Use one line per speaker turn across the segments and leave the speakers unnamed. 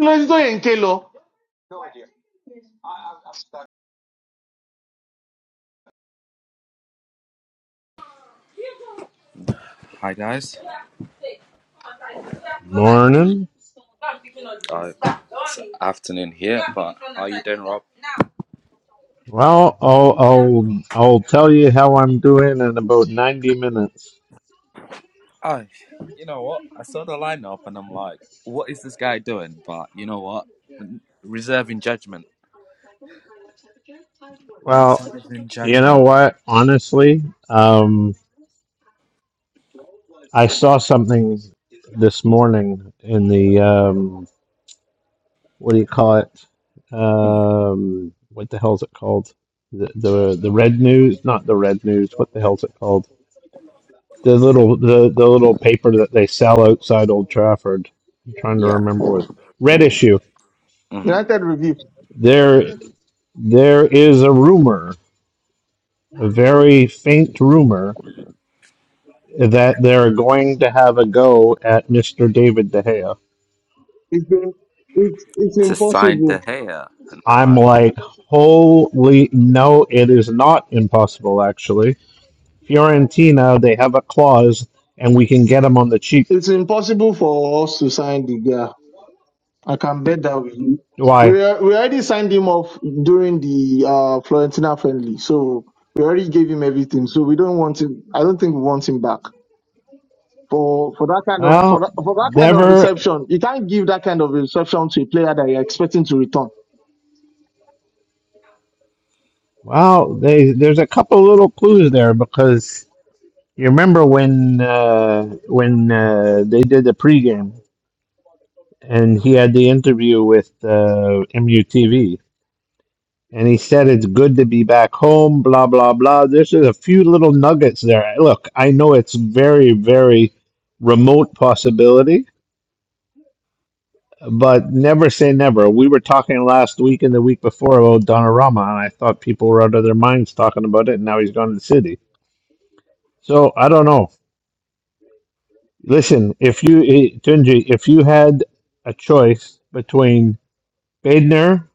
Close door and Kelo.
Hi guys.
Morning.
Uh, it's afternoon here, but how you doing, Rob?
Well, I'll, I'll I'll tell you how I'm doing in about 90 minutes.
I, you know what? I saw the lineup and I'm like, what is this guy doing? But you know what? Reserving judgment.
Well,
Reserving
you know
judgment.
what? Honestly, um, I saw something this morning in the um, what do you call it?
Mhm.
Um, what the hell is it called? The, the the red news, not the red news. What the hell is it called? The little the, the little paper that they sell outside Old Trafford. I'm trying to
Yeah.
remember what red issue.
hmm
United review.
There there is a rumor, a very faint rumor that they're going to have a go at Mr. David De Gea.
It's been, it's it's
To sign the
impossible.
hair.
I'm
Nah.
like, holy no, it is not impossible actually Fiorentina, they have a clause, and we can get them on the cheap.
It's impossible for us to sign the guy. I can bet that with you.
Why?
We are, we already signed him off during the uh, Florentina friendly, so we already gave him everything. So we don't want him. I don't think we want him back for for that kind of for
Well,
that, for that kind of
never.
reception. You can't give that kind of reception to a player that you're expecting to return.
Well, they, there's a couple little clues there because you remember when uh, when uh, they did the pregame and he had the interview with uh, MUTV, and he said it's good to be back home. Blah blah blah. There's just a few little nuggets there. Look, I know it's very very remote possibility but never say never. We were talking last week and the week before about Donnarumma, and I thought people were out of their minds talking about it. And now he's gone to the city. So I don't know. Listen, if you eh, Tunji, if you had a choice between Bednar,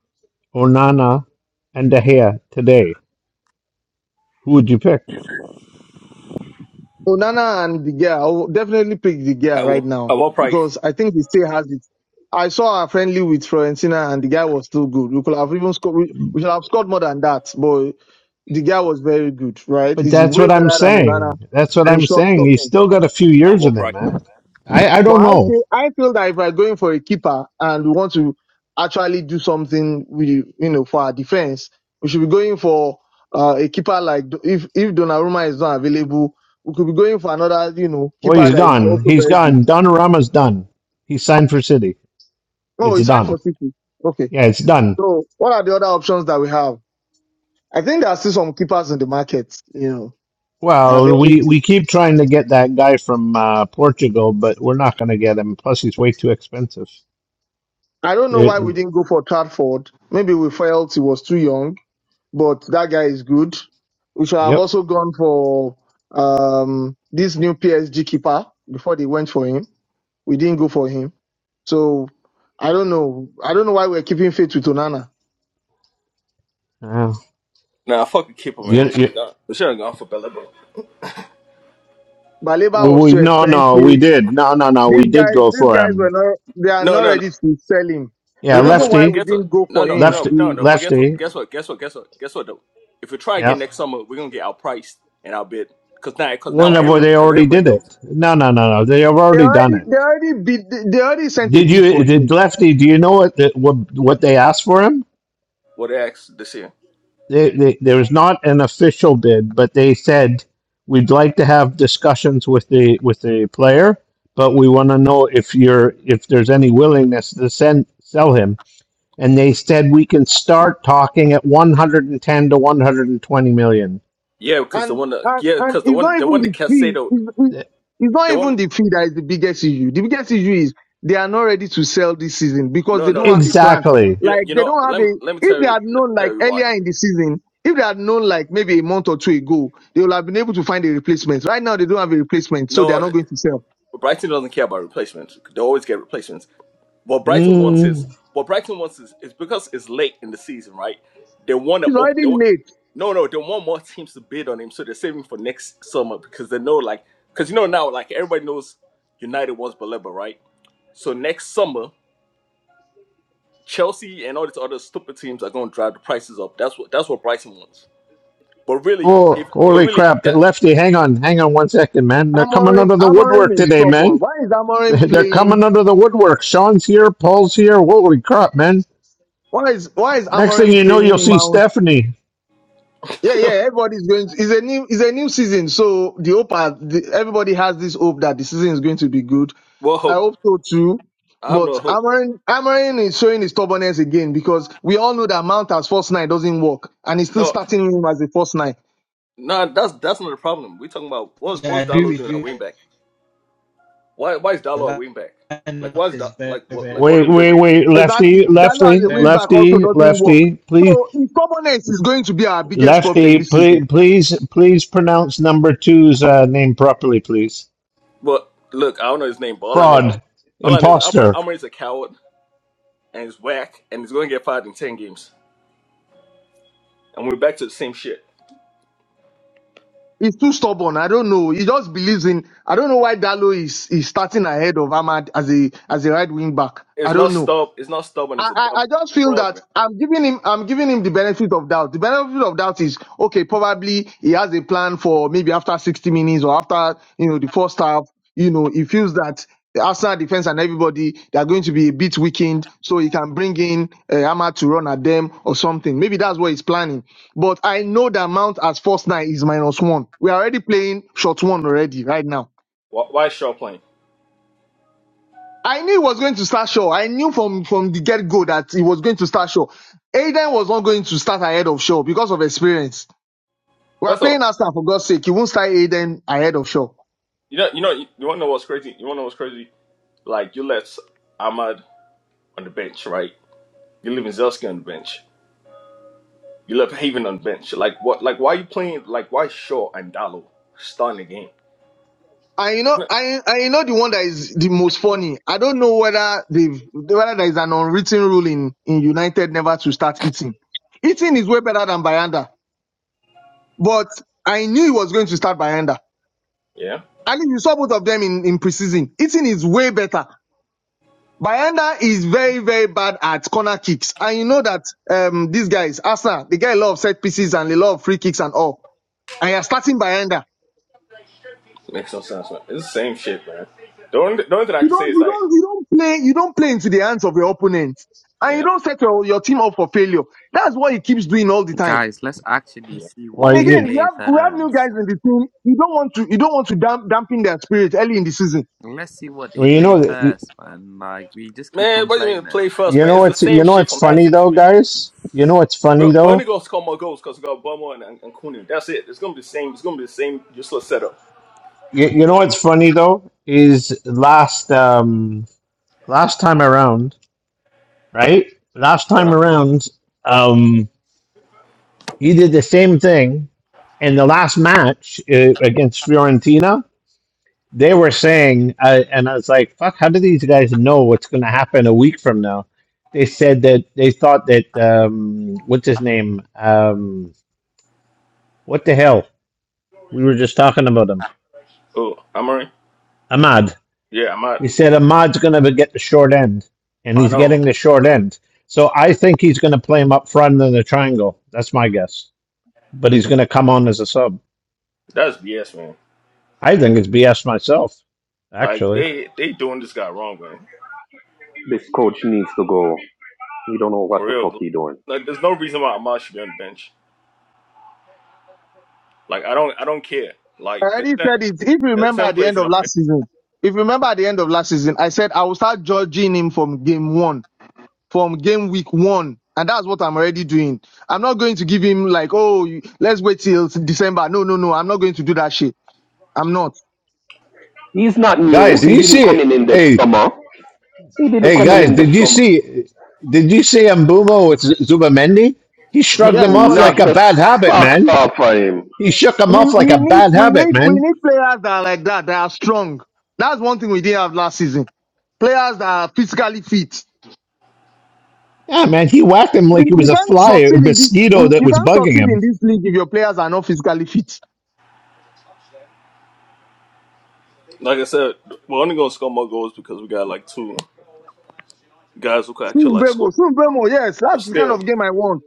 Onana, and De Gea today, who would you pick?
Onana and the girl, I will definitely pick the girl
At
right
what, at
now
what price?
because I think he still has it. I saw our friendly with Florentina and the guy was still good. We could have even scored, we, we should have scored more than that, but the guy was very good, right?
But
He's
that's
way
what I'm
better than
At,
Onana
saying. That's what
in
I'm
short
saying. He's
stopping.
still got a few
at
years in
what
him,
price?
man. I, I
But
don't
I
know.
feel I feel that if we're going for a keeper and we want to actually do something with you know for our defense, we should be going for uh, a keeper like Do- if if Donnarumma is not available, we could be going for another you know
Well,
keeper
he's
that is
gone.
also
He's
very good.
gone. Donnarumma's done. He signed for City.
Oh, he
It's
signed
done.
for City. Okay,
Yeah, it's done.
so what are the other options that we have? I think there are still some keepers in the market. You know, that are
Well,
very
we, we
good.
keep trying to get that guy from uh, Portugal, but we're not going to get him. Plus, he's way too expensive.
I don't know
It-
why we
it-
didn't go for Tradford. Maybe we felt he was too young but that guy is good. We should have
yep.
also gone for um, this new PSG keeper before they went for him. We didn't go for him. So I don't know. I don't know why we're keeping faith with Onana.
Uh,
Nah, fuck the keeper,
you,
man. We should
you,
have gone. We should have gone for Bella. Bella.
we,
Baleba was
we
too
no no we
expensive.
did no no no we
These
did
guys,
go
these
for
guys
him.
were not. They are
No,
not
no, no,
ready to sell him.
Yeah,
no,
The
no.
reason
But
why
lefty,
we
guess
didn't
what?
go
No,
for
no,
him
no,
lefty,
no,
is
no. But guess what?
lefty.
Guess what? Guess what? Guess what? Guess what? Though, if we try
Yeah.
again next summer, we're gonna get outpriced and outbid. Cause now, cause
Well,
now,
no, but
every,
they
cause
already
everybody
did
knows
it. No, no, no, no. They have
they
already done
already,
it.
they already bid, they already sent a
Did
bid
you?
for him.
Did Lefty? Do you know what the, what what they asked for him?
what they asked this year.
they, they, there was not an official bid, but they said we'd like to have discussions with the with the player, but we want to know if you're if there's any willingness to send sell him. And they said we can start talking at 110 to 120 million.
Yeah, cause the
And,
one that,
and,
yeah,
and
cause the
it's
one,
not
the
even
one that
the fee.
Casado,
It's, it's it's not
the one.
even the fee that is the biggest issue. The biggest issue is they are not ready to sell this season because
No,
they
no,
don't
no.
have a plan.
Exactly.
You know,
Like
you
they
know.
don't have
Let me,
a,
let me
if
tell
they
you.
had
Let me
known
tell
like
you why.
earlier in the season, if they had known like maybe a month or two ago, they would have been able to find a replacement. Right now they don't have a replacement, so they are
No.
not going to sell.
But Brighton doesn't care about replacements. They always get replacements. What Brighton wants is
Mm.
what Brighton wants is, is because it's late in the season, right? They want to
It's
open.
already
They want,
late.
no, no, they want more teams to bid on him, so they're saving for next summer because they know, like, because you know now, like everybody knows, United wants Baleba, right? So next summer, Chelsea and all these other stupid teams are going to drive the prices up. That's what that's what Brighton wants. But really,
Oh,
if but
holy
really if
crap!
that,
Lefty, hang on, hang on one second, man. They're coming
Amorim,
out of the
Amorim
woodwork
is
today, man.
stubborn. Why is Amorim
They're coming
playing?
under the woodwork. Sean's here, Paul's here. Holy crap, man!
Why is, why is
Next thing
Amorim
you know, you'll
playing
see
Mount?
Stephanie.
Yeah, yeah, everybody's going to, it's a new, it's a new season. So the hope are, the, everybody has this hope that the season is going to be good.
well,
I
hope
hope so too.
I have
But
no hope.
Amarin, Amarin is showing his stubbornness again because we all know that Mount as first nine doesn't work and he's still
No,
starting him as a first nine.
No, that's that's not the problem. We're talking about what's
I
what's
agree
Dalo
with
doing at
you. that
wingback? Why why is Dalo at
The
wingback? Like
lineup
why is da,
is very,
like what
very,
like what are
Wait,
we
wait,
doing?
wait,
Exactly.
lefty,
Dalo as
lefty,
a wing
very
back also
lefty,
doesn't work.
poor.
lefty. Please,
So his stubbornness is going to be our biggest problem
lefty,
this season.
please, please, please pronounce number two's uh, name properly, please.
But look, I don't know his name, but all I know
Fraud,
all I know is Amar
imposter.
Amar is a coward and he's whack and he's gonna get fired in ten games. And we're back to the same shit.
He's too stubborn. I don't know. He just believes in, I don't know why Dalo is, is starting ahead of Ahmad as a, as a right wing back. I
It's not
don't know.
stub it's not stubborn, it's a
I,
dumb
I I just feel
fraud,
that
man.
I'm giving him I'm giving him the benefit of doubt. The benefit of doubt is okay, probably he has a plan for maybe after 60 minutes or after you know the first half, you know, he feels that the Arsenal defense and everybody they are going to be a bit weakened, so he can bring in uh, Ahmad to run at them or something. Maybe that's what he's planning. But I know that Mount as first nine is minus one. We are already playing short one already right now.
Why, why is Shaw playing?
I knew he was going to start Shaw. I knew from from the get go that he was going to start Shaw. Aiden was not going to start ahead of Shaw because of experience. We are
First of all,
playing Aston for God's sake. He won't start Aiden ahead of Shaw.
you know you know you wanna know what's crazy? You wanna know what's crazy? Like you left Ahmad on the bench, right? You leaving Zelski on the bench. You left Haven on bench. Like what? Like why you playing? Like why Shaw and Dalo starting the game?
And you know,
Isn't it-
I I know the one that is the most funny. I don't know whether they've whether there is an unwritten rule in in United never to start eating. Eating is way better than Bayanda, but I knew he was going to start Bayanda.
Yeah,
And if you saw both of them in in preseason, eating is way better. Bayanda is very, very bad at corner kicks. And you know that um these guys, Arsenal, they get a lot of set pieces and a lot of free kicks and all. And you're starting Bayanda.
makes no sense, man. It's the same shit, man. The only, the only thing I
You
can say
don't
is
you
like,
don't you don't play you don't play into the hands of your opponents. And you
yeah,
don't set your, your team up for failure. That's what he keeps doing all the time.
Guys, let's actually
yeah.
see
Why?
And
what they
again,
You,
you
play
have we have new
first.
guys in the team. You don't want to you don't want to damp, dampen their spirit early in the season.
Let's see what they
well, you
play
know, you
first, man. Like we just keep
man. What do you mean
complaining.
play first,
you
man?
know
It's the
it's you
same
know
shit
it's
from last
funny though,
season, man.
guys. You know it's
We're,
funny
we're
though.
only gonna score more goals because we got Bummer and, and, and Kunin. That's it. It's gonna be the same. It's gonna be the same useless setup.
You, you know it's funny though is last um last time around. right? Last time
Yeah.
around, um, he did the same thing in the last match uh, against Fiorentina. They were saying, uh, and I was like, "Fuck! How do these guys know what's going to happen a week from now?" They said that they thought that um, what's his name? Um, what the hell? We were just talking about him,
Oh, Amory.
Ahmad.
Yeah, I'm out.
We said Ahmad's going to get the short end, and
I
he's
know.
getting the short end. So I think he's going to play him up front in the triangle. That's my guess. but he's going to come on as a sub.
That's BS, man.
I think it's BS myself,
Like
actually.
they they doing this guy wrong, man.
This coach needs to go. He don't know
For
what the fuck
real.
he doing.
Like, there's no reason why Amar should be on the bench. Like I don't I don't care.
I
Like that
already
that
said it. If you
that
remember
same
at the
place
end
you
of
don't care.
last season, if you remember at the end of last season, I said I will start judging him from game one from game week one. And that's what I'm already doing. I'm not going to give him like, oh, you- let's wait till December. No, no, no. I'm not going to do that shit. I'm not.
He's not
Guys,
new.
did
He
you
didn't come
see?
in in the
Hey,
summer. He didn't
hey,
come in
guys,
in the
did you
summer.
see? Did you see Mbumo with Z- Zubamendi? He shrugged
Yeah,
He
him
I saw
off like
him.
knocked
a
the
bad habit,
socks
man.
off of him.
He shook him
We
off like a
we need
bad
we
habit,
need we
man.
need players that are like that, that are strong. That's one thing we didn't have last season. Players that are physically fit.
Yeah, man, he whacked him like
You
it was
you
a
can't
fly, a
succeed in this.
mosquito
You
that
you
was
can't
bugging
succeed
him.
in this league if your players are not physically fit.
Like I said, we're only gonna score more goals because we got like two guys who could actually like score.
Sumbemo, Sumbemo, yes,
But
that's the kind
still,
of game I want.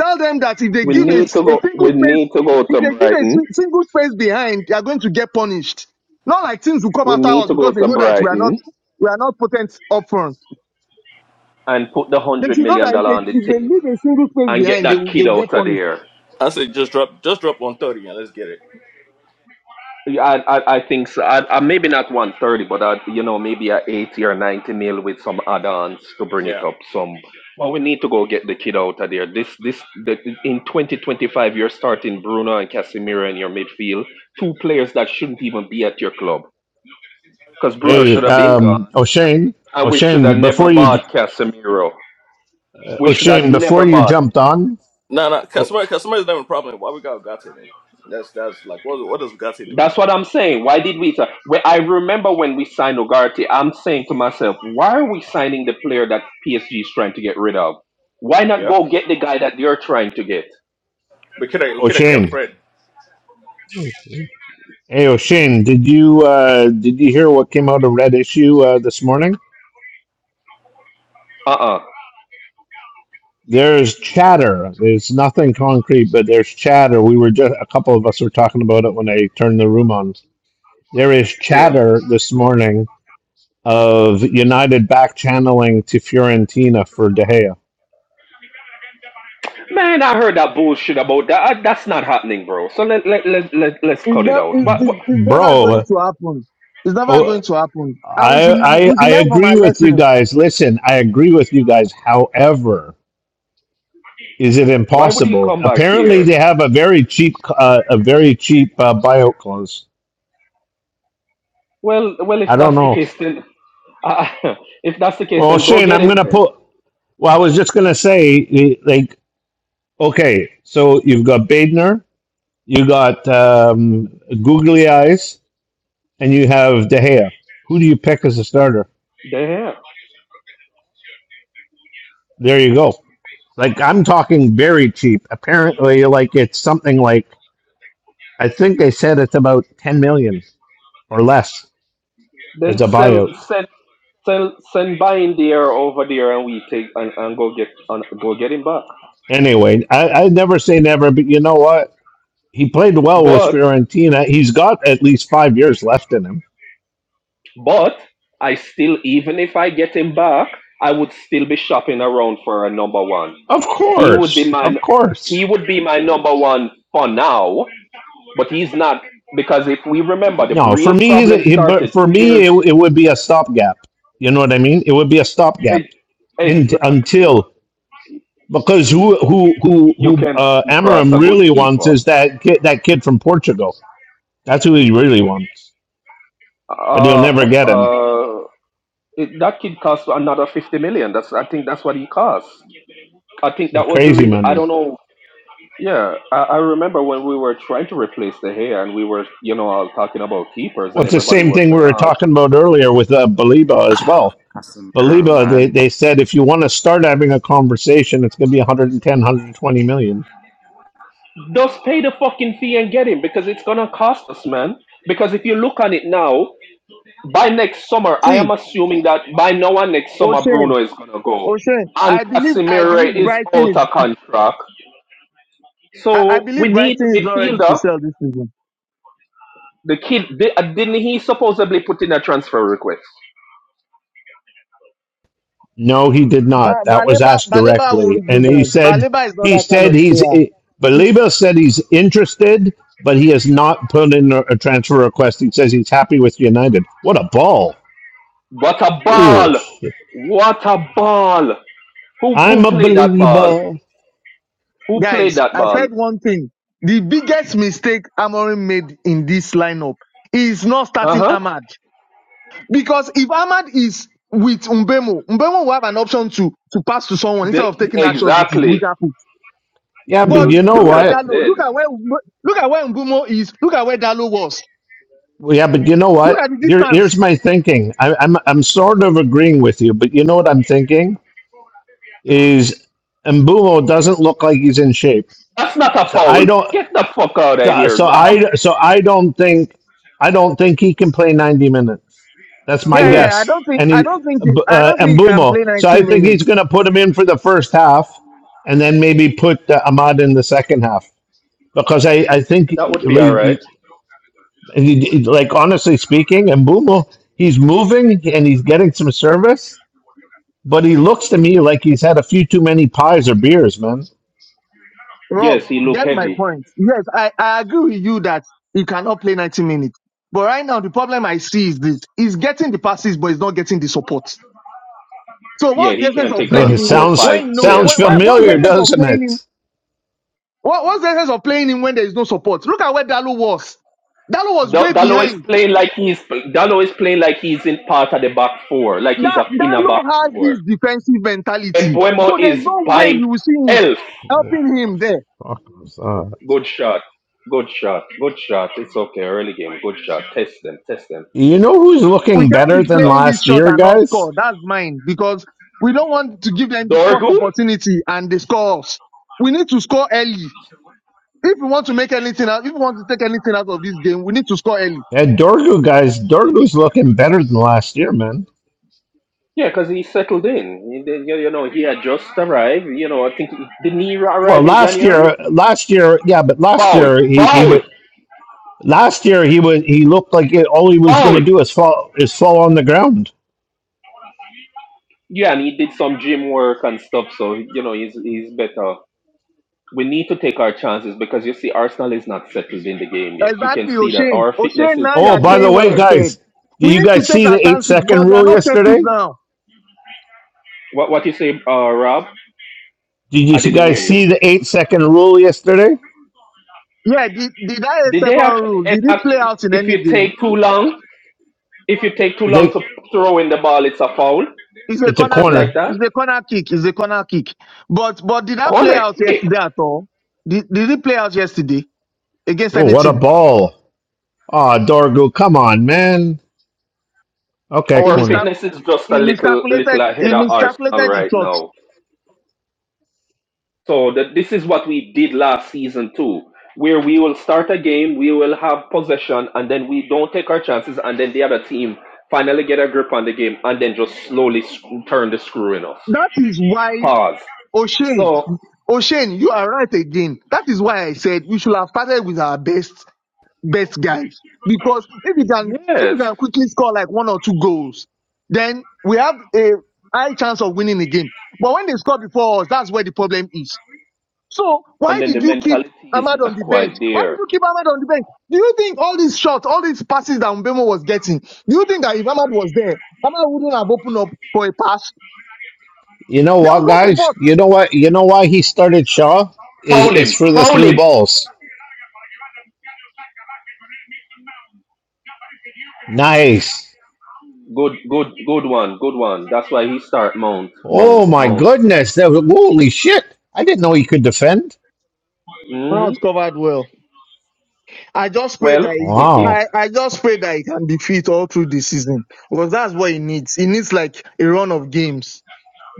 Tell them that if they
We
give a,
need
s-
to
a
go.
single
We
space,
need to go
if
to
they give a
Brighton.
si- single space behind, they are going to get punished. Not like teams will come
We
after
need
us
to
because
go
they
to
know that we are not
Brighton
we are not potent up front.
and put the
They
hundred
should know
million
that if
dollar on the
they, if they
table
leave a single space
and get
behind, they
that
will, they
kid
will get
out of
punished.
there.
I say just drop just drop one thirty and let's get it.
Yeah, I, I, I think so. I, I, maybe not 130, but I, you know, maybe a 80 or 90 mil with some add-ons to bring it
Yeah.
up some. But we need to go get the kid out of there. This, this, the, in 2025, you're starting Bruno and Casemiro in your midfield, two players that shouldn't even be at your club because
Cause
Bruno
I'm
should
Hey,
telling-
have been
um,
gone,
O'Shane,
and we should have
O'Shane, before
never
you,
bought Casemiro. We should have
O'Shane, before
never
you
bought.
jumped on,
nah, nah, cause
O-
somebody, cause somebody's having a problem. Why we got Ugate then? That's that's like what what does Ugate do?
That's what I'm saying. Why did we? sign- Well, I remember when we signed Ogarty, I'm saying to myself, why are we signing the player that PSG is trying to get rid of? Why not
Yep.
go get the guy that they're trying to get?
We could have we could have kept
O'Shane.
Fred.
Hey O'Shane, did you uh, did you hear what came out of Red Issue uh, this morning?
Uh uh
There's chatter. There's nothing concrete, but there's chatter. We were just a couple of us were talking about it when I turned the room on. There is
Yeah.
chatter this morning of United back channeling to Fiorentina for De Gea.
Man, I heard that bullshit about that. Uh, That's not happening, bro. So let let let let let's
It's,
cut it
ne-
out.
it's,
But
it's,
why
it's never going
Bro,
to happen. It's never
oh,
going to happen. And we
I,
should we
I I
should learn from our
agree with you
lessons.
guys. Listen, I agree with you guys. However, Is it
why would he
impossible?
come back
Apparently,
here?
they have a very cheap, uh, a very cheap uh, buyout clause.
Well, well, if
I don't
that's the
know.
case, then uh, if that's the case,
Well,
then go
Shane,
get
I'm
him
gonna
then.
put. Well, I was just gonna say, eh, like, okay, so you've got Badner, you got um, Googly Eyes, and you have De Gea. Who do you pick as a starter?
There.
There you go. Like, I'm talking very cheap. Apparently, like it's something like I think they said it's about ten million or less
Then
as a
sell
buyout.
send Send send Bain there over there and we take and, and go get and go get him back.
Anyway, I, I never say never, but you know what? He played well with
But
Fiorentina. He's got at least five years left in him.
but I still even if I get him back, I would still be shopping around for a number one.
Of
He would be
course,
my
of
he
course.
would be my number one for now, but he's not because if we remember the
No, for
real
me, he's a,
problem
he, but
started
for
two
me,
years
it, it would be a stopgap. You know what I mean? It would be a stopgap
ex-
in,
exactly.
until because who who who
You
who
can
uh,
come across a
Amorim
good
really wants
keeper.
is that kid that kid from Portugal. That's who he really wants, but he'll never
Uh,
get him.
uh, It, that kid cost another fifty million. That's I think that's what he cost. I think
And
that was the
crazy
reason. I
money.
don't know. Yeah, I, I remember when we were trying to replace the hair, and we were, you know, all talking about keepers,
Well,
and
it's the
everybody
same
was
thing we
saying,
were
"Oh,
talking about earlier with uh, Baliba as well.
Casemiro,
Baliba, they,
man.
they said if you want to start having a conversation, it's going to be 110,
just pay the fucking fee and get him because it's gonna cost us, man." Because if you look on it now, by next summer, I am
See,
assuming that by now and next summer,
O'Shane,
Bruno is gonna go,
O'Shane,
and
I believe I believe
Casemiro is
Brighton
out
is
of contract.
I, I
So we
believe
need a
Brighton is not ready to
midfielder
sell this season.
The kid di- uh, didn't he supposedly put in a transfer request?
No, he did not.
Ba-
That was
Baleba,
asked
Baleba
directly.
won't do
And he
that.
said,
Baleba is not
he
that kind
said
of
he's,
player.
Baliba said he's interested, but he has not put in a, a transfer request. He says he's happy with United. What a ball.
What a
Oh,
ball!
shit.
What a ball! Who who
I'm a
played that ball?
Baliba.
Who played
Guys,
that
I
ball?
said one thing. The biggest mistake Amorim made in this lineup is not
Uh
starting
huh.
Ahmad. Because if Ahmad is with Umbemo, Umbemo will have an option to, to pass to someone instead
They
of taking that shot with his
exactly.
weaker foot.
Yeah, but
But
You
you
they
know
look
would
at
have
what?
been
Dalo.
dead.
Look at where Umbe- look at where Umbumo is. Look at where Dalo was.
Well, yeah, but you know
Look
what?
at the
Here,
distance.
here's my thinking. I, I'm, I'm sort of agreeing with you, but you know what I'm thinking is Mbumo doesn't look like he's in shape.
That's not a
So I
foul.
don't.
Get the fuck out of
So,
here.
so
Um,
I, so I don't think, I don't think he can play 90 minutes. That's my
Yeah,
who?
yeah. I
guess.
don't think
And
I
he,
don't think you- I
uh,
don't think you can
Mbumo.
play 90
So I think
minutes.
he's going to put him in for the first half, and then maybe put uh, Ahmad in the second half because I, I think
That would be all
like,
right.
And he, he- like honestly speaking, and Bumo, he's moving and he's getting some service, but he looks to me like he's had a few too many pies or beers, man.
Yes,
Rob,
he look
get my
heavy.
point. Yes, I, I agree with you that you cannot play 90 minutes. But right now the problem I see is this he's getting the passes, but he's not getting the support. So
Yeah,
what's the
he
essence
can
of
take
Eh,
playing
on
It
him
four or five
sounds
when you know
sounds
players
what,
by
what, what's the
familiar,
himself.
essence of
doesn't
playing him?
it?
What, what's the essence of playing him when there is no support? Look at where Dalo was. Dalo was
Da-
way
Dalo is
behind.
playing like he's Dalo is playing like he's in part of the back four, like he's
That
a, in a back
Dalo has
four.
this defensive
And
mentality. So
Buemo
there's
is
no way
by
you will see him
himself.
helping him there.
Fuck, what's that?
Good shot. Good shot. Good shot. It's okay. Early game. Good shot. Test them. Test them.
You know who's
we
looking
can't be
better than
Enough.
playing this
last
shot
year,
and not
guys?
score. That's mine because we don't want to give them the first
Dorgu?
opportunity and they score us. We need to score early. If we want to make anything out, if we want to take anything out of this game, we need to score early.
And Dorgu, guys, Dorgu's looking better than last year, man.
Yeah, because he settled in. He did- you, you know, he had just arrived. You know, I think he, didn't he
Well,
arrive in
last year,
January?
last year, yeah, but last
Foul,
year he he
foul,
would last year he was he looked like it, all he was going to
foul.
do is fall is fall on the ground
Yeah, and he did some gym work and stuff, so you know he's he's better. we need to take our chances because you see, Arsenal is not settled in the game yet. You can
Exactly,
see that
O'Shane.
our fitness
O'Shane,
is
now
a
you
Oh,
are
little
by the
saying what
way,
I
spurred.
said.
guys, did
We
you
need to
guys
take
see
our
the eight
chances
second
because they are
rule
not settled
yesterday?
now.
What what you say, uh, Rob?
Did you
I didn't hear
guys
you.
see the eight second rule yesterday?
Yeah, did, did I a
Did they
second
actually
rule? Did it
enact
play
it?
out in
If
any
you
game?
take too long, if you take too long
They,
to throw in the ball, it's a foul,
It's a
it's a
corner
something
kick.
like
corner.
that.
It's a corner kick. It's a corner kick. But but did that play
Corner
out
kick.
yesterday at all? Did, did it play out yesterday? against
Oh, what a
anything.
ball! Ah, oh, Dorgu, come on, man. Okay,
He,
Our
corner.
miscal-
fitness is just
he
a little little
miscalculated.
ahead
He
of Arsenal
miscalculated his
right
shots.
now. So that this is what we did last season too, where we will start a game, we will have possession, and then we don't take our chances, and then the other team finally get a grip on the game, and then just slowly screw, turn the screw in us.
That is why
Pause.
O'Shane,
So
O'Shane, you are right again. That is why I said we should have started with our best, best guys. Because if we can, if we
yes,
can quickly score like one or two goals, then we have a high chance of winning the game. But when they score before us, that's where the problem is. So
and
why
then the
did you keep
mentality is
Ahmad on
not
the bench?
quite
Why did
there.
you keep Ahmad on the bench? Do you think all these shots, all these passes that Mbemo was getting, do you think that if Ahmad was there, Ahmad wouldn't have opened up for a pass?
You know
There
what,
was no
guys?
support.
You know what? You know why he started Shaw is
Foul
it's
him,
for the
foul
through
him.
balls. Nice.
Good, good, good one, good one. That's why he start mount,
Oh
mount,
my
mount.
goodness! That was, holy shit! I didn't know he could defend.
hmm
Ahmad covered well. I just pray that
Well,
he
it, it
Wow,
I, I just pray that he can be fit all through the season because that's what he needs. He needs like a run of games.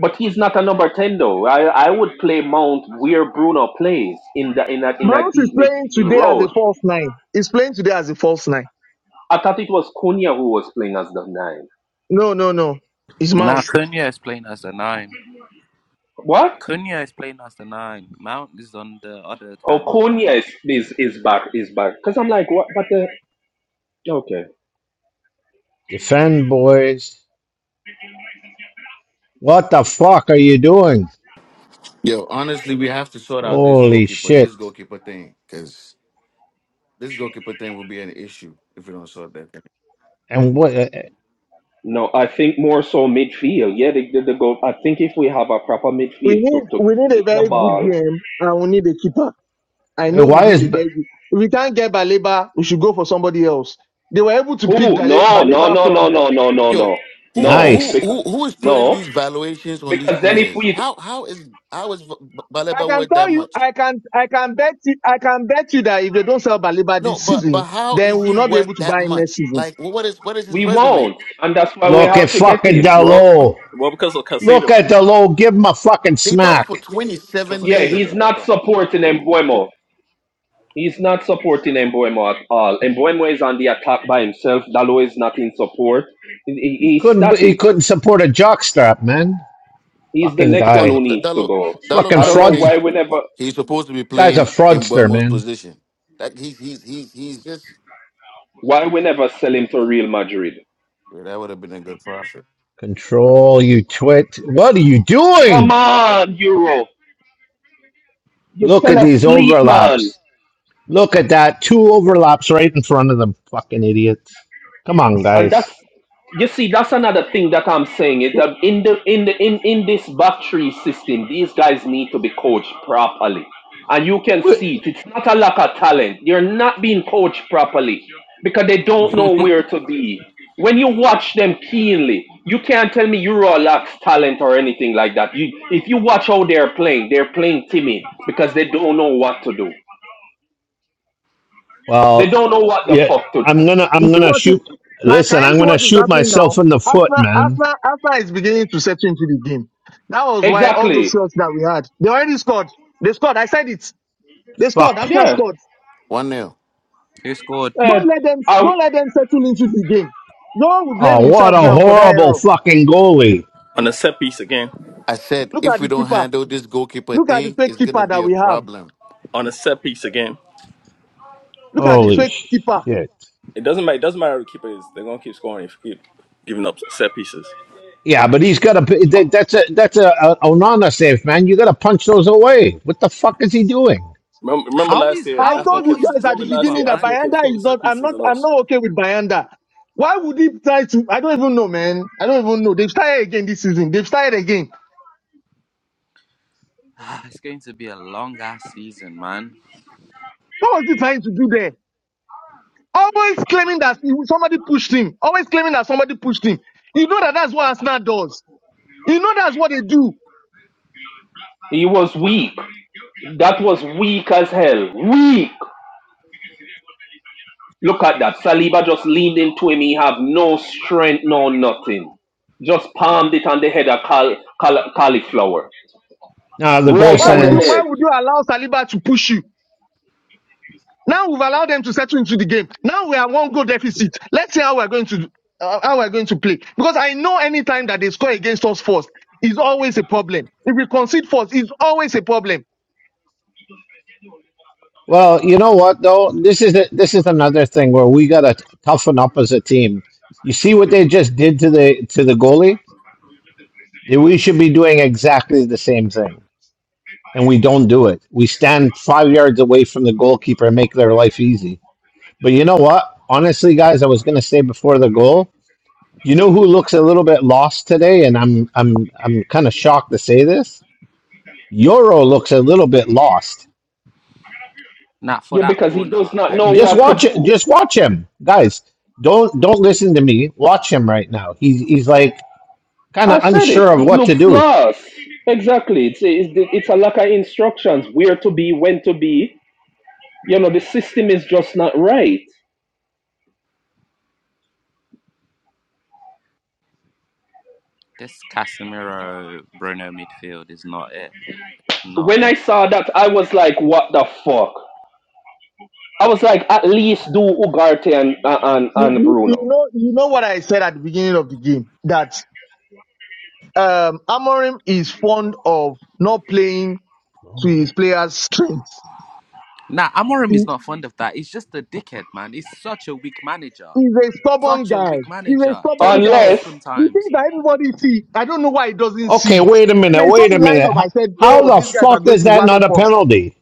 But he's not a number ten though. I I would play Mount where Bruno plays in the in a in a
Mount is
deep
playing
midfield
today as a
road.
false nine. He's playing today as a false nine.
I thought it was Cunha who was playing as the nine.
No, no, no. It's
Now
Mount.
Cunha is playing as the nine.
What?
Cunha is playing as the nine. Mount is on the other
Oh,
time.
Cunha is is, is back is back. Cause I'm like what? But the okay.
defend, boys. What the fuck are you doing?
Yo, honestly, we have to sort out this
Holy
goalkeeper, this
shit!
goalkeeper thing, because this goalkeeper thing will be an issue if we don't sort that thing.
And what? eh,
No, I think more so midfield. Yeah, they did the goal. I think if we have a proper
We
midfield to
need
to
we need a
keep the
very good
ball.
DM and we need a keeper. I
eh,
know we
Why is
need a
B-
very good. If we can't get Baleba, we should go for somebody else. They were able to pick
Who?
Dale-
No, no,
Baleba
no, no,
from.
no, no, no,
Yo,
no,
who
no.
who
nice?
who
Because
who is putting
no,
these valuations on these
because then if
players?
we
How how is how is V- V-
I
Baleba
can
worth that
tell you,
much?
I can, I can bet you, I can bet you that if they don't sell Baleba
No,
this
but but
season,
how
then
is
we
he
will not be
worth
able to
that
buy him next
much?
season.
Like, wh- what is what is his
we
resume?
won't, and that's why we
Look
have
at
to get
fucking
him.
Well
Delo.
well because of
Look
Casado.
at Delo. Give him a fucking
They bought him for
smack.
twenty
Because
seven
of
Yeah,
million.
he's
Casado, that's
not
why.
supporting Embuemo. He's not supporting Embuemo at all. Embuemo is on the attack by himself. Dalo is not in support. He- he-
He
He's
couldn't. He
static.
couldn't support a jockstrap, man.
He's the
Fucking
next one
Dalo,
who
guy.
needs to
Dalo,
go.
Dalo
Fucking
I don't
probably
know
fraud.
why
thinks
we never
he's supposed to be
Guy's a
playing in
fraudster,
Buemo's
man.
position. Like he's he's he's he's just
why we never sell him to Real Madrid.
yeah, that would have been a good profit.
Control you twit. What are you
Come
doing?
on, Euro. You
Look
fell
at these
asleep, man.
overlaps. Look at that. Two overlaps right in front of them. Fucking idiots. Come on,
and that's
guys.
you see that's another thing that i'm saying is that in the in the in, in this battery system these guys need to be coached properly and you can see it. it's not a lack of talent they are not being coached properly because they don't
Yeah.
know where to be when you watch them keenly you can't tell me Euro lacks talent or anything like that you if you watch how they're playing they're playing timid because they don't know what to do they
Well,
don't know what the
yeah,
fuck to do
I'm gonna,
You
I'm
see
gonna
what? Is,
shoot.
can,
Listen,
can you
I'm
see
gonna
what is
shoot
happening
myself
now?
in the foot,
Arsenal,
man.
Arsenal, Arsenal is beginning to settle into the game. That was why all those
exactly
shots that we had, they already scored. They scored. I said it. They scored.
Fuck.
Arsenal
yeah
scored.
One nil.
Who scored?
Don't let them,
Uh,
don't let them settle into the game. Y'all will blame
Oh, what
himself
a
now for that
horrible
error.
fucking goalie.
On a set piece again.
I said
Look
if
at
we
the
don't
keeper.
handle this goalkeeper
Look at the
thing,
fake
it's gonna
keeper
be
that
a
we have.
problem.
On a set piece again.
Look at the
Holy
fake keeper.
shit.
It doesn't matter. It doesn't matter who the keeper is. They're gonna keep scoring if you keep giving up set pieces.
Yeah, but he's got a. that- That's a. That's a, a Onana save, man. You got to punch those away. What the fuck is he doing?
Remember, remember
How
last
is
year,
I
how?
Arsenal
told you
What
kept.
is this
guys at the
Remember last
keeper,
beginning
year,
that
Arsenal
man?
kept
Bayanda
scoring
is not,
set
I'm
pieces
not,
on
I'm
us.
not okay with Bayanda. Why would he try to, I don't even know, man. I don't even know. They've started again this season. They've started again.
Ah, It's going to be a long ass season, man.
What was he trying to do there? Always claiming that he- somebody pushed him. Always claiming that somebody pushed him. You know that that's what Arsenal does. You know that's what they do.
He was weak. That was weak as hell. Weak. Look at that. Saliba just leaned into him. He have no strength, no nothing. Just palmed it on the head of cal- cal- cauliflower.
Now the
I
goal
Right
Why
mean,
on
would
the
you,
sends.
why
head.
would you allow Saliba to push you? Now we've allowed them to settle into the game. Now we are one goal deficit. Let's see how we're going to uh, how we're going to play. Because I know any time that they score against us first is always a problem. If we concede first, it's always a problem.
Well, you know what though? This is a, this is another thing where we got to toughen up as a team. You see what they just did to the to the goalie? They- We should be doing exactly the same thing. and we don't do it. We stand five yards away from the goalkeeper and make their life easy. But you know what? Honestly, guys, I was going to say before the goal, you know who looks a little bit lost today, and I'm I'm I'm kind of shocked to say this. Euro looks a little bit lost.
now for
Yeah,
that
because he does
corner,
not
I
know
blame
Just
what to
watch
Bruno.
it.
do.
Just watch him, guys. Don't don't listen to me. Watch him right now. He's he's like kind
I
of
said it.
unsure of
It
what to
looks
do.
lost. Exactly. It's, it's, it's a lack of instructions. Where to be, when to be. You know, the system is just not right.
This Casemiro Bruno midfield is not it. Not
When I
it.
saw that, I was like, what the fuck? I was like, at least do Ugarte and, and,
You
and
you-
Bruno.
know, you know what I said at the beginning of the game that um, Amorim is fond of not playing to his players' strengths.
Nah, Amorim
He,
is not fond of that. He's just a dickhead, man. He's such a weak manager.
He's a stubborn
Such a
guy.
weak
He's a
manager.
stubborn
Take
guy.
risks
Unless
The thing
sometimes
that everybody see, I don't know why he doesn't see
Okay,
it.
wait a
When
minute.
I saw
Wait a
the
minute.
lineup, I
How
said, "Oh,
the
these guys are
fuck
going
is
to
that not
wallop
a
us."
penalty?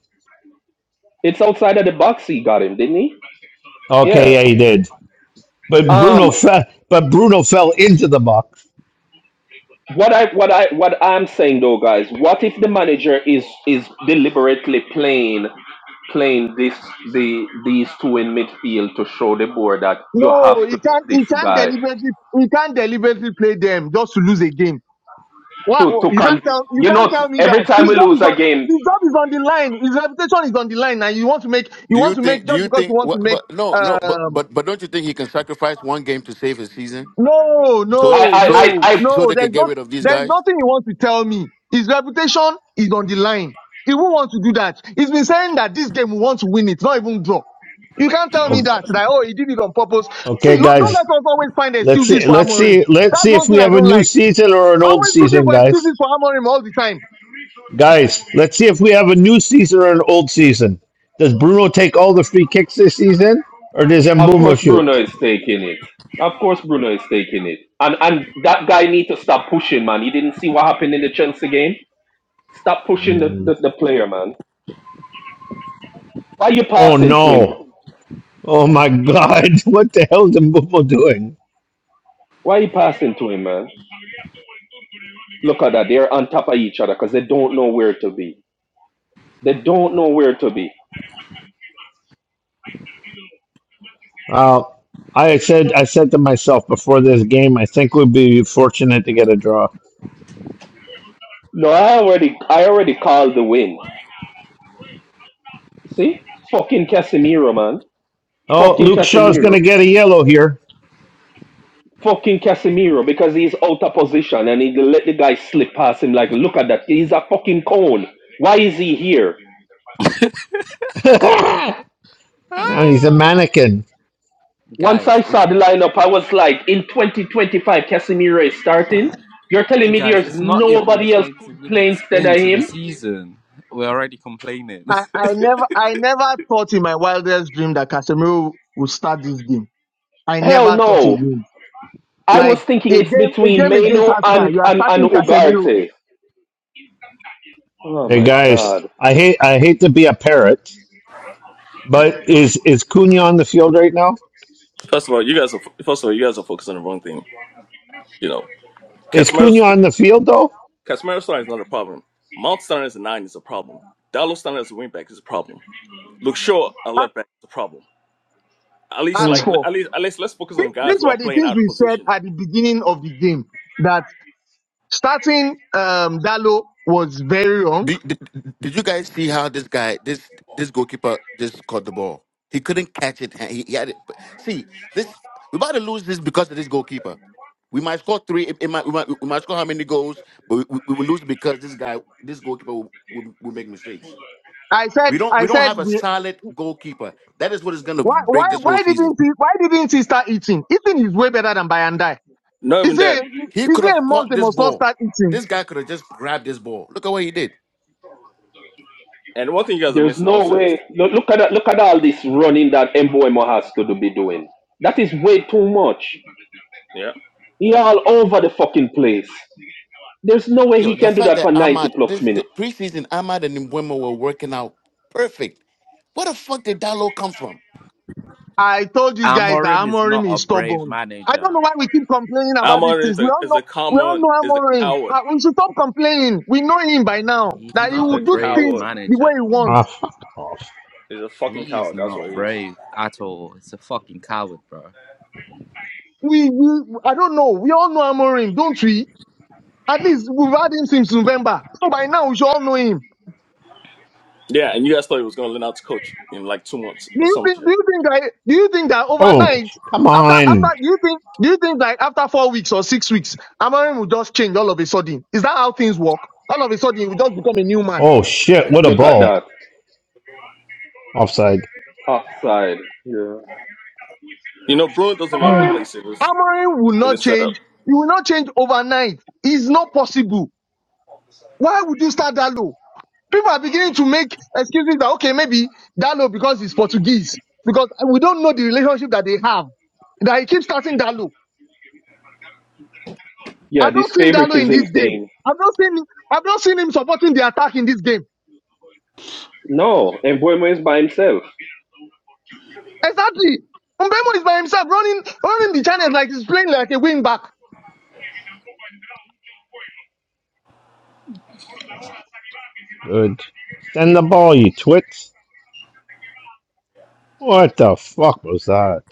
it's outside of the box he got him, didn't he?
Okay,
Yeah.
yeah, he did. But Bruno
Um
fell. But Bruno fell into the box.
what I what I what I'm saying though, guys, what if the manager is is deliberately playing playing this the these two in midfield to show the board that you
No,
have to
he
get
can't.
this
He can't
guy
deliberately. He can't deliberately play them just to lose a game. What
to to
you can't
convince
tell. You
you
can't
know
tell me
every
that
time
his
we
job
lose
is
a
on.
game
His job is on the line. His reputation is on the line, and you want to make. You
Do you
want to
think?
make
Do
just
you
because
think?
you want to
What?
make.
But no, no. But
um,
but but don't you think he can sacrifice one game to save his season?
No,
So
I
no,
I
so
no,
I, I
so
no.
they can
There's
get
not.
rid of these
There's
guys.
nothing he wants to tell me. His reputation is on the line. He won't want to do that. He's been saying that this game we want to win it, not even draw. You can't tell me
Okay,
that. That oh, he did it on purpose. See,
okay,
lo- don't let
guys.
us always find
Let's
excuses
see.
for
Let's
Amorim.
see. Let's
That's
see if
one
we
thing I
have a
don't
new
like.
season or an old
Always looking
season,
for
guys.
excuses for Amorim all the time.
Guys, let's see if we have a new season or an old season. Does Bruno take all the free kicks this season, or does
Of
Mbumo
course, Bruno
shoot?
is taking it. Of course, Bruno is taking it. And and that guy need to stop pushing, man. You didn't see what happened in the Chelsea game. Stop pushing the,
Mm.
the, the player, man. Why you
Oh
passing to him, bro?
no! Oh my God! What the hell is Mbumo doing?
Why you passing to him, man? Look at that. They're on top of each other because they don't know where to be. They don't know where to be.
Uh, I said. I said to myself before this game, I think we'd be fortunate to get a draw.
No, I already I already called the win. See? Fucking Casemiro, man.
Oh,
Fucking
Luke Shaw's going
Casemiro.
to get a yellow here.
fucking Casemiro because he's out of position and he let the guy slip past him. Like, look at that. He's a fucking cone. Why is he here?
no, he's a mannequin.
Once I
guys, it's
saw the lineup, I was like, in 2025, Casemiro is starting. You're telling me
Guys,
there's
it's not even
nobody else could
20
play
minutes
instead of
into the
him?
season. We're already complaining.
I, I never, I never thought in my wildest dream that Casemiro would start this game. I
Hell
never thought he
no.
would.
I was
Like
thinking
a
it's
game, a
between
game against
Meno and,
Arsenal, you are
and, and
starting Casemiro.
Ugarte. Oh
Hey
my
guys,
God.
I hate I hate to be a parrot, but is is Cunha on the field right now?
First of all, you guys are. First of all, you guys are focused on the wrong thing. You know,
Is
Casemiro.
Cunha on the field though?
Casemiro starting is not a problem. Mount starting as a nine is a problem. Dallo starting as a wing back is a problem. Look Shaw a
a-
left back is a problem. At least, like
asked for.
at least, at least, let's focus
Th-
on guys
These
who are
were the
playing
things
out of
we said
position.
at the beginning of the game that starting um, Dalo was very wrong.
Did, did, did you guys see how this guy this this goalkeeper just caught the ball? He couldn't catch it. and He, he had it. but See this. We're about to lose this because of this goalkeeper. We might score three. It, it might, we might we might score how many goals, but we, we, will lose because this guy, this goalkeeper, will, will, will make mistakes.
I said,
We don't
I
we don't
said,
have a
we,
solid goalkeeper. That is what is going to
why, why,
break this whole
why
season.
didn't he, why didn't he start eating? Eating is way better than Bayandai.
Not even
Is
that.
it,
He
is
could
it a
have
month
caught
they
this
must not
ball.
start eating?
This guy could have just grabbed this ball. Look at what he did.
And one thing you guys are
There's
missing
no
also is
way. Look, look at that, look at all this running that Mboemo has to do- be doing. That is way too much.
yeah,
He all over the fucking place. There's no way
Yo,
he
the
can do
fact
that
that
for 90
Ahmad
plus
this the
minutes.
preseason Ahmad and Mbwema were working out perfect. Where the fuck did Dallo come from?
I told you guys that
Amorim is
Amorim
not a
is
brave
stubborn. I don't
manager.
know why we keep complaining about these
Almond is
things. We
a
all
is
know,
a
we all
common
know
is a
Amorim.
coward.
Uh, we should stop complaining. We know him by now
He's
that he
He's
not
will
a
a
do
brave
things
coward.
the
manager.
way he
Ah,
wants.
fuck off.
He's a fucking
He is
coward. That's what
not
he is.
brave at all. It's a fucking coward, bro.
We, we, I don't know. We all know Amorim, don't we? At least we've had him since November. So by now we should all know him.
Yeah, and you guys thought he was going to learn how to coach in like two months
Do
or
you
some
think,
shit.
do you think that, do you think that
Oh,
overnight,
come
after,
on.
after, do you think, do you think that after four weeks or six weeks, Amorim will just change all of a sudden? Is that how things work? All of a sudden he will just become a new man.
Oh shit! What a
Look at that.
ball. Offside.
Offside. Yeah.
You know, Bruin doesn't even have a
Amorim,
place in this,
Amorim will
in
not
this setup.
change. He will not change overnight. It's not possible. Why would you start that low? People are beginning to make excuses that okay, maybe Dalo because he's Portuguese, because we don't know the relationship that they have. That he keeps starting Dalo.
Yeah,
I've not
this
seen Dalo in
favoritism
this game.
thing.
I've not seen I've not seen him supporting the attack in this game.
No, Embuemo is by himself.
Exactly. Mbemo is by himself running running the channels like he's playing like a wing back.
Good. Send the ball, you twits. What the fuck was that?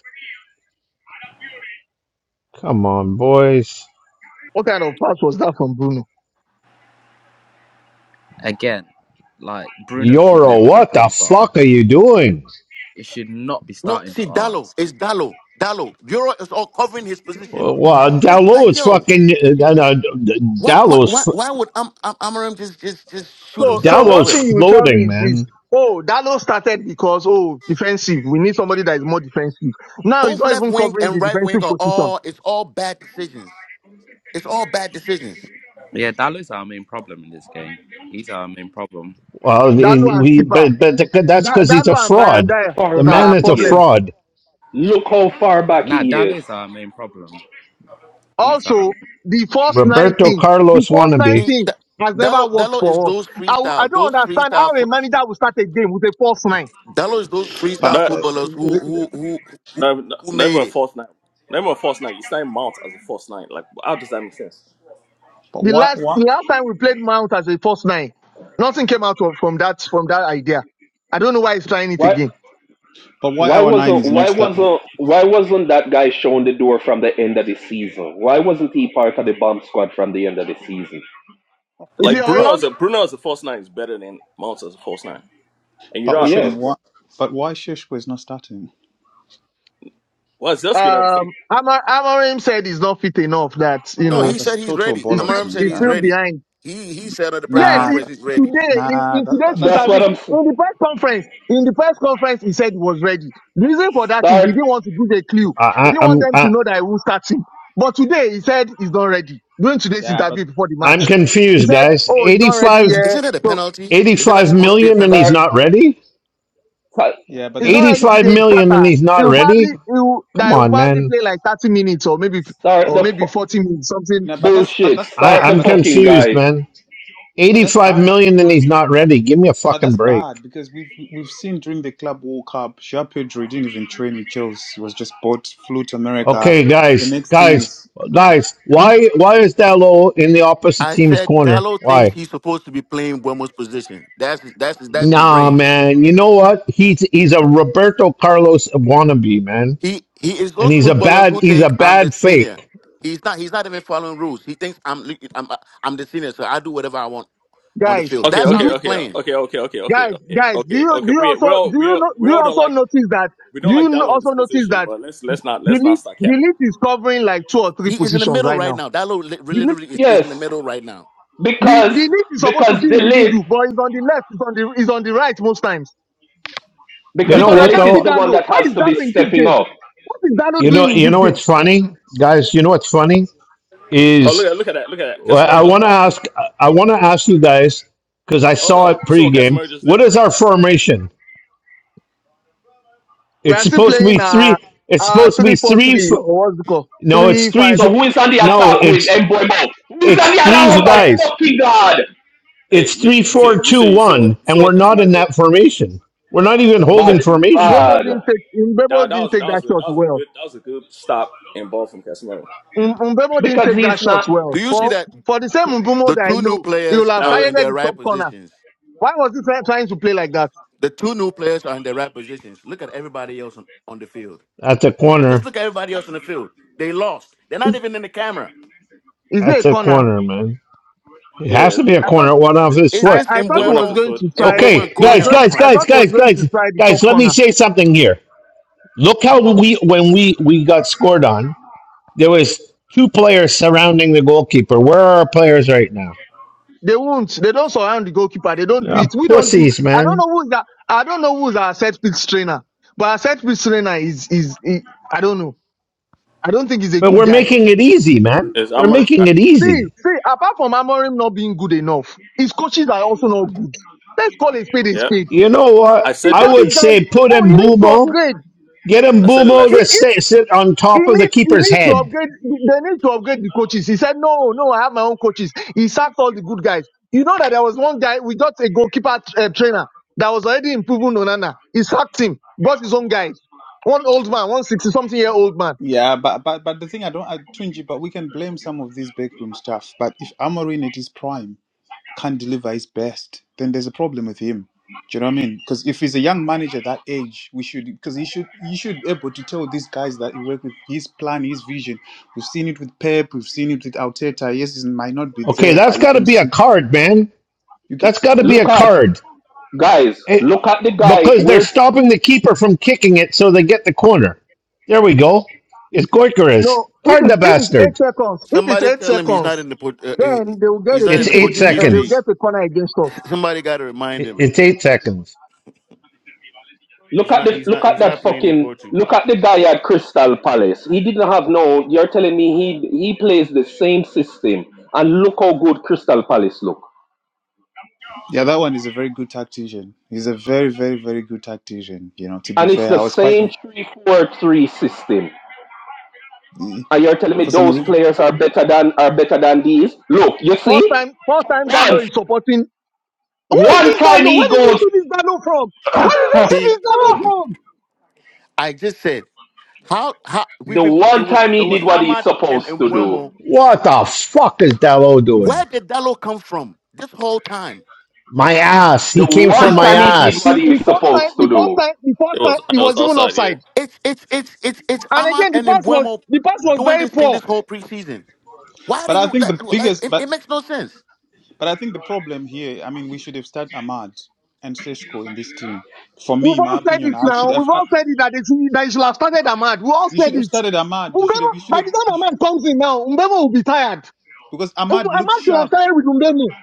Come on, boys.
What kind of pass was that from Bruno?
Again, like, Bruno should
Yoro,
never be
what the
playing for
fuck are
us.
you doing?
It should not be
No,
starting
see
for
Dallo
us.
is Dallo. Dallo, Euro is all covering his position.
Well,
He's just
Dallo
like,
is
yo,
fucking. Uh, uh,
why why why,
Dallo's
why would Am, Am, Amarim just just just shoot
So
himself
so
in the
one
Dallow's
foot?
thing you will tell me
floating,
is this.
man.
Oh, Dalo started because oh defensive. We need somebody that is more defensive. Now he's
Both
not
left
even
wing
covering
and
the
right wing
defensive
are
position.
all it's all bad decisions. It's all bad decisions.
Yeah, Dallo is our main problem in this game. He's our main problem.
Well,
Dalo
he,
and
he-
keeper.
but, but the- that's
That,
because
that
he's a
one by and
fraud.
there
The
Far
is
back
man
our
is a
he is.
problem.
fraud.
Look how far back
Nah,
he
Dallo
is.
is our main problem. He's our main
Also,
problem.
the first nine
Roberto
thing, the
Carlos
first nine
wannabe.
See,
thing
D-
has never
Delo
worked
Delo is
for us.
those
I, w- I
freestyle, those
don't understand how
freestyle.
a
Fo-
manager will start a game with a first nine.
Delo is those
But
freestyle
Not,
uh,
footballers who
th- th-
who who who,
not, not
who
not even
made
a
it.
false nine. Not even a false nine. You sign Mount as a false nine. Like, how does that make sense?
but
The
why
last,
why
the last time we played Mount as a first nine, nothing came out of, from that, from that idea. I don't know why he's trying it
Why
again.
but why
why
our nine
wasn't
is not
why
start?
wasn't why wasn't that guy shown the door from the end of the season? Why wasn't he part of the bomb squad from the end of the season?
Is it
Like,
But
Bruno as
Oilon?
a Bruno as a false nine is better than Mount as a false nine. And you
but
know how I feel
Oshin,
Yes.
about
why
Bruno.
but why Sheshko is not starting?
Well, Zelski never started.
Um, Amar, Amarim said he's not fit enough that, you
No,
Nah,
he
know,
that's
said he's
total
ready.
he's still,
bollocks,
Amaram
man.
said
he's
he's
Uh,
still
ready.
behind.
He he said at the press
Yes,
Nah,
he,
conference
that,
he's ready.
today in,
nah,
in
that, that
today's
That's
that's
interview,
what I'm s-
in the press conference, in the press conference, he said he was ready. The reason for that is
start
he didn't want to give a clue.
I,
He
I,
didn't want
I'm
them
I,
to know that he will start him. But today he said he's not ready. During today's
yeah, but
interview before the
I'm
match, he
confused,
said,
guys.
"Oh, he's
Eighty
not ready
Th-
five,
yet.
Isn't that a
So
penalty?
eighty
Isn't
five
that
million,
supposed to be a
and he's
start
penalty?
not ready.
start
yeah, but
he's not
that's
ready
that,
to
85
be a
million and
starter.
he's
He
not
will probably he
ready.
will,
Come
that he will
on,
probably
man.
play like 30 minutes or maybe
start
or
the fu-
maybe 40 minutes something."
nah, but that's but
Bullshit.
that's
I,
Start
bad.
the
I'm
But
fucking
confused,
guy.
man.
but that's
85
bad.
million and he's not ready. Give me a
But
fucking
that's bad
break.
because we've we've seen during the Club World Cup, Jean Pedro didn't even train with Chelsea. He was just bought, flew to America.
Okay,
The
guys,
next thing
guys,
is
guys. Why why is Dallo in the opposite
I
team's
said
corner?
Dallo thinks
Why?
he's supposed to be playing Buemo's position. That's his, that's his, that's his
Nah,
brain.
man. You know what? He's he's a Roberto Carlos wannabe, man.
He he is
And
those
he's a
footballers
bad
who
he's a
think I'm the
bad
senior.
fake.
He's not. He's not even following rules. He thinks I'm. I'm. I'm the senior, so I do whatever I want. on the
Guys,
field.
Okay,
That's
did
how
okay,
you
he's
okay,
playing.
okay, okay, okay, okay,
guys
okay,
guys do
okay,
you
okay.
do you
We
also
we all
do
we
you
all,
know,
we
do you
all don't
also
like
notice that
we don't
do
like
you
Dallo in this
also notice
position,
that?
but let's let's not
The
let's not
list,
start
the
capping.
list is covering like two or three
He is in the
positions
middle
right
right
now.
now. That little li-
The list,
literally is, is in
Yes,
the middle right now.
the,
because
the list is supposed to
because
be in the
delete
middle, but it's on the left, it's on the, it's on the right most times.
You
because
know
Okay.
Because I
what
delete
can't
is
see
the
though?
one
Dalo.
that
Why
has
is
to be
Dalo in this
stepping
game?
up.
What is Dalo
You know
doing in
you
this
know
game?
what's funny, guys. You know what's funny
Oh, look at
is
look at that! Look at that!
well,
Casemiro
I
just
want to
stopped.
ask I want to ask you guys because I
Oh
saw
no,
it
you see what
pregame.
Casemiro just did?
What is our formation?
We
It's
are still
supposed to be
playing, uh,
three. It's
uh,
supposed to
three
be
four
three. f-
three or what's it called?
No, it's
3-5.
three. f-
So who is on the
No,
attack with
it's
Mboimo? Who is on the
it's
attack?
three
Oh my
guys.
fucking god!
Hey,
It's
you,
three,
you see
four,
you
two,
see you see what
one,
you see
and we're
what
not
Casemiro
in
did?
that formation. We're not even holding
Mbe-
Bad,
formation
Mbemo
bad.
didn't take,
That,
Mbemo
that
didn't
was that
take
was
that
good. That
shot
was a
well.
good that was a good stop and ball from Casemiro.
Um Mbemo didn't
Because
take that
he's
shot
not.
Do
well.
you see
For,
that
for the same Mbemo
the
that I
two new
know, he will
players
have
That
are
was it.
in
targeted
their
the
right
top corner.
positions?
Why was he try- trying to play like that?
The two new players are in their right positions. Look at everybody else on, on the field.
That's a
Just
corner.
look at everybody else on the field. They lost. They're not
Is,
even in the camera.
is there a
That's a
corner?
corner, man. It has
Yeah,
to be a
I thought
corner, one off
it,
his
It's
I,
just
foot.
I
it
thought he
went off
was
Embuemo,
his
going
foot.
to try he
Embuemo and
Okay,
was
Cunha
guys,
up
going
guys,
I
front.
guys,
thought he was
guys,
going to
guys,
try the
guys.
top
Let me
corner.
say something here. Look how we when we we got scored on. There was two players surrounding the goalkeeper. Where are our players right now?
They won't. They don't surround the goalkeeper. They don't do
Uh,
it. We don't do
pussies,
I don't
man.
know who's that I don't know who's our set piece trainer. But our set piece trainer is is he- I don't know. I don't think he's a
But
good
we're
guy.
making it easy, man.
It's
We're
Amorim's guy.
making it
See,
easy.
see, apart from Amorim not being good enough, his coaches are also not good. Let's call a spade a
Yep,
spade.
You know
I
what?
He
said
I
brought
that. Though.
this
would
guy.
say put
Oh, he
in
needs to
Bumo
upgrade.
Get him
I said it
Bumo
He
last
to
year.
he.
stay, sit on
He
top of the
needs, he
keeper's
needs to
head.
upgrade, they need to upgrade the coaches. He said, no, no, I have my own coaches. He sacked all the good guys. You know that there was one guy, we got a goalkeeper uh, trainer that was already improving Onana. He sacked him, brought his own guys. One old man, 160 something year old man.
Yeah, but but but the thing I don't, I, Tunji, but we can blame some of these backroom staff. But if Amorim at his prime can't deliver his best, then there's a problem with him. Do you know what I mean? Because if he's a young manager that age, we should because he should he should be able to tell these guys that he work with his plan, his vision. We've seen it with Pep, we've seen it with Arteta. Yes, it might not be
Okay,
there, but
that's
you
got to
can
be a
see
card, man.
you can.
That's got to be
Look
a
at
card.
guys.
It-
Look at the guy.
because they're
Where's
stopping the keeper from kicking it so they get the corner. There we go. It's Goikarez.
No, if
Card the
it's, if it's eight
bastard.
seconds, if it's
Somebody
eight
tell him he's not in
seconds,
the Port- uh, he,
then they will get
he's
a
not in
It's
the
PK
eight
against,
Portuguese
uh, they will
league.
seconds.
get a corner against us.
Somebody got to remind
It-
him
it's eight seconds.
Look
he's
at
not
the
he's
look
not
at
he's not
that
playing in
fucking
Portugal.
look at the guy at Crystal Palace. He didn't have no. You're telling me he he plays the same system, and look how good Crystal Palace look.
Yeah, that one is a very good tactician. He's a very very very good tactician. You know, to be
And it's
fair,
the
I was quite
same three four three system.
eh,
And you're telling me
for some
those
reason.
players are better than are better than these? Look, you
First
see,
time, first time Dalo
once
is supporting. Where is
one
this
time
Dalo?
he
Where did you
goes.
see this Dalo from? Where did you see
See,
this Dalo from?
I just said. How how we've
The
been it
one
was
time
it
he did
was
what he's
Ahmad and
supposed to do.
Embuemo.
What the fuck is Dalot doing?
Where did Dalo come from this whole time?
My ass.
The
He came
one
from my
time
Yo,
he did what
The,
ass.
he was
the first time,
supposed to
the first
do.
time, the
It
first
was
time, it
it was
was even
offside. Yeah,
offside.
it's it's it's it's it's
And
Ahmad
again, the
and
pass was,
Embuemo
the pass was
doing
very
this thing
poor.
this whole preseason. Why
But
do
I
you
think the
that, like
biggest,
it,
but
it makes no sense.
But I think the problem here, I mean, we should have started Ahmad and Seshko in this team. For me,
We've all
my
said
opinion,
it
I should
now.
have.
We've
Uh,
all said it that they should, that they should have started Ahmad. We all
you should
said
have
it.
started Ahmad. You should
Mbemo,
have. You should
by
have.
the time
You should,
Ahmad comes in now, Mbemo will be tired.
because
Um,
Ahmad looks
Ahmad should have
sharp.
started with Mbemo.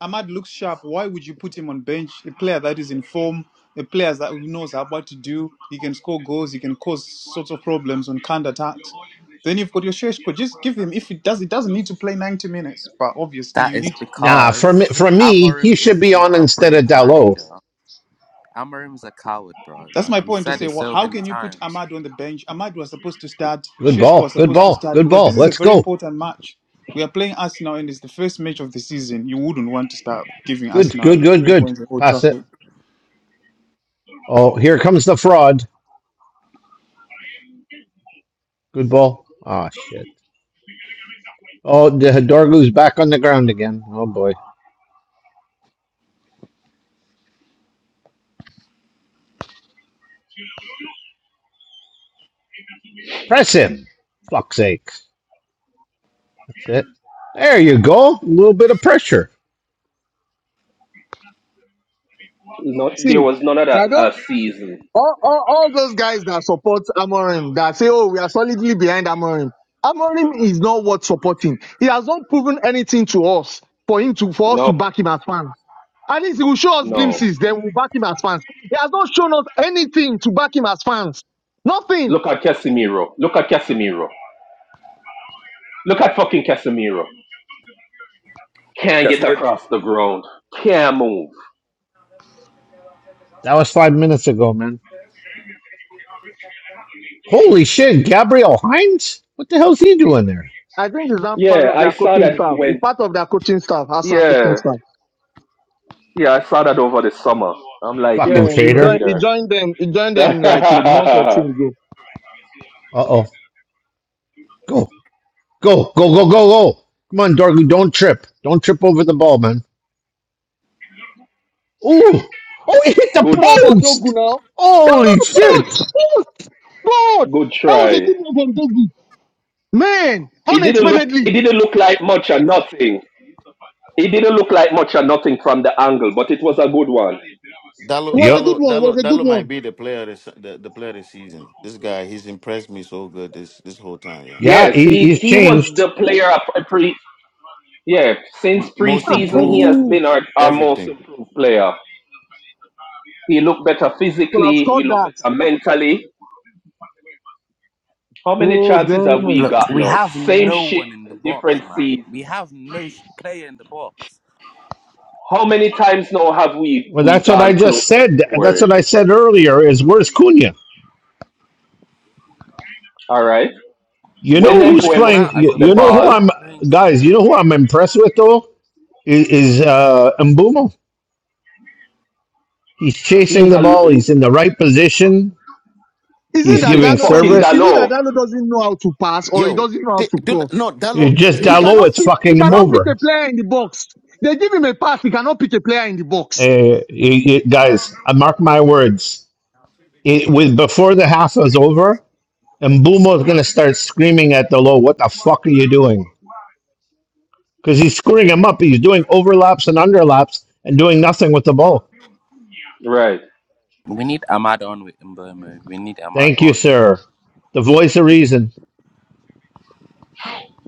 Ahmad looks sharp. Why would you put him on bench? A player that is in form, a player that knows how what to do. He can score goals. He can cause sorts of problems on counter attacks. Then you've got your Seshko. Just give him. If it does, it doesn't need to play ninety minutes. But obviously,
That
you
is
need.
Nah, for me,
because
for me, he
Amorim
should
is
be
not
on
a
instead of
brave manager.
Dalot.
Amorim's a coward, bro.
That's my
Like we've
point to
said
say,
it
well,
so
how
many
can you put
times.
Ahmad on the bench? Ahmad was supposed to start,
Good
Shishko
ball.
was
Good
supposed to
ball.
start,
Good
because
ball.
this is a
Let's
very
go.
important match. We are playing Arsenal, and it's the first match of the season. You wouldn't want to start giving
Good, good,
Arsenal
good,
three
good.
points at Old
Pass it.
Trafford.
Oh, here comes the fraud. Good ball. Ah, shit. Oh, the Hidorgu's back on the ground again. Oh, boy. Press him. Fuck's sakes. That's it. There you go. A little bit of pressure.
No, there
See,
was none of that
I don't.
last season.
All, all, all those guys that support Amorim, that say, oh, we are solidly behind Amorim. Amorim is not worth supporting. He has not proven anything to us for him to, for us to
No,
back him as fans. At least he will show us
no.
glimpses, then we'll back him as fans. He has not shown us anything to back him as fans. Nothing.
Look at Casemiro. Look at Casemiro. Look at fucking Casemiro. Can't get
Casemiro.
across the ground. Can't move.
That was five minutes ago, man. Holy shit. Gabriel Hines? What the hell's he doing there?
I think he's not part
Yeah,
of
I
their
saw
coaching
that he
staff. He's
went.
part of their coaching staff, Arsenal coaching
Yeah,
staff.
yeah, I saw that over the summer. I'm like,
Yeah,
Fucking
you
he
traitor.
joined, he
traitor.
joined them, he joined
good,
them like a month or two ago.
Uh oh. Go, go, go, go, go, go. Come on, Dorgu. Don't trip. Don't trip over the ball, man. Ooh. Oh, it hit the
Open up
good
for
post.
Dogu now. Oh,
Holy shit.
God, God, God. That was a
try.
good one from Dogu. Man,
It didn't look.
unexpectedly.
It
It
didn't look like much or nothing. He didn't look like much or nothing from the angle, but it was a good one.
Dalo
was a
Yep.
good
Dalo
one. It was
Dalo
a good
Dalo might
one.
be the player this the, the player this season. This guy, he's impressed me so good this this whole time, yo.
Yeah,
Yes,
he,
he,
he's
he was
changed.
the player of a pre. Yeah, since
Most
Ah,
preseason, he
improved,
has
Dogu
been our, our most
everything.
improved player. He looked better
could have
physically. He
scored
looked
that.
better mentally. How many
Oh,
chances have
damn.
we
Look,
got
we
now?
have
Same
no
shit,
one in the box,
different
man. We
season.
have no sh- player in the box.
How many times now have we
Well,
we
that's what I
gone close
just
to
said. That's what
scoring?
I said earlier. Is where's Cunha?
All right.
You
When
know
You're
who's
playing
Mbuemo picks
Matt
playing? You,
as
up
a
the
you know
false
who
ball,
I'm,
nine, playing
guys. You
Cunha.
know who I'm impressed with though is, is uh, Mbumo. He's chasing
he's
the
a
ball. He's in the right position.
Is it
He's
it's
that
this
giving
Dalo
fucking
doesn't,
service.
is it that
Dalot.
Dalo doesn't know how to pass or he
Yo,
doesn't know how
di-
to
do,
cross?
no Dalo
It's just
He
down
cannot
is
It's
pick, he
fucking him
cannot pick
bro.
a
over.
player in the box. They give him a pass, he cannot pick a player in the box.
Uh, you- you- guys, I mark my words. It, with before the half is over, Mbumo is going to start screaming at the low. What the fuck are you doing? because he's screwing him up. He's doing overlaps and underlaps and doing nothing with the ball.
Right.
We need Ahmad on with Mbomo. We need Ahmad
Thank you,
on.
sir. The voice of reason.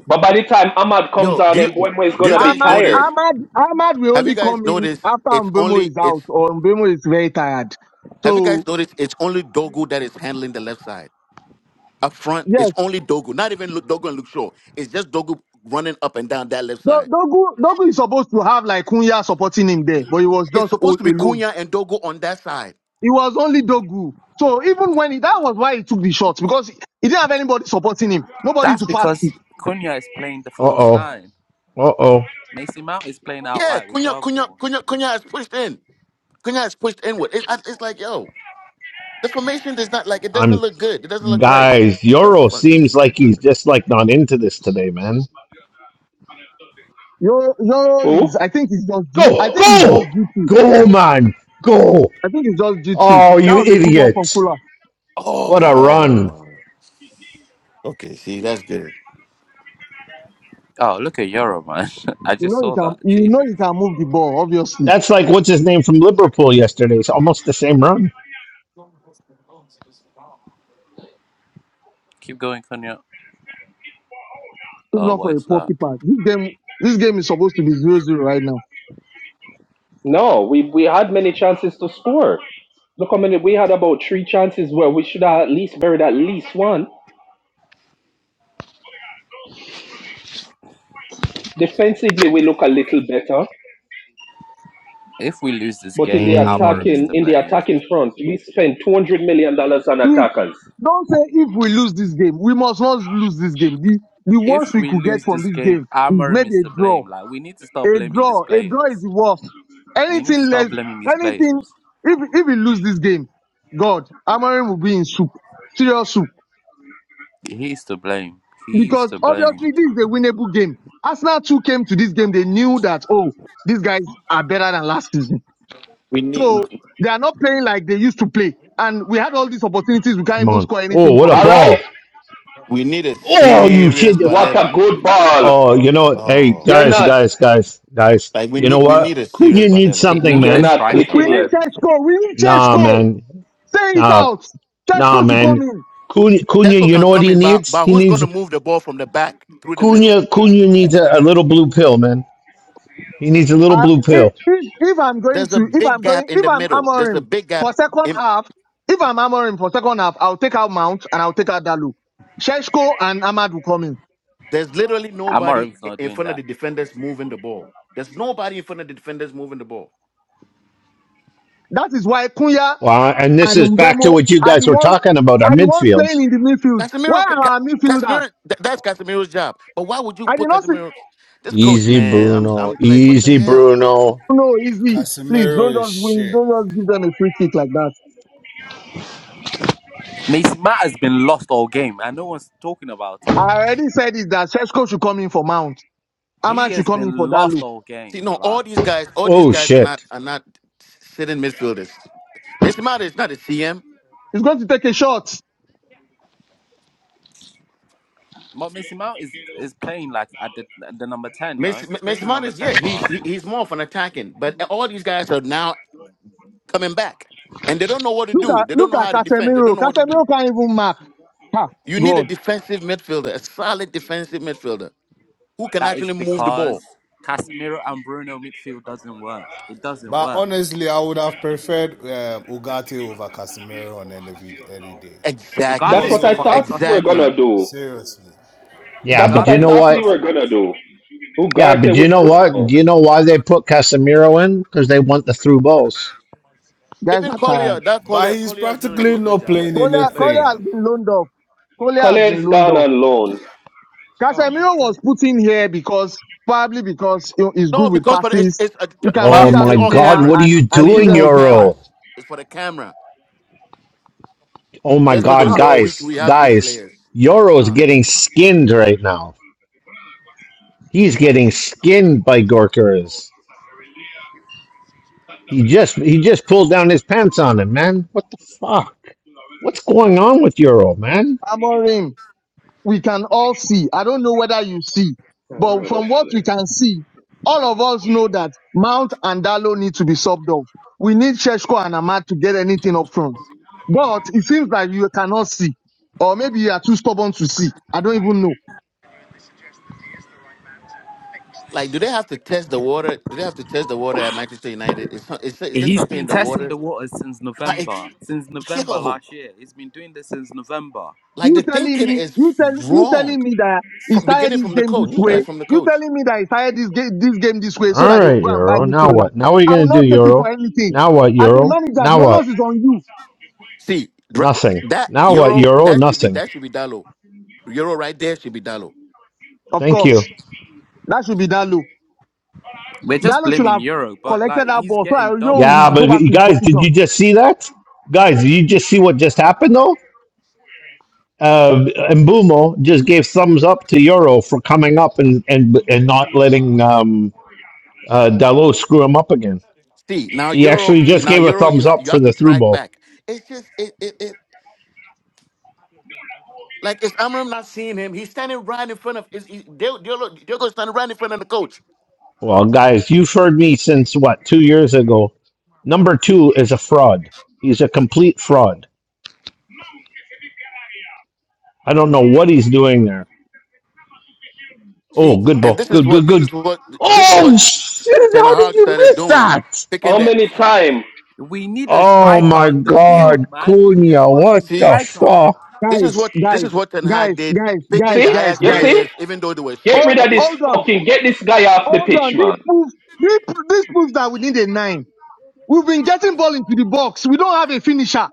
But by the time Ahmad comes
Yo, do
on,
you
and Mbwemo is
do you
gonna be
guys
Ahmad,
know this?
tired.
Ahmad, Ahmad will
Have you
only
guys
come in
noticed
after
it's
Mbemo
only
is
it's
out or Mbemo is very tired.
have you guys
So,
noticed it's only Dogu that is handling the left side? Up front,
yes.
it's only Dogu, not even Lu- Dogu and Luke Shaw. It's just Dogu running up and down that left
Do-
side.
Dogu, Dogu is supposed to have like Kunya supporting him there, but he was
It's
just
supposed
all
to be
alone.
Cunha and Dogu on that side.
It was only Dogu. So even when he, that was why he took the shots because he didn't have anybody supporting him, nobody
That's
to pass to.
because Cunha is playing the
Uh
false
oh.
nine.
Uh oh.
Macy Mount is playing out
Yeah,
wide with
Cunha, Cunha,
Dogwall.
Cunha, Cunha is pushed in. Cunha is pushed inward. It's, I- it's like, yo, the formation does not like it doesn't
I'm
look good. It doesn't look right.
guys.
The
Yoro
fuck is
seems
this guy
like
trying
he's
to?
just like not into this today, man.
Yo, Yoro
Who?
is, I think it's just, G, I
Go,
think it's just
go,
G3.
go, man, go.
I think it's just G3.
Oh,
That
you
was a good one from
idiot!
Kula.
What a run.
Oh, okay. See, that's good.
Oh, look at Euro, man. I
You
just
know he
saw
can,
that.
you know he
Jesus.
can move the ball, obviously.
That's like what's his name from Liverpool yesterday. It's almost the same run.
Keep going, Cunha.
If
Oh,
not
what
for a
is
poor
that?
keeper. This game, this game is supposed to be zero zero right now.
No, we we had many chances to score. Look how many we had about three chances where we should have at least buried at least one. Defensively, we look a little better,
If we lose this
but in the
game, Amarim is
attacking
to
in the
Mm,
blame.
attacking front, we spent two hundred million dollars on
We
attackers.
don't say if we lose this game, we must not lose this game. The the worst
If
we
we
could get
lose
from
this
this
game,
game is
Amarim
maybe
is
a
to
draw.
blame. Like we need to start
A
blaming these
draw. A draw is
players.
the worst.
We need to
Anything
start
less,
blaming these
anything.
players.
If if we lose this game, God, Amarim will be in soup, serious soup.
He is to blame. He is
Because
to blame.
obviously this is a winnable game. Arsenal too came to this game. They knew that oh, these guys are better than last season.
We need
So they are not playing like they used to play. And we had all these opportunities. We can't
come
even
on.
score
Oh,
anything
what
from
a
it.
All right.
ball.
we need a
Oh, you
serious
shit.
What a
Baleba.
good ball.
Oh, you know, hey
Oh
They're
guys,
not
man.
guys, guys, guys.
Like we
You know
need we need a
what?
serious
Cunha needs
Baleba
See,
here.
We
something,
need
they're
a
man.
not
You,
striker,
We
clicking
need
yet.
man.
Tesco. We need
nah,
Tesco.
man.
Say it
Nah,
out.
nah,
Tesco should come
man.
in.
Cunha, Cunha,
Tesco
you
can
know what
come
he
in, but
needs?
but
He
who's
needs
gonna move the ball from the back through the middle?
Cunha. Cunha needs
Who?
a, a little blue pill, man. He needs a little
Uh,
blue
if,
pill.
if, if I'm going
There's a
to, if
big
I'm going,
gap in
if
the
I'm
middle. There's a
Amorim
big gap
for second
in
half, if I'm Amorim for second half, I'll take out Mount and I'll take out Dalu. Sheshko and Ahmad will come in.
there's literally nobody
Amarim's
i-
not
in
doing
front of
that.
the defenders moving the ball. There's nobody in front of the defenders moving the ball.
That is why Kunya
Wow, and this
and
is back to
Mbemo
what you
are
guys
the
were
ones,
talking about our
are the ones playing
midfield.
in the midfield. Where
Casemiro, Ca-
are
Ca-
our midfielders?
Casemiro, th- that's Casemiro's job. But why would you
I did
put
not say,
Casemiro? This coach,
Easy,
man, I'm,
Bruno.
I'm like, what the
Easy,
hell, bro?
Bruno.
no, easy. Please don't
Casemiro is
just win,
shit.
don't just give them a free kick like that.
Macy Matt has been lost all game, and no one's talking about
I
it.
already said it that Sheshko should come in for Mount.
He
Aman should
has
come in for
been
that
lost
look.
all
See,
game.
no, all
Like,
these guys, all these
Oh
guys are not
shit.
are not sitting midfielders. Mason Mount is not a CM.
He's going to take a shot.
but Macy Mount is is playing like at the the number ten. No,
Mason,
he's playing
Mason
the
Mount
number
is yeah,
ten for
he's
us.
he, he's more of an attacking. But all these guys are now coming back, and they don't know what to
Look
do.
at
They don't
look
know
at
how to defend. They don't
Casemiro.
know what to do.
Casemiro can't even mark. Ha,
You need a
God,
defensive midfielder, a solid defensive midfielder who can
That is
actually move the ball.
because Casemiro and Bruno midfield doesn't work. It doesn't
But
work.
honestly, I would have preferred um, Ugarte over Casemiro on any, any day.
Ugarte
That's
Exactly,
Because,
what
is a
I
fucking
thought
over,
we were
sausage,
gonna
exactly.
man.
do.
seriously.
Yeah,
That's
but
what
you
I
Ugarte
know
is a
thought we
what?
were
sausage.
gonna do.
Yeah, but
Ugarte
you
with
know what?
Bruno.
Do you know why they put Casemiro in? Because they want the through balls.
guys
Even
are
Collier,
tired.
that
But
Collier,
he's
Collier is gonna do
practically
a good
not
job, a,
playing
a a
Kolia,
better
Kolia has
anything.
job.
been loaned off. Kolia has been
Cole's
loaned
gone
off.
on loan.
Oh my
Casemiro
God.
was put in here because probably because you know, he's
No,
good with
because but it's
passes.
it's, uh, t-
He can
all
Oh
pick
it's,
But,
out
it's
my
the
all
player
god, what
cameras.
are
and
you
I'm
and
telling you,
give
it's
doing,
them
all
a good pass.
cameras.
Euro?
It's for the camera.
Oh my
Just so they'll
god,
Ah,
say, oh, we
guys,
we have big
guys,
players.
Euro
Come
is
on,
getting
man.
skinned right now. He's getting skinned by Gorkers. He just he just pulled down his pants on him, man. What the fuck? What's going on with Euro, man?
Amorim. we can all see. I don't know whether you see,
Oh,
but
no,
from
that's
what
good.
we can see, all of us know that Mount and Dalo need to be sobbed off. We need Sheshko and Ahmad to get anything up front. But it seems like you cannot see, or maybe you are too stubborn to see. I don't even know.
Like, do they have to test the water? Do they have to test the water at Manchester United? Is some- is is there
He's
something
been
in the
testing
water?
the waters since
Like,
November. Since November
yo,
last year. He's been doing this since November.
like the
You telling
thinking
me,
is
you tell, you
wrong
telling me that he
from
started
beginning
this
from the
game this
coach.
way.
Okay.
Like from the
You
coach.
telling me that he started this game, this game this way so
All
that they will
right,
go and buy
Euro. Now
midfielder.
what? Now what are you
I will
gonna do,
not take it for
Euro?
anything.
Now what,
As a
Euro?
manager, the
Now
onus
what?
is on you,
See dr-
Nothing.
that
Now what,
Euro
Euro?
that should be
Nothing.
that should be Dalo. Euro right there should be Dalo.
of
Thank you.
course. That should be Dalo.
We're just
Dallo should
blaming
have
Euro, but like
collected that
he's
ball so I
getting
will
doubled
Yeah,
up.
but
go back
you
to his
guys, did
position.
you just see that? Guys, did you just see what just happened though? uh, Mbumo just gave thumbs up to Euro for coming up and and and not letting um, uh, Dalot screw him up again.
See now
He
Euro.
actually
See
just
now
gave a
Euro.
thumbs
You ha-
up
you
for
have
the
to
through
track
ball.
back. It's just it it, it Like is Amram not seeing him? He's standing right in front of is he- Dil- Dil- Diogo standing right in front of the coach.
Well, guys, you've heard me since what two years ago. Number two is a fraud. He's a complete fraud. I don't know what he's doing there. Oh,
See,
good
and
ball,
this is
good, good,
what this
good.
is what this is
Oh
what
shit!
Ten
How did
Hag
you
started
miss
doing,
that?
picking
How
the
many
oh shit.
times?
We need a
Oh
striker
my
on the
God,
field, man. We need a
Cunha!
fucking
What
See,
the
striker.
fuck?
this is
Guys,
what this is
guys,
what Ten Hag
guys,
did,
guys,
picking
guys,
the
See?
guys,
Ajax
You
guys.
see?
players, even though they were
Get
shit.
rid
Hold,
of
Keep it.
this
hold on,
fucking get this guy off the
hold
pitch,
on.
man.
This proves, this, this proves that we need a nine. We've been getting ball into the box. We don't have a finisher.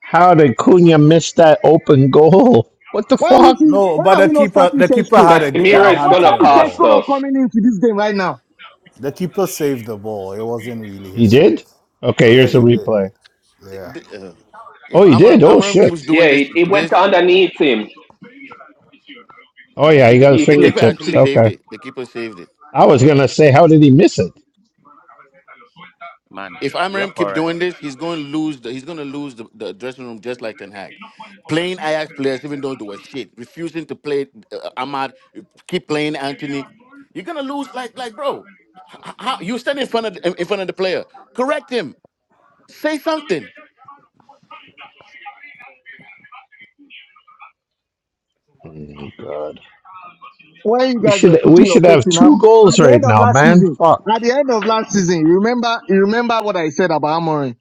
How did Cunha miss that open goal? What the
Why would
fuck?
we,
no,
why
but
are we
the
not
keeper
starting
the keeper
Sesko?
had a
Why,
a
Casemiro is
why,
hand to
why
gonna
the
is
cost
Sesko
ball.
not
us.
coming into this game right now?
The keeper saved the ball. It wasn't really
He
his
did?
fault.
Okay,
Yeah,
here's
he
the
See,
did.
replay.
Yeah.
th- uh,
Oh,
if
he
Amram
did? Oh,
Amram keeps
shit.
Yeah,
doing
it,
this,
it went
this
underneath him.
Oh,
the
yeah, he
keeper
got his
He
the keeper
flipped,
actually
fingertips.
flicked.
saved
Okay.
it. The keeper saved it.
I was going to say, how did he miss it?
Man,
If
you're
Amorim keep doing
correct.
this, he's going to lose. The, he's going to lose the, the dressing room just like Ten Hag, playing Ajax players even though they were shit, refusing to play uh, Ahmad, keep playing Anthony. You're gonna lose. Like like bro, h- how, you stand in front of the- in front of the player, correct him, say something.
Mm, God.
Why you
We
guys
should
were
we
putting your
should
faith
have
in now?
two goals
At the
right
end of
now,
last
man.
season,
Fuck.
at the end of last season, you remember, you remember what I said about Amorim.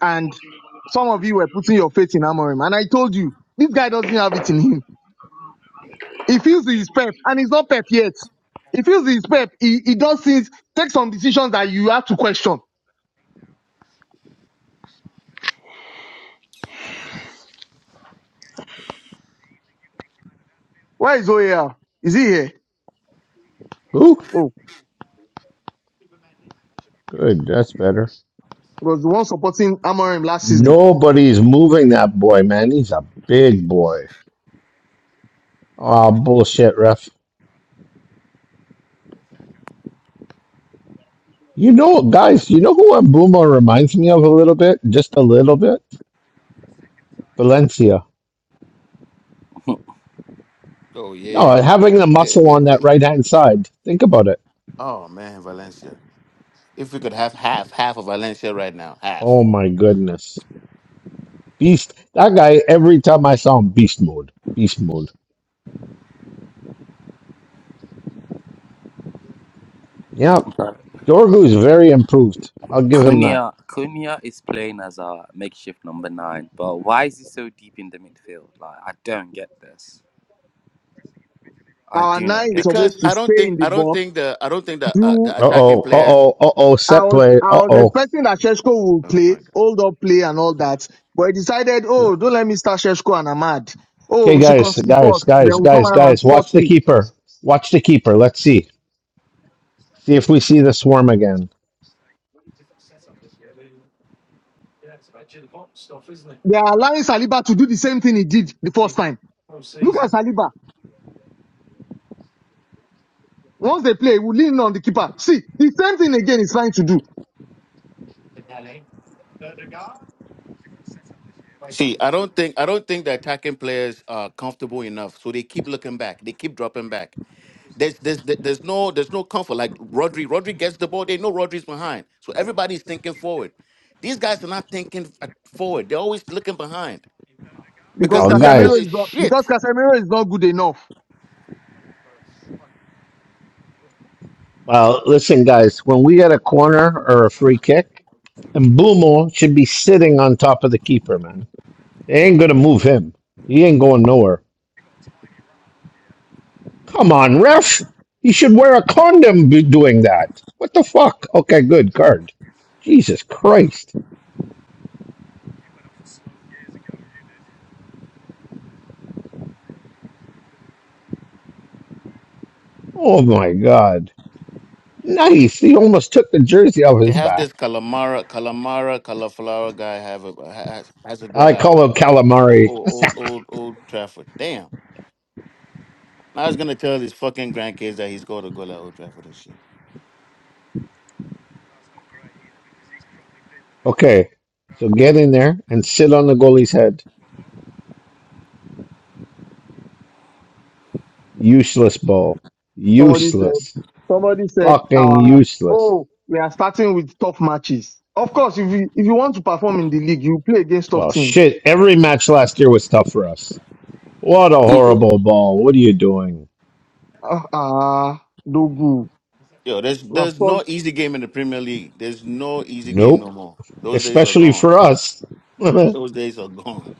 and some of you were putting your faith in Amorim. And I told you, this guy doesn't have it in him. He feels he's pep, and he's not pep yet. He feels he's pep. He, he does things, take some decisions that you have to question. Where is OAL? Is he here?
Who?
Oh,
Good. That's better.
he was the one supporting Amorim last season.
Nobody's moving that boy, man. He's a big boy. Oh, bullshit, ref. You know, guys, you know who Mbuma reminds me of a little bit? Just a little bit? Valencia.
Oh
No,
yeah.
having the muscle on that right hand side. Think about it.
oh man, Valencia. If we could have half half of Valencia right now, half.
Oh my goodness. Beast. That guy, every time I saw him, beast mode. Beast mode. Yep. Dorgu is very improved. I'll give him that.
Cunha Cunha is playing as a makeshift number nine, but why is he so deep in the midfield? Like I don't get this. I
Our
do not
nine is
get
Because
supposed to
this.
I don't
stay
think
in the
I don't
box.
think the I don't think the uh, the
Do
Uh
attacking
oh. Uh
players.
oh. Uh oh.
I
Set
was
play.
I
Uh
was
oh.
expecting that Sheshko would
Oh my
play,
god.
hold up play and all that. But he decided, oh, don't let me start Sheshko and Ahmad. Oh,
Okay,
we should
guys.
concede
Guys.
first. Then
Guys.
we'll come
Guys.
around and
Guys.
score
Watch the
three.
keeper. Watch the keeper. Let's see. See if we see the swarm again.
They are allowing Saliba to do the same thing he did the first time. Look at Saliba. Once they play, he will lean on the keeper. See, the same thing again he's trying to do
See, I don't think I don't think the attacking players are comfortable enough, so they keep looking back. They keep dropping back. There's there's there's no there's no comfort. Like Rodri, Rodri gets the ball. They know Rodri's behind, so everybody's thinking forward. These guys are not thinking uh, forward. They're always looking behind because
because
Oh,
the midfield
Casemiro
is
guys.
is not because
shit.
Casemiro is not good enough.
Well, listen, guys. When we get a corner or a free kick, and Bumo should be sitting on top of the keeper, man. They ain't gonna move him. He ain't going nowhere. Come on, ref. He should wear a condom be doing that. What the fuck? Okay, good card. Jesus Christ. Oh my God. Nice. He almost took the jersey off
They
his
have
back.
this Calamara, Calamara, Calaflara guy have a has, has a goal
I
like
call him
oh, oh,
calamari.
oh, old old old Trafford. Damn. Now I was gonna tell his fucking grandkids that he scored a goal at Old Trafford and shit.
Okay, so get in there and sit on the goalie's head. Useless ball.
Somebody said.
Useless.
Somebody said,
Fucking
"Our
useless.
oh, we are starting with tough matches. Of course, if you if you want to perform in the league, you play against tough
Well,
teams.
shit, every match last year was tough for us. What a
So,
horrible ball. What are you doing?
ah, uh, Dogu.
Yo, there's there's no easy game in the Premier League. There's no easy game
Nope.
no more. Those days are
Especially
gone.
for us. Fucking
Those days are gone.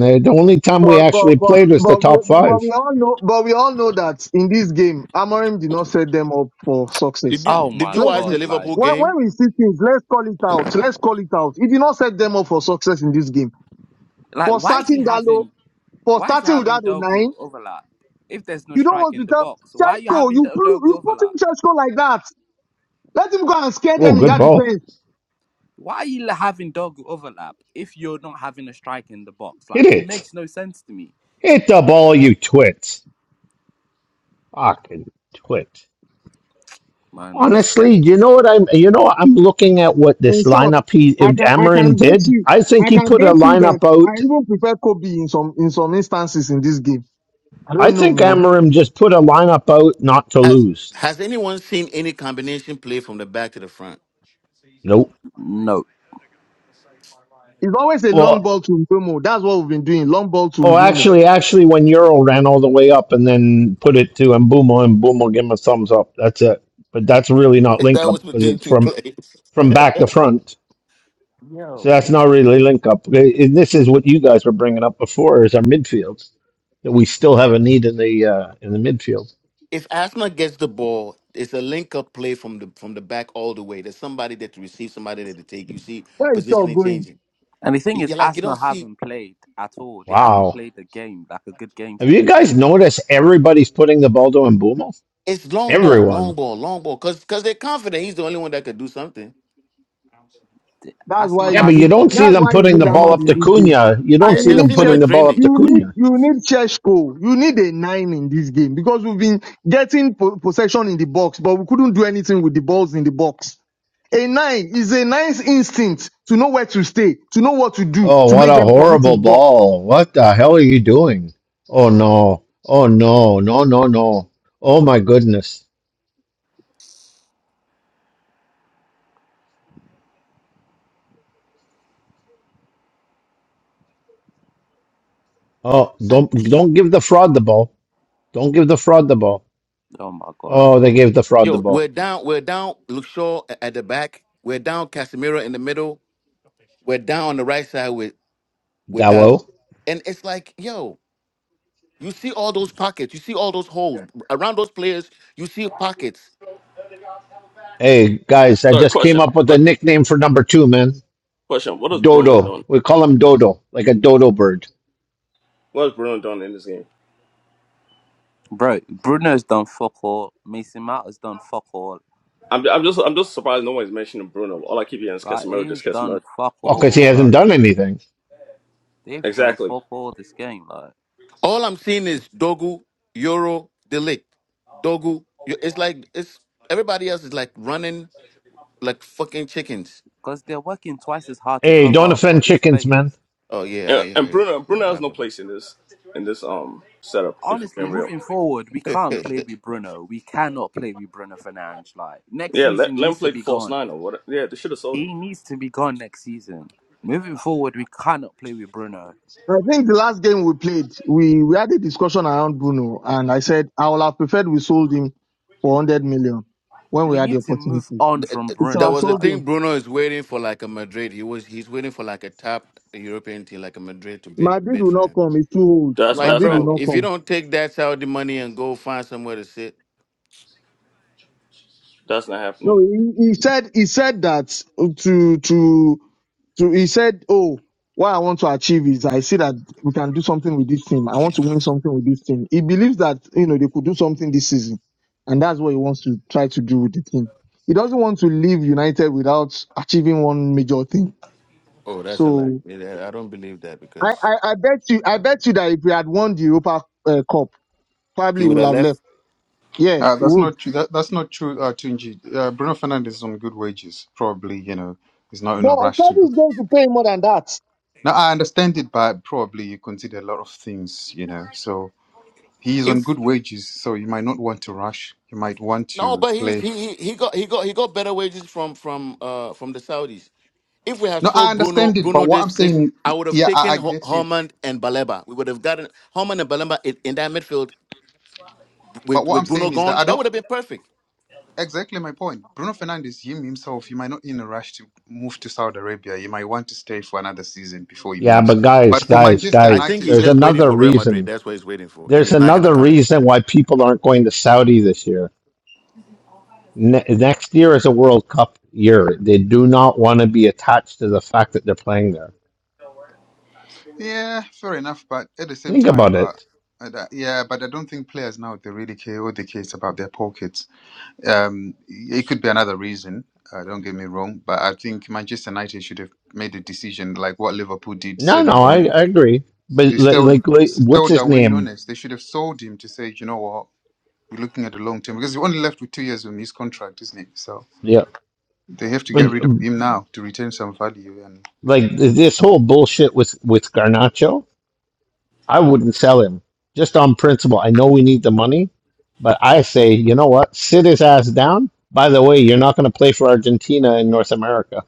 the the only time we
But but
actually
but
played was the
but we
top
but
five.
we all know but we all know that in this game, Amorim did not set them up for
Did
success.
you
Oh
did
my
you
Let's
watch
be
the
god, like
Liverpool
when
game?
when we see things, let's call it out. Let's call it out. He did not set them up for success in this game.
like
For
why is he
starting Dalo,
having
for
why is he
starting
having
without a nine,
Dogu overlap? If there's no
you don't
strike
want
in
to
the
tell
box, why are you
Chesko,
having
you
the
put
Dogu
you put in
overlap?
Chesko like that. Let him go and scare
Oh,
them in
good
that
ball.
defense.
Why are you having Dogu overlap if you're not having a strike in the box?
Hit
Like it
it.
makes no sense to me.
Hit the ball, you twit. Fucking twit.
Man, this
Honestly,
guy
you know what I'm you know I'm looking at what
In
this
short,
lineup he
I can I
Amarim
can bet
did?
you
I think
I
he
can
put a
bet you that
lineup
I
out
even prefer Kobe in some in some instances in this game. I
I
don't know,
think
man.
Amarim just put a lineup out not to
Has
lose.
has anyone seen any combination play from the back to the front?
Nope.
no.
It's always a long
Well,
ball to Mbumo. That's what we've been doing. Long ball to
Oh,
Mbumo.
actually, actually, when Euro ran all the way up and then put it to Mbumo, and Mbumo give him a thumbs up. That's it. But that's really not
That
link up
was
because
between
it's
two
from
players.
from back to front. So
Yo.
that's not really link up. I- I- This is what you guys were bringing up before is our midfields that we still have a need in the uh, in the midfield.
If Asma gets the ball, it's a link up play from the from the back all the way. There's somebody that to receive, somebody that to take. You see
Where is all
positioning
going?
changing.
And the thing
You-
is,
You're like you
Arsenal
don't see
haven't played at all. They haven't
Wow,
played a game, like a good game
have you
today.
guys noticed everybody's putting the ball to Mbumo?
it's long ball, long
Everyone.
ball, long ball. Cause cause they're confident he's the only one that could do something.
That's why
Arsenal
Yeah,
you
but you
need,
hasn't
don't see
played
that's
them
why you
putting the
need
ball
Ahmad
up
in
to
anything.
this game.
Cunha. You don't
Yeah,
And
see
you
they've
them
need
seen him
putting
in
Church,
the ball up to
training.
you
Cunha.
need, you need Cheshko. You need a nine in this game because we've been getting po- possession in the box, but we couldn't do anything with the balls in the box. A nine is a nice instinct to know where to stay, to know what to do,
Oh,
to
what a
make them commit in
horrible
the box.
ball. What the hell are you doing? Oh no. Oh no. No, no, no. Oh my goodness. Oh, don't don't give the fraud the ball. Don't give the fraud the ball.
Oh my god,
Oh, they gave the fraud the
Yo,
ball.
we're down. We're down. Luke Shaw a- at the back. We're down. Casemiro in the middle. We're down on the right side with with Dalo.
Dallo.
And it's like, yo, you see all those pockets. You see all those holes around those players. You see pockets.
Hey guys, I
Sorry,
just came
question,
up with a
question,
nickname for number 2, man.
question. What is Bruno
Dodo.
doing?
We call him Dodo, like a dodo bird.
What is Bruno doing in this game?
bro! Bruno's done fuck all. Mason Mount has done fuck all.
I'm, I'm just I'm just surprised no one's mentioning Bruno. All I keep hearing is
Like
Casemiro,
he's
just
done
Casemiro.
fuck
Well, cuz he
all.
hasn't
Like
done anything.
they've done
Exactly.
fuck all this game. Like
All I'm seeing is Dogu, Euro, Delict, Dogu. Yo- It's like it's everybody else is like running like fucking chickens.
because they're working twice as hard to
Hey,
cover
don't
up for
offend
these
chickens, man.
players.
Oh yeah, I,
Yeah,
yeah,
and
yeah,
Bruno
yeah,
Bruno
my
has no place in this in this um setup. If I'm
Honestly,
being real,
moving forward, we can't
bad.
play with Bruno. We cannot play with Bruno Fernandes. Like next
yeah, let,
season, he
let him
needs to
play the
be
false
gone.
nine or what? Yeah, they should have sold him.
He needs to be gone next season. Moving forward, we cannot play with Bruno.
I think the last game we played, we, we had a discussion around Bruno, and I said I would have preferred we sold him for 100 million when we
We
had the
need to move
opportunity.
on
th-
from
th-
He should
there
have
Bruno.
was a
sold
Like.
thing
him.
Bruno is waiting for like a Madrid. He was he's waiting for like a top European team like a Madrid to bid
Madrid
bid
will
for
not
him.
come. He's too old.
I'm
That's
like,
that's
Madrid will
not
bro,
not
if you
come.
don't take that Saudi money and go find somewhere to sit,
that's not
No,
happening.
he, he said he said that to to So he said, Oh, what I want to achieve is I see that we can do something with this team. I want to win something with this team. He believes that, you know, they could do something this season. And that's what he wants to try to do with the team. He doesn't want to leave United without achieving one major thing.
oh, that's a lie.
So
Yeah, I don't believe that
I,
because
I, I bet you, I bet you that if we had won the Europa uh, Cup,
he
probably he
would
would
have
have
left.
left. Yeah, he
Uh, that's
would.
not true. That, that's not true, uh, Tunji. Uh, Bruno Fernandez is on good wages. Probably, you know, he's not in a
But
rush to
Saudi
go.
is going to pay more than that.
Now, I understand it, but probably you consider a lot of things, you know. So he's on
If
good wages, so you might not want to rush. You might want
no,
to
but he's
play
he he he got he got he got better wages from from uh from the Saudis. If we had
No, I
sold Bruno
understand it,
Bruno
but what I'm
this this,
saying,
I would have
yeah, I,
taken
I
Ho-
get it.
Hormand and Baleba. We would have gotten Hormand and Baleba in, in that midfield
But
with
what I'm
with Bruno
saying is that
gone.
I
That
don't
would have been perfect.
exactly my point. Bruno Fernandes, him himself, he might not in a rush to move to Saudi Arabia. He might want to stay for another season before he
Yeah,
moves.
but guys,
But for
guys,
Manchester
I
guys,
think
United
he's
there's
as a
just waiting
another
for
football,
Real Madrid.
reason
That's what he's waiting for, and
There's
it's not gonna
another
come.
reason why people aren't going to Saudi this year. Ne- next year is a World Cup year. They do not want to be attached to the fact that they're playing there.
yeah, fair enough. But at the same
Think
time,
about
but.
it.
and, uh, Yeah, but I don't think players now they really care all they care is about their pockets. Um, it could be another reason. Uh, don't get me wrong, but I think Manchester United should have made a decision like what Liverpool did,
No,
selling
no,
them.
I, I agree. But
It's
like,
still,
like, like,
it's
what's
still
his
Darwin
name?
Nunes. They should have sold him to say, you know what, we're looking at the long term because you're only left with two years on his contract, isn't it? So
Yeah,
they have to get
but
rid of
um,
him now to retain some value. And
like this whole bullshit with with Garnacho, I wouldn't sell him just on principle. I know we need the money, but I say, you know what? Sit his ass down. By the way, you're not going to play for Argentina in North America.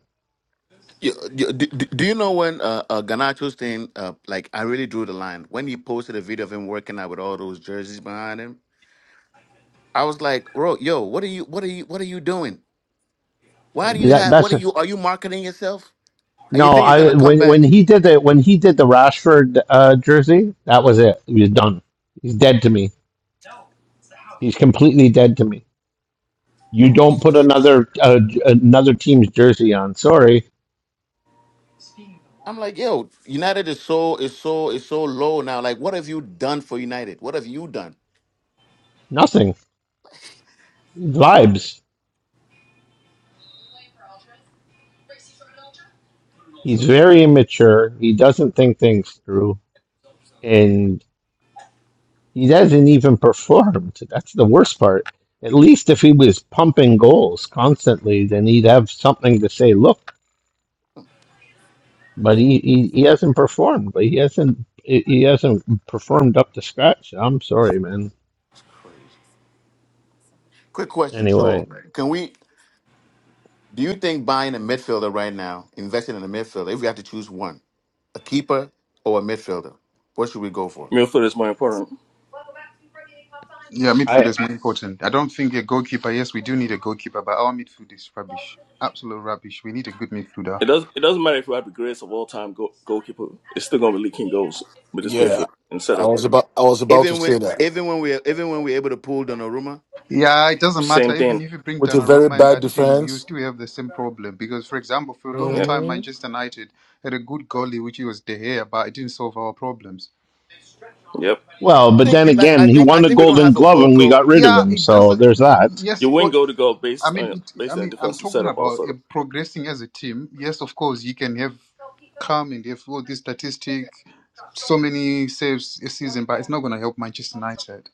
You, you, do, do do you know when uh, uh, Ganacho's thing? Uh, like, I really drew the line when he posted a video of him working out with all those jerseys behind him. I was like, bro, yo, what are you? What are you? What are you doing? Why do you
That
have? What
that's
are you? Are you marketing yourself? And you
No,
think you're
I
gonna come
when when
back?
he did the when he did the Rashford uh, jersey, that was it. He was done. He's dead to me. He's completely dead to me. You don't
These
put
kids.
another uh, j- another team's jersey on. Sorry,
I'm like, yo, United is so is so is so low now. Like, what have you done for United? What have you done?
nothing. Vibes. He's very immature. He doesn't think things through, and he doesn't even perform. That's the worst part. At least if he was pumping goals constantly, then he'd have something to say. Look. But he, he, he hasn't performed. Like he hasn't he he hasn't performed up to scratch. I'm sorry, man.
Quick question. So,
Anyway,
Right. can we? Do you think buying a midfielder right now, investing in a midfielder, if we have to choose one, a keeper or a midfielder, what should we go for?
Midfield is more important.
yeah, midfield
I
is more important. I don't think a goalkeeper. Yes, we do need a goalkeeper, but our midfield is rubbish, absolute rubbish. We need a good midfielder.
It does it doesn't matter if you have the greatest of all time go, goalkeeper. It's still gonna be leaking goals with this
Yeah,
Yeah,
midfield and
I
setup.
was about I was about to
Even when
say that
even when we're even when we're able to pull Donnarumma,
yeah. It doesn't matter
Same
even
thing.
if you bring
with a very
Donnarumma in
bad
that team, you
defense.
still have the same problem because, for example, for a long
Yep,
time
hmm
Manchester United had a good goalie, which was De Gea, but it didn't solve our problems.
yep.
well, but
think
then
you like
again,
I
he
think
won
I
a
think we don't
Golden
have a
Glove and we got
vocal,
rid of
Yeah,
him.
it
So
doesn't.
there's that.
Yes,
You win
well,
goal to goal
I
based
mean,
on
it, I
based on the
mean, I'm
defensive
talking
setup
about uh,
also.
progressing as a team. Yes, of course, you can have come and have all this statistic, so many saves a season, but it's not going to help Manchester United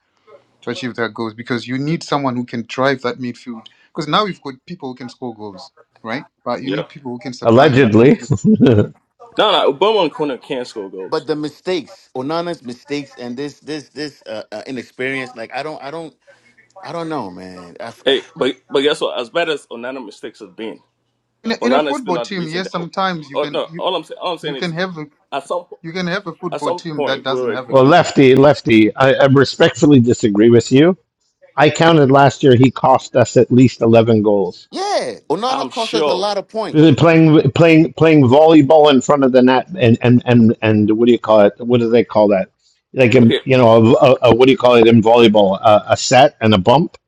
to achieve their goals because you need someone who can drive that midfield. Because now we've got people who can score goals, right? But you
Yep.
need people who can supply on that
Allegedly.
midfield.
No, no. Obama and Kuna can't score
but
goals.
the mistakes, Onana's mistakes, and this this this uh, uh, inexperience, like I don't I don't I don't know, man. I, I-
Hey, but but guess what? As bad as Onana mistakes have been,
In a, in a
Onana is still
football
not the
team,
reason
yes,
that.
sometimes you
Oh
can
no,
you,
all I'm saying, all I'm
you
saying
can
is
have a
at some
you can have a
at
football
some
team that
point
doesn't
we're
have a
well,
good
lefty, lefty. I, I respectfully disagree with you. I counted last year. He cost us at least 11 goals.
yeah, Onana
I'm
cost us a
sure.
lot of points.
Playing playing playing volleyball in front of the net and and and and what do you call it? What do they call that? Like um,
Okay,
you know, a, a, a- what do you call it in volleyball? A, a set and a bump.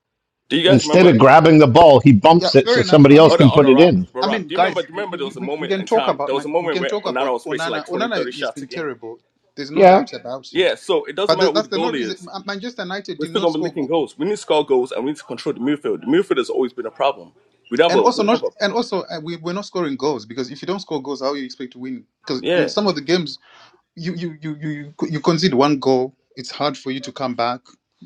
do you guys
Instead
remember?
of grabbing the ball, he
Yeah,
bumps it
fair
so
enough.
somebody
I
else
mean,
Oh, no,
can
oh
put
you,
no,
it
Rob,
in.
but
I
Rob,
mean,
do you remember?
guys,
Do you remember
we,
there
we,
was a
we we
moment
can
in
talk
time?
about
There was
my,
a
we
moment
can
where
talk
Onana
about
was facing like
Onana.
20, 30
Onana has
shots a
been
game.
terrible. There's no
Yeah.
doubt about it.
Yeah, so it doesn't
But the,
matter who
that's
the
the no
goalie
reason.
is.
Ma- Manchester United
We're
did
still
not
gonna be
score,
licking
go-
goals. We need to score goals and we need to control the midfield. The midfield has always been a problem. We don't have
and
a,
also
we don't
not,
have a,
and also uh, we we're not scoring goals because if you don't score goals, how you expect to win? Because I mean,
yeah,
some of the games you you you you you you concede one goal, it's hard for you to come back.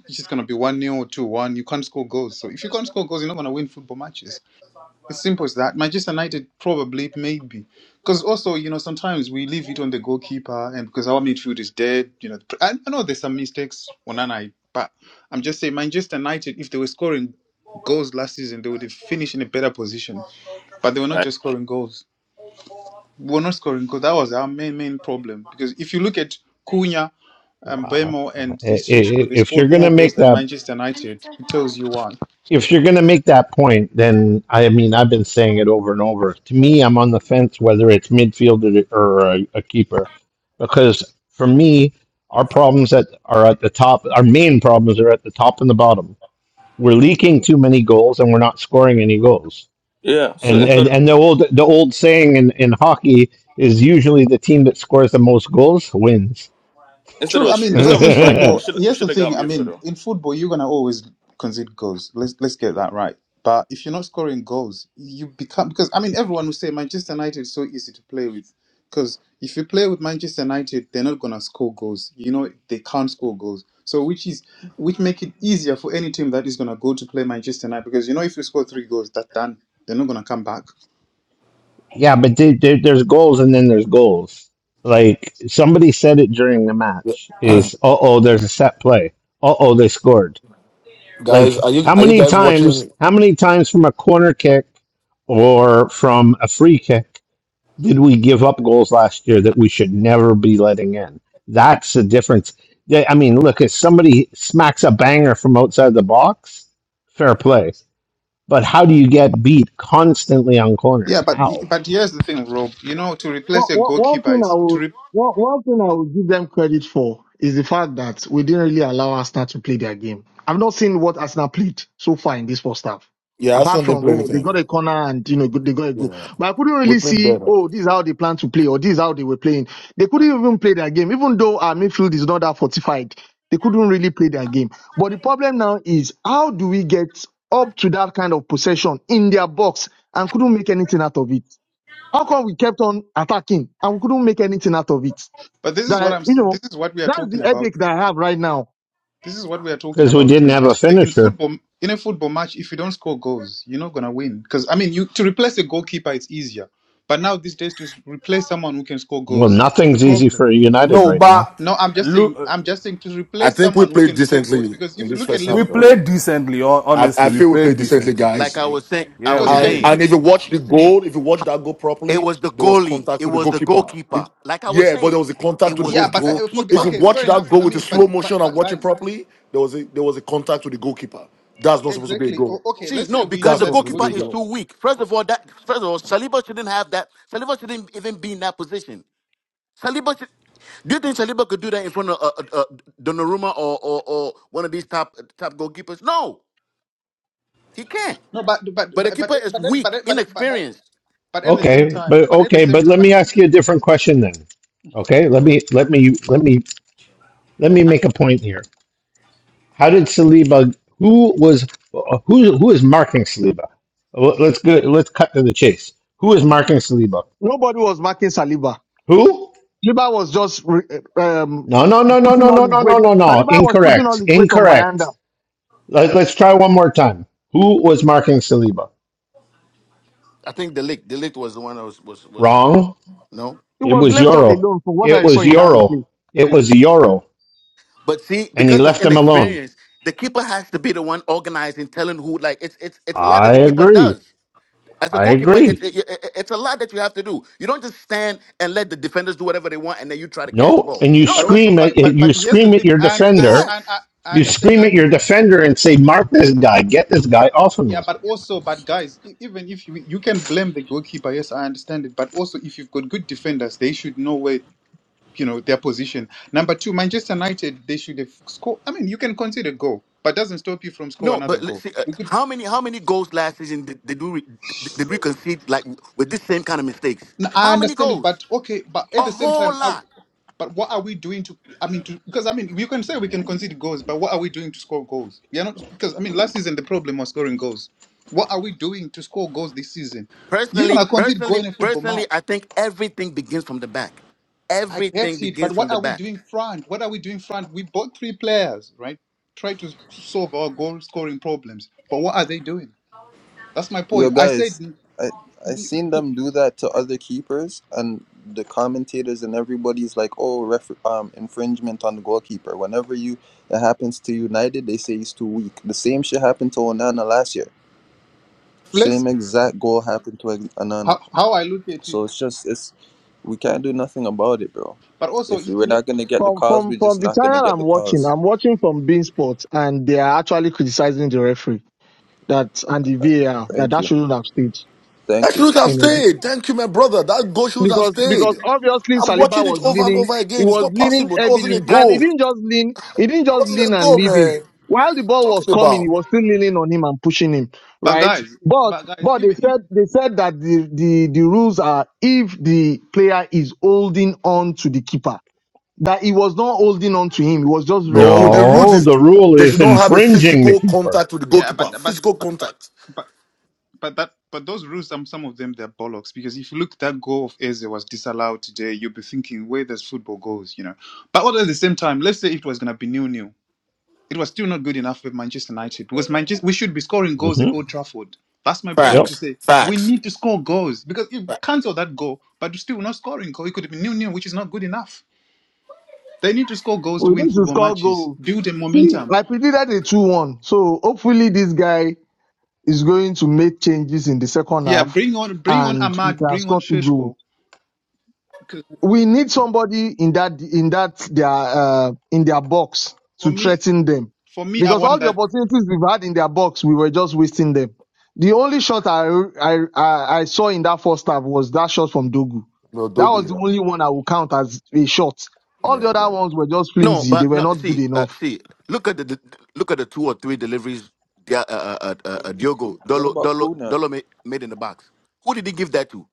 It's just gonna be one 0 or two one. You can't score goals. So if you can't score goals, you're not gonna win football matches. It's simple as that. Manchester United probably, maybe, because also you know sometimes we leave it on the goalkeeper, and because our midfield is dead, you know. I, I know there's some mistakes on an eye, but I'm just saying Manchester United, if they were scoring goals last season, they would have finished in a better position. But they were not
right.
just scoring goals. We were not scoring goals. That was our main main problem. Because if you look at Cunha, um,
Wow.
Bemo, and
I- I-
this Sheshko,
I-
they
If you're
scored
gonna
more goals
make
than
that.
Manchester United. It tells you why.
if you're going to make that point, then I mean, I've been saying it over and over. To me, I'm on the fence whether it's midfield or, or a, a keeper, because for me, our problems that are at the top, our main problems are at the top and the bottom. We're leaking too many goals, and we're not scoring any goals.
yeah. So
And and,
instead,
and the old the old saying in, in hockey is usually the team that scores the most goals wins.
instead
True.
of a,
I mean,
instead
because
of a
in
striker, we
football,
should we
here's the
should have got
thing.
a
I mean,
midfielder.
in football, you're gonna always concede goals. Let's let's get that right. But if you're not scoring goals, you become because I mean, everyone will say Manchester United is so easy to play with. Because if you play with Manchester United, they're not gonna score goals. You know, they can't score goals. So which is which make it easier for any team that is gonna go to play Manchester United because you know if you score three goals, that's done. They're not gonna come back.
Yeah, but there, there, there's goals and then there's goals. Like somebody said it during the
Yeah,
match is, uh oh, there's a set play. Uh oh, they scored.
guys,
Like
are you
how
are you
many
guys
times?
watching?
How many times from a corner kick or from a free kick did we give up goals last year that we should never be letting in? That's the difference. Yeah, I mean, look, if somebody smacks a banger from outside the box, fair play. But how do you get beat constantly on
Yeah,
corners?
but
How?
but here's the thing, Rob. You know, to
One,
replace a
one, one
goalkeeper,
thing I
it's to
would
replace.
one, one thing I would give them credit for is the fact that we didn't really allow Arsenal to play their game. I've not seen what Arsenal played so far in this first half.
Yeah,
Apart
Arsenal didn't
from
play
oh, they got
anything.
a corner and you know they got a goal,
Yeah,
but I couldn't
we
really
played
see
better.
oh this is how they plan to play or this is how they were playing. They couldn't even play their game, even though our midfield is not that fortified. They couldn't really play their game. But the problem now is how do we get up to that kind of possession in their box and couldn't make anything out of it. How come we kept on attacking and we couldn't make anything out of it?
But this is what
That,
I'm.
you know,
This is what we are
that's the
talking about.
headache that I have right now.
This is what we are talking
because we
about too.
didn't
In
have a
GTA. In
finisher.
football, in a football match, if you don't score goals, you're not gonna win. Because I mean, you to replace a goalkeeper, it's easier. But now these days, to replace someone who can score
Well,
goals, it's the
nothing's easy
problem.
for United
No,
right now.
but
No, I'm just
look,
saying.
uh,
I'm just saying to
I
replace
think we
someone who
played
can score goals.
decently
Because
in
if you
this
look at
first
we
half, though.
Liverpool,
played decently.
I,
Honestly,
I
we
See,
feel we
played
played decently,
decently.
like
guys.
I was saying, I
Yeah,
because
was
we
you
And
did.
saying.
and
can,
if you watch the goal, if you watch that goal
It
properly,
was the
there was
goalie.
contact
It
with the
was the
goalkeeper. The-
goalkeeper. Like I was
yeah, but there
saying,
was a
it
contact with the
was
yeah.
the
But
goalkeeper.
uh, forget.
If you
goalkeeper.
Okay,
watch
fair
that
enough.
goal
I
with a
mean, but
slow
but
motion and
but
watch it
guys,
properly, there was a there was a contact with the goalkeeper. That's not supposed to be a
exactly. O-
goal.
Okay,
See,
let's say
no,
we
because
know
That's
the
not
that the
supposed to
goalkeeper
be a
is
goalkeeper.
goal.
too weak. First of all, that first of all, Saliba shouldn't have that. Saliba shouldn't even be in that position. Saliba should. Do you think Saliba could do that in front of uh, uh, uh, Donnarumma or, or or one of these top top goalkeepers? No, he can't.
No, but but
But the
but but but
keeper is
but
weak,
but, but, but,
inexperienced.
but at the same
Okay,
time,
but
but at the
okay,
same
but let
but.
me ask you a different question then. Okay, let me let me let me let me make a point here. How did Saliba? Who was who? Who is marking Saliba? Well, Let's go. Let's cut to the chase. Who is marking Saliba?
Nobody was marking Saliba.
Who?
Saliba was just re- um,
No, no, no, no,
putting
no,
all
no,
his
no, no,
weight.
no, no.
Saliba was putting all
Incorrect.
his weight on
Incorrect.
Bayanda.
Let, let's try one more time. Who was marking Saliba?
I think the Delict Delict was the one that was was was
Wrong.
no.
He
It
was
was
left all
Yoro.
alone from what
It
I saw
was
in that
Yoro.
replay.
It was Yoro.
But see,
And he
because of
left him alone.
inexperience, the keeper has to be the one organizing, telling who. Like it's it's it's a lot
I
that the keeper
agree.
does. As a
I
goalkeeper, it's
agree.
it, it- it's a lot that you have to do. You don't just stand and let the defenders do whatever they want, and then you try to catch the
No,
ball.
and you
But
No,
also,
scream at
but but
you
but here's the
scream at
thing.
your
I under, I, under,
defender.
I, I
yes,
I
You
understand
scream
that.
at your defender and say, "Mark this guy. Get this guy off of
Yeah,
me."
but also, but guys, e- even if you you can blame the goalkeeper, yes, I understand it. But also, if you've got good defenders, they should know where you know their position. Number two, Manchester United, they should have scored. I mean, you can concede a goal, but doesn't stop you from score
no.
another
But let's
goal.
see, uh,
You could.
how many how many goals last season did, did we did, did we concede like with this same kind of mistakes?
n- I
How many
understand it,
goals?
but okay, but at
A
the same
whole
time, I,
lot.
But what are we doing to? I mean, to, because I mean, you can say we can concede goals, but what are we doing to score goals? We are not because I mean, last season the problem was scoring goals. What are we doing to score goals this season? You're
Personally,
gonna concede goal
personally,
in a football
personally, I
match.
think everything begins from the back.
I get
Everything
it, but
begins
what
from the
are we
back.
doing front? What are we doing front? We bought three players, right? Try to solve our goal scoring problems, but what are they doing? That's my
Yo,
point. I said,
guys, I I seen them do that to other keepers, and the commentators and everybody's like, "Oh, ref- um, infringement on the goalkeeper." Whenever you it happens to United, they say he's too weak. The same shit happened to Onana last year.
let's
Same exact goal happened to Onana.
how, how I look at it,
So it's just it's we can't do nothing about it, bro.
but also if
If
you
we're
look,
not gonna get the
From,
cause,
from,
we're
from
just
the
not gonna
channel
get
I'm
the
watching,
cause.
I'm watching from Bean Sports and they are actually criticizing the referee that, and the VAR that
Thank
that
you,
shouldn't have stayed.
That
thank you.
should have
You know,
stayed. Thank you, my brother. That goal should have
because
stayed.
because obviously
I'm
Saliba
watching it
was
over and
leaning,
over
he
again. It's
was
not
leaning
possible. That wasn't a
heavily, and he
goal.
didn't
That
just lean, he didn't just
wasn't
lean
a
and
goal,
leave him.
man.
While the ball was
Talking
coming, he
about.
was still leaning on him and pushing him,
but
right?
guys,
But
but guys,
but they
even, if
said they said that the the, the rules are if the player is holding on to the keeper, that he was not holding on to him, he was just
No,
resting on
the
him.
rules
No, the
is
rule
they should
is
not have a
infringing the
physical
keeper.
contact with the
yeah,
goalkeeper.
but but
Physical
but
contact.
but. but that but those rules um, some of them they're bollocks because if you look that goal of Eze was disallowed today you'll be thinking where does football goes you know but all at the same time let's say it was going to be nil-nil. it was still not good enough with Manchester United because Manchester we should be scoring goals at
hmm
Old Trafford that's my point to
Yep.
Facts.
say we
Facts.
need to score goals because you
Fact.
cancel that goal but you're still not scoring goal it could be nil-nil, which is not good enough they need to score goals to
We
win
need to
football
score
matches
goal.
build a
See,
momentum
I predicted a two one, so hopefully this guy is going to make changes in the second
yeah
half
bring on bring on
and we
Ahmad
can
bring on
score two goals.
Sheshko 'Cause
We need somebody in that in that their uh, in their box
for
to
me
threaten them
for me I
because
want
all the
that
opportunities we've had in their box we were just wasting them. The only shot I I, I, I saw in that first half was that shot from Dogu.
No,
That was
Dogu,
the only
yeah.
one I would count as a shot. All
Yeah,
the other
yeah.
ones were just
No,
flimsy. They
but
were
no.
not good
See, uh,
enough.
see. Look at the, the look at the two or three deliveries. Dia, uh, uh, uh, uh, uh, Diogo
What
Dolo
about
Dolo
Kuna?
Dolo ma- made in the box. Who did he give that to?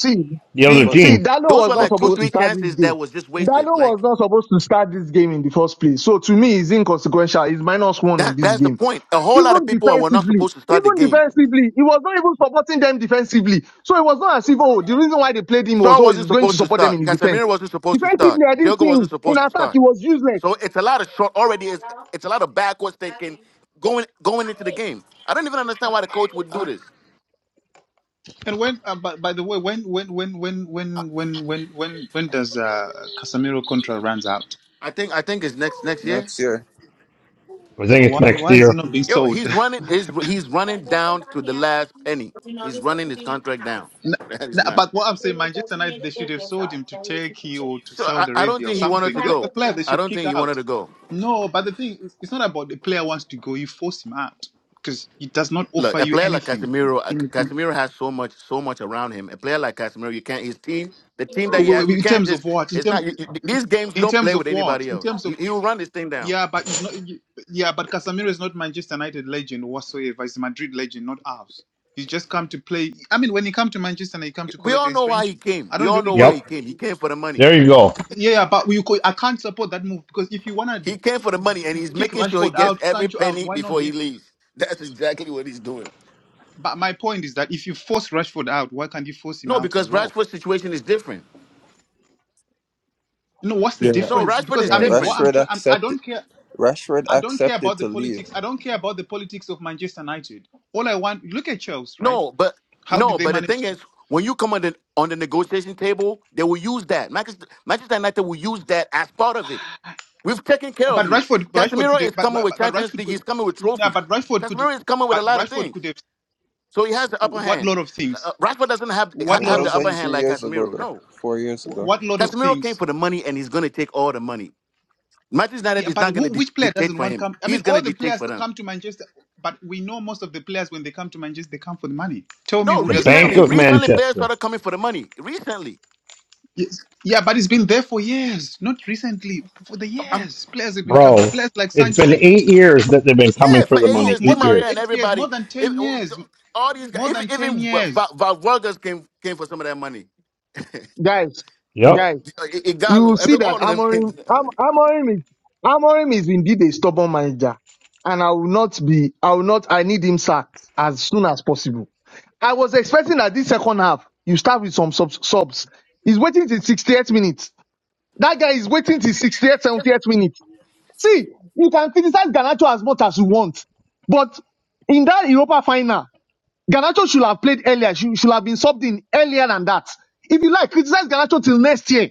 See,
The other
See,
But
See,
team.
Dalo
those
was
were
not
but
like two
supposed
Kuna
to
three
start this
chances that
game.
was just wasted.
Dalo was
Like
not supposed to start this game in the first place. So to me, it's inconsequential. It's minus one in
that.
this
That's the
game.
point. A whole lot of
Even
people were not
defensively,
supposed to start the
even
game.
defensively, he was not even supporting them defensively. So it was not as if, oh, the reason why they played him was,
Shaw
oh,
wasn't
he's going to
supposed to
support them
start.
in his defense.
Casemiro wasn't supposed to start.
Defensively, I didn't
Diogo
see
wasn't
him. In
supposed to
attack,
start.
he was useless.
So it's a lot of short. Already, it's it's a lot of backwards thinking going going into the game. I don't even understand why the coach would do this.
And when, uh, by, by the way, when, when, when, when, when, when, when, when, when does uh, Casemiro contract runs out?
I think I think it's next next year.
next year,
I think
So
it's
why,
next
why is he
year.
not being
Yo,
sold?
he's running. Is he's running down to the last penny. He's running his contract down. That is
Nah,
not.
but what I'm saying, Manchester United, they should have sold him to Turkey or to
So I,
Saudi
I don't
Arabia or
think he wanted
something.
to
They're the
go.
player they
I
should
don't
kick
think he wanted
out.
to go.
No, but the thing is, it's not about the player wants to go. You force him out because he does not offer
Look, a
you
player like
anything.
Casemiro, uh,
In,
Casemiro has so much, so much around him. A player like Casemiro, you can't. His team, the team that he has, you
in
can't
terms
just.
of what? In
It's
terms,
not you, you- these games. You
in
don't
terms
play
of
with
what?
anybody
In
else.
terms of
He, he will run this thing down.
Yeah, but he's not. Yeah, but Casemiro is not Manchester United legend whatsoever. He's Madrid legend, not ours. He's just come to play. I mean, when he come to Manchester, and he come to
We
collect
all
his
know why he
pension.
came.
I
We
don't
all
really
know why
care.
Yep.
he came. He came for the money.
There you go.
Yeah, but we. co- I can't support that move because if you wanna
He came for the money, and he's
kick
making sure he
Rashford
gets
out,
every
Sancho out,
penny
why not
before
him?
he leaves. That's exactly what he's doing.
But my point is that if you force Rashford out, why can't you force him
No,
out
because
as well?
Rashford's situation is different.
You know what's the
Yeah.
No,
difference?
Rashford
Because
is
I
Yeah.
mean, what
different.
I'm
Rashford
trying, I
accepted.
don't care.
Rashford
I don't care
accepted
about the
to leave.
politics. I don't care about the politics of Manchester United. All I want, look at Chelsea, right?
No, but
How did
no,
they
but the
manage
thing is, when you come on the on the negotiation table, they will use that. Manchester, Manchester United will use that as part of it. We've taken care
But
of you.
Rashford, but Rashford
Casemiro
could,
is
have, but,
coming
but
with
but
Champions
Rashford
League.
could,
He's coming with
yeah,
trophies.
but Rashford could,
Casemiro is coming with a
but
lot of
Rashford
things,
could have
so he has the upper
what
hand.
things,
Uh, uh, Rashford doesn't have
what
ha-
Yeah, that
have the
was
upper
like
things,
hand
three
like
years ago,
Casemiro.
though.
No,
Four years ago.
what lot of
Casemiro came
things.
for the money, and he's going to take all the money. Manchester United
Yeah,
is
but
not going to
who,
di-
which player
dictate
doesn't
for
want
him.
come? I
He's
mean,
going to
all the
dictate
players
for
that
them.
come to Manchester, but we know most of the players when they come to Manchester, they come for the money. Tell me
No,
who
The
doesn't come
Bank
recently,
for the
of
money?
recently players
Manchester,
started coming for the money. Recently,
Yes. Yeah, but it's been there for years, not recently. For the
Um,
years, players have been come,
bro.
players like
It's
Sanchez.
been eight years that they've been coming
yeah,
for
for
the
eight
No,
money.
years, Di
more
Eight
than
Maria and
years.
eight years, more
everybody,
than
if,
ten years,
all these guys,
more
even
than ten
even
years.
Va- Vargas came came for some of that money.
Guys,
Yep.
guys.
I- I-
you
Igalo, every
see that
all of them came
Amorim,
for that
Am,
money.
Amorim, is, Amorim is indeed a stubborn manager. And I will not be, I will not, I need him sacked as soon as possible. I was expecting that this second half, you start with some subs. subs. He's waiting till 68 minutes. That guy is waiting till 68, 78 minutes. See, you can criticize Ganacho as much as you want. But in that Europa final, Ganacho should have played earlier. She should have been subbed in earlier than that. If you like, criticize Ganacho till next year.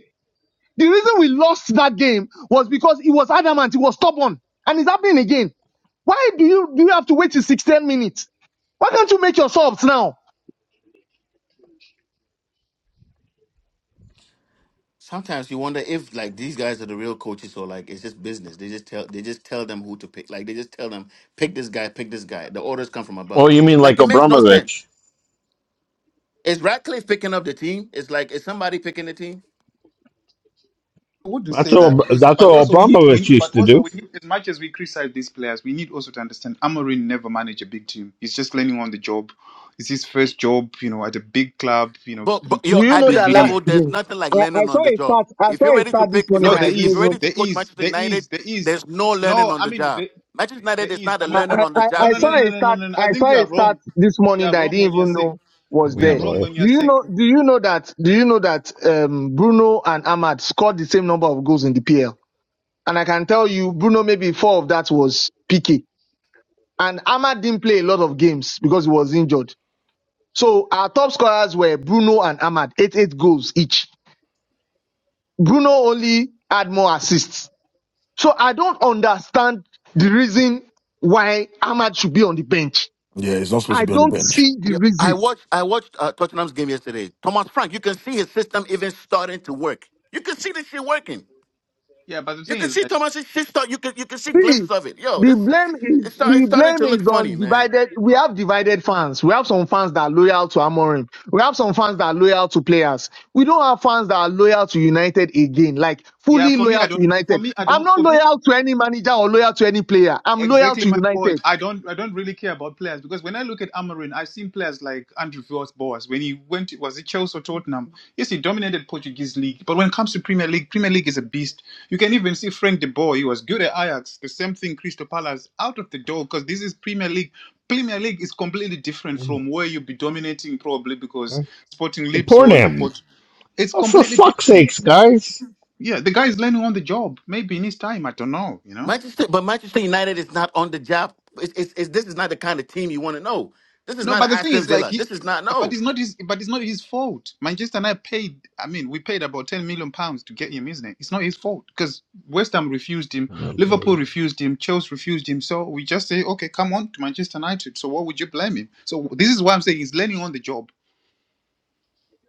The reason we lost that game was because he was adamant, he was stubborn, and it's happening again. Why do you do you have to wait till 16 minutes? Why can't you make your subs now?
Sometimes you wonder if like these guys are the real coaches or like it's just business. They just tell they just tell them who to pick. Like they just tell them pick this guy, pick this guy. The orders come from
Oh,
above.
you mean
Like
like
it makes no sense.
Abramovich?
Is Ratcliffe picking up the team? It's like is somebody picking the team?
I would do
That's
say
what
that
Ab-
because,
that's
but
what
also we need,
Abramovich
we,
used
but
to
also
do.
we need, as much as we criticize these players, we need also to understand Amorim never managed a big team. He's just learning on the job. It's his first job, you know, at a big club, you know,
But, but yo,
Do you
at
know
big
this
that last
league.
level, there's
season?
nothing like
I, I
learning on
saw
the
a
job.
start. I
If you're
saw a
ready to
start this
pick, if
morning
No,
that
you're,
there
I
if,
didn't
if you're
is,
ready
even.
to
there
coach
is,
Manchester
there
United,
is, there is.
there's no learning
No,
on
I
the
mean,
job.
there,
Manchester
there
United is
is.
not
I
a
I,
mean,
learning
I,
on the
I
no,
job
I
no, no,
saw
team.
a
no, no, no,
start.
no. no. I
I
think
saw
you
a
are
start
wrong.
this
You
morning
are
that I
wrong
didn't
when you are
even
saying
know was
we
Oh
are
there.
wrong
boy.
when you are
Do you
saying.
know? Do you know that? Do you know that um, Bruno and Ahmad scored the same number of goals in the PL? And I can tell you, Bruno maybe four of that was PK. And Ahmad didn't play a lot of games because he was injured. So our top scorers were Bruno and Ahmad, eight eight goals each. Bruno only had more assists. So I don't understand the reason why Ahmad should be on the bench.
Yeah, he's not supposed to
I
be on the
don't
bench.
see the
Yo, I
reason.
watched I watched uh, Tottenham's game yesterday. Thomas Frank, you can see his system even starting to work. You can see this shit working.
Yeah, but the
You
thing
can
is
see
that
Thomas's shit start. You can you can see glimpses
See,
of it. Yo,
the
this
blame is
it's, start, it's
the
starting to
blame is
look funny,
on
man.
divided. We have divided fans. We have some fans that are loyal to Amorim. We have some fans that are loyal to players. We don't have fans that are loyal to United again, like
yeah,
fully
for me, I
loyal to
don't. For
United.
me, I
I'm
don't.
not
For me,
loyal to any manager or loyal to any player. I'm loyal
Exactly
to
my point.
United.
I don't I don't really care about players because when I look at Amarin, I've seen players like Andrew Villas Boas when he went to, was it Chelsea or Tottenham? Yes, he dominated Portuguese league, but when it comes to Premier League, Premier League is a beast. You can even see Frank de Boer. He was good at Ajax. The same thing, Crystal Palace out of the door because this is Premier League. Premier League is completely different
Oh my
from where you'll be dominating probably because
God.
Sporting
Support
Lisbon or
him.
Port. It's
Oh, for
completely
fuck's
different.
sakes, guys.
Yeah, the guy is learning on the job. Maybe in his time, I don't know. You know.
Manchester, but Manchester United is not on the job. It's, it's, it's, this is not the kind of team you want to know. This is
No,
not
but
an
the thing
Aston
is, like,
Villa.
he,
This is not
but
no.
it's not his, but it's not his fault. Manchester and I paid. I mean, we paid about ten million pounds to get him, isn't it? It's not his fault because West Ham refused him,
Oh
Liverpool
boy.
refused him, Chelsea refused him. So we just say, okay, come on to Manchester United. So what would you blame him? So this is why I'm saying he's learning on the job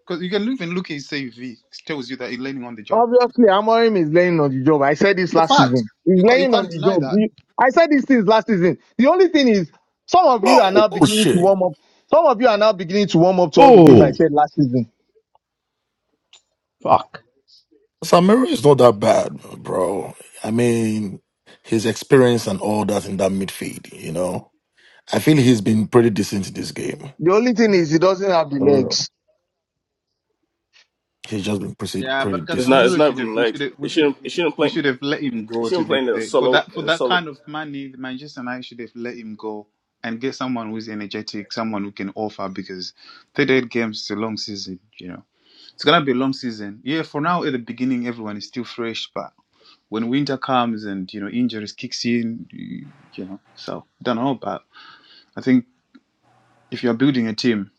because you can even look at his CV. It tells you that he's learning on the job.
Obviously, Amorim is laying on the job. I said this
It's a
last
fact.
season. He's
You can't, you
laying on
can't
the
deny
job.
that.
He- I said this since last season. The only thing is, some of you are
No.
now
Oh,
beginning to
shit.
warm up. Some of you are now beginning to warm up to all the things I
Oh
said last season
fuck.
Samira is not that bad, bro. I mean, his experience and all that in that midfield, you know. I feel he's been pretty decent in this game.
The only thing is he doesn't have the
For real.
legs.
He's just been pretty,
Yeah,
pretty
but
It's not
decent.
it's
Casemiro
not
should have
even
we should
legs.
have, we
It
should
shouldn't it shouldn't
we
play.
should have let him go
He's
to
even
be
playing in a
fair. For
solo
that for
in a
that
solo.
kind of money, the Manchester United should have let him go and get someone who's energetic, someone who can offer because thirty eight games is a long season, you know. It's gonna be a long season. Yeah, for now at the beginning everyone is still fresh, but when winter comes and you know injuries kicks in, you you know, so I don't know, but I think if you're building a team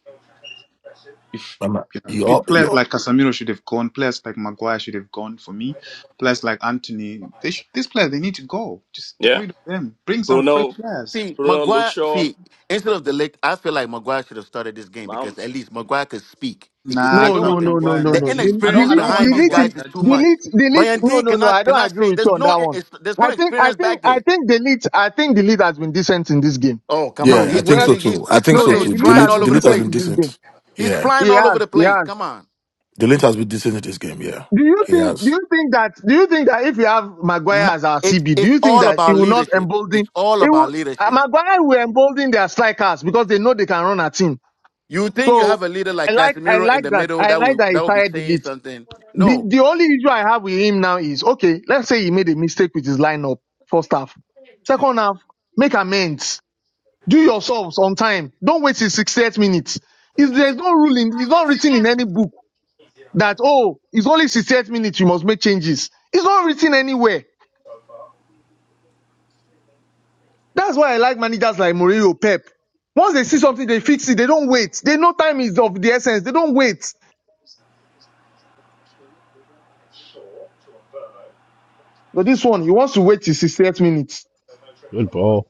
Um,
Yeah.
You
Pe-
all, you
Players
all,
like Casemiro should have gone. Players like Maguire should have gone for me. Players like Anthony, they sh- these players they need to go. Just get
Yeah,
rid of them. Bring some fresh
Bruno,
players.
See,
Bruno
Maguire.
Luxor,
See, instead of the lick, I feel like Maguire should have started this game because at
Mounts.
least Maguire could speak. He could
Nah, I
say
No,
don't
no,
want
something.
no, no,
Maguire in
no,
that
The
no.
team.
The-
I don't.
inexperience
I don't
Delete,
want
behind these
delete,
Maguire
guys
him-
in
is
that
too
team.
much.
delete, delete.
Bayern
No,
D
no, no.
cannot
I don't
cannot
agree
say.
with
There's
you on
no
that one.
it's, there's no
I think, I
experience
think,
back
I
there.
think delete. I think delete has been decent in this game.
Oh come
No,
on,
yeah, I
le-
he's what
think
is
le-
so
he?
too.
He's
I think
no,
look
so
at
no.
he's
too.
Delete
flying
has
Delete,
all
been
over the
delete has
decent
been
place.
in this game.
decent.
He's
Yeah,
He
flying all over the
has, he
place.
has.
Come on.
delete has been decent in this game. Yeah,
Do you
he
think? Do
has.
you think that? Do you think that if you have Maguire
Mo-
as our
It's
CB, do
it's
you think
all
that he
about
will not
leadership. It's
embolden?
all
He
about
will. Uh,
leadership.
Maguire will embolden their strikers because they know they can run at him.
You think you have
So
a leader
I
like
like I
Casemiro in
like
the
that.
middle
I
that
like
will
that he
that will be
started
saying
delete.
something?
The
No,
the only issue I have with him now is okay, let's say he made a mistake with his lineup, first half. Second half, make amends. Do your subs on time. Don't wait till 68 minutes. Is there's no rule in it's not written in any book that oh, it's only 68 minutes you must make changes. It's not written anywhere. That's why I like managers like Mourinho, Pep. Once they see something, they fix it. They don't wait. They know time is of the essence. They don't wait. But this one, he wants to wait till 68 minutes.
Good ball.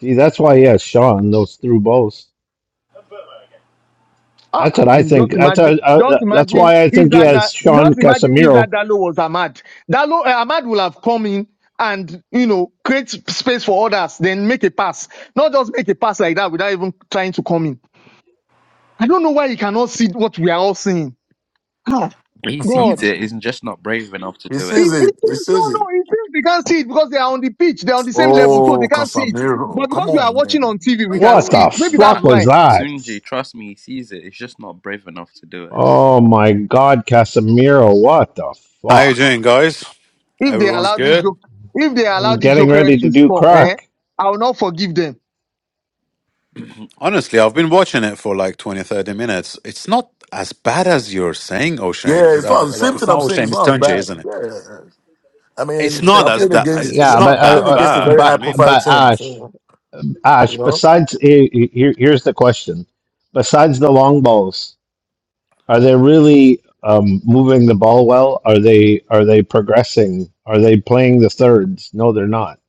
See, that's why he has Sean those through balls. That's
Ah,
what I think.
just
That's
imagine,
a, uh,
just
that's
imagine
why I
if
think he
that,
has
that
Sean
just imagine if
Casemiro.
that Dalo was Ahmad. Dalo, uh, Ahmad will have come in and, you know, create space for others, then make a pass. Not just make a pass like that without even trying to come in. I don't know why you cannot see what we are all seeing.
He sees
God.
it. He's just not brave enough to do
This
it.
is
It,
it.
it seems,
This is
no,
it.
no, it seems they can't see it because they are on the pitch. They're on the same level, so
Oh,
they can't see it. But
Casamiro. Come
because we are
on,
watching
man.
on TV,
What
we
are you
can
What
see
the
it.
doing?
Maybe that's
Nah,
fuck was
why
that?
Sunji, trust me, he sees it. He's just not brave enough to do it.
Oh my God, Casemiro! What the
How you
fuck?
doing, guys?
if they
Everyone's
allow this
good?
joke, if they allow
I'm
these
getting
jokers
ready to
to
do
score,
crack.
eh, I will not forgive them
Mm-hmm.
Honestly, I've been watching it for like 20, 30 minutes. It's not as bad as you're saying, O'Shane.
Yeah,
Uh,
it's
uh,
not the
well,
same
it's
thing
not
I'm saying.
O'Shane,
It's
it's
not as
Tunji,
bad.
isn't it?
Yeah. I
It's
mean,
It's a
I
not as
good
played
that. uh,
against
It's
yeah,
Yeah, but
not
I
uh,
played
that
against a
uh,
bad.
very
but
high
I mean,
profile
but
team.
Ash,
So
Ash.
you know?
Besides, he- he- here, here's the question: Besides the long balls, are they really um, moving the ball well? Are they are they progressing? Are they playing the thirds? No, they're not.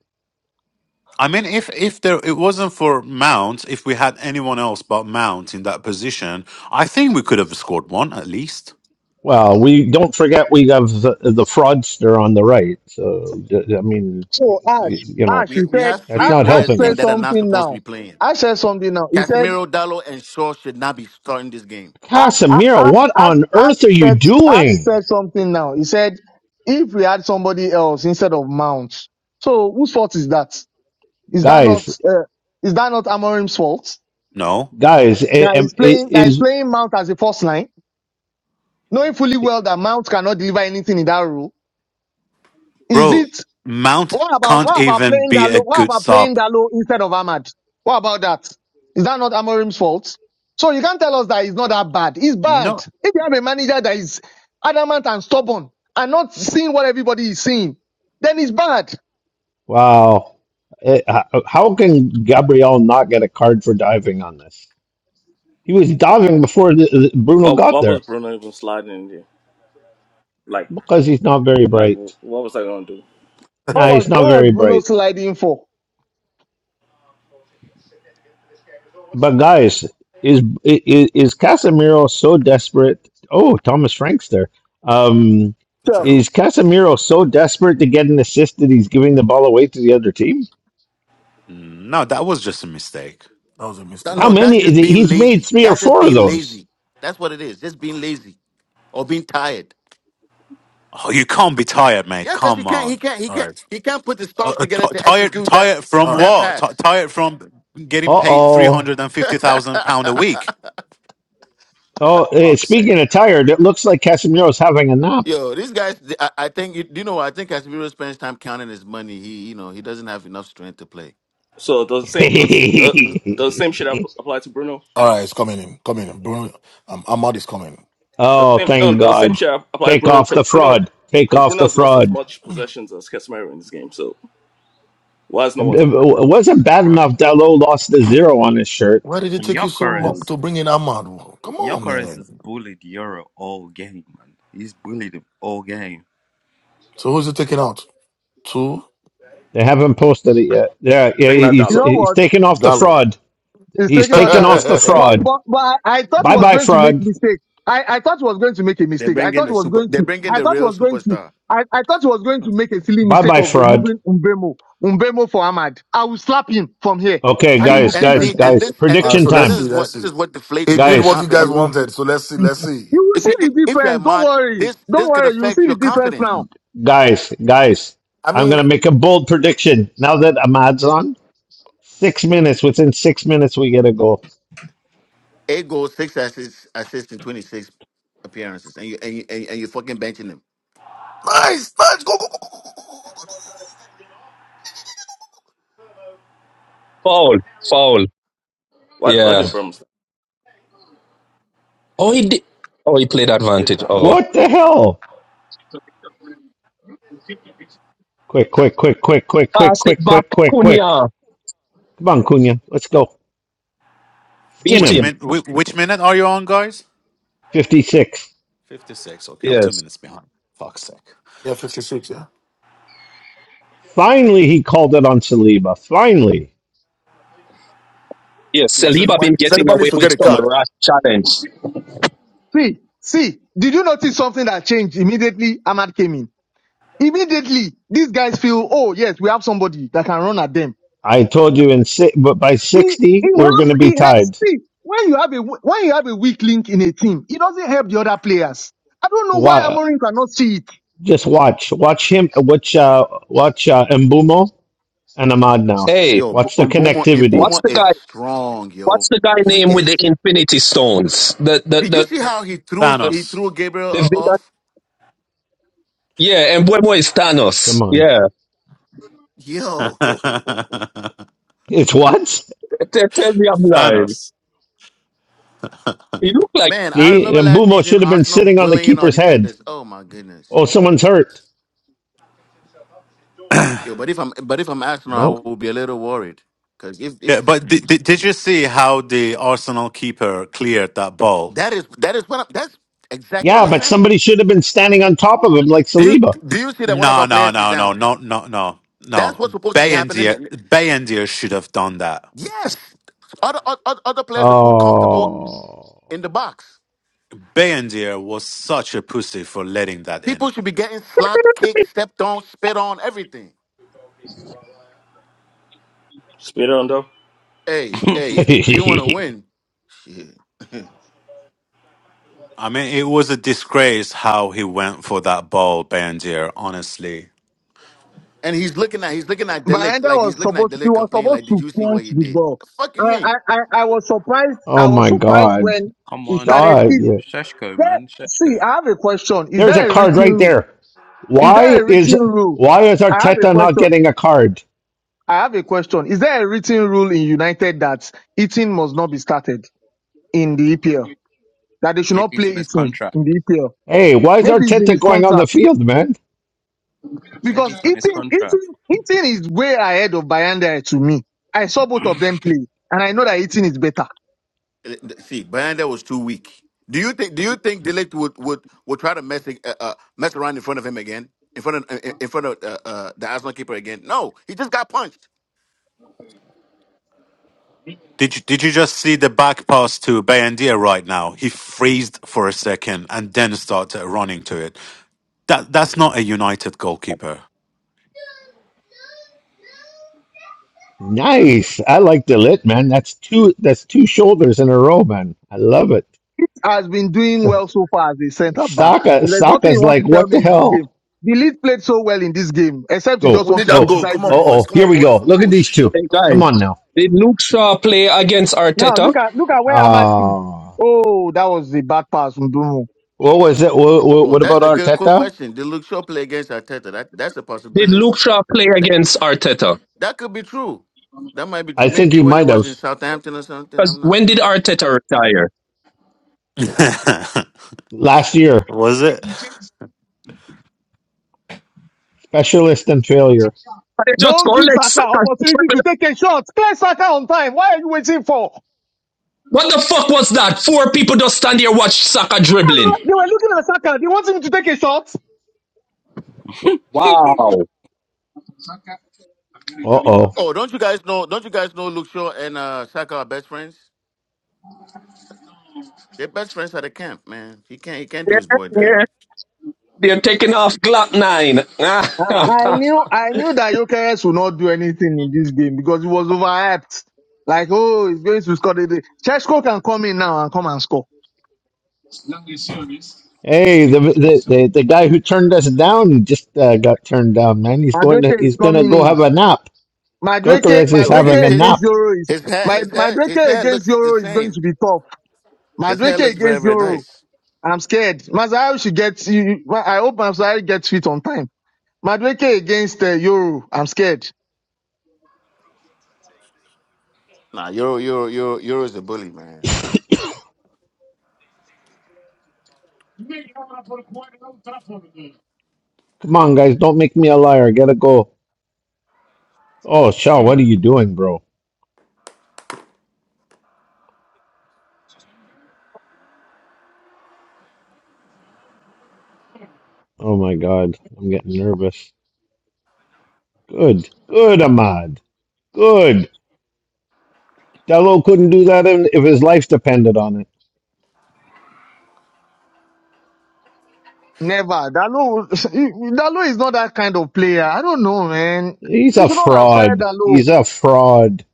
I mean, if if there it wasn't for Mount, if we had anyone else but Mount in that position, I think we could have scored one at least.
Well, we don't forget we have the, the fraudster on the right. So I mean, y-
So Ash,
you know,
Ash, he
we we
said,
have
that's
three
Ash,
not
Ash
players
helping
in
said
that
us.
are not
something
supposed to be
now.
playing.
Ash said something now. He said,
Casemiro, Dallo, and Shaw should not be starting this game.
"A- A-
Casemiro,
Ash,
what
Ash,
on
Ash
earth are you
said, Ash
doing,
said something now. He said, if we had somebody else instead of Mount, so whose fault is that? Is that
guys?
not, uh, is that not Amorim's fault?
No,
Guys, i-
That
am-
is
i-
playing, that is
is.
playing Mount as a first line, knowing fully well that Mount cannot deliver anything in that role. Is
bro,
it
Mount
What about
can't
what about
even
playing
be a
Dalo? What
good
about playing
sub.
Dalo instead of Ahmad? What about that? Is that not Amorim's fault? So you can't tell us that it's not that bad. It's
No,
bad. If you have a manager that is adamant and stubborn and not seeing what everybody is seeing, then it's bad.
Wow. It, how how can Gabriel not get a card for diving on this? He was diving before the, the- Bruno
What
got
what was
there
Bruno even sliding in there? Like
because he's not very
like
bright.
what was I gonna do?
What
Nah,
was
he's not
what was
very
Bruno
bright.
sliding for?
But guys, is is, is Casemiro so desperate? Oh, Thomas Frank's there. Um,
So
Chill.
is Casemiro so desperate to get an assist that he's giving the ball away to the other team?
no, that was just a mistake.
That was a
That-
How
mistake.
No, that's
many?
just being
He's made
lazy.
three or
That's just
four of
being
those.
lazy. That's what it is. Just being lazy or being tired.
Oh, you can't be tired, mate.
Yeah, because he
Come
can't. He
on,
can't. He
All
can't.
right.
He can't put his
uh,
thoughts
uh,
together
t-
to
tired,
execute that
tired from
All right.
that
what? T-
pass.
tired from getting
Uh
paid three
oh.
hundred and fifty thousand pound a week.
Oh, eh,
Fuck's sake.
speaking of tired, it looks like Casemiro's having a nap.
Yo, these guys. I, I think you, you know. I think Casemiro spends time counting his money. He, you know, he doesn't have enough strength to play.
So does the same does does the same shit app- apply to Bruno?
All right, it's coming in. Coming in. Bruno um, Ahmad is coming.
The
oh,
same no
thank
does the same
God.
shit app- apply to
Take
Bruno
off
because
the
Bruno
fraud. Take
because
off
Bruno
the
has lost as
fraud.
much possessions as Casemiro in this game. So why is no
It
one talking about
it
Bruno?
wasn't bad
bro.
enough Dallo lost the zero on his shirt.
Why did it take you so long
Yokeres,
to bring in Ahmad? Come on,
Yokeres has
man.
bullied Euro all game, man. He's bullied him all game.
So who's it taking out? Two?
They haven't posted it yet. Yeah, yeah
Taking out
he's,
You
Dallo.
know
he's
what?
taken off the
Gallo.
fraud.
He's
He's
taking
All
out
taken
that
off
look,
the
right,
But
fraud.
but but I, I thought he
Bye
was
bye,
going to make
fraud.
mistake. I, I thought he was going to make a
They're
mistake. I
bringing
thought he
the
was
super.
going
They're
to
bringing
I
the
thought he
real
was going to
superstar.
I, I thought he was going to make a silly
Bye
mistake
bye,
of
fraud.
removing Umbemo. Umbemo for Ahmad. I will slap him from here
Okay,
and he
See
will
guys,
and
feel it.
guys,
see and
guys.
this and this
Prediction
so
is and
let's
this
time.
see.
is
Let's
what this
see.
is what deflates
It did
players'
what
Guys,
you guys
confidence.
wanted. So let's see. Let's see.
You
You
will see
see, i-
the
if you're a
difference. Don't
mod,
worry.
this
Don't
this could
worry. You will
affect
see
your
the difference
confidence.
now.
guys, guys.
I
I'm
mean,
going to make a bold prediction. Now that Ahmad's on, six minutes, within six minutes, we get a goal.
Eight goals, six assists, assists in twenty six appearances, and you and you and, and you're fucking benching him.
nice, nice. Go, go, go, go, go, go, go, go.
Foul. Foul.
What what
Yeah.
did Bruno say?
Oh, he did. Oh, he played advantage. Oh.
What the hell? Quick, quick, quick, quick, quick, quick,
Pass it
quick,
back.
quick, quick, quick.
Cunha.
Come on, Cunha. Let's go. Skin
Beat
Which
him.
him.
min? whi- Which minute are you on, guys?
56.
Fifty-six. Okay, I'm two
Yes.
minutes behind. Fuck's sake.
Yeah, 56, yeah.
Finally, he called it on Saliba. Finally.
Yes.
Yeah,
Saliba
Saliban,
been getting
Saliban needs
away
to
with
get a
some
card.
rash challenge.
See, see, did you notice something that changed immediately Ahmad came in? Immediately, these guys feel, oh yes, we have somebody that can run at them.
I told you in si- but by
He
60,
he
we're going
helps
to be
he helps
tied.
see when you have a w- when you have a weak link in a team, it doesn't help the other players. I don't know why
Why?
Amorim cannot see it.
Just watch. Watch him. Watch, uh, watch uh, Mbumo and Ahmad now.
Hey,
Yo, B-
Watch the
Mbomo
connectivity.
what's
Mbomo
the
is
guy?
strong,
What's
yo.
the guy
He
name with the
is.
infinity stones? The the
Did you see
the
how he threw
the,
he
Thanos.
threw Gabriel
the
uh,
villain.
off?
Yeah, and Mbwemo is Thanos.
Come on.
Yeah.
Yo,
Thanos.
It's what?
Tell, tell me I'm lying. He looked like
man, I
See?
remember last
Mbumo
season
should have been
Arsenal
sitting on the
bullying our
keeper's head.
defenders. Oh my goodness.
Oh, someone's hurt.
Yo, but if I'm but if I'm Arsenal, I
No.
will be a little worried because if if
Yeah, but did, did, did you see how the Arsenal keeper cleared that ball?
that is that is what i that's exactly what
Yeah,
I'm
but
Yeah.
saying.
somebody should have been standing on top of him like
Do you
Saliba.
do you see that one of
No,
our
no,
players is
no, no,
down?
no, no, no,
That's
no.
what's supposed to be happening.
Bayendier,
in-
Bayendier should have done that.
Yes, other other, other players are too comfortable
Oh.
in the box.
Bayendier was such a pussy for letting that in.
People should be getting slapped, kicked, stepped on, spit on, everything.
Speed on though.
Hey, hey, if you want to win, shit.
I mean, it was a disgrace how he went for that ball, Bayendier, honestly.
And he's looking at he's looking at Delic
Baranda
like he's
was
looking at
supposed he
Delic
was
complaining like,
supposed
did
to
you see what
punch
he
the
did?
ball.
The fuck you
I
mean?
I, I, I was surprised
oh
I was
my
surprised
God.
when
Come
he
on,
started.
Shaw,
like
Is
yeah.
Sheshko,
there
man,
see
Sheshko.
I have a question. Is
There's a
there a
card
written
right
rule?
there.
is there
Why
a
is
written rule?
why is
I have a
Arteta not
question.
getting a card?
I have a question. Is there a written rule in United that eating must not be started in the EPL? That they should
Maybe
not play
he's on his
eating in
contract.
the EPL?
Hey, why is
Maybe it's in
Arteta
his
going on the
contract.
field, man?
Maybe
Because
he's on his
eating,
contract.
eating, eating is way ahead of Bayanda to me. I saw both of them play, and I know that eating is better.
Uh, See, Banda was too weak. Do you think? Do you think Delict would would would try to mess uh, uh, mess around in front of him again, in front of uh, in in front of uh, uh, the Arsenal keeper again? No, he just got punched.
Did you, did you just see the back pass to Bayendier right now? He freezed for a second and then started running to it. That That's not a United goalkeeper.
Nice. I like the lit, man. That's two that's two shoulders in a row, man. I love it.
Has been doing well so far as a centre back.
Saka
There's nothing he
Saka's
wants
like,
to tell
what
me
the
in this game.
hell?
The lead played so well in this game, except you
Go,
just
We
want
need
to
that
go.
goal.
criticize
Come
Uh
on,
him.
boys.
oh,
Come
here
on,
we go.
boys.
Look at
Oh,
these
shit.
two.
hey
What
Come
happened?
guys.
on now.
Did Luke Shaw play against
Now
Arteta?
look at look at where Ahmad is.
Uh,
Oh, that was a bad pass, Ndomo.
what was it? What,
Oh,
what
that's
about
a good
Arteta?
question. Did Luke Shaw play against Arteta? That that's a
Did
possibility.
Luke Shaw play
That,
against Arteta?
that could be true. That might be
I
true.
think
Maybe
he
when he
might
was
have
in Southampton or something.
Because
I'm not
when did
sure.
Arteta retire?
last year.
Was it?
Specialist in failure.
They just go
Don't give
let
Saka
Saka
opportunity to
dribble.
take a shot. Clear Saka on time. Why are you waiting for?
What the fuck was that? Four people just stand here watch Saka
Ah,
dribbling.
They were looking at Saka. They want him to take a shot.
Wow.
Uh oh.
Oh, don't you guys know? Don't you guys know Luke Shaw and uh, Saka are best friends? They're best friends at the camp, man. He can't he can't do his boy dirty.
Yeah, they're taking off Glock
I I
9.
knew I knew that Jokeres would not do anything in this game because it was overhyped. Like, oh, he's going to score today. Chesko can come in now and come and score.
Hey, the, the the the guy who turned us down just uh, got turned down. Man, he's going to
Madueke is
he's gonna
coming
go have
in.
a nap.
Madueke,
Gorkarez is
Yo, his
having
Madueke
a
his
against
nap.
Euro is
his hair
my
his hair his
Madueke
hair
against
looks the
Euro is going
same.
to be tough.
His hair
Madueke
looks very
against
very
Euro.
nice.
I'm scared. Masai should get. you- you- I hope Masai gets fit on time. Madueke against uh, Euro. I'm scared.
Nah, Euro Euro Euro Euro is a bully, man.
Come on, guys, don't make me a liar. Gotta go. Oh, Shaw, what are you doing, bro? Oh my God, I'm getting nervous. Good, good, Ahmad. Good. Dello couldn't do that in- if his life depended on it.
Never. Dalo, Dalo is not that kind of player. I don't know, man.
He's
You
a
should not have fired
fraud.
Dalo.
He's a fraud.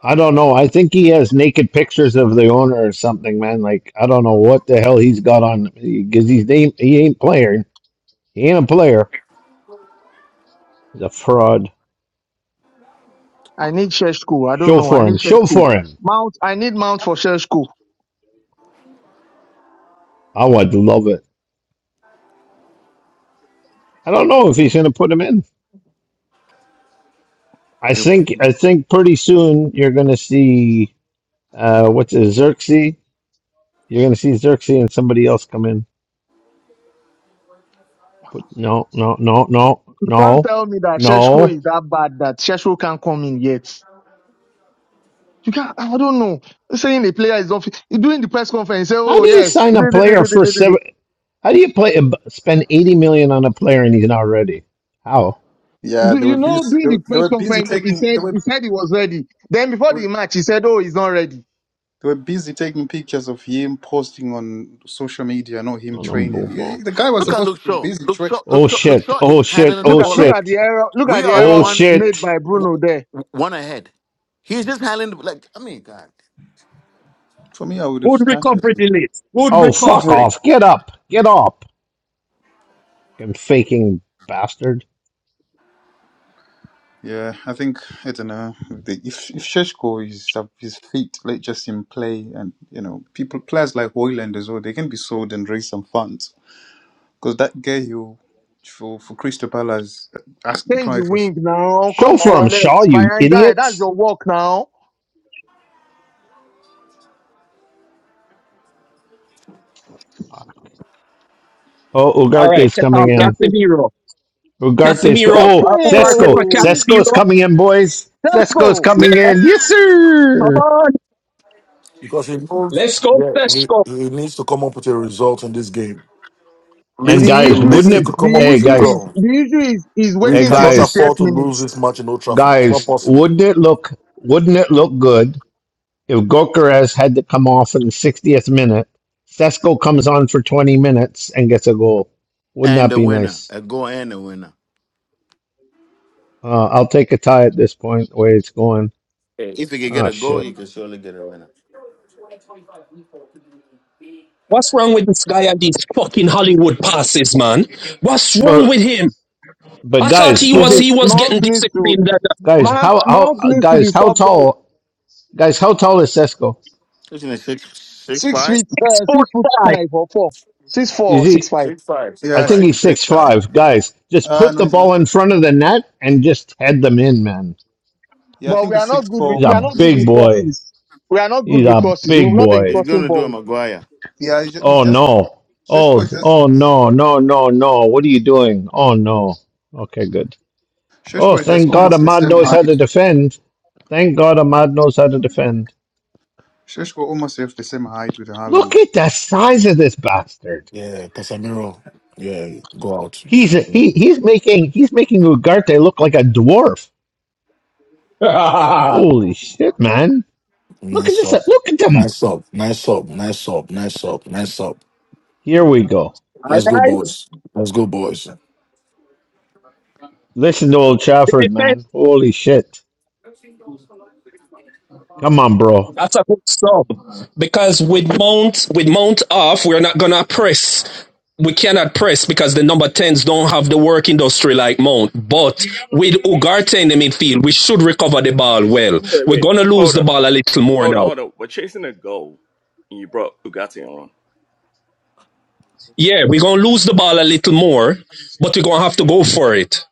I don't know. I think he has naked pictures of the owner or something, man. Like I don't know what the hell he's got on because he's name he ain't player. He ain't a player. He's a fraud.
I need Sheshko. I don't
Show
know. I
for him.
need
Show
Sheshko.
for him.
Mount, I need Mount for Sheshko.
I would love it. I don't know if he's gonna put him in. I
They'll
think
put him-
I think pretty soon you're gonna see uh what's it, Xerxes? You're gonna see Xerxes and somebody else come in. But no, no, no, no,
You can't
no,
tell me that Sheshko
no.
is that bad that Sheshko can't come in yet. You can't, I don't know. Saying the player is not, fit- during the press conference, he said,
How
oh
do you
yes.
sign a player for seven? How do you play uh, spend eighty million on a player and he's not ready? How?
Yeah,
Do
they
You
were
know,
busy. They,
during the
were- they
press
were busy
conference, he
taking. They
said,
were,
he
they
said he was ready. Then before the
were
match, he said, oh, he's not ready.
they were busy taking pictures of him posting on social media. Not him
On a
training.
boom.
Yeah,
Oh
The guy was
Look
shit!
at
supposed
Luke
to be
Shaw.
busy.
Luke
Tra-
Shaw Luke
Oh
Shaw Luke
shit!
Shaw
Oh
is
shit!
handling the
Look
Oh
at,
ball
look
like
at
shit!
the error, look at
we
the
are the
Oh
error
one
made
shit!
by Bruno
w-
there.
w- one ahead. He's just handling the, like I mean, God.
For me, I would have
Good recovery,
started.
delete. Good
Oh fuck
recovery.
off! Get up! Get up! You faking bastard!
Yeah, I think I don't know the, if if Sheshko is at his feet, let just him play, and you know, people players like Hoyland as well, they can be sold and raise some funds because that guy you for for Crystal Palace uh, asking
Change the
prices.
wing now.
Show
Come to
for
your
him, Shaw,
left.
you
Behind that. That's
idiots!
your work now.
Oh,
All right,
Ugarte's
check
coming
off
With that
in.
face.
Casemiro.
Ugarte's co-
Casemiro.
oh
Uh, Ugarte for
Zesco.
Tesco!
Zesco's
Casemiro.
coming in, boys. Zesco's
Tesco!
Yeah,
coming in. Yes,
come
sir.
on.
Because he knows,
Let's go,
yeah,
let's
he,
go.
he needs to come up with a result in this game.
And
The
Least The
guys,
issue
least he
wouldn't
is,
it?
could come up
the
with
Hey,
is a
issue
guys.
is,
draw.
the issue is, is
We
Hey
waiting till
cannot
guys,
68
afford to lose
minutes.
this match in Old Trafford. It's not
guys,
possible.
wouldn't it look wouldn't it look good if Gokeres had to come off in the 60th minute? Sesko comes on for 20 minutes and gets a goal. Wouldn't
And
that
the
be
winner,
nice?
a goal and a winner.
Uh, I'll take a tie at this point, the way it's going.
Hey, If you can get
Oh
a goal,
shit.
you can surely get a winner.
What's wrong with this guy and these fucking Hollywood passes, man? What's wrong
Well,
with him?
but
I thought
guys,
he
is
was
Mount,
he
it
was
Mount
getting
needs to,
disciplined.
guys?
Mount,
How how
Mount needs to be
guys? How
swapped out.
tall? Guys, how tall is Sesko?
Isn't it six six
Six
five?
feet, uh, six foot five or four. Six four
Is
or six
he?
five.
I
Yeah,
think
Like
six
he's
he's
three.
six
six
I
five.
think
five. Guys, just
ah
put
no,
the
it's
ball
not
in
six.
front of the net and just head them in, man.
Yeah, I
But
think
we
it's
are not
six
good with,
four.
He's
we are
a
not good
big
with
boy.
crosses. We are not good
He's
with
a
crosses. We've
big
not been
boy.
He's
crossing
gonna do
balls.
a Maguire.
Yeah, he's just, he's
Oh
just
no.
Sheshko
Oh,
is just
oh no, no, no, no. What are you doing? Oh no. Okay, good. Oh,
Sheshko is just
thank God
almost the
Ahmad
same
knows how to
height.
defend. Thank God Ahmad knows how to defend.
Sheshko almost have the same height with
Look
Haaland.
at the size of this bastard.
Yeah, Casemiro. Yeah, go out.
He's
Yeah.
he he's making he's making Ugarte look like a dwarf.
All
Holy shit, man. Look
Nice
at this.
sub.
Look at them.
Nice sub. Nice sub. Nice sub. Nice sub. Nice sub.
Here we go.
Let's go,
right,
boys. Let's go, boys.
Listen to old
the
Trafford,
defense.
man. Holy shit. Come on, bro.
That's a good sub because with mount with mount off, we're not gonna press. We cannot press because the number tens don't have the work industry like Mount. But with Ugarte in the midfield, we should recover the ball well.
Wait
We're
wait
gonna lose
hold
the
on
ball a little more
hold on
now.
hold on. We're chasing a goal and you brought Ugati on.
Yeah, we're gonna lose the ball a little more, but we're gonna have to go for it.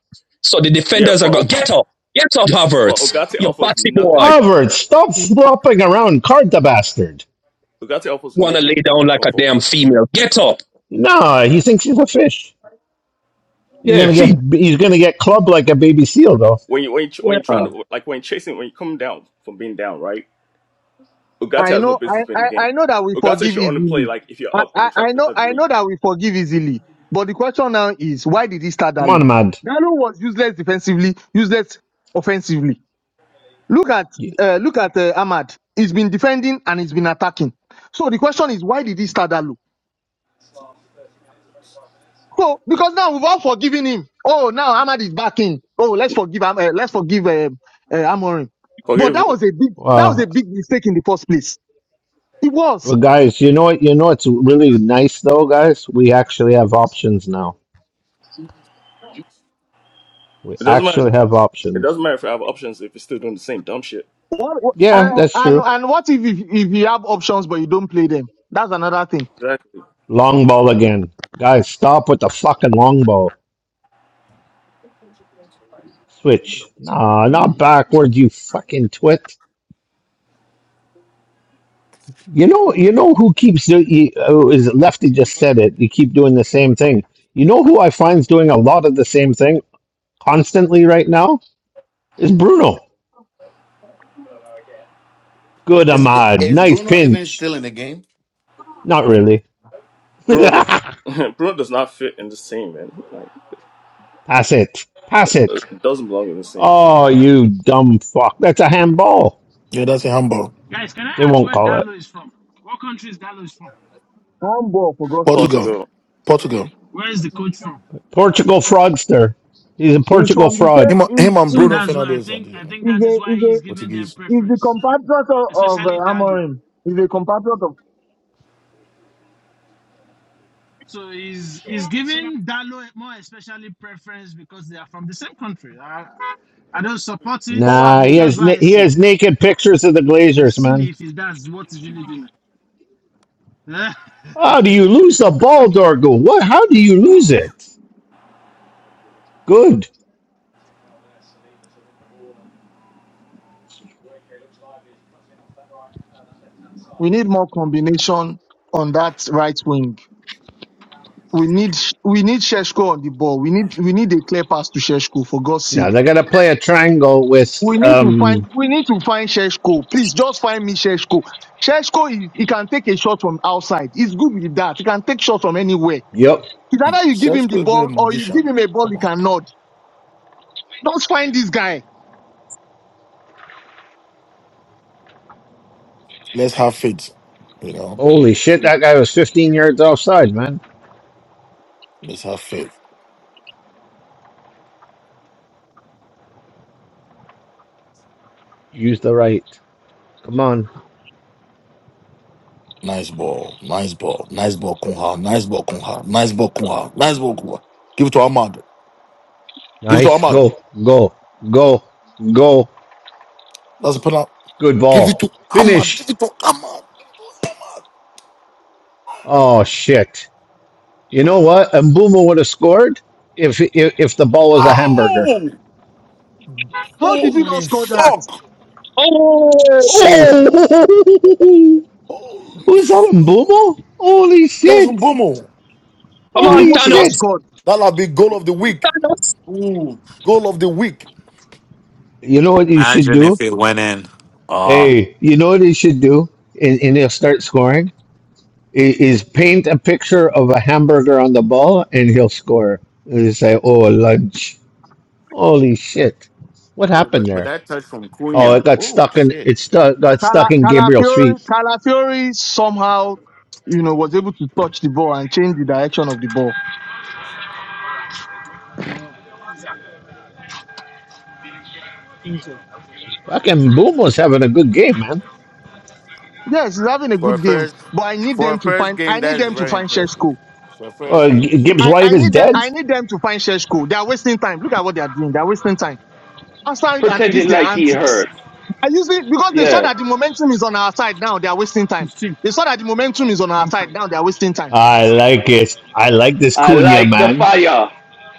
So the
Yeah,
defenders are gonna
but
get up, get up,
Well,
Havertz,
Ogate
you
offers
bossy boy.
nothing.
Harvard, stop flopping around, card the bastard.
Ogate offers
Wanna lay
nothing
down like
going
a
forward.
damn female? Get up.
No, he thinks he's a fish. He's
Yeah,
gonna get
feet.
he's gonna get clubbed like a baby seal, though.
When you when you, when
Yeah.
you're trying
Oh,
to like when you're chasing when you come down from being down, right? Ogate
I
has no
know, I,
business being in
I,
the game.
I know that we
Ogate
forgive
should only play
easily.
like if you're
I,
up and
I,
you're trying
I
to
know,
preserve the
I
lead.
know that we forgive easily. But the question now is, why did he start
Come on,
Dalo?
Ahmad.
Dalo was useless defensively, useless offensively. Look at,
Y-
uh, look at uh, Ahmad. He's been defending and he's been attacking. So the question is, why did he start Dalo? So because now we've all forgiven him. Oh, now Ahmad is back in. Oh, let's forgive, Am- uh, let's forgive um uh, Amorim. But
Forgive
that
who?
was a big, that was
Uh,
a big mistake in the first place. It was.
well, guys, you know what? You know it's really nice, though, guys. We actually have options now. We
It doesn't matter.
actually have
It
options.
doesn't matter if I have options if you're still doing the same dumb shit.
What, what-
Yeah,
and,
that's
and
true.
and what if, if if you have options but you don't play them? That's another thing.
Exactly.
Long ball again, guys. Stop with the fucking long ball. Switch. Nah, not backward, you fucking twit. You know, you know who keeps do- you, oh, is Lefty just said it. You keep doing the same thing. You know who I find's doing a lot of the same thing constantly right now is Bruno. Good
Is
Ahmad,
is
nice
Bruno even
pinch.
still in the game?
Not really.
Bruno
Pass
does Bruno does not fit in this team, man. Like
it. Pass it.
it doesn't belong in this team.
Oh, you dumb fuck. That's a handball.
Yeah, that's in Hamburg.
Guys, can
They
I ask
won't
where
call it.
Dalo is from? What country is Dalo is from?
Handball for God's sake.
Portugal.
Portugal.
Okay.
Portugal.
Where is the coach from?
Portugal fraudster. He's a
Is
Portugal
from the
fraud.
Him,
same. Is
him and
So
is
Bruno
that's why I
Fernandes are
think
the
I think
is
that
a
is why
is a
he's giving them
Portuguese.
is the
preference,
compatriot of, of
especially
uh,
Dalo.
Amorim. Is a compatriot of
So he's he's giving Dalo more especially preference because they are from the same country. I, I don't support it.
Nah, he
probably.
That's
has
why
na-
I
he
see.
has naked pictures of the
It's
Glazers, man.
silly if it, that's what is really doing. Yeah.
How do you lose the ball, Dorgo? What? How do you lose it? Good.
We need more combination on that right wing. We need we need Sheshko on the ball. We need we need a clear pass to Sheshko for God's sake.
Now they're gonna play a triangle with
We need to
um
find we need to find Sheshko. Please just find me Sheshko. Sheshko is he can take a shot from outside. He's good with that. He can take shots from anywhere.
yep.
It's either you give him
Cesco
the
is very
ball or you give
magician.
him a ball
Come
he
on.
can nod. Just find this guy.
Let's have faith. You know,
Holy shit, that guy was fifteen yards offside, man.
let's have faith.
Use the right. Come on.
Nice ball. Nice ball. Nice ball, Kunha. Nice ball, Kunha. Nice ball, Kunha. Nice ball, Kunha. Give it to Ahmad. Give it to
Nice.
Ahmad.
Go, go, go, go.
That's a penalty.
Good
Give it to
ball.
Ahmad. Give
Finish.
it to Ahmad.
Oh shit. You know what? Mbuma would have scored if, if if the ball was a hamburger.
No!
How did we not
Holy
score that?
fuck!
Oh
Holy
who's that
fuck!
Mbuma? Holy
That was on
shit.
Bomo.
come on,
Holy
Ngomo should have
shit.
Thanos.
scored.
That'll be goal of the week.
Thanos.
Ooh.
Goal of the week,
You know what you should
Imagine
do?
if it went in. Ah,
Hey, you know what he should do? And, and he'll start scoring. i- Is paint a picture of a hamburger on the ball and he'll score. And he'll say, Oh, lunch. Holy shit. What
Yeah,
happened
but but
there?
that touch from
Oh,
Cunha.
it got
Oh
stuck in
shit!
it stuck. got stuck
Cala
in Gabriel's
Calafiori
feet.
Calafiori somehow, you know, was able to touch the ball and change the direction of the ball.
Uh, I think so.
Fucking Boom was having a good game, man.
Yes, he's having a
For a
good game.
first
But I need
for a
them to
first
find
game,
I need
that is
them to
very
find
impressive.
Sheshko.
For a
Oh,
first
G-
game, yeah.
Gibbs
I,
White
I
is
need them.
dead.
I need them to find church code. They are wasting time. Look at what they are doing. They are wasting time. After and this,
Pretending
their
like he
antics.
hurt.
I usually because they saw
Yeah.
that the momentum is on our side now. They are wasting time.
15.
They saw that the momentum is on our
One
side
five.
now. They are wasting time.
I
Yes.
like it. I like this
I
Cunha,
like the
man.
fire.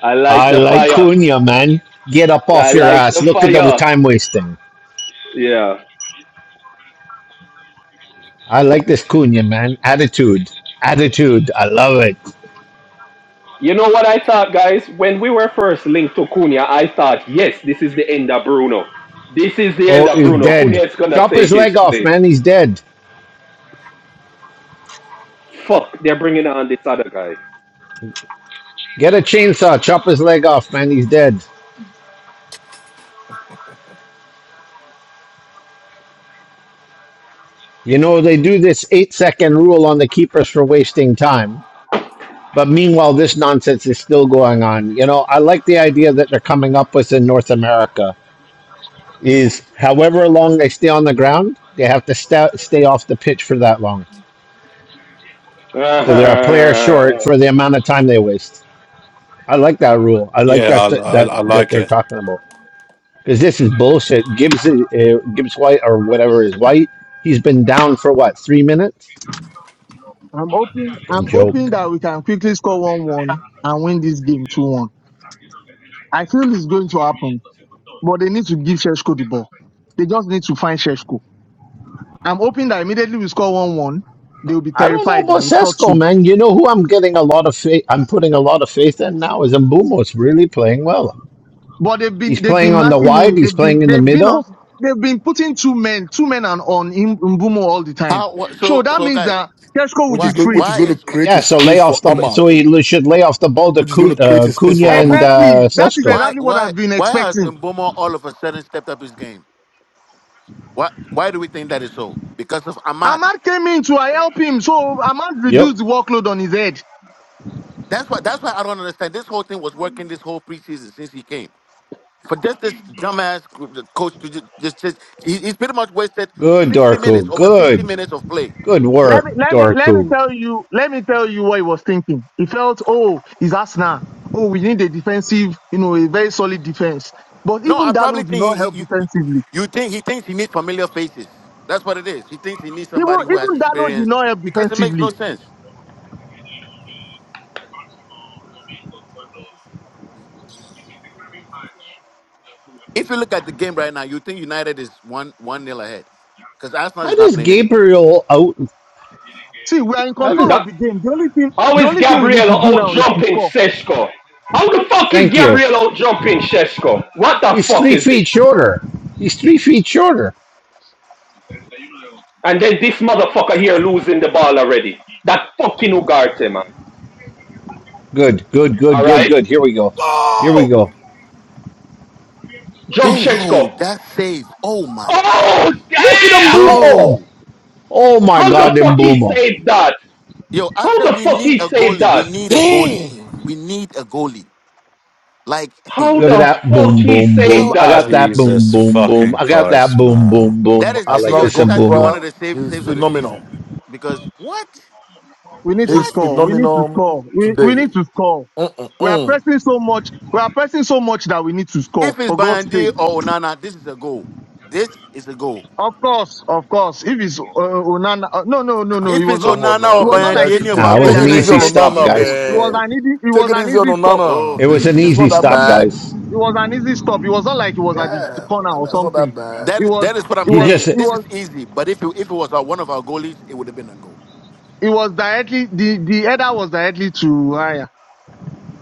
I like
I
the
like
fire.
Cunha, man. Get up
I
off your
like
ass.
the
Look at the
fire.
time wasting.
Yeah.
I like this Cunha, man. Attitude. Attitude. I love it.
You know what I thought, guys? When we were first linked to Cunha, I thought, yes, this is the end of Bruno. This is the end
Oh,
of
he's
Bruno.
dead.
Cunha is going to
Chop
take
his
his
leg off,
place.
man. He's dead.
Fuck, they're bringing on this other guy.
Get a chainsaw. Chop his leg off, man. He's dead. You know, they do this eight second rule on the keepers for wasting time. But meanwhile, this nonsense is still going on. You know, I like the idea that they're coming up with in North America is however long they stay on the ground, they have to sta stay off the pitch for that long.
that,
So they're a player short for the amount of time they waste. I like that rule. I like
yeah, I,
that
I,
that
I
that
like
they're
it.
talking about because this is bullshit. Gibbs uh, Gibbs White or whatever is White. He's been down for what three minutes?
I'm hoping.
Fucking
I'm hoping
joke.
that we can quickly score one one and win this game two one. I feel it's going to happen, but they need to give Sheshko the ball. They just need to find Sheshko. I'm hoping that immediately we score one one, they will be
I don't know
terrified and
about
we score two.
Sesko, man. You know who I'm getting a lot of faith. I'm putting a lot of faith in now is Mbumbo's really playing well.
But they've been
He's
they've
playing
been
on the
marking
wide.
him.
He's
They've been
playing in the
they've been on
middle.
they've been putting two men, two men on on in Mbumo all the time.
How what,
So
so
that
so
means
guys?
that Tesco will
which
Why
be
is going,
free.
which is
why
going to
is
create
Yeah,
a
so lay
space
off
for
the. So
Ahmad,
he li- should lay off the ball to
which is going
Cu-
to create
uh,
a space for
Cunha and
Ahmad.
Exactly.
uh,
That is
Sesko.
why
exactly what
why
I've been
why has
expecting.
Mbomo all of a sudden stepped up his game? Why why do we think that is so? Because of Ahmad.
Ahmad came in to help him, so Ahmad
Yep.
reduced the workload on his head.
That's why that's why I don't understand. This whole thing was working this whole preseason since he came. For just this dumbass coach to just, just, just he, he's pretty much wasted
Good,
sixty minutes
Dorku.
over sixty
Good.
minutes of play.
Good
Let me
work,
let me let me
Dorku.
tell you let me tell you what he was thinking. He felt, oh, he's Arsenal. Oh, we need a defensive, you know, a very solid defense. But
No,
even
I
Dalo
probably
did
think
not
he,
help
he you,
defensively.
you think he thinks he needs familiar faces. That's what it is. He thinks he needs
Even
somebody who has
even Dalo did
experience
not help
because it makes
defensively.
no sense. If you look at the game right now, you think United is one one nil ahead because Arsenal
How
is not
does
playing anything.
Gabriel out?
See, we are in
How
control
does?
of the game. The only thing,
how
the
is
only thing we need
Gabriel
to do
out
now is to
jumping
score.
Seshko? How the fuck is
Thank you.
Gabriel out jumping Seshko? What the
He's
fuck
three
is this
feet
shit?
shorter. He's three feet shorter.
And then this motherfucker here losing the ball already. That fucking Ugarte, man.
Good, good, good, good,
Alright?
good. Here we go. Here we
Go!
go.
Jump
Dang,
Yo,
Sheshko.
that save! Oh my god!
Oh
Look at him,
damn!
Boomo!
Yo,
Oh my
How
God,
the
them
fuck he
Boomo!
saved that?
yo, I
How
said
the
we
fuck
need
he
a
saved
goalie.
that?
We need a goalie.
dang,
We need a goalie. Like,
How
Look at
the
that
fuck
boom,
he
boom, boom.
saved
I
that?
yo,
got that
man!
boom,
Jesus
boom, boom.
fucking
I got that
Christ,
boom,
man.
boom, boom.
that is
I like
yo.
Arsenal's
this
This
and
has to be one
Boomo.
of
goalkeeper,
the save,
he's
saves of the
phenomenal.
season because what?
We need to
He's
What?
score. We need to
phenomenal
score. We, we
today.
need to score. We are
Mm-mm-mm.
pressing so much. We are pressing so much that we need to score.
If it's
For God's
Bayandi
sake.
or Onana, this is a goal. This is a goal.
Of course, of course. If it's uh, Onana, uh, no, no, no, no. It
If
was
it's
not.
Come on
Onana
It
or
now,
was
you
not like
Bayandi,
guys
a
any
should
of
good
take
Nah,
our
it
it,
was
take
an
header
it
like
easy
goalkeepers,
easy
on
that.
maybe
stop,
he
Onana,
think
guys.
was.
It
will-
was
man.
will-
an easy. It
Take
was
it
an
easy on
easy stop.
Oh,
It
Onana.
was an
It's
please.
not
easy
that
stop,
bad.
guys.
It was an easy stop. It was not like it was at the
Yeah,
corner or
Onana's not that
something.
bad.
That
It
is
was.
that is what I'm
It
He
was.
just,
saying.
It
This is
was.
easy, but if you, if it was our, one of our goalies, it would have been a goal.
It was directly. The the header was directly to Raya.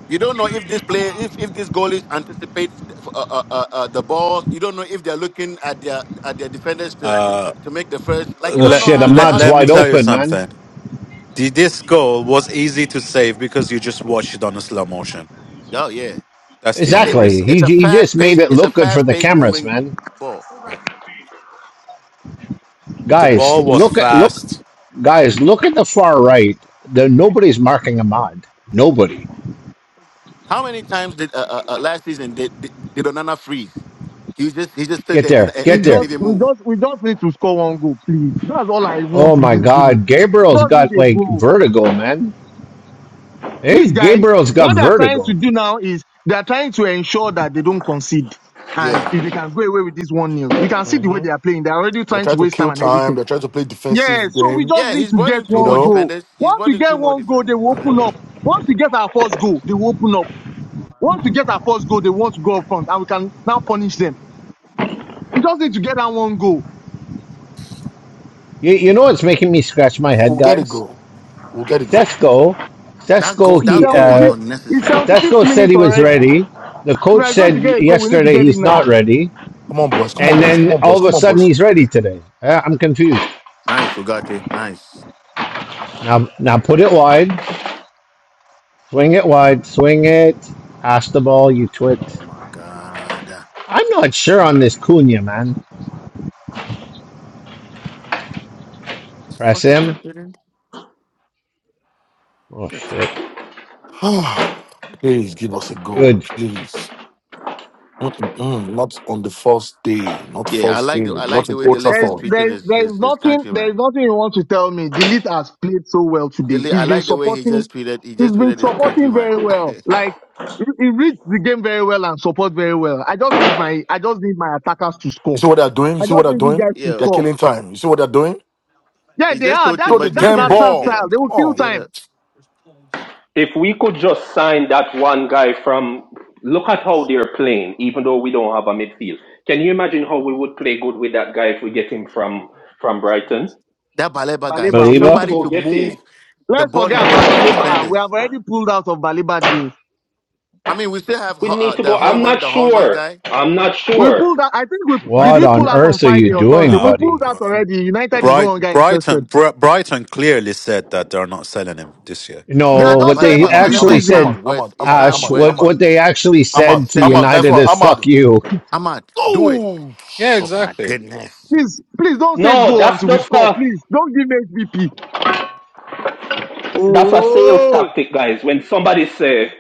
You don't know if this player, if if this goalies anticipate uh, uh, uh, uh, the ball. You don't know if they're looking at their at their defenders to, to, to
Uh,
to make the first. Like you
oh
don't know
let,
shit, the
how
let,
how
mud's
they
let me
wide
think.
tell you
open, man.
something. The, this goal was easy to save because you just watched it on a slow motion.
Oh yeah,
That's the
it's
only
it,
Exactly.
reason.
it's
He
a
he
fast
just made
pace.
it
It's a
look good for
fast
the
paced
cameras,
moving
man.
ball.
Yeah. The
Guys,
ball was
look at look
fast.
guys, look at the far right. There nobody's marking Ahmad. Nobody.
How many times did uh, uh, uh, last season did, did did Onana freeze? He was just he just stood
Get
there and,
there.
didn't-
We
and
Get there.
didn't
just,
even
we
move.
just, we just need to score one goal, please. That's all I
Oh
want in
my
this game.
god, Gabriel's
Just need
got
a
like
goal.
vertigo, man. Hey,
These guys,
Gabriel's got
what they are trying to
vertigo.
do now is they are trying to ensure that they don't concede. And
Yeah.
if they can go away with this one nil, you can see the way they are playing. They are already
They
trying to
try to
waste time
kill
and
time.
everything.
They try to play
Yeah,
defensive
so we
game.
just
Yeah,
need
he's
to
brought
get
in
You
two more
one
know,
goal.
defenders. He's
Once
brought
we
in two
get
more
one goal,
defend,
they will open
defenders.
up. Once we get our first goal, they will open up. Once we get our first goal, they want to go up front, and we can now punish them. We just need to get that one goal.
You, you know what's making me scratch my head,
we'll get a
guys?
goal. We'll get a goal.
Sesco,
That goal
Sesco
It's
that
he
goal was
uh
75th. It's
unnecessary.
75th
man.
Sesco said
minute
he was
already.
ready. The
If
coach
I'm going to get
said
a goal, we need to
yesterday
get it
he's
now.
not ready,
Come on, boys. Come on,
and
boys. Come
then
on,
all
boys.
of a
Come on,
sudden
boys.
he's ready today. Uh, I'm confused.
Nice, Ugarte. Nice.
Now now put it wide. Swing it wide. Swing it. Pass the ball, you twit.
Oh my god.
I'm not sure on this Cunha, man. Press
Fucking
him.
kept it
Oh,
Get
shit.
you.
please give us a goal,
Good.
please. Mm-mm-mm. Not on the first day. Not
Yeah, I
first
like
day.
the I like
Not
the
in
way
Old
Delect
There's,
is
Trafford.
treating
there's,
his
there's
his, his
nothing, there's
countryman.
nothing you want to tell me. Delete has played so well today.
Dele- I
He's been
like the way he
supporting,
just treated he
he's
just
been
treated his
supporting
countryman.
very well. Like, he he reads the game very well and support very well. I just need my, I just need my attackers to
You
score.
see what they're doing? You
I
see what
just
they're
need you
doing?
guys to
They're
Yo,
score.
killing time. You see what they're doing?
Yeah,
he
they
just
are.
told
That's,
Throw
Timber
the
to
that's
damn
get his
Arsenal
get
style.
ball.
They
Come
will kill
on.
get
time.
a,
If we could just sign that one guy from look at how they're playing, even though we don't have a midfield. Can you imagine how we would play good with that guy if we get him from from Brighton?
that Baleba guy.
Baleba.
We
Just
need to
Believer?
somebody
go
to
get him.
move the
Let's
ball in
forget
front
about
of the
Baleba. We have
defenders.
already pulled out of Baleba deal.
I mean, we still have
We
Ho- uh,
need to
the
go. I'm
Holman
not
the Holman
sure.
guy.
I'm not
We
sure.
pulled out. I think we
I,
did.
What
think-
We
on
pull out on
earth are you
Friday or Thursday.
doing,
We
No,
pulled
buddy?
out
Br-
already. United is no longer
Bright,
interested.
Brighton, Br- Brighton clearly said that they're not selling him this year.
They are
No,
Baleba
not
what they
selling
Baleba
him
Ahmad,
this
Baleba
actually
Ahmad,
is not
season.
said,
Ahmad,
worth
Ahmad,
it's
Ahmad,
not
Ash,
Ahmad,
what,
worth
Ahmad,
what they actually said
Ahmad,
to
Ahmad,
seventy.
nice
United
one,
is fuck
Ahmad.
you.
Ahmad, do it.
Ooh,
Yeah,
Oh my
exactly.
goodness.
Please, please don't say
no,
go
that's
until we
the
score.
stuff.
Please don't give me HBP.
That's a sales
Oh,
tactic, guys. When somebody say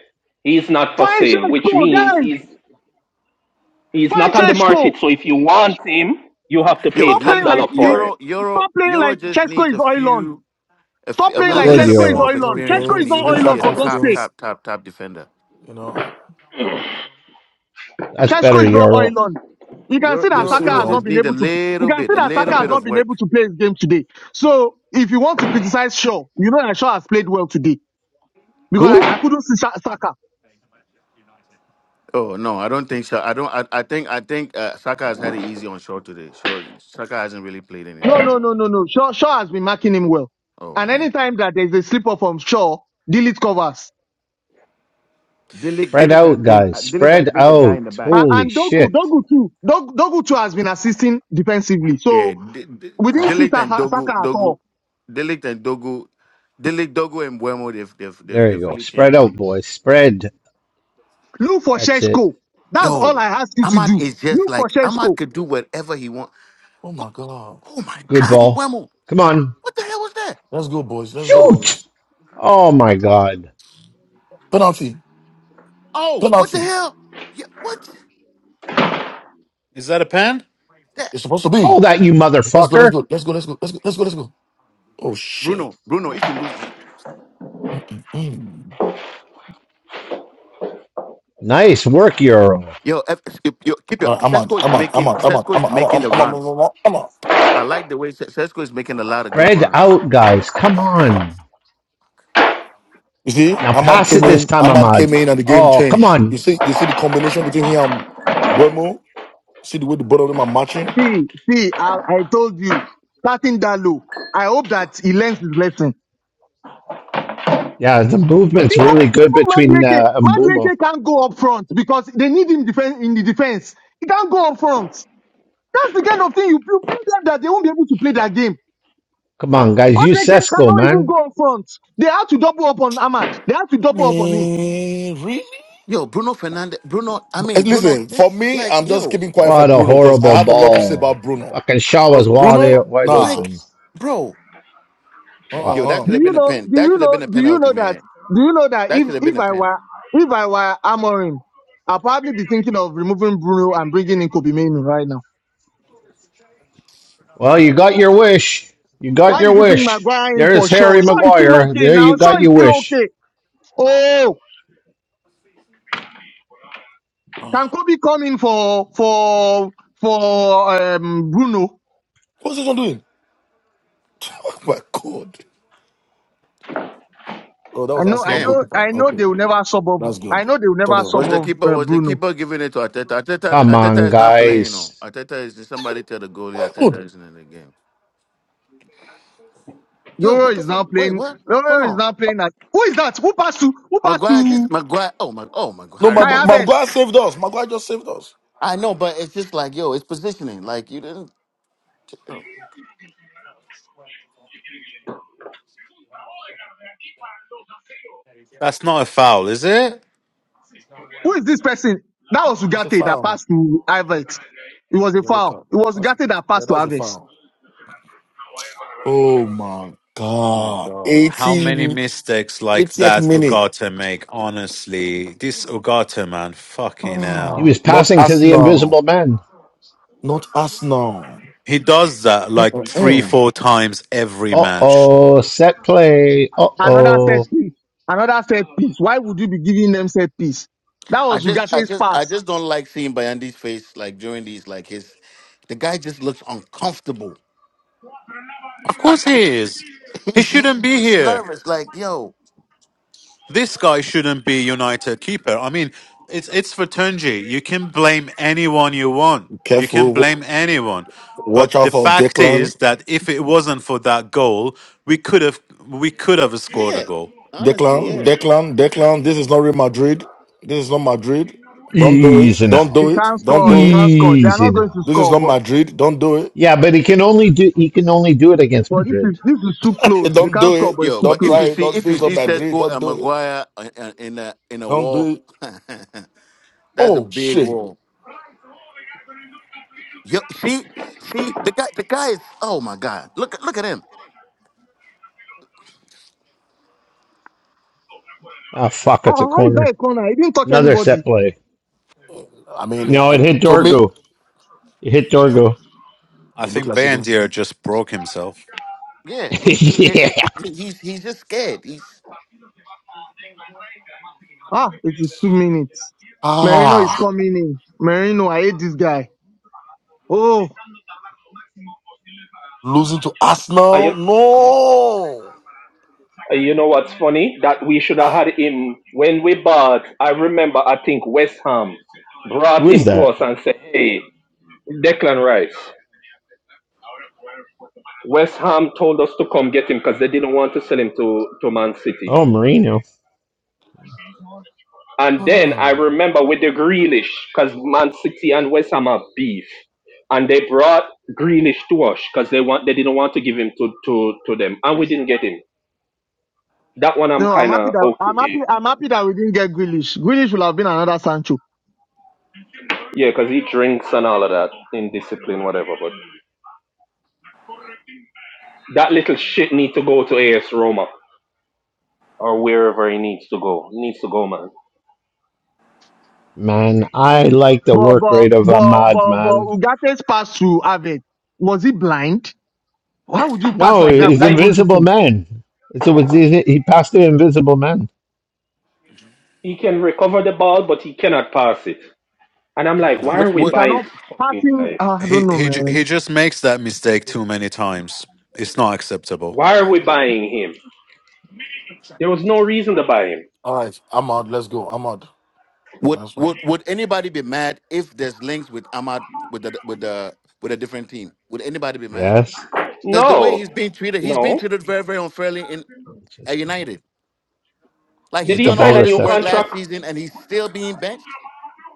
he's not for
find
sale, which
Sheshko,
means
guys.
he's he's
Find
not on the
Sheshko.
market. So if you want him, you have to
Yo,
pay
Stop
let
top
playing like
dollar
me-
you.
for him.
Euro Euro
Stop playing
Euro
like
just
Sheshko
needs
is
a
oil on.
few. a, f-
Stop playing
a-
you
a
like
Good
little bit
Sheshko
needs
is
more
Euro.
of
you
oil
know
on.
experience,
Sheshko
and
is
games.
he's
You
not
going to
needs
oil
that
be
on
a
for God's
top,
sake.
confidence.
top, top, top defender.
You know,
That's
Sheshko
better
is not oil
Euro.
on. You can see
You're,
that
you're
you're,
so
Saka
you're
has not
just
young.
been
need a
able to. You
little
can
bit,
see
a
that
little
Saka has
bit
not
of
been
work.
able to play his game today. So if you want to criticize Shaw, you know that Shaw has played well today because I, I
Who?
couldn't see Sha- Saka.
Oh no, I don't think so. I don't. I, I think I think uh, Saka has had it easy on shore today. So Saka hasn't really played
No,
anything.
no, no, no, no. Shaw, Shaw has been marking him well.
Oh
And
man,
anytime that there's a slip up from Shaw, delete covers.
Dilik Di-
Spread
Dilik has
out,
been
guys.
uh, Dilik has
Spread
been the guy in the
out.
And,
back.
Holy
and Dogu,
shit.
Dogu too. Dog, Dogu too has been assisting defensively.
Yeah,
So
D- D-
we didn't see
Dilik and
Saka,
Dogu
Saka at
Dogu,
all.
Dilik and Dogu, Dilik Dogu and Buemo. They've they've they've,
There you
they've
go.
really changed
Spread
the
out,
game.
boys. Spread.
Look for
That's it.
Sheshko. That's all
Yo,
I ask you to
Ahmad
do.
is just
Look for
like Ahmad
Sheshko.
could do whatever he wants.
Oh
Go-
my God,
Oh my
Good
God,
ball.
Mbwemo.
Come on.
What the hell was that?
let's go, boys. Let's go, boys.
Shoot! Oh my god.
Penalty,
Oh, what the
penalty.
hell? Yeah, what
Is that a pen?
that?
It's supposed to
Call
be.
that, you
Let's go, let's
motherfucker.
go, let's go, let's go, let's go, let's go, let's go. Oh shit.
Bruno, Bruno, if you lose this,
Mm-mm-mm.
Nice work, Euro.
yo, if, if, yo keep your
Uh, Ahmad,
Cesco is
Ahmad,
making
Ahmad, Ahmad,
Cesco is
Ahmad,
making
Ahmad,
the
Ahmad,
runs.
Ahmad, Ahmad.
I like the way Ce- Cesco is making a lot of good
Spread
runs.
out, guys. Come on.
You see,
Now
Ahmad
pass it
came
this
in.
time,
Ahmad
Ahmad.
came in, and the game
Oh, come
changed. You
on.
see, you see the combination between him and Buemo. See the way the both of them are matching.
See, see, I, I told you, starting that low. I hope that he learns his lesson. Even,
Yeah, the movement's really
even
good between
Madueke,
uh, Mbumo.
Madueke can't go up front because they need him defen in the defense. He can't go up front. That's the kind of thing you you bring them that they won't be able to play their game.
Come on, guys. Use
Hudson
Sesko,
cannot even
man.
go on front. They have to double up on Ahmad. They have to double up on him.
Man, really?
Yo, Bruno Fernandez, Bruno, I
Eh,
mean Bruno,
Listen, for
It's
me,
like
I'm just
yo,
keeping quiet for
What a
Bruno because I
horrible
have a lot to say
ball.
about Bruno.
Fucking Shaw
Because
was wide,
Bruno,
wide
nah.
like
open.
bro, yo,
Fuck.
that
Uh-uh-uh.
Do
should have
you
been a
know?
pen.
Do
That
you
should have
know?
been a
Do you
penalty,
know that?
man.
Do you know that
That
if
should have been
if
a
I
pen.
were if I were Amorim, I'll probably be thinking of removing Bruno and bringing in Kobe Mainoo right now.
Well, you got your wish. You got
Why
your
did he bring
wish.
Maguire in
There's
for sure?
Harry
Sure, is still
Maguire.
okay
There
now.
you got
Sure, is
your
still
wish.
okay. Oh,
Ah.
can Kobe come in for for for um, Bruno?
What's this one doing? Oh my god. Oh, that
I
was
know, I
Arsenal's
Damn.
know,
goalkeeper.
I know
Okay.
they will never sub off.
That's
I
good.
know they will
Thought
never
of-
Was
sub
the
off
keeper
uh,
was the
Bruno.
keeper giving it to Ateta? Ateta
Come
Ateta
on,
is not playing on.
guys.
Ateta is somebody tell the goalie
Why
Ateta
good.
isn't in the game. Yo, what
Yoro
the
is
fuck?
now
Wait,
playing.
what? Hold
Yoro is
on.
now playing as who is that? Who passed to who passed
Maguire just
to
Maguire oh my oh my
No,
Harry.
Kai
Mag-
Oh.
Havertz?
Maguire saved us. Maguire just saved us.
I know, but it's just like yo, it's positioning. Like you didn't Bro.
That's not a foul, is it?
Who is this person? That was
It's a
Ugate that
foul.
passed to Havertz. It was
A
a
yellow
foul.
card.
It was
That's,
Ugate that
yeah,
passed to
that's a
Havertz.
foul. Oh my
My
god.
God. How many
80,
mistakes like
80th
that
minute.
Ogata make? Honestly, this Ogata man, fucking
He
Ah,
hell,
was
Not
passing to the
Arsenal.
invisible man.
Not Arsenal.
he does that like three,
Mm-mm-mm.
four times every
Uh
match.
oh, set play. Uh
Another set
oh.
piece. Another set piece. Why would you be giving them set piece? That
I
was
just I
Ugate's
just I
pass.
just don't like seeing Bayandi's face like during these like his the guy just looks uncomfortable.
Of course he
like
is.
he,
He shouldn't
he
be
looks
here.
nervous, like yo.
This guy shouldn't be United keeper. I mean, it's it's for Tunji. You can blame anyone you want. You
Careful.
can
W-
blame anyone.
Watch
But the
out for
fact
Declan.
is that if it wasn't for that goal, we could have we could have scored a
Yeah.
goal.
Honestly,
Declan,
yeah.
Declan, Declan. This is not Real Madrid. This is not Madrid. Don't do it.
Easy
Don't
now.
do
You
it.
can't
Don't
score. You
do it.
can't score. They are
Easy
not going to
now.
This is
score.
not
But
Madrid. Don't do it.
Yeah, but he can only do he can only do it against
but this is
Madrid.
this is too close. They
Don't
can't
do
score,
it.
but it's
Yo,
too
Don't
but if
try
you
close.
it.
see
Don't,
if
this
you
is not
see
Madrid.
Sesko
Don't
and
do it.
Maguire in in- in a in a
Don't
wall,
do it.
that's a
Oh,
big
shit.
wall. Yo, see, see the guy the guy is oh my god, look look at him.
Ah fuck,
Ah, ah,
it's a
how is that
corner.
a corner? He didn't touch
Another set
anybody.
play.
I mean, it,
No, it hit
it- to me,
Dorgo. It hit Dorgo.
I
it looked
think
like it. did.
Bandier just broke himself.
Yeah, he, he,
yeah.
he he- he's he's just scared. He's
Ah, it's a two minutes. Merino is
Ah,
coming in. Merino, I hate this guy. Oh,
losing to
Are
Arsenal?
you?
No.
And You know what's funny? That we should have had him when we bought. I remember, I think West Ham
Who
brought
is
him to
that?
us and said, "Hey, Declan Rice." West Ham told us to come get him because they didn't want to sell him to, to Man City.
Oh Marino.
And then I
Hmm.
remember with the Grealish, because Man City and West Ham are beef, and they brought Grealish to us because they want they didn't want to give him to, to, to them, and we didn't get him. That one I'm
no, I'm
kind
happy
of
that I'm happy.
okay,
I'm happy that we didn't get Grealish. Grealish would have been another Sancho.
yeah, because he drinks and all of that, indiscipline, whatever. That little shit need to go to AS Roma or wherever he needs to go. He needs to go, man.
Man, I like the
But
work
but
rate of a
but but but
madman.
Ugate's pass to Avet was he blind? How would you pass
No,
like
The
that
he's
without
guy
even
invisible
looking?
man. So was he he passed the invisible man.
he can recover the ball, but he cannot pass it. And I'm like, why
No,
are
would
we
You
would
buying
cannot
this fucking
passing.
guy?
ah, I don't
he
know,
he ju- he
man.
just makes that mistake too many times. It's not acceptable.
Why are we buying him? There was no reason to buy him.
All right, I'm out. Let's go. I'm out.
would
Nice one.
would would anybody be mad if there's links with Ahmad with the with the with a different team? Would anybody be mad?
Yes.
Because the way
No,
he's being treated, he's being
no.
treated very very unfairly in
Let's
at
just go.
United. Like
Did
he's
Get
he
the
done
ball
sign
all
a
to
this
new
work
Cesco.
last
contract?
season and he's still being benched.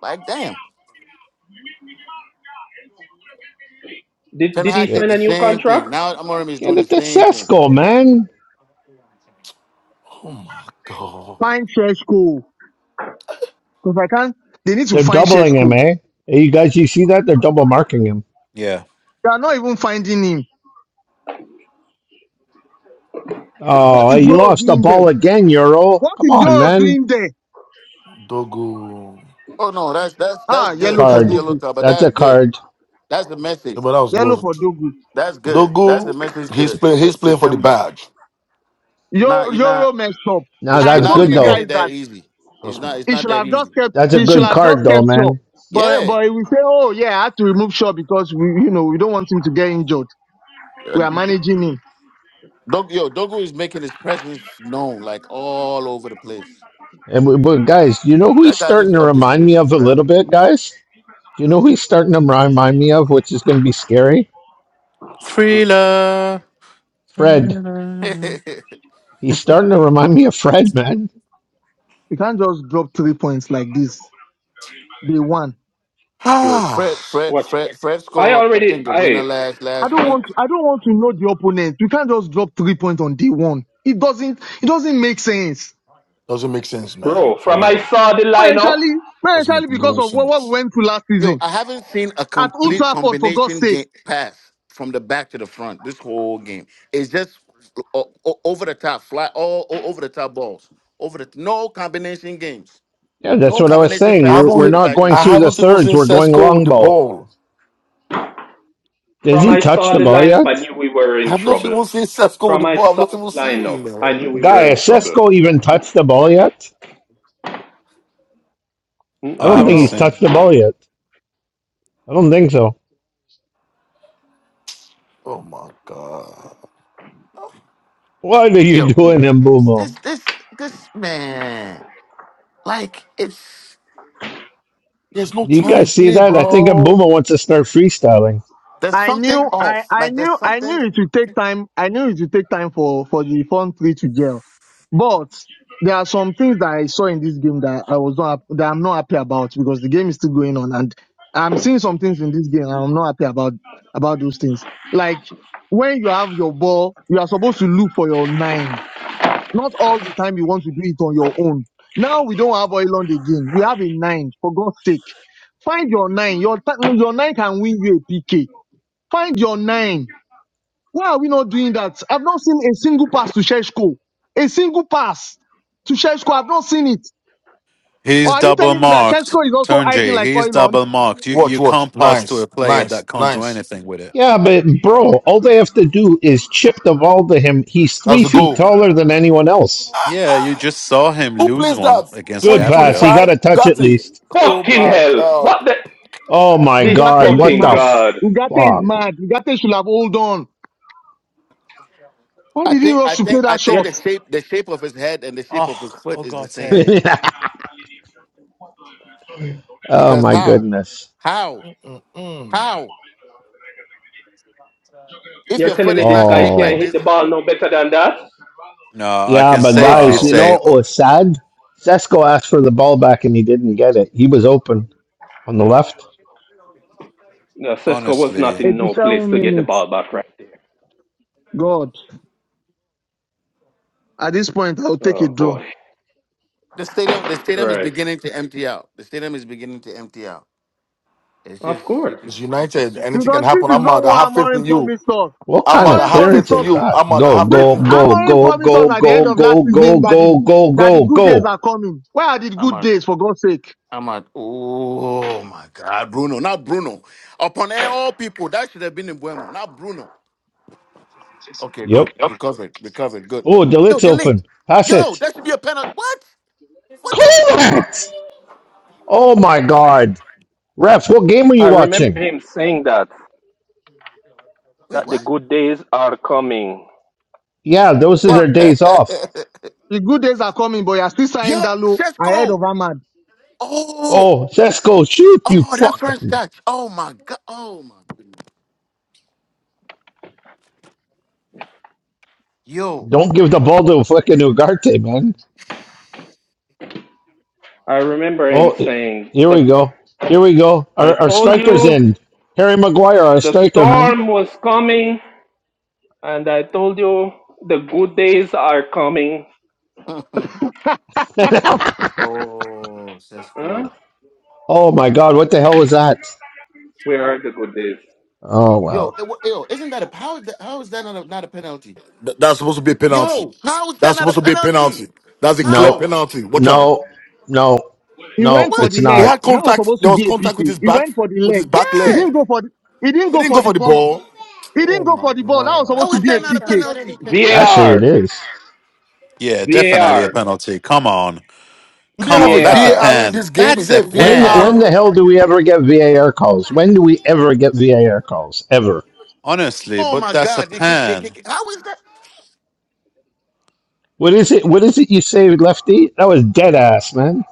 Like, damn,
Did
Ten
Did he
Hag
Get
did
sign a
the
new
same thing.
contract?
Now Amorim is
get
doing the
it to
same thing.
Cesco, man.
Oh my God,
Find Sheshko because I can't. They need to
They're
find
doubling him,
Sheshko.
eh? Hey, you guys, you see that? They're double marking him.
Yeah,
They are not even finding him. What
Oh, hey,
is
you
Yoro
lost the
doing there?
ball again, Euro.
What
Come
is
on,
Yoro
man.
doing there?
Dogo.
Oh no, that's that's that's
Ah, yellow
good.
for
That's a
Card.
do
yellow
good.
card, but
That's
that's
a
good.
card.
That's the
Yeah,
message.
But that was
Yellow
was
for do good.
That's good. That's
Dogo.
the message
He's
to
playing.
to,
He's
to
playing for the
Timber.
badge.
You're
Yo-
not you're not
Euro messed up.
Now
He's
I
you're
that's
playing for
not
told
the
good
gonna
you
badge.
get
guys
though.
it that
that
easy. It's
Trust me.
not it's
he
not
should
that
have
easy.
just kept,
That's a
he should
good
have
card
just
though,
kept Shaw,
man.
But,
Yeah.
but he will say, oh yeah, I had to remove Shaw because we, you know, we don't want him to get injured.
Uh,
We are managing him.
Dog- Yo, Dogo is making his presence known like all over the place.
And we, but guys, you know who he's
That guy
starting
just
to
upped his,
remind me
his, his
of a little
rally.
bit, guys. Do you know who he's starting to remind me of, which is going to be scary?
Cool.
thriller.
Fred.
Thriller.
He's starting to remind me of Fred, man.
We can't just drop three points like this. Day one.
Yo,
Ah,
Fred, Fred,
What?
Fred, Fred
I
scored. I
already,
think the winner
I
last
I
last
don't want,
week.
to, I don't want to know the opponent. We can't just drop three points on day one. It doesn't, it doesn't make sense.
doesn't make sense, man.
bro.
For
From I
real,
saw the lineup.
Especially,
doesn't
especially
make
because
no
of what, what we
sense.
went through last
Yo,
season
I haven't seen a
at Old
complete
Trafford, for God's
combination
sake.
game pass from the back to the front this whole game. It's just o- o- over the top, fly all o- over the top balls, over the no combination games,
Yeah, that's
no
what I was
combination
saying.
I
We're
passes
haven't.
we're
from
he-
the
not
back to the
going
I
through
front.
the
haven't even
thirds.
seen
We're going
Cesco with the
longbow.
ball.
Has
From
he
I
touched
saw
the
the
ball
lineup, I
yet?
knew we were
I
in
have not
trouble.
even seen Cesco with the
From I
ball. I've not
saw the
even seen him,
lineup, I
man.
knew we
Guy,
were in
has
trouble.
Sesko even touched the ball yet?
Hmm,
I
I
I
don't
don't
haven't
think he's
know.
touched
seen.
the ball yet. I don't think so.
Oh my God.
What are you
Yo,
doing,
this
Mbumo?
this this, this man, like it's
There's no
Do you
time.
guys see
Play,
that? I think
bro.
Mbumo wants to start freestyling.
there's
I
something
knew I,
off.
I
Like there's
knew I
something.
knew it would take time I knew it would take time for, for the front three to gel. But there are some things that I saw in this game that I was not hap- that I'm not happy about because the game is still going on and I'm seeing some things in this game and I'm not happy about about those things. Like when you have your ball, you are supposed to look for your nine. Not all the time you want to do it on your own. Now we don't have Oilon again. We have a nine, for God's sake. Find your nine. Your, ta- your nine can win you a PK Find your nine. Why are we not doing that? I've not seen a single pass to Sheshko. A single pass to Sheshko. I've not seen it. Or
He's
are you
double
telling me that
marked.
Sheshko is also
Turn
hiding
J.
like
He's
oil on?
double marked. You
Watch,
you
watch.
can't pass to a
Nice,
player
nice,
that can't do
nice.
anything with it.
Yeah, but bro, all they have to do is chip the ball to him. He's
That's
three
the
feet
goal.
taller than anyone else.
Yeah, you just saw him
Who
lose
plays
one
that?
against
Good pass.
Gabriel.
He got a
2025
touch at
Ugati.
least.
Oh
Fucking
my
hell!
God.
What the?
Oh my
This
Ugarte
god,
is
what
fucking
the
mad.
god.
Ugarte is
fuck?
mad. Ugarte should have hold on. Why
I
did he
think I
rush to play
think
that
I think
You're,
shot?
the shape the shape of his head and the shape of his
Oh,
foot
oh
is the
God's
same
sake.
oh
because
my
how
goodness.
how
Mm-mm.
how If
you're
your
telling
foot
me
is
this
not
guy
shaped
can't
like
Oh,
hit the
this,
ball no better than that?
No, I
yeah,
can
but
safely
guys,
Wow.
you know
say,
what
o-
was sad? Sesko asked for the ball back and he didn't get it. He was open on the left.
No, Sesko was not
honestly.
in no place
87
to get the
minutes.
ball back right there.
God. At this point, I'll take a
Oh
draw.
boy.
the stadium the stadium is
Right.
beginning to empty out. The stadium is beginning to empty out. It's
Of
just you
course.
could
It's
it's
United.
just
Anything
Because
can
this
happen.
is
I'm
not
mad. I
what
have faith
Amorim
in you.
promised us.
What
I'm
kind
mad.
of
I
Amorim
have faith
promised
clearance
in
us
is
you.
that?
I'm mad. I
Go,
have
Bri-
faith
go,
in
go,
you.
Amorim
go,
promised
go,
us at the
go,
end of last
go, go,
season that
go,
the,
go,
that the
go,
good days are
go.
coming. Where are the
I'm
good
out.
days, for God's sake?
I'm out. Oh my God, Bruno! Not Bruno. Upon all people, that should have been in Buemo. Not Bruno. Okay, good.
Yep.
Recovered. Recovered. Good.
Oh,
Yo,
Delit's
delete.
open. Pass
Yo,
it.
that should be a penalty. What? What the?
Clearance! Oh my God. Refs, what game are you
I remember
watching?
him saying that
Wait,
that the
what?
good days are coming.
Yeah, those are
Well,
their days off.
the good days are coming, but you're still
Yo,
signing Dalo ahead
Cesco.
of Ahmad.
Oh,
Oh, Sesko, shoot, you
oh, that
fuck.
French touch. Oh my God. Oh my goodness. Yo.
Don't give the ball to fucking Ugarte, man.
I remember him
Oh, he-
saying
here we
the
go. Here we go.
I
Our, our
told
striker's
you
in. Harry Maguire, our
the
striker, man.
storm was coming. And I told you the good days are coming.
oh, that's
Huh?
cool.
oh my God, what the hell was that?
Where are the good days?
Oh
Yo,
well.
it, wa- yo, isn't that a how is that how is that not a, not a penalty?
Th- that's supposed to be a penalty.
Yo, how is that
That's
not a
supposed to be a
penalty?
penalty. That's a clear
How?
No,
penalty. Watch out.
no, no,
He
no.
went for
What?
It's
the
He
leg.
not.
had
That was
contact.
supposed
There
to be
was
a
contact with
PK.
his
He
back,
went for the
with his
leg.
back
He
leg.
Yeah.
didn't go for the, he didn't
He
go
didn't go
for
for
the
the
ball.
ball.
He didn't go for the ball. That was
How
supposed to
is
be a
that not a
PK.
penalty?
Actually, it
VAR!
is.
Yeah, definitely a
VAR!
penalty. Come on.
Do they
Come
have a
on. That's a
VAR!
VAR in
pen.
this game? Is
That's a
there a
When when
VAR?
pen.
the hell do we ever get VAR calls? When do we ever get VAR calls? Ever?
Honestly,
Oh
but
my
that's a
God! They kick. They
pen.
kick. How is that?
What is it? What is it you saved Lefty? That was dead ass, man.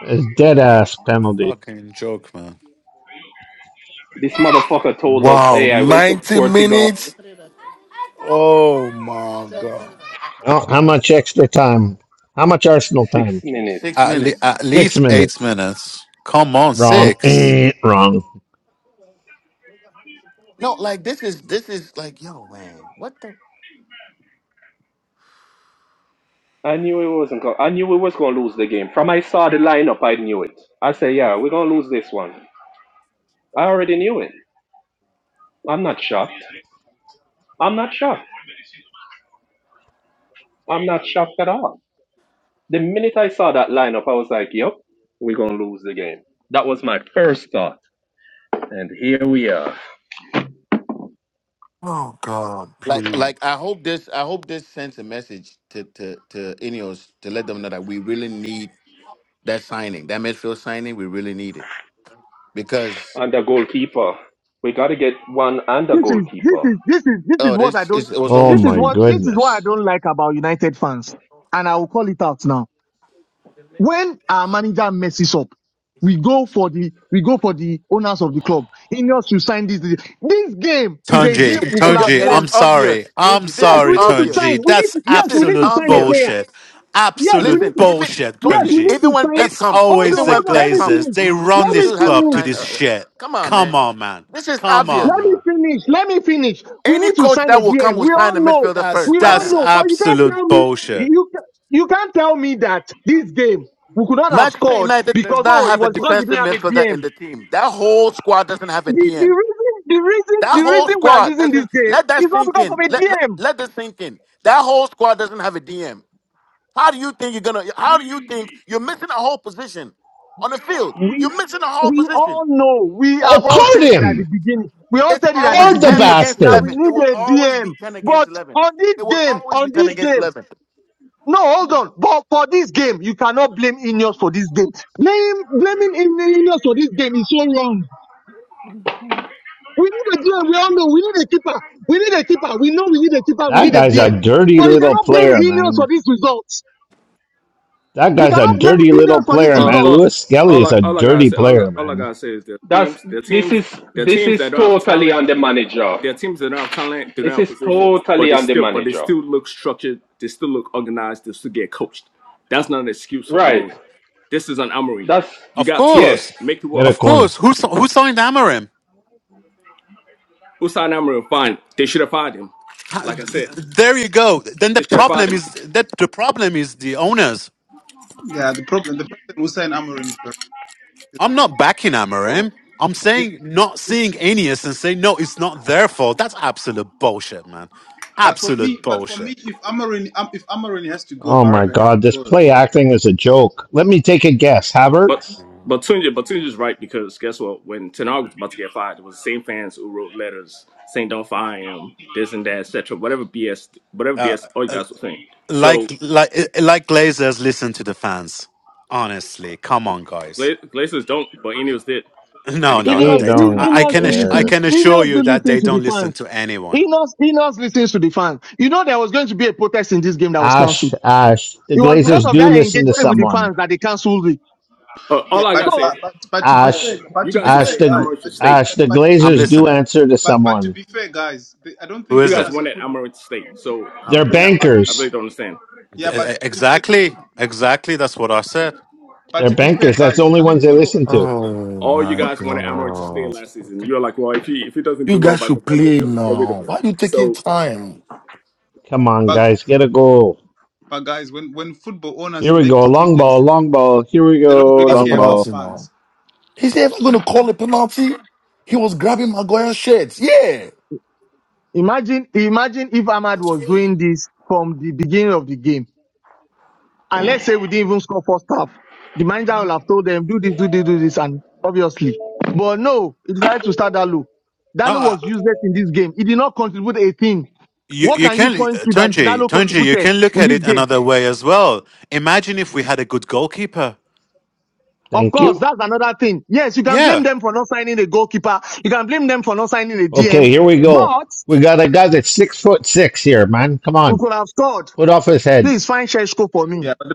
That's dead ass penalty.
Fucking joke, man.
This motherfucker told us,
Wow,
hey, I went to
90
Portugal
minutes. Oh my God.
Well, how much extra time? How much Arsenal
six
time?
minutes.
Six
At, le-
minutes.
at
Six
least eight
minutes.
minutes. Come on,
Wrong.
six.
Eh, wrong.
No, like this is this is like yo man. What the?
I knew it wasn't going I knew we was gonna lose the game. From I saw the lineup, I knew it. I said, yeah, we're gonna lose this one. I already knew it. I'm not shocked. I'm not shocked. I'm not shocked at all. The minute I saw that lineup, I was like, yep, we're gonna lose the game. That was my first thought. And here we are.
Oh God,
Like
please.
like I hope this I hope this sends a message to to to Ineos to let them know that we really need that signing that midfield signing. We really need it because
under goalkeeper. We got to get one under
This is, this
goalkeeper.
is, this is, this is
Oh,
what I
this
don't,
is it was
Oh
this
almost
is
my
two.
what, this is what I
goodness.
don't like about United fans. And I will call it out now. when our manager messes up, we go for the we go for the owners of the club. Ineos should sign this. This this game
N-
is a game
Tunji,
we could
it yo-
have
Tunji,
it is
I'm
won.
obvious,
sorry. I'm
Tunji. This
Yes,
is
we
sorry,
need to
obvious.
sign.
Tunji.
We need
That's
to,
This
yes,
is
we need to
absolute
sign a
obvious.
player.
bullshit.
Yes, we
Absolute
need
Listen,
to
even
bullshit,
yes,
Tunji,
we
Tunji.
need
even
to
when
sign.
Pep
It's
comes,
Hold
always
on,
even
the
when
hold on, let
Pep
me
comes,
Glazers.
finish.
we,
They
we, we
Let
run
will
me
this
still have to
club to
finish.
sign.
this
Uh,
shit.
come on,
Come
man.
on, man.
This is
Come
obvious.
Let
on,
me
man.
finish. Let me finish. We
Any
need to
coach
sign
that
a
will come
DM.
will
We all
sign a
know.
midfielder
That's
first,
We
right
all
that's
now.
know. But you can't
absolute
tell me
bullshit.
you ca- you can't tell me that this game we could not have
Manchester
scored
United does
because
not
oh it
have a
was because we
defensive
didn't have a
midfielder
DM.
in the team. That whole squad doesn't have a
The, the
DM.
reason, the reason,
That
the
whole
reason we are
squad
losing this
doesn't.
game
Let
is
that
not
sink
because of
in.
a
Let let,
DM.
let that sink in. That whole squad doesn't have a DM. How do you think you're gonna? How do you think you're missing a whole position on the field?
We,
You're missing a whole
we
position.
all know. We
Oh,
have all said
card
it at the
him!
beginning. We all
It's
said it at the
always
Card the
ten
beginning
against
that we
bastard!
eleven. It will
need a
always be
DM.
ten against
But
eleven.
on this
It will
game,
always be
on
ten
this
against
game,
eleven.
no, hold on. But for this game, you cannot blame Ineos for this game. Blame, blaming In- Ineos for this game is so wrong. We need a DM. We all know. We need a keeper. We need a keeper. We know we need a keeper. We
That
need a
guy's a
DM.
dirty
But you
little
cannot blame
player,
Ineos for
man.
this result.
That
You
guy's a
cannot blame
dirty little
Ineos for this
player,
Uh,
man.
result.
uh,
Lewis Skelly
all
is
I
a
all I gotta
dirty
say, all, I-
player,
all I
man.
gotta say is their
That's
teams, their
this
teams,
is
their
this
teams that
is
don't have
totally
talent.
on the manager.
There are teams that don't have talent, they don't
This
have
is
positions, but
totally
they
on the
still, but they
manager.
still look structured, they still look organized, they still get coached. That's not an excuse for
Right.
Amory. This is an Amory.
That's
You
Of
got two,
yes.
course,
make it
Get a
work.
of
corner.
course. Who si- who signed Amarim?
Usain Amory, fine. They should have fired him.
Ha-
Like I
th-
said,
There you go. Then the
they should have fired
problem
him.
is that the problem is the owners.
Yeah, the problem the person who signed Amorim is
I'm not backing
Barella.
Amarim. I'm saying not seeing Aeneas and saying no, it's not their fault. That's absolute bullshit, man.
But for
Absolute
me, but for me,
bullshit.
if Amarin, um, if Amarin has to go,
Oh my
Barada has
god, this
to go as
play
well.
acting is a joke. Let me take a guess.
But
Havertz?
You
but Tunji, but Tunja's right because guess what? When Tenag was about to get fired, it was the same fans who wrote letters saying don't fire him, this and that, etc. Whatever BS, whatever
know.
BS all you guys were saying.
Like
So
like like Glazers listen to the fans. Honestly, come on, guys.
Gla- Glazers don't, but Ineos did. and
No,
the
no,
cap
no,
and
They
the
Ineos,
they don't.
In-
captain
don't
I, I
out.
Ineos
can
do
ass- I
care.
listen.
can assure
Ineos
you
do
that
listen
they
to the
don't listen
fans.
to anyone.
Ineos, Ineos listens to the fans. You know there was going to be a protest in this game that was
Ash,
cancelled.
Ash. The
It was
Now
because
Glazers
of
do
that
listen to
engagement with the
someone.
fans that they cancelled it.
Uh,
Yeah,
all I
but
gotta say
So
is,
but but, but to
all
be
I gotta say,
fair,
Ash,
but
you
to be
guys will
Ash,
fair,
say
the,
guys,
Amarillo
but to be
State.
Ash,
but
the
but,
I'm
Glazers do
listening.
answer to
but, but to
someone.
be fair, guys, the, I don't
Who
think
You
is
guys
it?
owners of
wanted at
football.
Amarillo State, so I
They're
Yeah,
really,
but
I really
bankers.
don't understand.
D-
yeah,
e- e,
but to be fair,
Exactly, exactly. That's what I said.
but
They're
to be fair,
bankers. That's the
guys,
only
I mean
ones they
football.
listen to.
Oh
All you
my
guys wanted Amarillo State
God.
last season. You're like, well, if he if he doesn't
You
do well
guys
by
should
November,
play
you'll get rid of
now.
him.
Why are you taking
So,
time
Come on,
But
guys, get a goal.
but guys, when when football
Here
owners
we
make
go. Long ball,
decisions,
long ball. Here we
they don't
go.
really
as a
Long
care about
ball.
penalty now?
fans.
He Is "I'm gonna call a penalty? He was grabbing Maguire's shirt. Yeah.
imagine, imagine if Ahmad was doing this from the beginning of the game. And let's say we didn't even score first half. The manager will have told them, do this, do this, do this, and obviously. But no, he decided to start Dalo.
No,
Dalo
I,
was useless in this game. He did not contribute a thing.
you
What
you
can you
can
point
uh,
to that
Tunji
Dalo
Tunji. You
contributed
can look
in
at
this
it
game?
another way as well. Imagine if we had a good goalkeeper.
Of
Thank
course,
you.
that's another thing. Yes, you can blame
Yeah,
them for not signing a goalkeeper. You can blame them for not signing a DM.
Okay, here we go.
But
We got a guy that's six foot six here, man. Come
we
on.
could have scored.
Put off his head.
Please find Sheshko for me.
Yeah, but,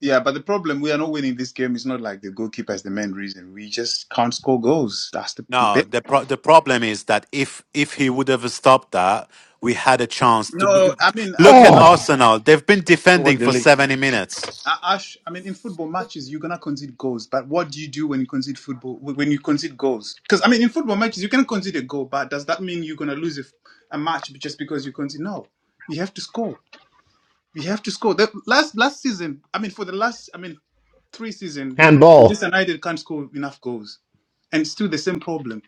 yeah, but the problem we are not winning this game is not like the goalkeeper is the main reason. We just can't score goals. That's the
No,
best.
the pro- the problem is that if if he would have stopped that, we had a chance to b-
No, I mean, I
look
mean,
at
Ash,
Oh,
Arsenal. They've been
So what,
defending for
Dilly?
seventy minutes.
Uh, Ash, I mean, in football matches, you're gonna concede goals, but what do you do when you concede football? When you concede goals? Because I mean, in football matches, you can concede a goal, but does that mean you're gonna lose a a match just because you concede? No, you have to score. You have to score. The last last season, I mean, for the last, I mean, three season,
handball.
Manchester United can't score enough goals, and it's still the same problem.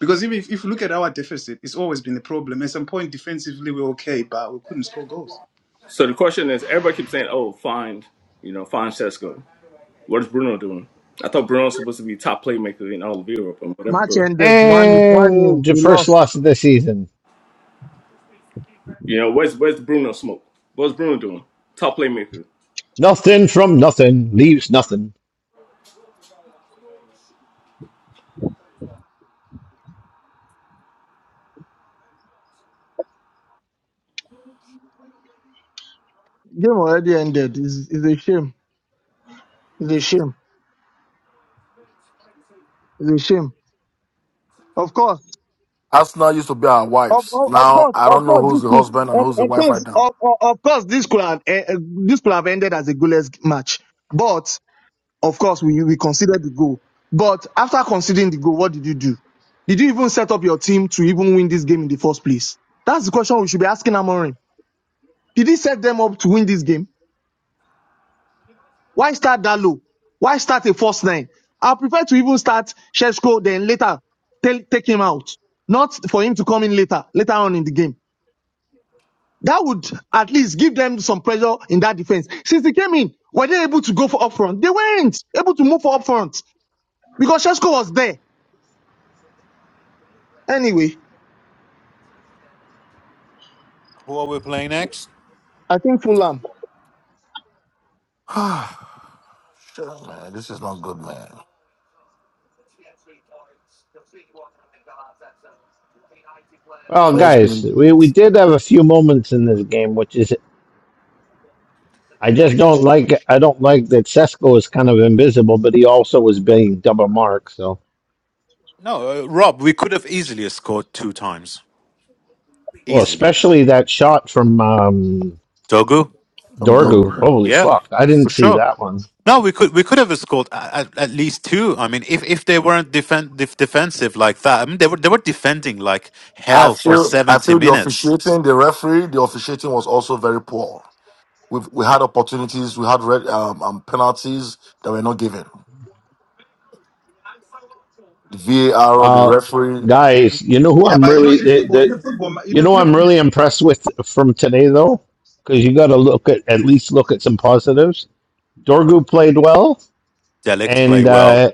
Because even if, if you look at our deficit, it's always been a problem. At some point, defensively, we're okay, but we couldn't score goals.
so the question is, everybody keeps saying, oh, fine, you know, fine Cesco. What is Bruno doing? I thought Bruno was supposed to be top playmaker in all of Europe and whatever.
Match
but,
ended. One, one new.
And the
We
first
lost.
loss of the season.
You know, where's where's Bruno smoke? What's Bruno doing? Top playmaker
Nothing from nothing leaves nothing.
Game already ended. It's, it's a shame. It's a shame. It's a shame. Of course,
Arsenal used to be our
of,
wives.
of, of
Now
course,
I
of
don't know
course,
who's
this
the
could,
husband and
of,
who's the
of
wife right
course,
now.
of, of, of course, this could have, eh, eh, this could have ended as a goalless match. But of course, we we considered the goal. But after considering the goal, what did you do? Did you even set up your team to even win this game in the first place? That's the question we should be asking Amorim. Did he set them up to win this game? Why start that low? Why start a first nine? I prefer to even start Sheshko, then later tell, take him out, not for him to come in later, later on in the game. That would at least give them some pressure in that defense. Since they came in, were they able to go for up front? They weren't able to move for up front because Shesko was there. Anyway,
Who are we playing next?
I think Fulham.
Shit, man, this is not good, man.
Well,
First
guys,
game
we, we
defeat
did have a few moments in this game, which is I just don't like I don't like that Sesko is kind of invisible, but he also was being double marked. So,
No, uh, Rob. We could have easily scored two times.
well,
Easily,
especially that shot from um,
Togo.
from
Dorgu.
Dogo.
Holy
Yeah,
fuck! I
for
didn't see
sure.
that one.
No, we could we could have scored at, at, at least two. I mean, if, if they weren't defen- def- defensive like that, I mean, they were they were defending like
I
hell for
feel I
seventy
feel the
minutes.
officiating, the referee, the officiating was also very poor. We've, we had opportunities, we had red um, um, penalties that were not given. The VAR, the
Uh,
referee.
guys, you know who
Yeah,
I'm
but you know,
really
in
the,
football, in a
the
football, ma- in
you
a,
know
in a
I'm
football,
really impressed with from today though, because you got to look at at least look at some positives. Dorgu played well,
Delict play
and
well.
uh,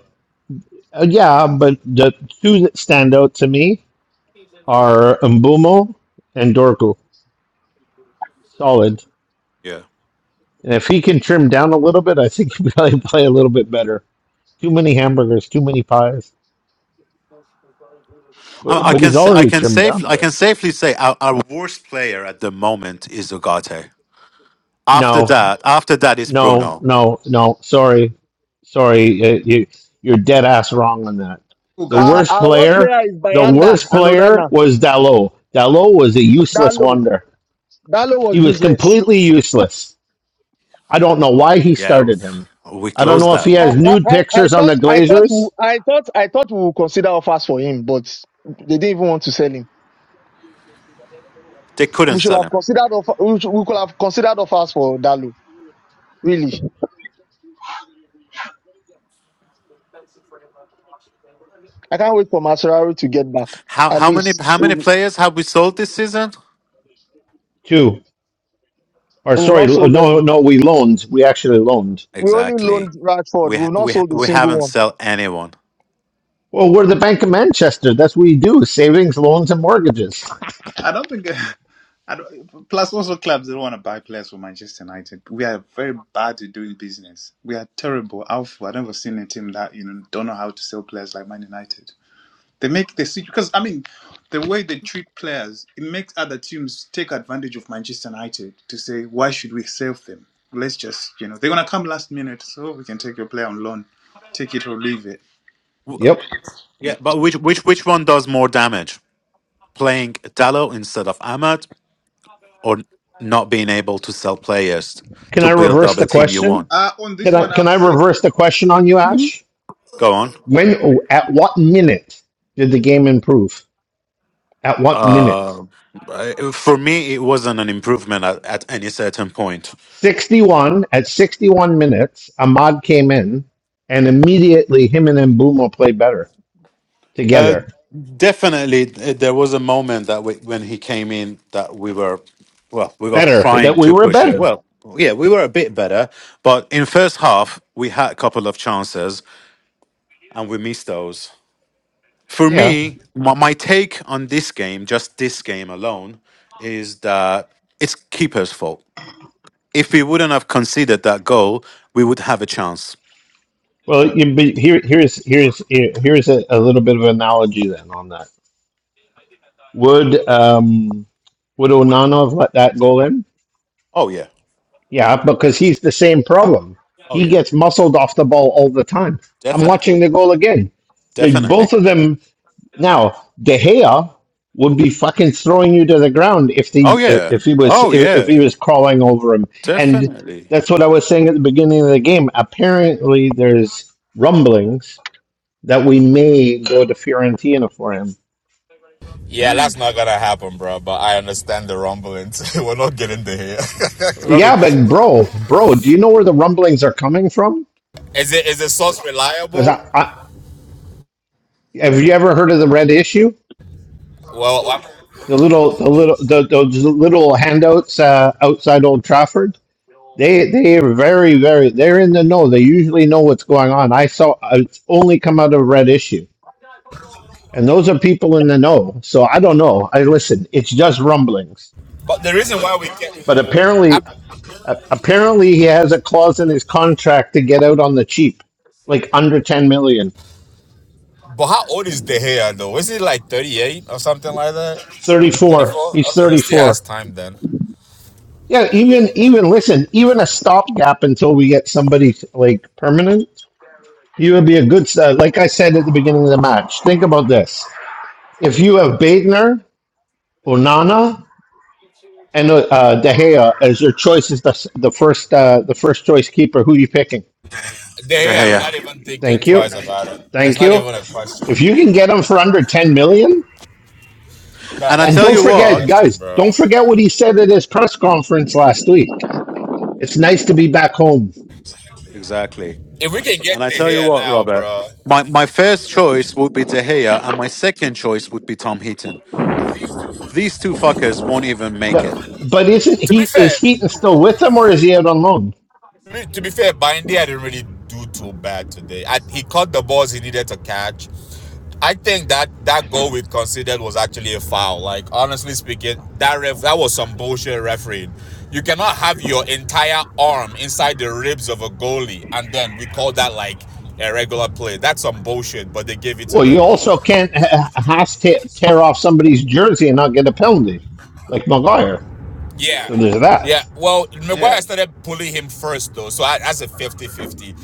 uh, yeah, but the two that stand out to me are Mbumo and Dorgu. Solid.
Yeah.
And if he can trim down a little bit, I think he probably play a little bit better. Too many hamburgers, too many pies. But
yeah,
I I
but
can
he's
sa- I
already
can
trimmed down
safe
a
I
bit.
can safely say our, our worst player at the moment is Ugarte. After
No,
that, after that is
no,
Bruno.
no, no. Sorry, sorry. uh, You you're dead ass wrong on that.
who
The
got you?
Our,
worst
our worst
player,
player is
the
Bayanda
worst
and
player
Onana.
was Dalot. Dalot was a useless
Dalo.
wonder.
Dalo
He
was
was
useless.
completely useless. I don't know why he
Yeah,
started
f-
him.
we
I don't
closed
know if he
that
I,
has
one.
I,
nude
I I
pictures on
thought
the
I thought we-
Glazers.
I thought I thought we would consider offers for him, but they didn't even want to sell him.
They couldn't
We should
sell
have
him.
considered offer, we, should, we could have considered offers for Dalo. Really, I can't wait for Mascherano to get back.
How
At
how many
least
how many players have we sold this season?
Two. Or
We've
sorry,
not
lo-
sold any.
no, no, we loaned. We actually loaned.
We only
Exactly.
loaned Radford.
We ha-
We've not
we ha-
sold a
we
single
haven't
one.
sell anyone.
Well, we're the Bank of Manchester. That's what we do: savings, loans, and mortgages.
I don't think. I don't, plus, also clubs don't want to buy players for Manchester United. We are very bad at doing business. We are terrible. Alpha. I've never seen a team that you know don't know how to sell players like Man United. They make the because I mean, the way they treat players, it makes other teams take advantage of Manchester United to say why should we save them? Let's just you know they're gonna come last minute, so we can take your player on loan, take it or leave it.
W-
Yep.
Yeah, but which which which one does more damage? Playing Dallo instead of Ahmad, or not being able to sell players
Can
to
I
build
reverse
up a
the
team you
question?
want?
Uh on this
Can I
one,
can
I'll
I
say
reverse the question on you, Ash?
Go on.
When Oh, at what minute did the game improve? At what minute?
Uh, I- for me, it wasn't an improvement at, at any certain point.
61 at 61 minutes, Ahmad came in and immediately him and Mbumo played better
Uh,
together.
definitely, th- there was a moment that we, when he came in that we were, well, we were
Better. That
trying
we
to
were
push it.
better.
Well, yeah, we were a bit better, but in first half we had a couple of chances and we missed those. For
Yeah.
me, my, my take on this game, just this game alone, is that it's keeper's fault. If we wouldn't have conceded that goal, we would have a chance.
Well, you, but here, here is here is here here is a, a little bit of analogy then on that. Would um, would Onana have let that go in?
Oh, yeah.
Yeah, because he's the same problem.
Oh
He
yeah,
gets muscled off the ball all the time. I'm
definitely,
watching the goal again. They,
definitely.
both of them now. De Gea would be fucking throwing you to the ground if
Oh
he if
yeah,
if he was
oh
if, if he
yeah,
was crawling over him. And
definitely.
that's what I was saying at the beginning of the game. Apparently, there's rumblings that we may go to Fiorentina for him.
Yeah, that's not gonna happen, bro. But I understand the rumblings. We're not getting there. here. not in
Yeah, but bro, bro, do you know where the rumblings are coming from?
Is it is the source
Because
reliable?
I, I have you ever heard of the red issue?
Well, I'm,
The little, the little, the, those little handouts uh, outside Old Trafford. They, they are very, very. They're in the know. They usually know what's going on. I saw uh, it's only come out of red issue, and those are people in the know. So I don't know. I listen. It's just rumblings,
but the reason why we get,
but
I,
apparently A- apparently, he has a clause in his contract to get out on the cheap, like under ten million.
but how old is De Gea though? Is he like thirty eight or something like that? Thirty
Thirty-four.
four.
He's
Okay, he still has
thirty-four.
time then.
Yeah, even even listen, even a stopgap until we get somebody like permanent, he would be a good. Uh, like I said at the beginning of the match, think about this: if you have Baitner, Onana, and uh, uh, De Gea as your choices, the the first uh, the first choice keeper, who are you picking?
De
De Gea, we're
Gea.
not even thinking
Thank you,
twice about it. That's
thank
not
you.
even a question.
If you can get him for under ten million,
That,
And I
And
that's
tell
not
don't
you
even a
what,
forget,
question,
guys,
bro.
don't forget what he said at his press conference last week. It's nice to be back home.
exactly.
If we can get
And I
De
tell you
Gea
what,
now,
Robert,
bro.
my my first choice would be De Gea, and my second choice would be Tom Heaton. These two fuckers won't even
Yeah.
make it.
But isn't
To be
he is
fair,
Heaton still with him or is he out on loan?
to be fair, Bindy, I didn't really do too bad today. I, he caught the balls he needed to catch. I think that that goal we considered was actually a foul. Like honestly speaking, that ref that was some bullshit refereeing. You cannot have your entire arm inside the ribs of a goalie and then we call that like a regular play. That's some bullshit, but they gave it to
Well, you
them.
also can't ha- has tear, tear off somebody's jersey and not get a penalty, like Maguire.
Yeah.
So there's
Yeah.
that.
Well, Maguire
Yeah,
started pulling him first, though. So I, that's a fifty-fifty, 50.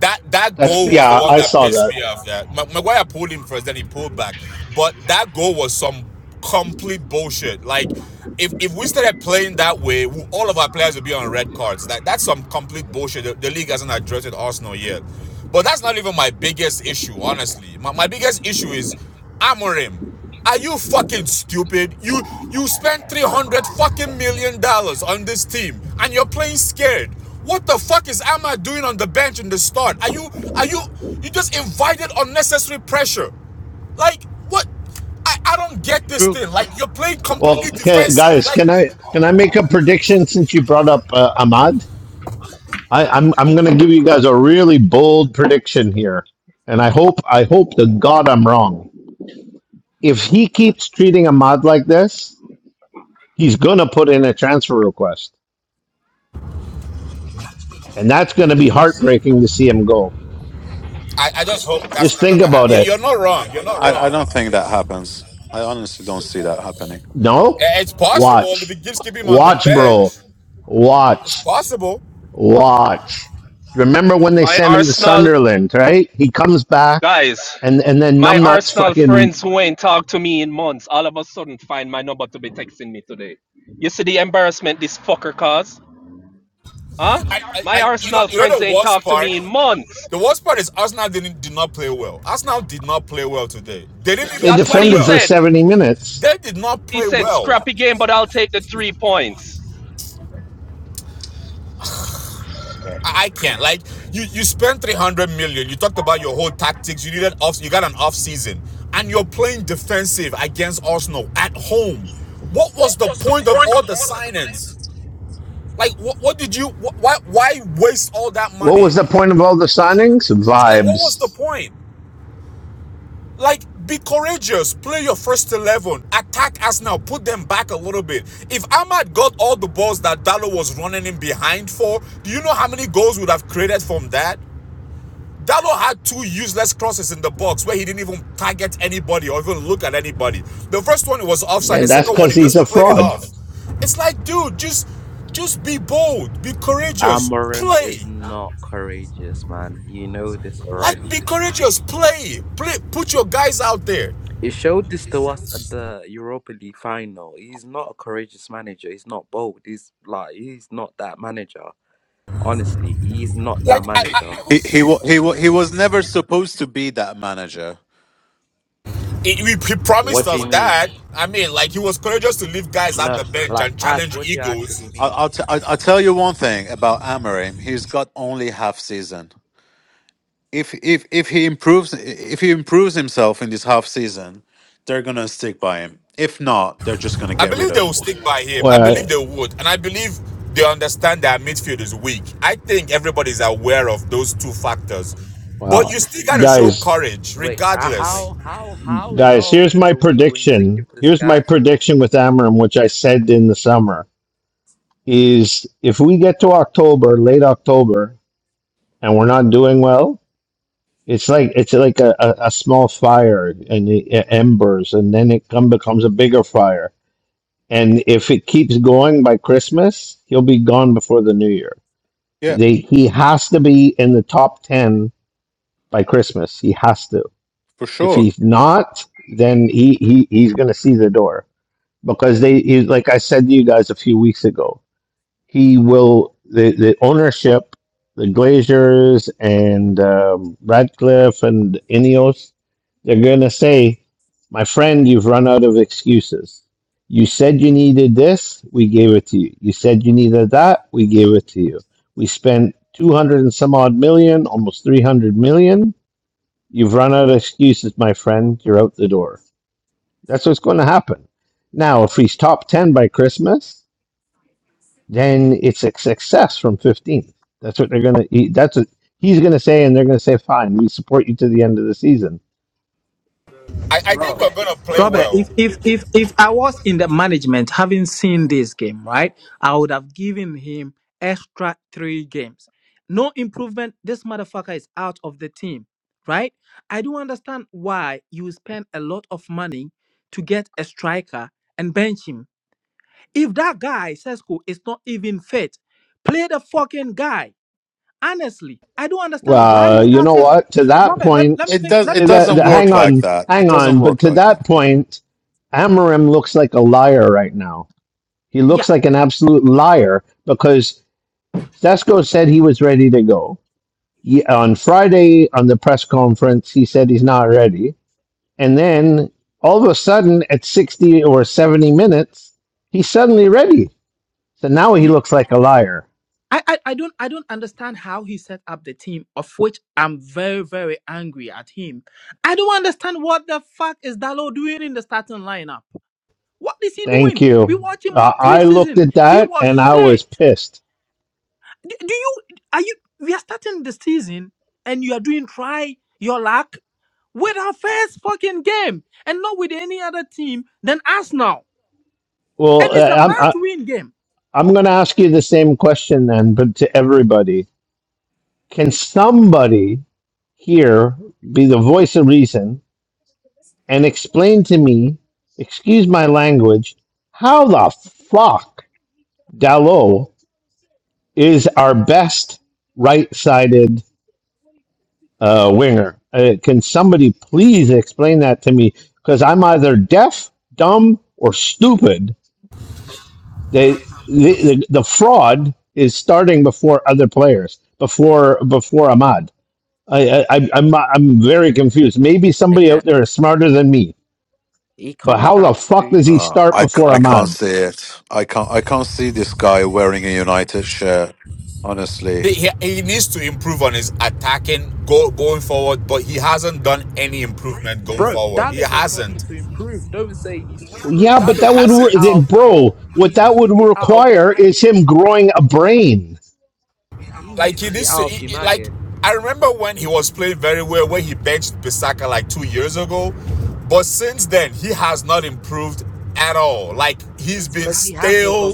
That that
That's
goal was the
yeah,
one
I
that
saw
pissed
that.
me off. Yeah. Maguire pulled him first, then he pulled back. But that goal was some complete bullshit. Like, if, if we started playing that way, all of our players would be on red cards. That that's some complete bullshit. The, the league hasn't addressed Arsenal yet. But that's not even my biggest issue, honestly. My, my biggest issue is Amorim. Are you fucking stupid? You you spent 300 fucking million dollars on this team and you're playing scared. What the fuck is Ahmad doing on the bench in the start? Are you are you you just invited unnecessary pressure? Like what I, I don't get this
true.
thing. Like you're playing completely
Well, ca
defensive.
guys,
Like
can I can I make a prediction since you brought up uh, Ahmad? I, I'm I'm going to give you guys a really bold prediction here, and I hope I hope to God I'm wrong. if he keeps treating Ahmad like this, he's going to put in a transfer request. And that's going to be heartbreaking to see him go.
I, I just hope that's
Just
not
think
gonna
about
happen. Yeah, you're
it.
not wrong. You're not
I, I don't
wrong.
think that happens. I honestly don't see that happening.
No?
Eh, It's possible the
Watch.
Gibbs keep him on the
Watch, bro.
bench. It's
Watch.
possible.
Watch. Remember when they sent him to Sunderland, right? He comes back and, and then numbnuts fucking
today. You see the embarrassment this fucker caused? Huh?
I, I,
My
I, you know,
Arsenal
you
friends
know the
ain't
worst
talked to
part.
me in months.
The worst part is Arsenal didn't did not play well. Arsenal did not play well today. They didn't
they
even
That's
play
what he
defended for
well.
said.
70 minutes.
They did not
He
play
said,
well.
scrappy game, but I'll take the three points.
I can't like you. You spent three hundred million. You talked about your whole tactics. You needed off. You got an off season, and you're playing defensive against Arsenal at home. What was the point of all the signings? Like, what, what did you? why why waste all that
What
money?
was the point of all the signings?
Like, what was
Vibes.
the point? Like, be courageous. Play your first 11. Attack Arsenal. Put them back a little bit. If Ahmad got all the balls that Dalo was running in behind for, do you know how many goals would have created from that? Dalo had two useless crosses in the box where he didn't even target anybody or even look at anybody. The first one was offside. The
And that's
second one,
because
he
he's
just
a
played it
fraud.
off. It's like, dude, just just be bold. Be courageous.
Amorim
Play.
is not courageous, man. You know this
Like,
already.
be courageous. Play. Play. Put your guys out there.
It showed this to us at the Europa League final. He's not a courageous manager. He's not bold. He's like he's not that manager. Honestly, he's not that manager.
He he wa- he wa- he was never supposed to be that manager.
he, he promised
What do
us
you mean?
that. I mean, like he was courageous to leave guys at
No,
the bench
like
and
Ash,
challenge
what do you actually
egos.
I'll
mean?
I'll, t- I'll I'll tell you one thing about Amarim. He's got only half season. If if if he improves if he improves himself in this half season, they're gonna stick by him. If not, they're just gonna
I
get rid
believe they
of
will
him.
stick by him. I
Well,
believe they would, and I believe they understand that midfield is weak. I think everybody's aware of those two factors, but you
well,
still got to show
guys,
courage,
Wait, uh,
regardless.
how how how
Oh.
Guys,
long
here's my
are we going to
prediction.
give this
Here's my
guy for?
prediction with Amram, which I said in the summer, is if we get to October, late October, and we're not doing well, it's like it's like a, a, a small fire and it, it embers, and then it come becomes a bigger fire. And if it keeps going by Christmas, he'll be gone before the New Year.
Yeah,
They, he has to be in the top ten by Christmas. He has to.
for
If
sure.
he's not, then he, he he's going to see the door because they he, like I said to you guys a few weeks ago, he will the the ownership, the Glazers and um, Radcliffe and Ineos, they're gonna say, my friend, you've run out of excuses. You said you needed this, we gave it to you. You said you needed that, we gave it to you. We spent two hundred and some odd million, almost three hundred million. You've run out of excuses, my friend. You're out the door. That's what's going to happen. Now, if he's top 10 by Christmas, then it's a success from 15th. That's what they're going to, that's what he's going to say, and they're going to say, fine, we support you to the end of the season.
I, I
Well,
think we're gonna play
Robert, if
well.
if if if I was in the management having seen this game, right, I would have given him extra three games. No improvement. This motherfucker is out of the team, right? I do understand why you spend a lot of money to get a striker and bench him. If that guy, Sesko, is not even fit, play the fucking guy honestly, I don't understand why
Well,
you
you know
starting.
Uh,
what? To that
Robert, let, let me
point,
It
make
does.
let
It
me
to
make
that,
a
doesn't
the-
point.
work
hang
like
on,
that. It
hang
doesn't
on. But
work
to
like that.
that point, Amorim looks like a liar right now. He
Yeah,
looks like an absolute liar because Sesko said he was ready to go. Ye- on Friday on the press conference, he said he's not ready And then all of a sudden, at 60 or 70 minutes, he's suddenly ready. So now he
you,
looks like a liar.
I, I I don't I don't understand how he set up the team, of which I'm very very angry at him. I don't understand what the fuck is Dalo doing in the starting lineup. What is he
Thank
doing? We
you.
watch him
Uh,
all
I looked
preseason.
at
He
that
was
and I was
shit.
pissed.
Do, do you are you? We are starting the season, and you are doing try your luck with our first fucking game, and not with any other team than Arsenal. and
Well,
it's
uh,
a
I'm, I,
must-win game.
I'm going to ask you the same question then, but to everybody. Can somebody here be the voice of reason and explain to me, excuse my language, how the fuck Dalot is our best right sided uh, winger. Uh, can somebody please explain that to me? Because I'm either deaf, dumb, or stupid. They, the, the, the fraud is starting before other players, before before Ahmad. I, I, I- am I'm very confused. Maybe somebody out
Again,
there is smarter than me.
he
But
comes
how
down
the fuck
to
does he
Uh,
start
I, c-
before
I can't
Ahmad?
see it. I can't I can't see this guy wearing a United shirt. Honestly.
he- he needs to improve on his attacking go, going forward, but he hasn't done any improvement going
bro.
forward. He
Dallo does not need
hasn't.
to improve. Don't say he needs to improve.
Yeah, but
Dallo
that
needs
would,
to be
re-
Hasn't.
out of the door.
bro. What
He
that
needs to
would
be out of
require is
United.
him growing a brain.
He
Like
needs
he
to be
needs to.
out of
He, he- like
United.
I remember when he was playing very well when he benched Pisaka like two years ago, but since then he has not improved at all. Like he's been
Because he has no
stale.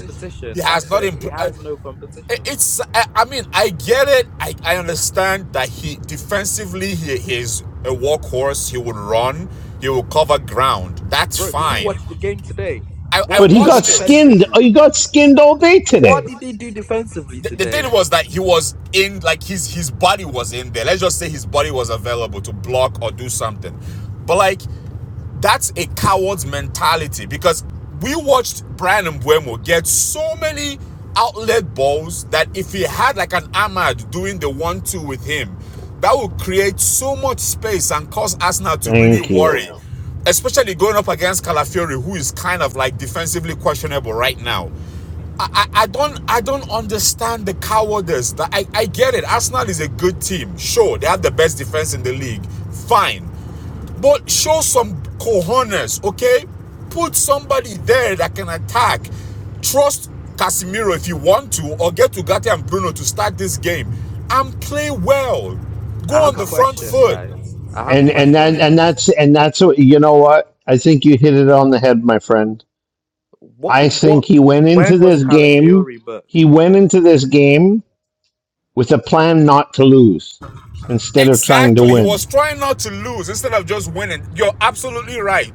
He has
That's
not
it. He
improved.
has no competition.
It's. I mean, I get it. I, I understand that he defensively he he is a workhorse. He will run. He will cover ground. That's
Bro, did you
fine.
watch the game today?
I, I
What
But
did
he
he do
got
watched it.
skinned.
defensively?
He got skinned all day today.
What did he do defensively
the, the thing
today?
was that he was in like his his body was in there let's just say his body was available to block or do something but like that's a coward's mentality because we watched Brian Mbuemo get so many outlet balls that if he had like an Ahmad doing the one two with him that would create so much space and cause Arsenal to really
Thank you.
worry especially going up against Calafiori who is kind of like defensively questionable right now I, I don't I don't understand the cowardice. That I, I get it. Arsenal is a good team. Sure, they have the best defense in the league. Fine. But show some cojones, okay? Put somebody there that can attack. Trust Casemiro if you want to, or get to Gatti and Bruno to start this game. And play well. Go
I
on
have a
the front
question,
foot.
guys. I have a
And and that
question.
and that's and that's what you know what? I think you hit it on the head, my friend.
What
I think
what
he went into
when was
this game,
Calafiori booked?
he went into this game with a plan not to lose instead of trying to
Exactly. He
win.
was trying not to lose instead of just winning. You're absolutely right.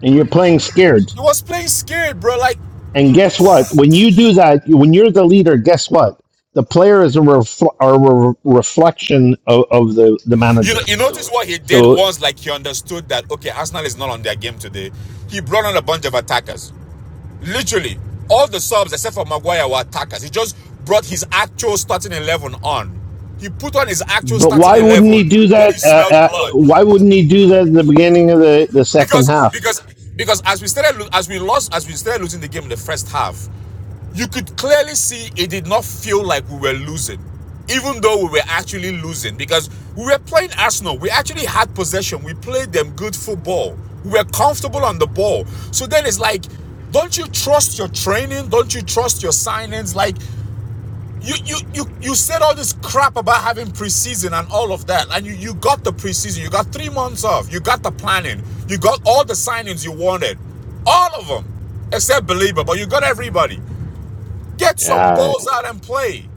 And you're playing scared.
He was playing scared, bro. Like
And guess what? When you do that, when you're the leader, guess what? The player is a, refl- are a re- reflection of, of the, the
You know,
manager.
you notice So what he did
So.
was like he understood that okay, Arsenal is not on their game today. He brought on a bunch of attackers. Literally, all the subs except for Maguire were attackers. He just brought his actual starting eleven on. He put on his actual
But
starting
why wouldn't
eleven
he do
when he
that? Uh,
smelled
uh,
blood
why wouldn't he do that at the beginning of the, the second
because
half?
because because as we started as we lost as we started losing the game in the first half, you could clearly see it did not feel like we were losing, even though we were actually losing because we were playing Arsenal. We actually had possession. We played them good football. We were comfortable on the ball. So then it's like, don't you trust your training? Don't you trust your signings? Like, you you you you said all this crap about having preseason and all of that, and you you got the preseason. You got three months off. You got the planning. You got all the signings you wanted, all of them, except Belieber. But you got everybody. Get some
Yeah,
balls out and play.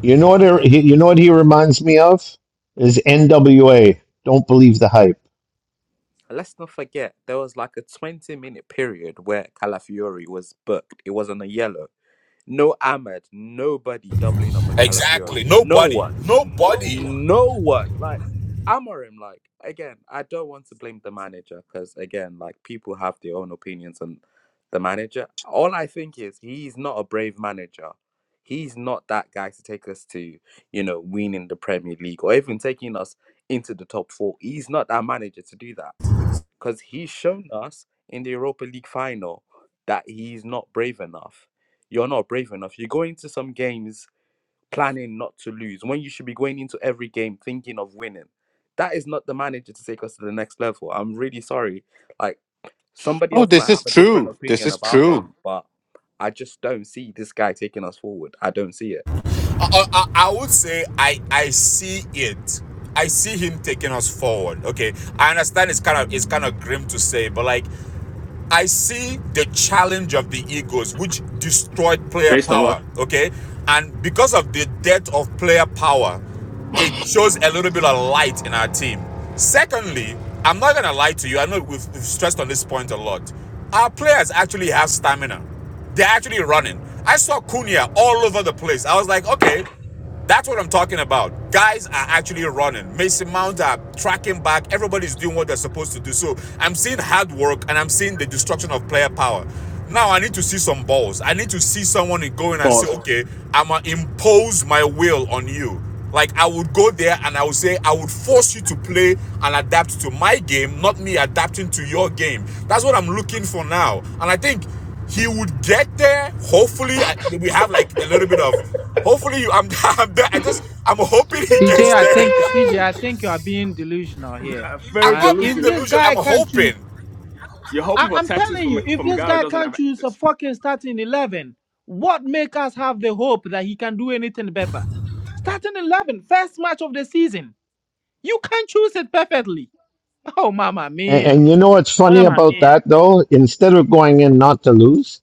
you know what? He, you know what he reminds me of is NWA. Don't believe the hype.
let's not forget there was like a 20 minute period where Calafiori was booked. It was on a yellow. No Ahmed, nobody doubling up on
Exactly.
Calafiori. No
Nobody.
one.
Nobody.
No one. Like Amorim, like again, I don't want to blame the manager because again, like people have their own opinions on the manager. All I think is he's not a brave manager. He's not that guy to take us to, you know, winning the Premier League or even taking us into the top four. He's not that manager to do that because he's shown us in the Europa League final that he's not brave enough. You're not brave enough. You go into some games planning not to lose when you should be going into every game thinking of winning. That is not the manager to take us to the next level. I'm really sorry. Like somebody
Oh,
else
this
might
is
have a different
true. This
opinion
is
about
true.
him, but I just don't see this guy taking us forward. I don't see it.
I, I, I would say I I see it. I see him taking us forward. Okay, I understand it's kind of it's kind of grim to say, but like I see the challenge of the egos, which destroyed player Yes,
based on
power.
what?
Okay, and because of the death of player power, it shows a little bit of light in our team. Secondly, I'm not gonna lie to you. I know we've stressed on this point a lot. Our players actually have stamina. They're actually running. I saw Cunha all over the place. I was like, okay, that's what I'm talking about. Guys are actually running. Mason Mount are tracking back. Everybody's doing what they're supposed to do. So I'm seeing hard work and I'm seeing the destruction of player power. Now I need to see some balls. I need to see someone going and say,
Pause.
okay, I'm going to impose my will on you. Like I would go there and I would say, I would force you to play and adapt to my game, not me adapting to your game. That's what I'm looking for now. And I think he would get there. Hopefully, we have like a little bit of Hopefully, you, I'm, I'm I just, I'm hoping he
CJ,
gets
I
there.
think CJ, I think you are being delusional here,
I'm
Very
man.
not being
If
delusional.
this
delusional. I'm
guy can't choose,
hoping.
You're
I,
hoping for
I'm
taxes
telling
from
you, if
from a
this
guy who
guy
doesn't
can't
have
choose a
access.
fucking starting eleven, what make us have the hope that he can do anything better? Starting 11, first match of the season, you can choose it perfectly. Oh, mama
And,
mia!
and you know what's funny about that though? Instead of going in not to lose,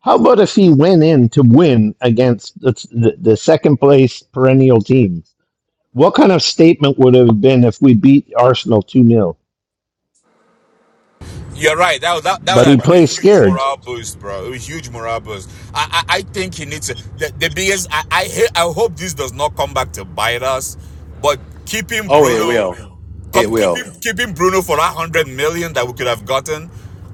how about if he went in to win against the, the, the second place perennial team? What kind of statement would it have been if we beat Arsenal two nil?
You're right. That would, that, that would
But
have
he
been a
plays
huge
scared,
morale boost, bro. It was a huge morale boost. I, I, I think he needs to, the, the biggest. I, I, hate- I hope this does not come back to bite us, but keeping
Oh, it will.
Bruno, come
It will.
keeping keeping Bruno for that hundred million that we could have gotten.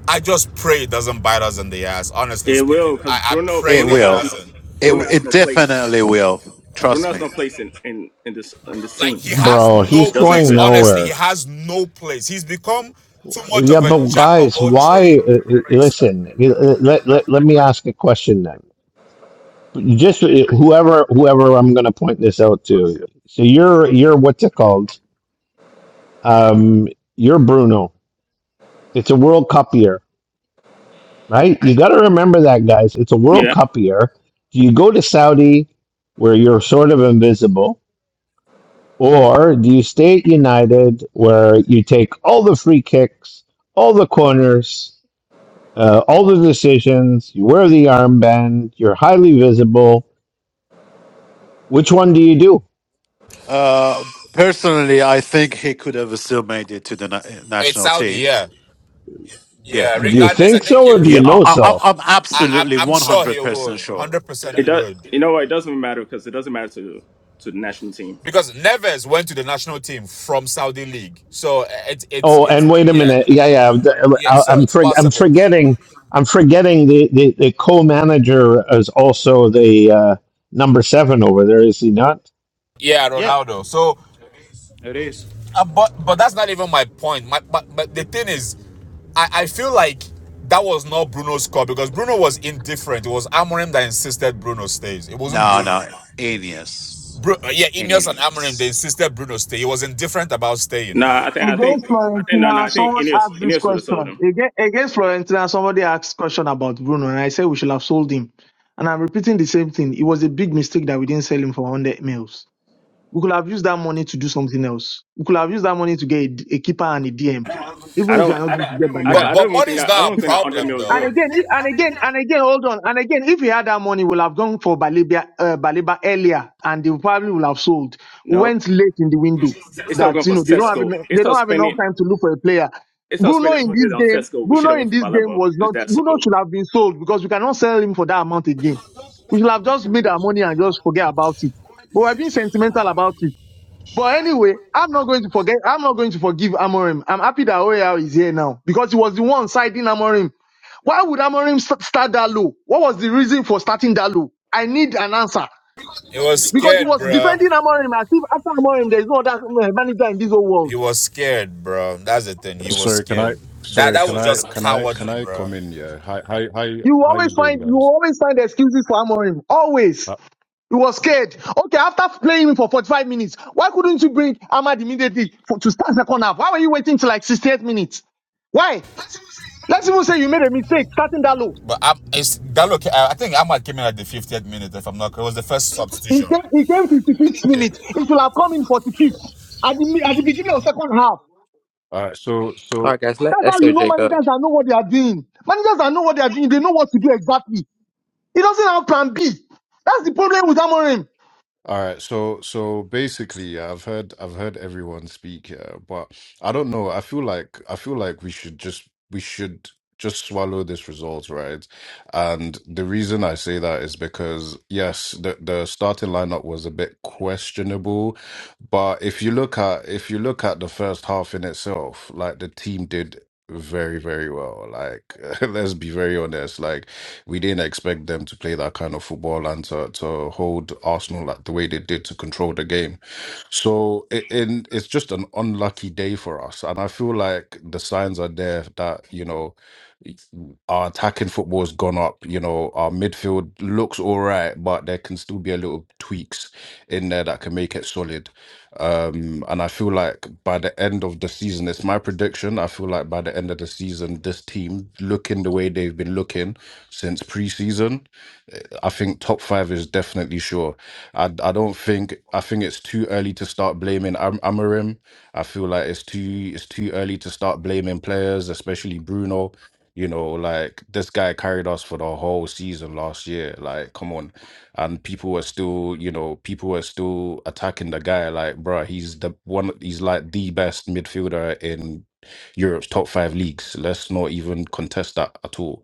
I just pray it doesn't bite us in the ass. Honestly
It will,
speaking,
because
I, I
Bruno
pray
It
Bruno
it
has
will.
no
doesn't.
It
Bruno has
it
no place.
definitely will.
Bruno
Trust
has no
me.
place in, in, in this in this
Like
team.
he
Like
has
bro. He's
no
it doesn't
place.
going
fit.
Honestly,
nowhere.
he has no place. He's become too much
Yeah,
of a
but
jack of
guys,
all trades.
why? Uh, uh, listen, uh, uh, let, let, let me ask a question then. You Just uh, whoever whoever I'm going to point this out to. So you're you're what's it called? Um, you're Bruno. It's a World Cup year, right? You got to remember that, guys. It's a World
Yeah,
Cup year. Do you go to Saudi where you're sort of invisible, or do you stay at United where you take all the free kicks, all the corners? Uh, all the decisions, you wear the armband, you're highly visible. Which one do you do?
Uh, personally, I think he could have still made it to the na-
It's
national
Saudi,
team.
yeah,
Yeah,
yeah.
Do you
he,
Regardless, I
think
think
so
he
or do you
yeah,
would.
I,
know
I,
so?
I'm
I, I'm,
absolutely
I'm sure
100
he would.
percent
one
sure.
Hundred percent,
it
he
does.
would.
You know what? It doesn't matter because it doesn't matter to to the national team.
Because Neves went to the national team from Saudi league, so it's it's
Oh,
it's
and wait a
yeah,
minute. Yeah, yeah.
yeah.
I'm
So
I'm,
it's
for, I'm
possible.
forgetting. I'm forgetting the, the, the co-manager is also the uh, number seven over there, is he not?
Yeah,
Yeah,
Ronaldo. So
it is.
Uh, but but that's not even my point. My but, but the thing is, I, I feel like that was not Bruno's call because Bruno was indifferent. It was Amorim that insisted Bruno stays. It wasn't
No,
Bruno.
no, Aeneas.
Bru- uh, yeah, Ineos and Amorim
Aeneas.
they insisted Bruno stay. He was indifferent about staying.
Nah, I think I think
Against
I think no no
Florentina,
I think
someone
Ineos
asked this
Ineos would have sold
question.
him.
Against, against Florentina, somebody asked question about Bruno, and I said we should have sold him. And I'm repeating the same thing. It was a big mistake that we didn't sell him for 100 mils. We could have used that money to do something else. We could have used that money to get a, a keeper and a DM,
I
even if you
don't
are not going to get
I
But
don't
Baleba.
but
I don't even
money
think
is
that
not
I
a
don't think that 100
problem
mil is
And
though.
real.
again, i- and again, and again, hold on. And again, if he had that money, we'll have gone for Balibia, uh, Baliba earlier, and they probably would have sold.
No,
Went late in the window.
it's not going
That you
for
know they don't have
Cesco.
enough,
It's
they
not
don't have enough
spending.
time to look for a player.
It's not
Bruno
spending
in
100
this
on
game,
Cesco. We should
Bruno
have went
in
for
this game
Balabo.
was
It's
not.
that
Bruno
simple.
should have been sold because we cannot sell him for that amount again. We should have just made our money and just forget about it. But we're being sentimental about it. But anyway, I'm not going to forget. I'm not going to forgive Amorim. I'm happy that Oyal is here now because he was the one siding Amorim. Why would Amorim st- start that low? What was the reason for starting that low? I need an answer
He was
because he
scared,
was
bro.
defending Amorim as if after Amorim there is no other uh, manager in this whole
He
world.
was scared, bro. That's the thing. He was
Sorry, can
scared.
I?
That
Sorry,
that
can
was
I?
just
Can I? Can
cowardly,
I
bro.
come in? Yeah. Hi, hi, hi.
You will
How you
always
doing,
find you will
guys?
always find excuses for Amorim. Always.
Uh,
He was scared. Okay, after playing him for 45 minutes, why couldn't you bring Ahmad immediately for, to start second half? Why were you waiting till like 68 minutes? Why? Let's even say you made a mistake starting that low.
But I'm, it's Gallo. I I think Ahmad came in at the 50th minute. If I'm not, it was the first
He
substitution.
came, he came 55th minute. He should have come in 45th at the, mi- at the beginning of second half.
All right. So, so
All right, guys, let
That's how you know
SOJ go.
managers that know what they are doing. Managers that know what they are doing, they know what to do exactly. He doesn't have plan B. That's the problem with Amorim.
All right, so so basically, yeah, I've heard I've heard everyone speak here, but I don't know. I feel like I feel like we should just we should just swallow this result, right? And the reason I say that is because yes, the the starting lineup was a bit questionable, but if you look at if you look at the first half in itself, like the team did very, very well. Like let's be very honest. Like we didn't expect them to play that kind of football and to, to hold Arsenal like the way they did to control the game. So it, in it's just an unlucky day for us, and I feel like the signs are there that you know our attacking football has gone up. You know our midfield looks all right, but there can still be a little tweaks in there that can make it solid. Um, and I feel like by the end of the season, it's my prediction. I feel like by the end of the season, this team looking the way they've been looking since preseason. I think top five is definitely sure. I I don't think I think it's too early to start blaming Am- Amarim. I feel like it's too it's too early to start blaming players, especially Bruno. You know, like this guy carried us for the whole season last year. Like, come on, and people were still, you know, people were still attacking the guy. Like, bruh, he's the one. He's like the best midfielder in Europe's top five leagues. Let's not even contest that at all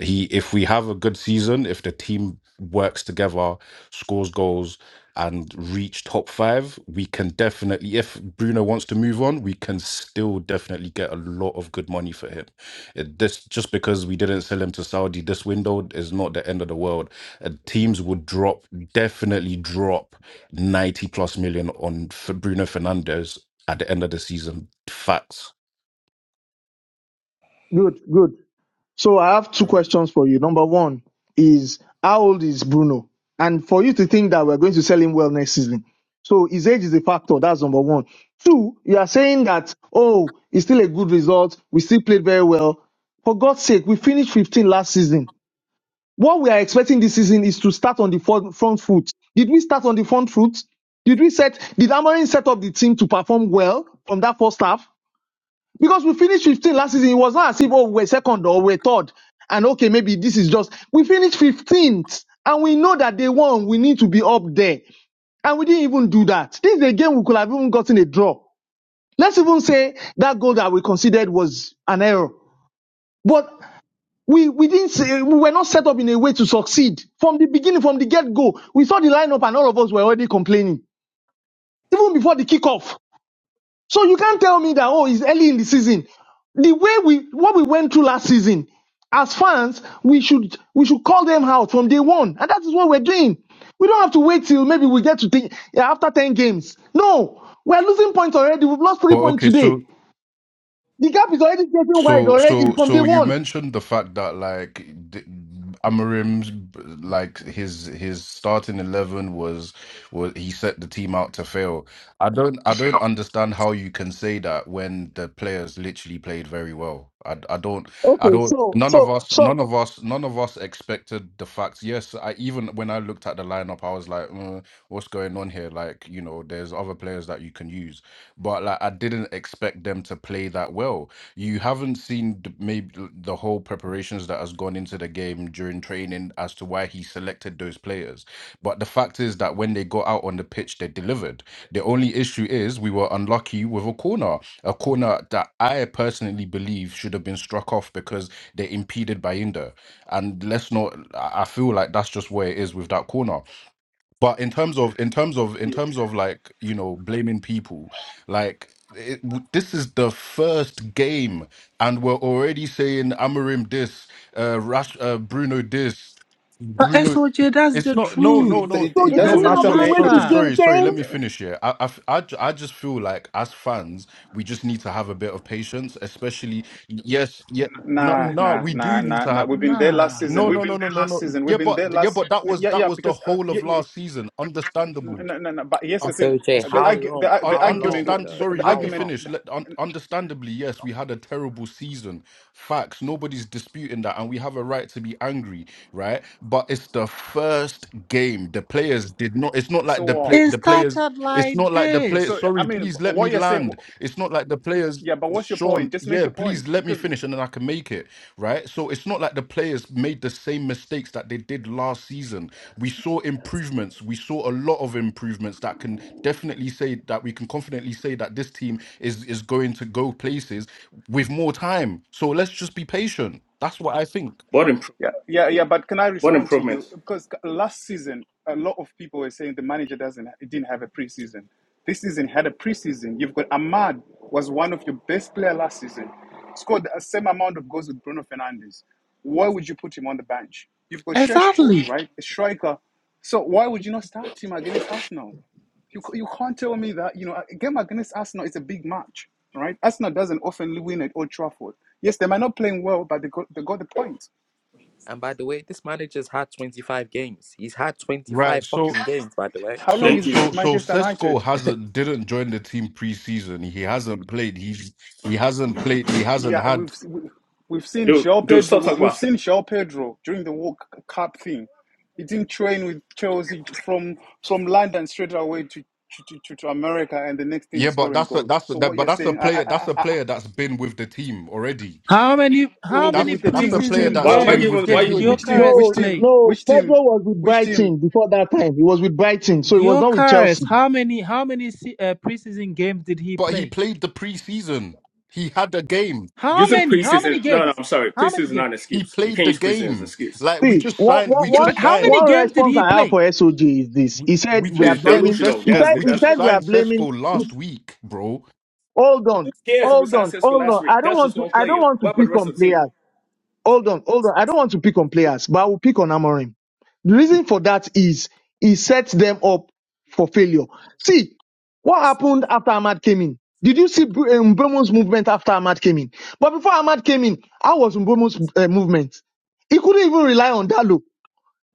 he, if we have a good season, if the team works together, scores goals, and reach top five, we can definitely. If Bruno wants to move on, we can still definitely get a lot of good money for him. It, this just because we didn't sell him to Saudi this window is not the end of the world. Uh, teams would drop, definitely drop ninety plus million on for Bruno Fernandez at the end of the season. Facts.
Good, good. So I have two
Uh,
questions for you. Number one is how old is Bruno? And for you to think that we're going to sell him well next season. So his age is a factor. That's number one. Two, you are saying that, oh, it's still a good result. We still played very well. For God's sake, we finished 15 last season. What we are expecting this season is to start on the front front foot. Did we start on the front foot? Did we set, did Amorim set up the team to perform well from that first half? Because we finished 15 last season, it was not as if oh we're second or we're third, and okay maybe this is just we finished 15th, and we know that they won. We need to be up there, and we didn't even do that. This is a game we could have even gotten a draw. Let's even say that goal that we considered was an error, but we we didn't say, we were not set up in a way to succeed from the beginning, from the get go. We saw the lineup, and all of us were already complaining even before the kickoff. So you can't tell me that, oh, it's early in the season. The way we, what we went through last season, as fans, we should, we should call them out from day one. And that is what we're doing. We don't have to wait till maybe we get to think yeah, after 10 games. No, we're losing points already. We've lost three
but
points
okay, so.
today. The gap is already getting wide
So,
already
so,
from day
so you
one.
mentioned the fact that like d- Amarim's like his his starting eleven was was he set the team out to fail. I don't I don't understand how you can say that when the players literally played very well. I I don't I
Okay,
don't
so,
none of
so,
us
so,
none of us none of us expected the facts. Yes, I even when I looked at the lineup, I was like, mm, what's going on here? Like you know, there's other players that you can use, but like I didn't expect them to play that well you haven't seen the, maybe th- the whole preparations that has gone into the game during training as to why he selected those players. But the fact is that when they got out on the pitch, they delivered. The only issue is we were unlucky with a corner, a corner that I personally believe should have been struck off because they impeded Bayinda. And let's not, I I feel like that's just where it is with that corner but in terms of in terms of in terms of like you know blaming people like it, w- this is the first game and we're already saying Amarim this uh Rash uh, Bruno this
But
Bruno
SOJ, that's
it's
the
not
It,
no
truth.
no
it,
no
it,
so
it
they
It
doesn't
do
no
doesn't
matter,
have
so,
to
mate.
wait
so
It,
till
matter.
game
sorry sorry
10?
let
it,
me finish here I, I f- I j- I just feel like as fans we just need to have a bit of patience especially yes yeah no
Nah,
Oh,
no
nah,
we
nah,
do need
nah,
to
nah.
have
We've been there last season.
no,
We've
no,
been
no, no,
there
no,
last
no.
season. We've
Yeah,
been
but
there
yeah,
last.
but that was
Yeah,
that
yeah.
was the
Because uh,
whole
yeah,
of
yeah,
last season. Understandable.
no, no, no. But here's
Uh,
the thing:
uh,
SOJ,
the
so,
how
argu- the,
long?
ar-
un-
the
How
argument,
long
understand.
though?
the,
Sorry,
the
let me
How
argument.
long?
finish. Let, un- understandably, yes, we had a terrible season. Facts. Nobody's disputing that, and we have a right to be angry, right? But it's the first game. The players did not. It's not
So
like the
what?
play.
It
The players.
started
It's
like
not like the play.
So
this.
I
Sorry,
mean,
please
but
let me
what you're saying?
land. It's not like the players.
Yeah, but what's your point?
Sean,
Just make
yeah,
your point
please let me
because
finish, and then I can make it right. So it's not like the players made the same mistakes that they did last season we saw improvements. We saw a lot of improvements that can definitely say that we can confidently say that this team is is going to go places with more time. So let's just be patient. That's what I think.
What improvement?
Yeah, yeah, yeah. But can I
What
respond to you?
improvements?
Because c- last season, a lot of people were saying the manager doesn't, it didn't have a preseason. This season had a preseason. You've got Ahmad was one of your best player last season, scored the same amount of goals with Bruno Fernandes. Why would you put him on the bench? You've got Sheshko,
Exactly.
right, a striker. So why would you not start him against Arsenal? You c- you can't tell me that you know a game against Arsenal is a big match, right? Arsenal doesn't often win at Old Trafford. Yes, they might not playing well, but they got they got the point.
And by the way, this manager's had 25 games. He's had
Right.
25
So
fucking games, by the way.
How long
so
Thank
he's
you,
been
so
at
so
Manchester
Sesko
United?
hasn't didn't join the team preseason. He hasn't played. He's he hasn't played. He hasn't
Yeah, we've
had.
we- we've seen
dude.
João
Dude, stop
Pedro.
talking
We've
about sex.
seen João Pedro during the World Cup thing. He didn't train with Chelsea from from London straight away to. To, to, to America, and the next thing
Yeah,
is
but
scoring
that's a
goals.
that's a,
So
that,
what
but
you're
that's a
saying, I,
player.
I,
That's a
I, I,
player that's been with the team already.
How many how
with
many
with
That's
the
that's
team,
a
which
player
team,
preseason
that's
which
Why? Why
been
you?
team,
games
with
even-
the
Why
You-
did
you,
you-
team.
which team,
Gyökeres
which
No,
team,
play?
no,
which team,
Pedro was with
which team?
Brighton before that time. He was with Brighton, so he was not with Chelsea.
Gyökeres, how many how many se- uh, preseason games did he
but he
play?
played the preseason. He had a game.
How
using
many? How many
preseason? No, no.
games?
I'm sorry.
How
Preseason
many
is not
games?
an
He
excuse. You
played
can't
the
use preseason as an
game.
excuse.
Like we
See,
just
one,
signed,
one,
we
Yeah,
one,
just
but how
signed,
many
one
games did
response
he
I have
play?
for SOJ is this.
we,
He said
we
we are
just
It's
signed
blaming.
delusional.
He
Cesco.
That's
said
the
We
he
that's the
just
said we
response.
are
signed
blaming.
Cesco
He's,
last week, bro.
hold
Who
on,
cares if we
hold
signed
on,
Cisco
hold
last
on. I
week?
don't
That's
want
just
to.
one
I don't
player.
want to
What about the
pick
rest
on
of the team?
players. Hold on, hold on. I don't want to pick on players, but I will pick on Amorim. The reason for that is he sets them up for failure. See what happened after Ahmad came in. Did you see Br- um, Mbeumo's movement after Ahmad came in? But before Ahmad came in, how was Mbomo's uh, movement? He couldn't even rely on Dalo.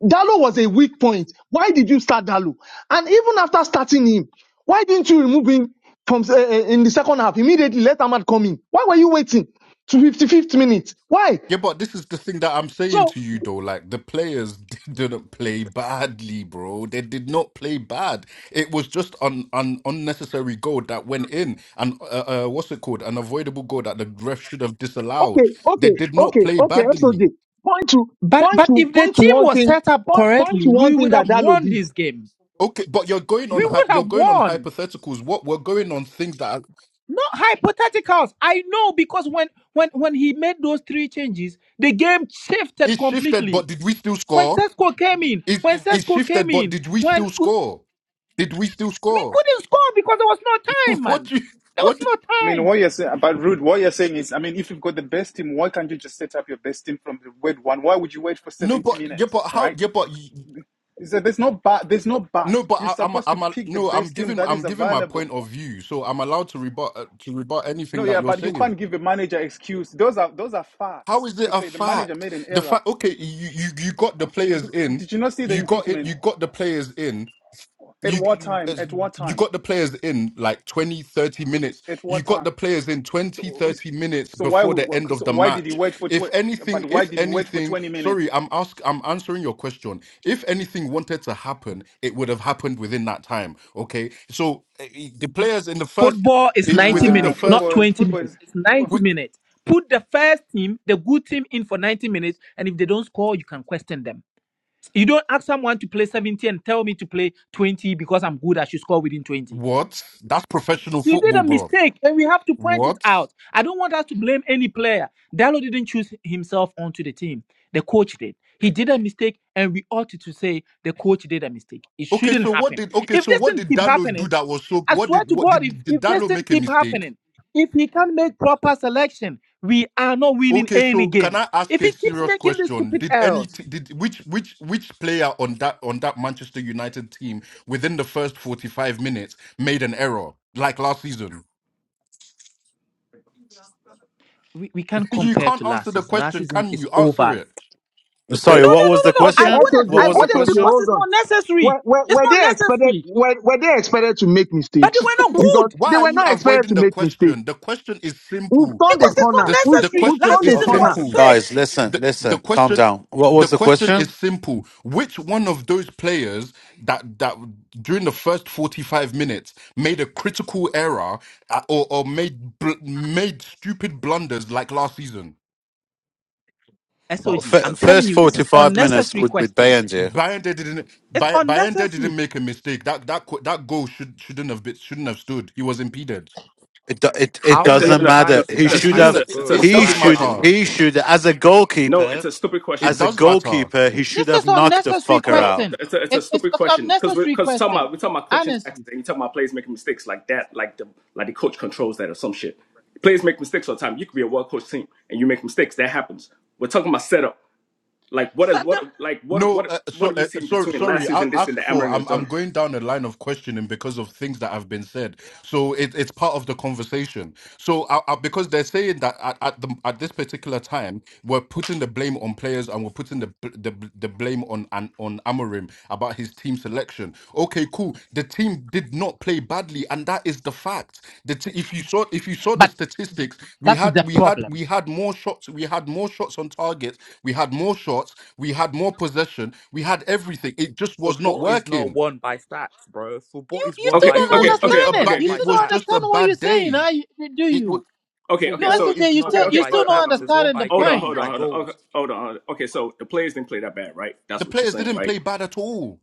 Dalo was a weak point. Why did you start Dalo? And even after starting him, why didn't you remove him from uh, uh, in the second half immediately? Let Ahmad come in. Why were you waiting to 55th minute? Why?
Yeah, but this is the thing that I'm saying
So
to you though. Like the players didn't play badly, bro. They did not play bad. It was just an, an unnecessary goal that went in, and uh, uh, what's it called? An avoidable goal that the ref should have
okay,
disallowed. They
okay,
did not
okay,
play
okay.
badly.
SOJ, point to
But
point
but
to
if the
point to
team
one
was
thing.
set up
Point, point to
correctly,
one
we
thing
would
that
have
Dalo
won
did.
this game.
Okay, but you're going on
We
hy-
would
you're
have
going on
won.
hypotheticals. What we're going on things that are,
Not hypotheticals. I know because when when when he made those three changes, the game shifted
it shifted, but
completely.
did we still
When
score?
Sesko came in,
It,
when
it
Sesko came
shifted, but
in,
did we
when
still score? Did we still
We
score?
couldn't score because there was no time,
what
man.
you
There was
what?
I
no
mean, what
time.
you're saying about Rude, what you're saying is, I mean, if you've got the best team, why can't you just set up your best team from the word one? Why would you wait for
No,
70
but yeah,
minutes,
but
all
how?
right?
Yeah, but y-
He said, "There's no but. There's no but.
no, but
You're
I, I'm a,
supposed to
I'm a,
pick the
no, I'm
best team
giving
that is
I'm giving my
available."
point of view, so I'm allowed to rebut uh, to rebut
No,
anything
yeah,
that you're
but you can't
saying.
give a manager excuse. Those are those are
How
facts
is it
to
a
say the manager
fact?
made an
The
error.
fact, okay, you you you got the players
B-
in,
Did you not see the
you got it,
improvement?
you got the players in.
At what
you
time?
as-
At what
you
time?
got the players in like 20 30 minutes
At
you
what
got
time?
the players in 20
So,
30 minutes
so why
before the
w-
end of
so
the
why did he
match
wait for
if
tw- But
anything
why
if
did he wait for
anything
twenty minutes?
sorry i'm ask i'm answering your question if anything wanted to happen it would have happened within that time okay so eh, eh, the players in the first
Football is
it,
90
within the
Nah,
minutes, not
first
football,
20
football
minutes.
is.
It's
oh,
90
wi-
minutes. Put the first team, the good team, in for 90 minutes, and if they don't score, you can question them. You don't ask someone to play 70 and tell me to play 20 because I'm good, I should score within 20.
what that's professional
You did
football
a
bro
mistake and we have to point it
what
out. I don't want us to blame any player. Dalo didn't choose himself onto the team. The coach did. He did a mistake and we ought to say the coach did a mistake. It
okay
shouldn't
so what
happen.
did okay
If
so
this
what
thing
did
keep
dalo do
happening,
that was so
I
what
swear
did
to
what
God, if,
did, did
if this
dalo
thing
make a
keep
mistake
happening, if he can't make proper selection, we are not winning
Okay,
any
so can
games.
I ask
If
a
he keeps
serious
making these
question?
stupid
Did any
errors,
t- did which which which player on that on that Manchester United team within the first 45 minutes made an error like last season?
we, we can't
You
compare to
can't answer
last
the
season. Last
question,
season
can
is
you? Answer
over.
it.
No,
Sorry,
Wait,
what
no,
was
no,
the
no, no.
Okay,
I
question?
wouldn't.
SOJ,
What
I
was the
wouldn't
SOJ,
question?
because
hold
it's
on.
not necessary.
Were, were,
It's
were
not
they expected?
necessary.
Were, were they expected to make
But they
mistakes?
were not
Because
good
Why
they
are
were
you
not expected to
avoiding the
make mistakes.
question? The question is
We've
simple.
turned the
because it's not
corner.
The s-
We've,
the
necessary.
we've
question
Last
turned the
is
season
Okay,
corner.
was
simple.
shit.
guys, listen,
the the
listen, calm
question
down. What
the
was the
question
question?
is simple which one of those players that that during the first 45 minutes made a critical error uh, or, or made bl- made stupid blunders like last season
Oh,
SOG, I'm
f-
telling
first
you, this is
forty-five minutes
unnecessary
would be
question.
banned here.
Bayanda didn't
It's
Bay- Bayanda didn't
unnecessary.
make a mistake that that co- that goal should shouldn't have been, shouldn't have stood he was impeded
It, do- it it
It,
how
no,
doesn't
many
no, no.
matter.
times did
He
that
it
It's,
should
type
it's
shouldn't
have.
a
of
it,
it's a
goal
it
He
does
stupid
stand
should.
last
question.
matter
He
season?
should. As a
No, it's
goalkeeper,
a stupid
it
as
question.
a
does matter
goalkeeper, he should
This is
have knocked the
unnecessary
fucker
No, it's
out.
question.
a, it's a, it's a
It, it's
stupid
it's
question because we're
unnecessary
because talking
question.
about we're talking about coaching
Honestly.
tactics and you talking about players making mistakes like that, like the like the coach controls that or some shit. Players make mistakes all the time. You could be a well coached team and you make mistakes. That happens. We're talking about setup. Like what
So
is what
the-
like what
No,
what
uh,
what
so
have you
uh,
seen
so
between last
sorry. I
season this and the
ask for.
Amarin has
I'm I'm
done?
going down a line of questioning because of things that have been said. So it, it's part of the conversation. So I, I, because they're saying that at at, the, at this particular time we're putting the blame on players and we're putting the bl- the, bl- the blame on on, on Amorim about his team selection. Okay, cool. The team did not play badly, and that is the fact. The t- if you saw if you saw the
but
statistics, we
that's
had
the
we had
problem.
we had more shots. We had more shots on target. We had more shots we had more possession. We had everything. It just was not
Football is not
working.
won by stats, bro. Football
You
is
you
won
still
It,
by
Okay,
it
don't
okay,
was
goals.
just
okay,
It's
a
not
understand it.
bad.
okay,
won
You
by
It
still
was
don't
just a
understand
stats.
what you're
bad
saying,
day.
huh? You, do
It was
you?
okay, okay.
No,
Football
So
Sog,
is
you
not
okay,
still
won
okay,
you
by
still
hold
not
hold
stats.
on,
It's won
understanding the
by
hold on,
game,
point.
hold on,
like
hold on, hold on, okay,
goals.
hold on. hold on. Okay, so the players didn't play that bad, right?
the
That's what you're
players
saying,
didn't
right?
play bad at all.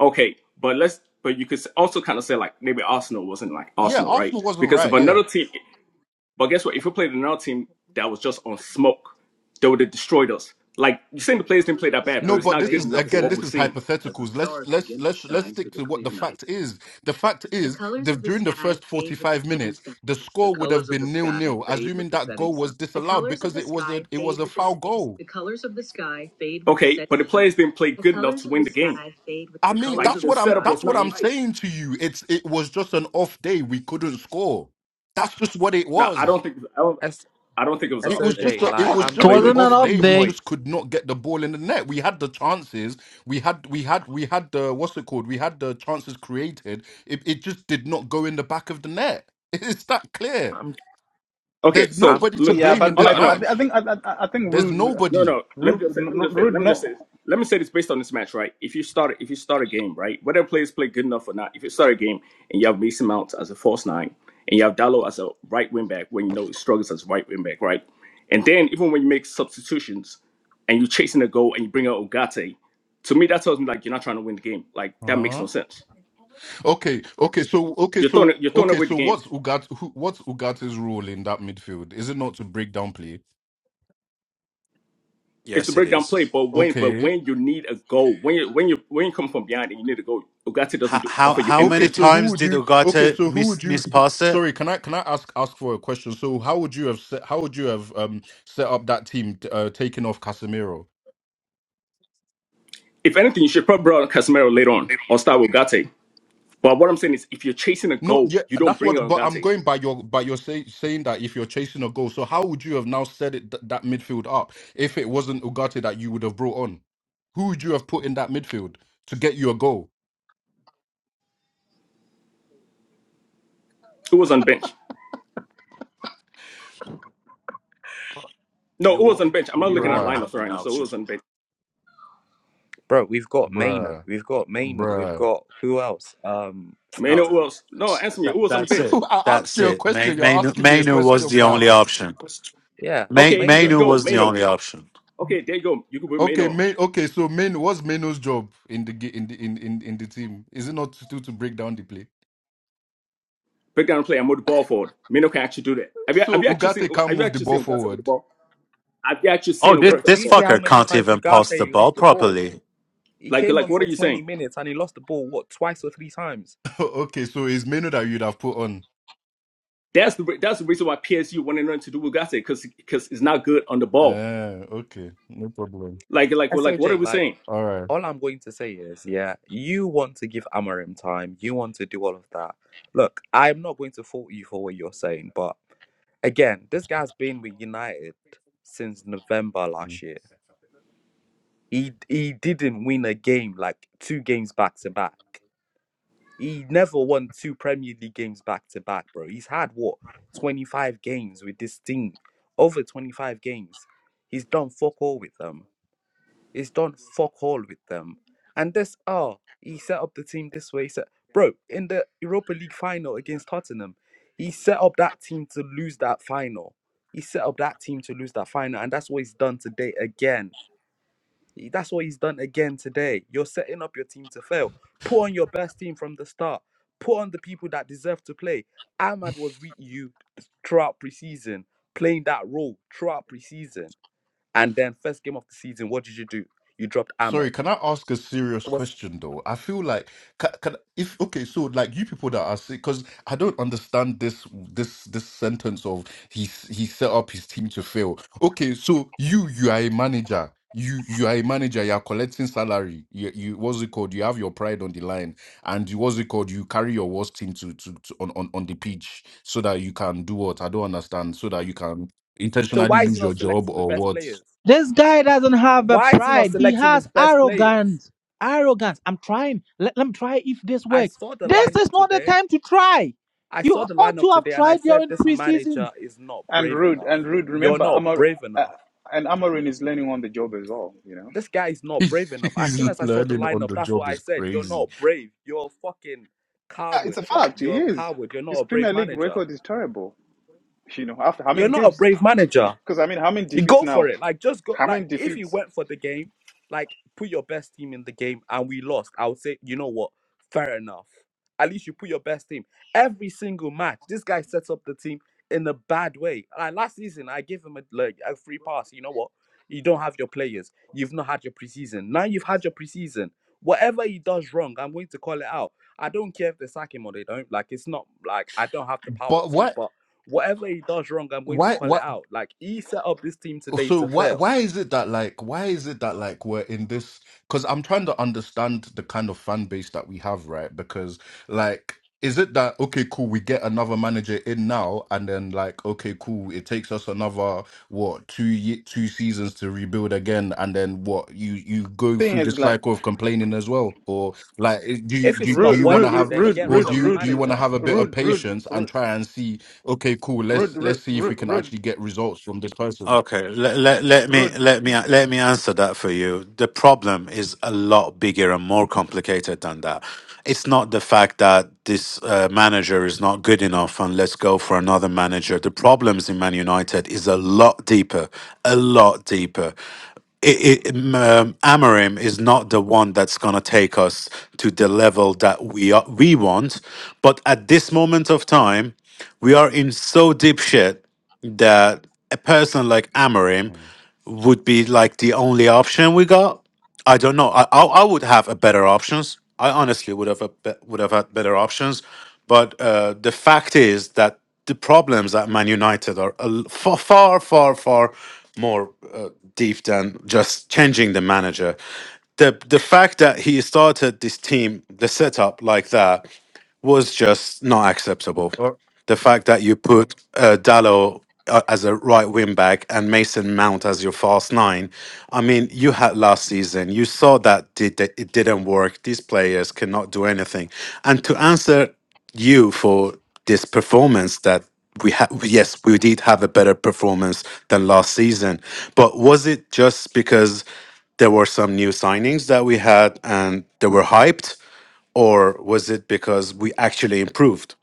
Okay, but let's but you could also kind of say like maybe Arsenal wasn't like
Yeah,
Arsenal, right?
Arsenal wasn't
Because if
right. Yeah.
another team, but guess what? If we played another team that was just on smoke, they would have destroyed us. Like you're saying, the players didn't play that bad, but
No,
it's
but
not
this
good
is
enough for
again,
what
this
we're
is
seeing.
hypotheticals. Let's let's let's let's stick to what the fact is. The fact is, the, during the first forty-five minutes, the score would have been nil-nil, assuming that goal was disallowed because it was a it was a foul goal.
Okay, but the players didn't play good enough to win the game.
I mean,
Like
that's
the
what I'm.
setup
That's
was
what
not
I'm
right.
saying to you. It's. It was just an off day. We couldn't score. That's just what it
No, I don't
was.
think I don't
S
I don't think it was an
It
off
was
day.
just.
SOJ,
A, it
like
I,
was
I'm
I
It
just
just
really
an
don't.
going
wasn't
Think
an
to
it
off
was.
off
make
day.
a
We
day.
point.
just could not get the ball in the net. We had the chances. We had. We had. We had the. What's it called? We had the chances created. It. It just did not go in the back of the net. It's that clear.
I'm,
off. Okay,
There's
so
I'm,
nobody to
look,
Yeah,
blame in
but
all
this
my,
I, no.
but I
match.
think I, I, I think
There's
rude,
No,
nobody.
no. Let me
rude,
just say.
no,
Let me
no-
just say.
rude.
Let me just say.
No,
This. Let me say this based on this match, right? If you start, if you start a game, right, whether players play good enough or not, if you start a game and you have Mason Mount as a false nine and you have Dallo as a right wing back, when you know he struggles as a right wing back, right, and then even when you make substitutions and you're chasing a goal and you bring out Ogate, to me that tells me like you're not trying to win the game. Like that makes no sense.
Okay, okay, so okay,
You're throwing,
so
you're throwing
okay,
away the
so
game.
what's Ugat who, what's Ugate's role in that midfield? Is it not to break down play?
It's the
Yes, it
breakdown
is.
play, but when, but
Okay.
when you need a goal, when you when you when you come from behind and you need a goal, Ogate doesn't
How
do,
how
offer you
how
Okay,
many
anything.
so who
times
would
did
you Okay,
Ogata
so who would
miss
you who-
mispass it?
Sorry, can I can I ask ask for a question? So how would you have set, how would you have um set up that team t- uh, taking off Casemiro?
If anything, you should probably bring on Casemiro later on or start with Gate. But what I'm saying is, if you're chasing a
No,
goal,
yeah,
you don't
that's
bring
what
on
but I'm
Gate.
going by your by your say, saying that if you're chasing a goal, so how would you have now set it th- that midfield up if it wasn't Ugarte that you would have brought on? Who would you have put in that midfield to get you a goal?
Who was on bench? No,
You
who was on
won't
bench? I'm not
you
looking at
won't
Bruh,
have
lineups
an
right now. So who
option.
was on bench?
bro. We've got Maino.
bruh,
We've got Maino. We've
bruh.
got who else? Um,
No,
Mano, who else? No, answer me.
that,
Who was on
that's
bench?
it.
I asked
That's
you a
it. May-
question. You're
Mainu
asking me a
Mainu was
question
the only
back.
option.
yeah,
May-
Okay, there you
Maino.
Mainu
go,
was the
Mano.
only option.
Okay, there you go. You could put
Okay,
Mano on.
main. Okay, so main. What's Meno's job in the ga- in the in in in the team? Is it not to to break down the play?
Breakdown play and move the ball forward. Mano can actually do that. Have you have
So
you actually seen
Ugate can't
have you
move the
actually
ball
seen Ogata with the
forward.
ball? Have you actually
Oh,
seen
this
Bro,
Ogata on
do
the
this
you see
ball?
how
fucker
many
can't
times
even pass the
Ugarte
ball
lost the ball?
properly.
He
Like
came
like
on
what are
for
you
20
saying?
minutes and he lost the ball, what, twice or three times?
okay, so it's Meno that you'd have put on.
That's the re- that's the reason why PSU wanted nothing to do with Ogata because because it's not good on the ball.
Ah, okay, no problem.
Like like well, like what are
SOJ,
we
like,
saying?
All right.
all I'm going to say is, yeah, you want to give Amarim time. You want to do all of that. Look, I'm not going to fault you for what you're saying, but again, this guy's been with United since November last year. He, he didn't win a game, like, two games back to back. He never won two Premier League games back to back, bro. He's had what 25 games with this team, over 25 games. He's done fuck all with them. He's done fuck all with them. And this, oh, he set up the team this way. He said, bro, in the Europa League final against Tottenham, he set up that team to lose that final. He set up that team to lose that final, and that's what he's done today again. That's what he's done again today. You're setting up your team to fail. Put on your best team from the start. Put on the people that deserve to play. Ahmad was with you throughout preseason, playing that role throughout preseason. And then first game of the season, what did you do? You dropped Ahmad.
Sorry, can I ask a serious
It was-
question though? I feel like can, can if okay, so like you people that are sick, because I don't understand this this this sentence of he s- he set up his team to fail. Okay, so you you are a manager. You you are a manager. You are collecting salary. You you what's it called? You have your pride on the line, and you, what's it called? You carry your worst team to, to to on on on the pitch so that you can do what I don't understand. So that you can
so
intentionally
why is he
lose your
not
job
selecting the
or
best
what?
players?
This guy doesn't have a
Why is he not
pride. He
selecting
has
his best players?
arrogance. Arrogance. I'm trying. Let, let me try if this
I
works.
saw the
This
lineup
is not the
today.
time to try.
I
You
saw the
ought
lineup
to have
today and I
tried
said
during
this
preseason.
manager is not
And
brave
Rude,
enough.
and Rude,
You're
remember,
not
Amar,
brave
uh,
enough.
and Amarin is learning on the job as well, you know.
This guy is not brave enough. As
He's
soon as I saw the
learning on
lineup,
the
that's what
job
I
is
said. You're
crazy.
not brave. You're a fucking
Yeah, it's
coward,
a
bro.
fact. He
You're a
is.
coward. You're not
His
a brave
Premier League
manager.
record is terrible. You know, after how
You're
many
not a
games?
brave manager.
Because, I mean, how many
You
defeats
go for
now?
it. Like just go
How
like
many
if you
defeats?
went for the game, like put your best team in the game and we lost, I would say, you know what? Fair enough. At least you put your best team. Every single match, this guy sets up the team in a bad way. Like last season, I gave him a like a free pass. You know what? You don't have your players. You've not had your preseason. Now you've had your preseason. Whatever he does wrong, I'm going to call it out. I don't care if they sack him or they don't. Like it's not like I don't have the power
But
to,
what?
but whatever he does wrong, I'm going to
Why?
call it
Why?
out. Like he set up this team today
so
to
why
fail.
why is it that like why is it that like we're in this because i'm trying to understand the kind of fan base that we have right because like is it that okay cool we get another manager in now and then like okay cool it takes us another what two ye- two seasons to rebuild again and then what you you go
Thing
through the
is, like,
cycle of complaining as well or like i- do you
If
do,
it's
you- do
Rude,
not
you want to
Rude,
working,
have
then
Rude,
get
or
rid
do
Rude,
of the
you do
Rude,
you want to
manager.
have a bit of
Rude, Rude, Rude,
patience and try and see okay cool
Rude,
let's
Rude,
let's see if
Rude,
we can
Rude,
actually get results from this person
Okay, let, let, let me
Rude,
let me let me answer that for you. The problem is a lot bigger and more complicated than that. It's not the fact that this uh, manager is not good enough and let's go for another manager. The problems in Man United is a lot deeper, a lot deeper. It, it, m- um, Amorim is not the one that's going to take us to the level that we are, we want. But at this moment of time, we are in so deep shit that a person like Amarim
Mm.
would be like the only option we got. I don't know. I I, I would have a better options. I honestly would have a be- would have had better options, but uh, the fact is that the problems at Man United are a l- far far far far more uh, deep than just changing the manager. The the fact that he started this team, the setup like that, was just not acceptable
Or-
the fact that you put uh, Dallo uh, as a right wing back and Mason Mount as your fast nine. I mean, you had last season. You saw that did that it didn't work. These players cannot do anything. And to answer you for this performance that we had, yes, we did have a better performance than last season. But was it just because there were some new signings that we had and they were hyped, or was it because we actually improved?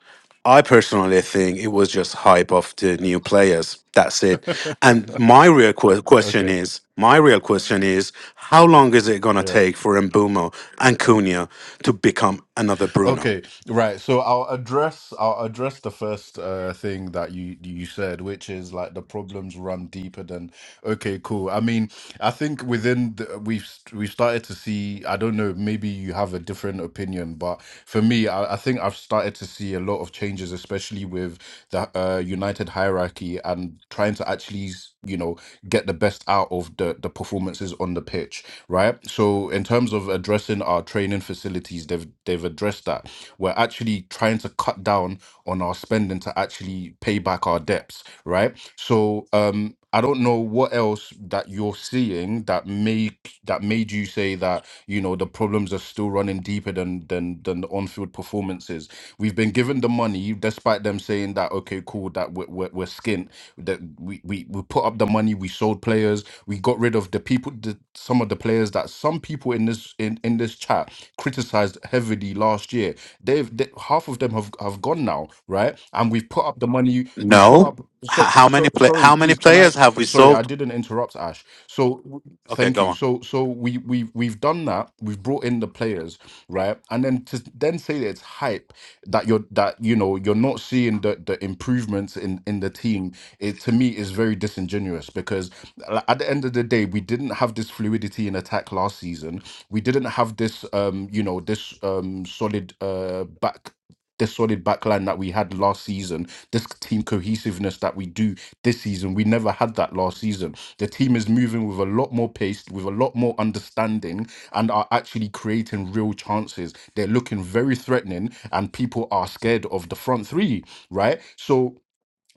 I personally think it was just hype of the new players. That's it. And my real que- question
okay.
is, my real question is, how long is it going to
Yeah.
take for Mbumo and Cunha to become another Bruno?
Okay. Right. So I'll address I'll address the first uh thing that you you said, which is like the problems run deeper than okay, cool. I mean, I think within the, we've we've started to see, I don't know, maybe you have a different opinion, but for me, I, I think I've started to see a lot of changes, especially with the uh United hierarchy and trying to actually, s- you know, get the best out of the the performances on the pitch right? So in terms of addressing our training facilities, they've they've addressed that. We're actually trying to cut down on our spending to actually pay back our debts, right? So um I don't know what else that you're seeing that make that made you say that you know the problems are still running deeper than than than the on-field performances. We've been given the money, despite them saying that okay, cool, that we're we're, we're skint, that we, we we put up the money, we sold players, we got rid of the people, the, some of the players that some people in this in, in this chat criticized heavily last year. They've they, half of them have have gone now, right? And we've put up the money. We've put
No.
up. So,
H- how
so,
many play?
sorry,
How many
please, can
players
I?
have we
Sorry, I
sold?
didn't interrupt, Ash. So w-
Okay,
thank
go
you.
on.
So so we we we've done that. We've brought in the players, right? And then to then say that it's hype that you're that you know you're not seeing the the improvements in in the team. It to me is very disingenuous because like, At the end of the day, we didn't have this fluidity in attack last season. We didn't have this, um, you know, this um, solid uh, back, this solid backline that we had last season. This team cohesiveness that we do this season, we never had that last season. The team is moving with a lot more pace, with a lot more understanding, and are actually creating real chances. They're looking very threatening, and people are scared of the front three, right? So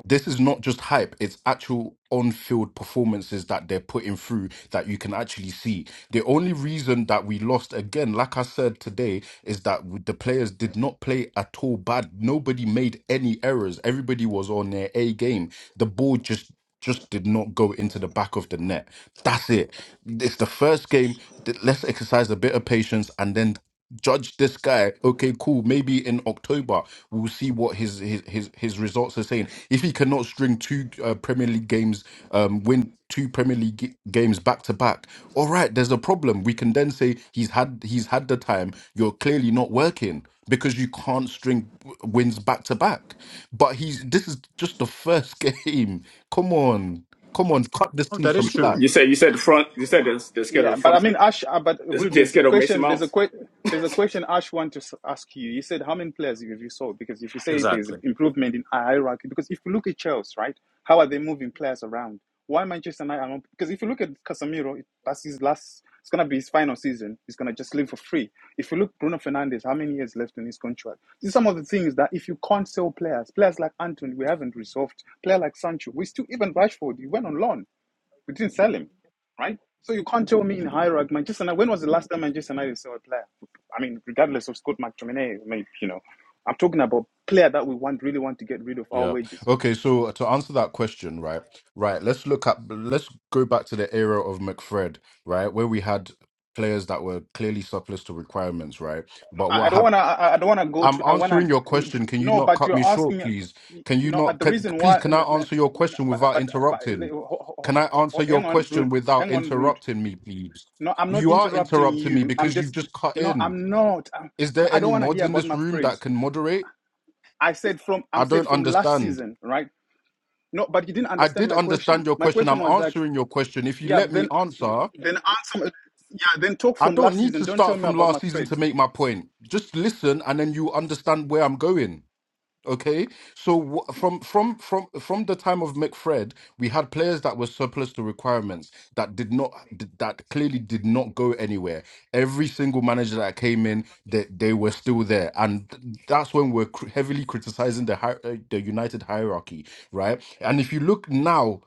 this is not just hype it's actual on-field performances that they're putting through that you can actually see the only reason that we lost again like i said today is that w- the players did not play at all bad nobody made any errors everybody was on their a game the ball just just did not go into the back of the net. That's it. It's the first game. Th- Let's exercise a bit of patience and then judge this guy. Okay, cool. Maybe in October we'll see what his his his, his results are saying. If he cannot string two uh, Premier League games, um, win two Premier League g- games back to back. All right, there's a problem. We can then say he's had he's had the time. You're clearly not working because you can't string w- wins back to back. But he's this is just the first game. Come on, come on, cut this
Oh,
team
that
some
is
slack.
true.
You said you said the front. You said they're, they're scared of
Yeah,
the
but I
front. three-
mean, Ash, uh, but Rude,
They're
there's a
scared of Mason
question. There's a
Mount.
que- There's a question Ash want to s- ask you. You said how many players have you sold? Because if you say there's
Exactly.
improvement in hierarchy, because if you look at Chelsea, right, how are they moving players around? Why Manchester United? are not- Because if you look at Casemiro, it- that's his last. It's gonna be his final season. He's gonna just leave for free. If you look Bruno Fernandes, how many years left in his contract? These are some of the things that if you can't sell players, players like Anthony, we haven't resolved. Player like Sancho, we still even Rashford, he went on loan. We didn't sell him, right? So you can't tell me in hierarchy, Manchester United. When was the last time Manchester United sold a player? I mean, regardless of Scott McTominay, you know, I'm talking about player that we want really want to get rid of our
Yeah.
wages.
Okay. So uh, to answer that question, right, right, let's look at let's go back to the era of McFred, right, where we had players that were clearly surplus to requirements, right.
No,
But
I I
what
don't
have
wanna, I I don't wanna go
I'm
to, I wanna,
answering your question. Can you
no,
not
but
cut me
you're
short,
asking,
please?
you
Can you
know, uh,
not?
the
Can,
reason why,
please, can
n-
I
n-
answer your
n-
question
but
without
but, but
interrupting?
ho-
Can I
ho- ho-
answer your
hang on,
question
rude,
without
hang on, rude.
interrupting me, please?
No, I'm not
You are
interrupting
interrupting me
you. I'm
because you've
just,
just cut
no,
in.
I'm not. I'm,
Is there
I don't
any
want to
mods
hear
in
about
this
my
room
friend.
that can moderate?
I said from
I
I'm said
don't
from last
understand.
season, right? No, but you didn't
I
understand
did
my question.
understand your
My
question.
question
I'm
was like,
answering your question. If you
yeah,
let me
then
answer,
then answer yeah, then talk
I
from
don't
last
need
season.
to
Don't tell
start
me
from
about
last season
McFred.
to make my point. Just listen, and then you understand where I'm going. Okay. So w- from from from from the time of McFred, we had players that were surplus to requirements that did not that clearly did not go anywhere. Every single manager that came in, they they were still there, and that's when we're cr- heavily criticizing the hi- uh, the United hierarchy, right? And if you look now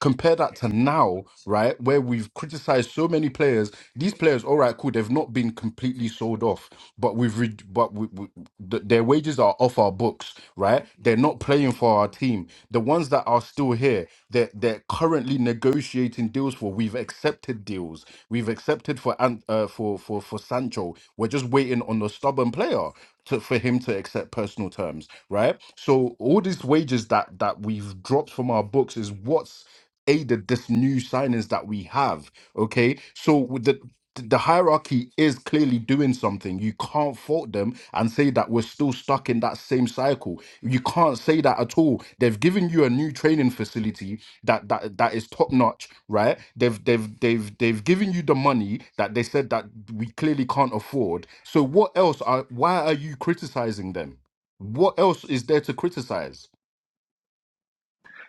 compare that to now, right, where we've criticized so many players. These players, all right, cool, they've not been completely sold off, but we've re- but we, we, th- their wages are off our books, right? They're not playing for our team. The ones that are still here, they're they're currently negotiating deals for. We've accepted deals. We've accepted for Ant- uh, for for for Sancho. We're just waiting on the stubborn player. To, for him to accept personal terms, right? So all these wages that that we've dropped from our books is what's aided this new signings that we have. Okay, so with the the hierarchy is clearly doing something. You can't fault them and say that we're still stuck in that same cycle. You can't say that at all. They've given you a new training facility that that that is top notch, right? They've they've they've they've given you the money that they said that we clearly can't afford. So what else are why are you criticizing them? What else is there to criticize?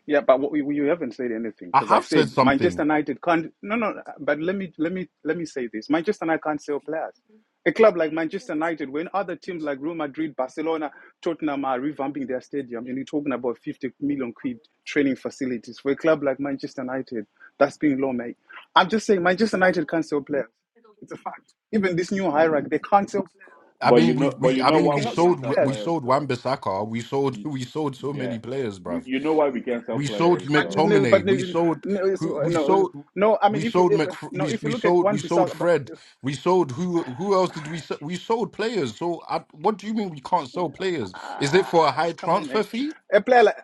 Yeah, but what, you you haven't said anything
I
because I
have said
said
something.
Manchester United can't. No, no. But let me let me let me say this: Manchester United can't sell players. A club like Manchester United, when other teams like Real Madrid, Barcelona, Tottenham are revamping their stadium, and you're talking about 50 million quid training facilities for a club like Manchester United, that's being low, mate. I'm just saying Manchester United can't sell players. It's a fact. Even this new hierarchy, they can't sell players.
I
But you
mean, we,
know, but
we
you
I
know
They
mean,
why
we
we
cannot sell
can't
sold
sell
players.
we
players
sold Wan
though.
Bissaka. We sold
You,
we sold so
yeah,
many players,
we,
bruv.
you know why we can't sell
We sold
players
But
though.
no, but
McTominay. We
no,
sold
no,
who we
no,
sold
no, I mean,
we
if you
sold
if,
Mc
no,
we
if you
we
look at
sold
one
we sold
Bissau, but-
Fred. We sold who who else did we sell? We sold players. So I, what do you mean we can't sell players? Is it for a
ah,
high
come on,
transfer
mate,
fee?
a player like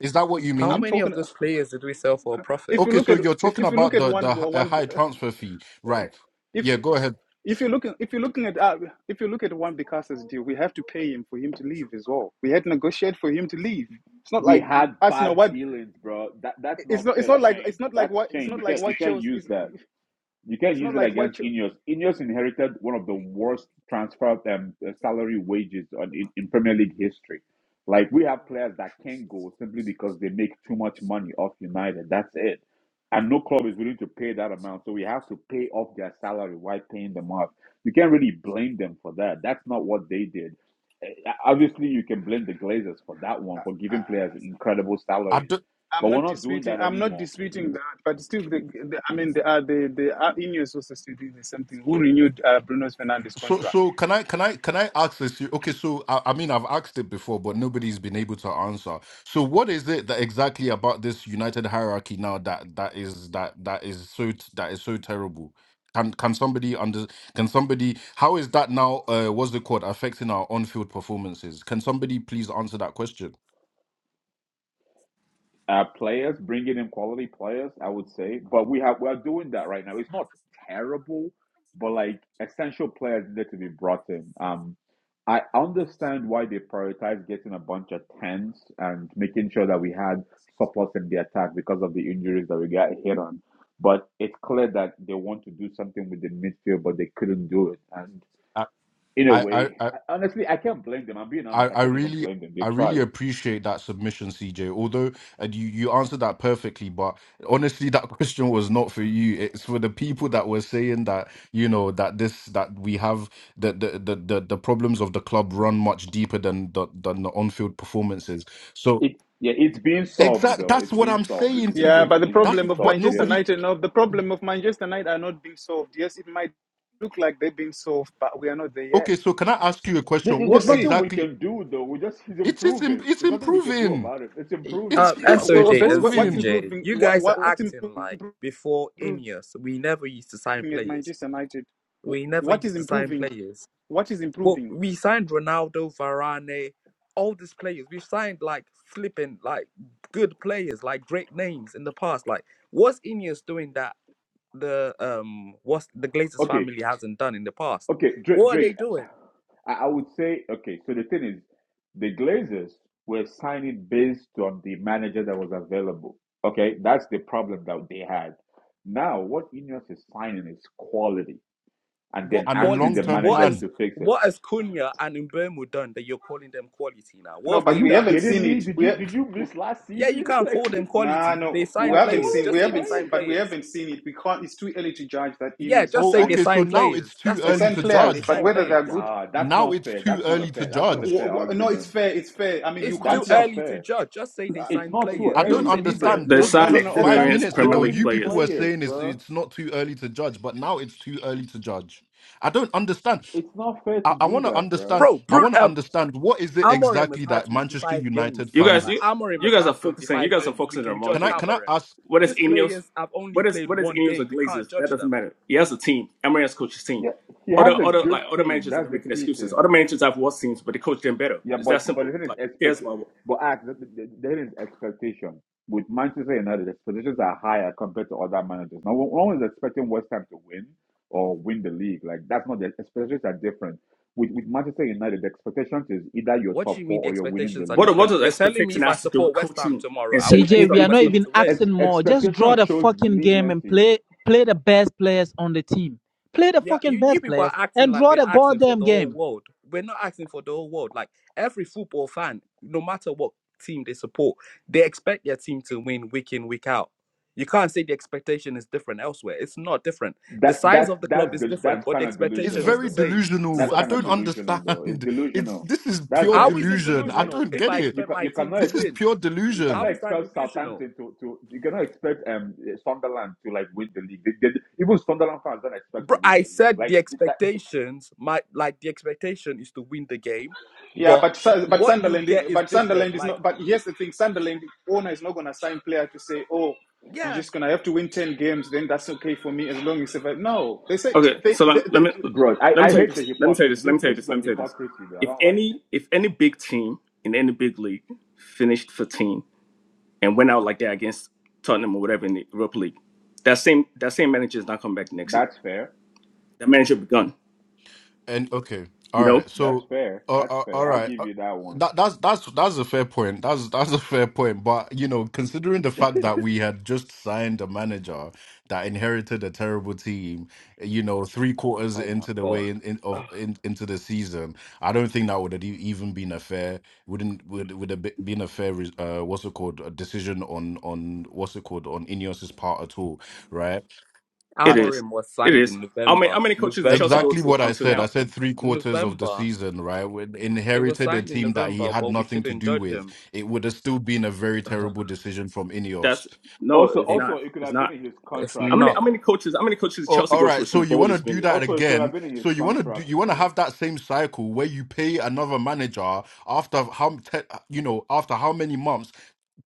Is that what you
How
I'm
mean?
many of
talking.
those players did we sell for a profit?
If you
Okay,
look
so
at
you're
if,
talking
if you look
about
at
the the
one well,
uh,
one
high transfer fee, right?
if
Yeah, go ahead.
if you're looking if you're looking at uh, if you look at one Bicas's deal, we have to pay him for him to leave as well. We had negotiated for him to leave. It's not
We
like he,
had
Arsenal.
bad
What
dealings, bro. That that's
it's
not
not. It's
fair,
not like it's
Shane.
not like
That's
what it's
Shane.
not
You
like
can't you
what
can't
Chelsea.
use
It's,
that. You can
it's
use
not
it
like what.
against Ineos. Ineos inherited one of the worst transfer um, uh, salary wages on, in, in Premier League history. Like we have players that can not go simply because they make too much money off United. That's it. And no club is willing to pay that amount. So we have to pay off their salary while paying them off. You can't really blame them for that. That's not what they did. Uh, Obviously, you can blame the Glazers for that one, for giving players incredible salaries. But
I'm
we're
not
not doing
disputing.
that
I'm not
anymore
disputing that, but still, the, the, I mean, the uh, the the uh, Ineos also still doing the same thing. Who renewed uh, Bruno Fernandes'
So,
contract?
so can I can I can I ask this? Okay, so I, I mean I've asked it before, but nobody's been able to answer. So, what is it that exactly about this united hierarchy now that that is that that is so t- that is so terrible? Can can somebody under can somebody how is that now? Uh, what's the called affecting our on field performances? Can somebody please answer that question?
uh, players, bringing in quality players, I would say. But we have we are doing that right now. It's not terrible, but like essential players need to be brought in. Um, I understand why they prioritize getting a bunch of tens and making sure that we had surplus in the attack because of the injuries that we got hit on. But it's clear that they want to do something with the midfield, but they couldn't do it. And
I
in a
I I,
way,
I
honestly, I can't blame them. I'm being
I,
honest. I
I
can't even
really
blame them. They
I really
tried.
appreciate that submission, CJ. Although and you you answered that perfectly, but honestly, that question was not for you. It's for the people that were saying that you know that this that we have the the the the, the problems of the club run much deeper than the, than the on field performances. So
It yeah, it's being solved
exact
though.
that's
It's
what
being
I'm
solved, which
saying
is a
to
Yeah,
you.
good
but
thing.
the
It's
That's
being
problem
wh-
of
but
solved.
Manchester
Yeah.
nobody.
United, no, the problem of Manchester United are not being solved. Yes, it might look like they've been solved, but we are not there
Okay,
yet.
so can I ask you a
There-
question?
We'll
There's
What
see.
nothing we
exactly?
can do though. We just it's
It's it's im-
improving.
it's
There's nothing we can do
improving.
about it. It's
E,
improving.
It's
Uh,
Yeah.
it's
Well, well,
SOJ
best,
and
what, what's
improving,
CJ,
improving?
you
What,
guys are
what what's
acting
improving,
like before
improving
Ineos, we never used to sign
at
players.
Manchester United?
We never
What is
used to sign
improving?
players.
What is
Well,
improving?
we signed Ronaldo, Varane, all these players. We've signed like flipping, like good players, like great names in the past. Like, what's Ineos doing that the um what's the Glazers
Okay.
family hasn't done in the past.
Okay. Drake.
What are
Drake.
they doing?
I, I would say okay. So the thing is, the Glazers were signing based on the manager that was available. Okay, that's the problem that they had. Now, what Ineos is signing is quality, and
What
then
and a
asking
long
the
quality?
term
What
managers
is
plan.
to fix it.
what has Cunha and Mbermu done that you're calling them quality now? What
No,
have
Are
but
they
we
you
done?
haven't
kidding
seen
me?
it.
Did
We
you did you
ha-
miss last
Yeah, you
season?
can't
Like
call them
Nah,
quality. They
no,
they
we
sign
are
haven't
players.
seen.
quality
We
Just say they
haven't,
players.
sign
but we
players.
haven't seen it. We can't. It's too early to judge that
Yeah,
Ineos have
just
Oh,
say they
signed.
okay. So
sign
now it's
players.
too
That's
They
all
early
you
signed
to
should say.
players,
They
but
judge.
sign
Oh
whether
my
they're
players.
good,
god, that's
Now
not
it's
fair.
too
That's not a
early to
fair. That's
no,
not a
w-
judge.
fair
w- no, it's
argument.
fair. It's fair. I mean, you
It's
can't.
That's
too
ju-
not
early to
fair.
judge. Just say they
Uh,
It's
sign
not too
players.
I
which
don't
Don't
early
say they signed
either.
understand.
They
Just
no,
signed
no,
quality.
just
no.
They
There's
Okay.
five
signed
experienced
minutes
Premier
ago,
League
you
quality
people
players.
were
players,
saying it's
bro.
it's not too early to judge, but now it's too early to judge. I don't understand.
It's not fair to
I, I
do
want to
that, bro.
understand.
bro,
I
Bruno.
It's
want to
um,
understand what is it
Amorim has
exactly
had
that Manchester
25 games,
United
You
bro.
guys,
fans
Like
you
Amorim
you
has
guys are
had
focusing. You
25
guys are
games. We
focusing on
can
the wrong
judge
can I
thing.
can I
Amorim.
ask?
What is
These
Ineos?
players have only
What is
played
what is
one
Ineos or
game. We
Glazers?
can't
That
judge
doesn't
them.
matter. He has a team. Emery has coached his team.
yeah. He has
Other
a
other
good
like other
team.
managers that
That's
are
the
making
key
excuses.
thing.
Other managers have worse teams, but they coach them better.
Yeah,
It's that
but but
simple.
here is
Like here's
expect
my
but ask that there is expectation with Manchester United. Expectations are higher compared to other managers. Now, no one is expecting West Ham to win or win the league. Like that's not the expectations are different. With with Manchester United, the expectations is either you're
What do
top
you mean
four
the
or you're winning the
expectations are
league.
what what
different?
does
You're telling me
expectation
if I
has to do with
support West Ham
coaching
tomorrow,
and
I
setting up
wouldn't
a
CJ,
It
we
expect
are
structured
it
not
West
team?
it
Ham
even
to win.
ex,
asking more. Just draw
expectation
the
shows
fucking game and
leniency
play play the best players on the team. Play the
Yeah,
fucking
you, you
best
people are
players
acting
and
like
draw
we're
the
asking for
goddamn
the whole
game.
world. We're not asking for the whole world. Like every football fan, no matter what team they support, they expect their team to win week in, week out. You can't say the expectation is different elsewhere. It's not different.
That
The size
that's
of the club
that's
is
the
different,
that's
but the
kind of
It's
expectation
delusional
is the
very
though.
same to
delusional.
That's
I
kind of
don't
succeed.
delusional
understand.
though. It's
It's
delusional.
this is
That's
pure
How
very
is it
delusion.
delusional.
I
Like
delusional
don't
if
get
I
it.
you
expect
can
my
you
team
cannot
to
This
ex,
is
win?
pure
you
How
cannot
delusion.
is that
expel
delusional?
Southampton to, to you cannot expect um Sunderland to like win the league. They, they, even Sunderland fans don't expect to
Bro,
win
I
the league.
said
Like
the
that,
expectations, my like the expectation is to win the game,
Yeah,
but
but Su- but
what you
Sunderland,
get
is,
is
but Sunderland
different.
is
Like
not. But here's the thing: Sunderland owner is not going to sign player to say, oh, you're
Yeah.
just going to have to win ten games. Then that's okay for me as long as. If I, no, they say
Okay,
they,
so
they,
let, let me
they.
bro. I,
let me
I
tell you
hate
this.
the
Let me tell you
hypocrisy.
this. Let
This
me tell you
this is
this. Let me
some
tell you this.
hypocrisy though. I
If
don't like
any
it.
if any big team in any big league finished 15 and went out like that against Tottenham or whatever in the Europa League, that same that same manager is not coming back next year.
That's fair.
That manager be gone.
And okay, all
You know,
right.
That's
So,
fair.
uh,
That's
uh,
fair.
all
I
right.
give
Uh,
you that one.
That that's that's that's a fair point. That's that's a fair point. But you know, considering the fact that we had just signed a manager that inherited a terrible team, you know, three quarters
Oh my
into the way
god.
in, in of in, into the season, I don't think that would have e- even been a fair wouldn't would would have be- been a fair res- uh what's it called a decision on on what's it called on Ineos's part at all, right?
it is,
Amorim was
it
signed
is.
in
How many how
November.
many coaches did Chelsea
November.
go
Exactly
to
what I
until
said. I
now?
Not
said three quarters of the
November.
season, right? When
It was
inherited a
signed in
team that he
November,
had
but we
nothing to
shouldn't
do
judge
with,
him.
it would have still been a very
Ugh,
terrible decision from Ineos.
That's no,
Also,
it's
It,
also,
not.
it could
It's
have been
not.
in his
It's
How
contract
many how
not.
many
though.
coaches how many coaches did
oh,
Chelsea
all
go
right,
through
so
since
you want to
Bowley's been
do
here?
that
Also, it could have
again?
been in
So
his
you want to do?
contract
You want to
though.
have that same cycle where you pay another manager after how te, you know after how many months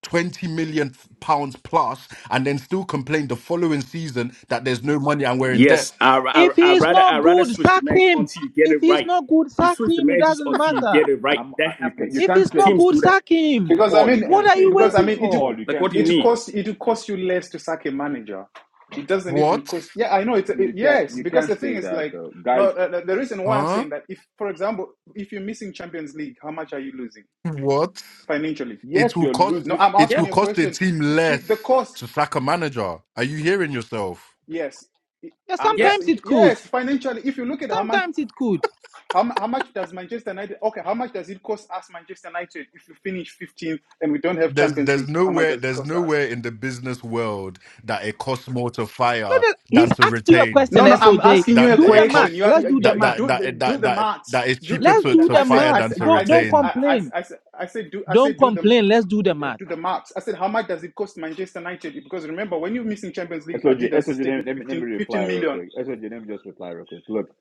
20 million pounds plus and then still complain the following season that there's no money and we're in debt.
Yes, I,
If
I, I
he's
rather I
not
rather
good,
switch the
sack
manager
him.
until you get
If
it
he's
right.
not good,
You
sack
switch the
him. It
managers
doesn't
until you
matter.
get it right.
I'm,
That
I- you can you
happens.
If
can't
he's not
say
Teams
good,
do that.
sack him.
Because I
Paul. You
mean,
What
can't
are
say
you
because I
that
waiting
mean,
though.
it
for?
Paul.
will-
You
Like, what
can't
do you
it
say
will
mean?
that.
cost it will cost you less to sack a manager. It doesn't even
What?
cost. Yeah, I know. It's it,
You can't
yes,
you
because the
can't
thing
say
is
that
like
though. Guys,
no. The, the the reason why I'm
Huh?
saying that, if for example, if you're missing Champions League, how much are you losing
What?
financially?
yes,
It will
you're
cost
No,
losing.
I'm
it
asking
will
Yeah.
you a
cost the
question.
team
I-
less
If the cost,
to sack a manager. Are you hearing yourself?
yes, I-
Yeah,
I'm
Yeah.
just
sometimes it could.
yes financially. If you look at how much.
Sometimes it could.
How, mu- how much does Manchester United okay? How much does it cost us, Manchester United, if we finish 15th and we don't have
There's
Champions
there's
League? How much
nowhere
does it
there's
cost us?
nowhere in the business world that it costs more to
No,
fire
that he's
than to
asked you a
retain.
question,
No, no, I'm
SOJ.
asking you
That
a
that
Do the
it
math.
question.
costs
You, have,
Let's
you,
do the
you,
that
you
math.
that
do the-
that
do
that
the
that
maths.
that is
Do
cheaper
Let's
to,
do
to
I
the
said
fire
I
math.
than
said
to
I
Don't don't
said I
retain.
complain.
I, I, said, I said do I
Don't
said do the
complain. Let's do the math.
do the maths. I said how much does it cost Manchester United? Because remember, when you're missing Champions League,
SOG,
Adidas is
SOG, let me,
taking
let me let me
fifteen,
reply
fifteen
real
million.
quick. SOG, let me just reply real quick. Look,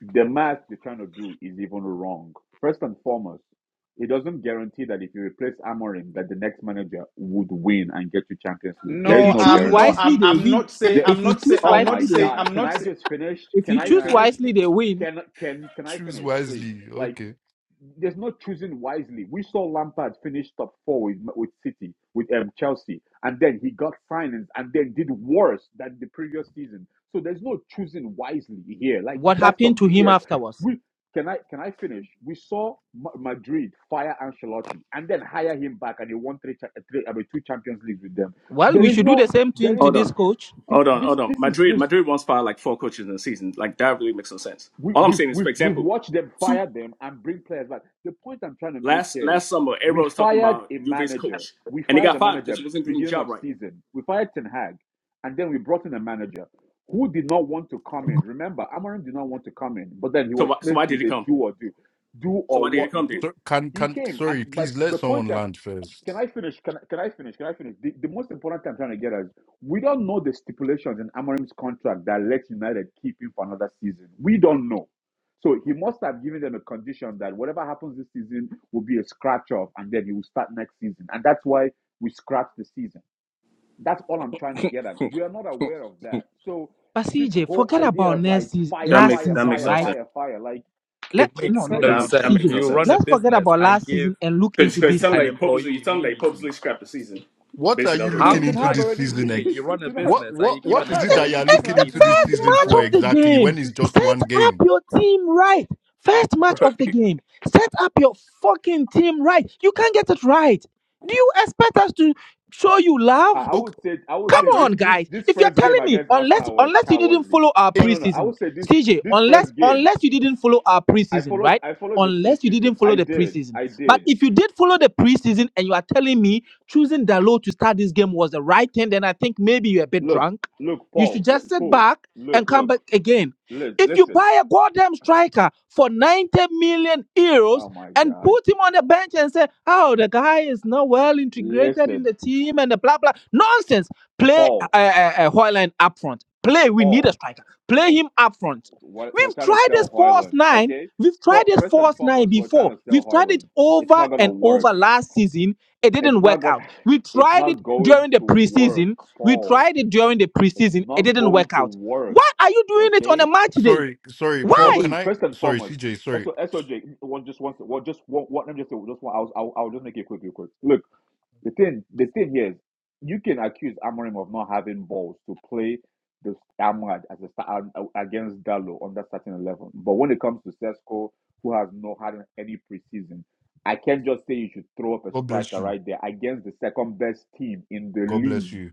the math you're trying to do is even wrong. First and foremost, it doesn't guarantee that if you replace Amorim, that the next manager would win and get you Champions League. There
If
is
No,
you
no
choose
I'm not.
guarantees.
wisely,
I'm
they
I'm
win.
not saying.
The,
I'm
If you
not saying.
choose
oh
I'm not
my
wisely, they
saying.
God!
win.
I'm
Can
not
I just finish?
If
Can
you
I
choose
saying.
finish?
wisely, they win.
Can can can I
Choose
finish, please?
wisely.
Like.
Okay.
there's no choosing wisely. We saw Lampard finish top four with, with City, with um, Chelsea, and then he got signings and then did worse than the previous season. So there's no choosing wisely here. Like
What
that's
happened
some
to him
BS.
afterwards?
We can I can I finish? We saw Madrid fire Ancelotti and then hire him back, and he won three, three I mean, two Champions Leagues with them.
Well, we
There is
should do the
no,
same
there
thing to
is
Hold
no.
this
on,
coach.
This
hold on,
this
hold on.
this is
Madrid
just
Madrid once fired like four coaches in a season. Like that really makes no sense.
we,
All I'm
we've,
saying is, for
we've, we've
example,
watched them
two
fire them and bring players back. The point I'm trying to make
last
here is
last summer, everyone
we
was talking
fired
about
a
Juve's
manager.
coach,
We
and he
fired
got
a
fired because he
manager
wasn't doing the
beginning
job
of
right.
season. We fired Ten Hag, and then we brought in a manager who did not want to come in. Remember, Amarim did not want to come in, but then he
So
was
why, so
placed
why did
with
he
a
come?
do or do, do
So
or
why did he
what
come
do.
then?
So can
He
can
came, and
sorry,
but
please let
the point
someone
that.
land
Can
first.
I finish? Can, I- can I finish? Can I finish? The, the most important thing I'm trying to get at is we don't know the stipulations in Amorim's contract that lets United keep him for another season. We don't know. So he must have given them a condition that whatever happens this season will be a scratch off and then he will start next season. And that's why we scratch the season. That's all I'm trying to get at. We are not aware of that. So
But
this
CJ,
whole
forget
idea
about
of
next
like
season,
That
fire,
last
makes
fire,
that
season,
makes
fire,
no
right?
sense.
fire, fire, like
Let
it
it's
no,
makes
no, no,
no
That
no.
crazy.
no.
that
sense.
makes
CJ,
no
You run
sense.
a
let's forget
business
about
and
last
give
season and look into
Because
this
some
an
they
season.
employee
purposely, some they purposely
immunity.
scrapped the season.
What are
Basically, that's
you
what he
How
told
Dude,
looking
me.
Ten
into
Hag
like
this
already
season?
TJ,
ex-
you run a
Ten Hag,
What
business and
what
you
Ten
give
what
an
is
Hag
it
It-
that you
already
are
employee
It's
looking
the
scrapped
into
the
immunity,
this
first
season,
season
match
for
of
bro.
the
exactly? When
game.
it's just one
Set up
game?
your team right. First
bro.
match of the game. Set up your fucking team right. You can't get it right. Do you expect us to show you love?
I, I would
Okay,
say I would
I
Come
say
on,
this
don't.
this
guys.
this
If you're
first game
telling me,
against
unless
Arsenal was
unless you didn't
cowardly.
follow our
No,
eh,
no, no. I
preseason,
would say this
CJ,
this
unless
first game.
unless you didn't follow our
I
preseason,
followed
right?
I followed the
Unless you didn't
preseason. I
follow the
did.
preseason.
I
But
did.
if you did follow the preseason and you are telling me choosing Dalo to start this game was the right thing, then I think maybe you're a bit
Look,
drunk.
look,
You should
Paul, l-
just sit
Paul.
back
Look,
and come back
look,
again.
li-
If you
listen.
buy a goddamn striker for 90 million
Oh
euros
my
and
God,
put him on the bench and say, oh, the guy is not well integrated in
listen,
the team and the blah, blah, nonsense. Play uh,
Paul,
uh, uh, uh, Hoyland up front. Play, we need a
Paul.
striker. Play
Paul. Paul.
him up front.
We're, we're
We've
trying to
tried
sell
this false
Hoyland,
nine.
okay?
We've tried
For,
this
first and
false nine
foremost, we're trying
before.
to sell
We've tried it
Hoyland. It's
over
not gonna
and
work.
over last season. It
It's
didn't
not
work
going.
out. We
It's
tried
not
it
going
during the
to work,
preseason. We
Paul.
tried it during the
It's
preseason. It
not
didn't
going
work
to
out.
work.
Why are you doing it on
Okay.
a match day?
sorry, sorry,
It's not
Paul.
going
Can
to
Why?
I?
first and
Sorry,
foremost.
CJ. Sorry.
SO, SOJ, one just wants one just one, one let me just say just one. I'll, I'll I'll just make it quick, real quick. Look, the thing the thing here is you can accuse Amorim of not having balls to play the Amrad as a star against Dallo on that starting eleven. But when it comes to Sesco, who has not had any preseason, I can't just say you should throw up a
God bless
striker
you.
right there against the second best team in the
God bless
league
you.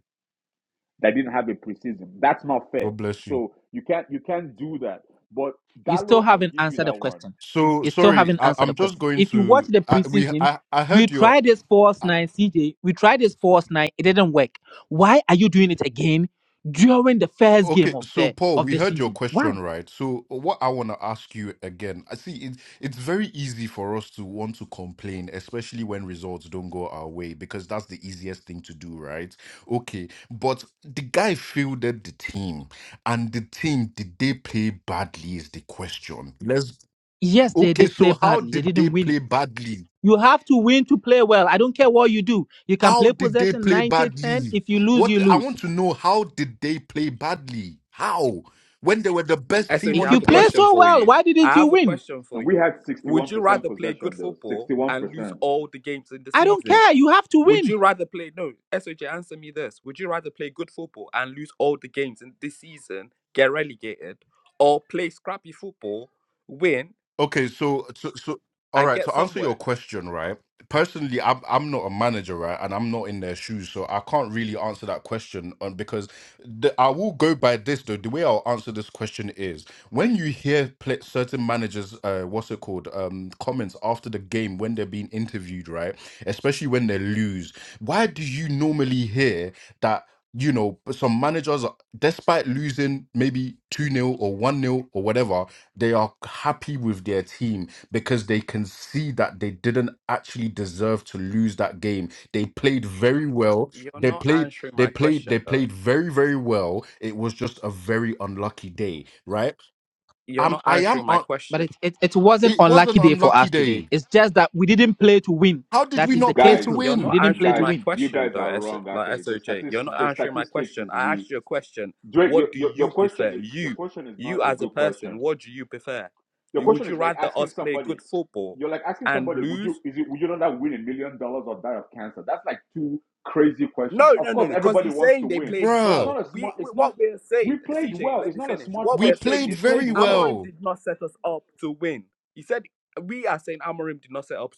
that didn't have a preseason. That's not fair.
God bless you.
So you can't you can't do that. But
You still
Dallo, I'll
haven't
give you
answered the
that one.
question.
So
You still
sorry.
haven't
I,
answered the
I'm just
question.
going
If you watch
to.
the
I, we.
preseason,
I. I
we
heard your.
tried this false nine, CJ. We tried this false nine. It didn't work. Why are you doing it again during the first game
Okay,
of
so
the
Paul,
of
we
the
heard your
season? Why?
question, right? So what I want to ask you again, I see it, it's very easy for us to want to complain, especially when results don't go our way, because that's the easiest thing to do, right? Okay, but the guy fielded the team, and the team, did they play badly is the question. Let's
Yes, they
Okay,
did play
so how
badly. They
did they
didn't win.
play badly?
You have to win to play well. I don't care what you do. You can
How
play
did they
possession
play
90 10.
badly?
If you lose,
What
you
I
lose.
want to know, how did they play badly? How? When they were the best team
SOG,
on
If
the
you
have a
play
pitch?
question
so
for
well,
you.
why
I
didn't you
have a
win?
question for
And we
you.
had
Would
61%
you rather play good
possession though.
football and lose
61%.
all the games in the
I don't
season?
care. You have to
Would
win.
you rather play no, SOJ, answer me this. Would you rather play good football and lose all the games in this season, get relegated, or play scrappy football, win,
Okay, so so so all
and
right,
get
to answer your
somewhere?
question, right? Personally, I'm I'm not a manager, right? And I'm not in their shoes, so I can't really answer that question um, because the, I will go by this though. The way I'll answer this question is when you hear pla certain managers, uh, what's it called, um, comments after the game when they're being interviewed, right? Especially when they lose. Why do you normally hear that? You know, some managers, despite losing maybe 2 nil or 1 nil or whatever, they are happy with their team because they can see that they didn't actually deserve to lose that game. They played very well.
You're
They
not
played
answering
they
my
played they
question though.
played very very well. It was just a very unlucky day, right?
You're
Um
not
I am
answering my
un-
But
question.
it, it, it wasn't
it was an
unlucky day for
unlucky
us today.
day.
It's just that we didn't play to win.
How did
That
we
is the
not play
case
Guys,
to
close.
You're
We
not
win?
didn't play
answering
to
guys,
my
win.
you
question
guys
though,
are
S
wrong
like
actually. The
SOJ. You're
statistics
not
the
answering my
statistics
question.
is
I
we
asked you a question.
Drake, your,
What do
your your
you
question
prefer?
is your
You,
question is
you
not a
as a
good
person,
question.
what do you prefer?
Your
Would
question
you
is like
rather
asking
us play
somebody,
good football
you're like asking
and
somebody, would you
lose?
is it would you rather win a million dollars or die of cancer? That's like two crazy questions.
No,
Of
no,
course,
no, because
everybody
he's
wants to
saying they
win.
played
It's
Bruh,
well.
not a smart.
We, we
It's not.
what we're
We
saying,
played
CJ,
well.
let
It's
me
not a
finish.
smart
What
we
we're
question.
saying
played
We
is
played
very
well.
Amorim
well.
did not set us up to win. He said we are saying Amorim did not set up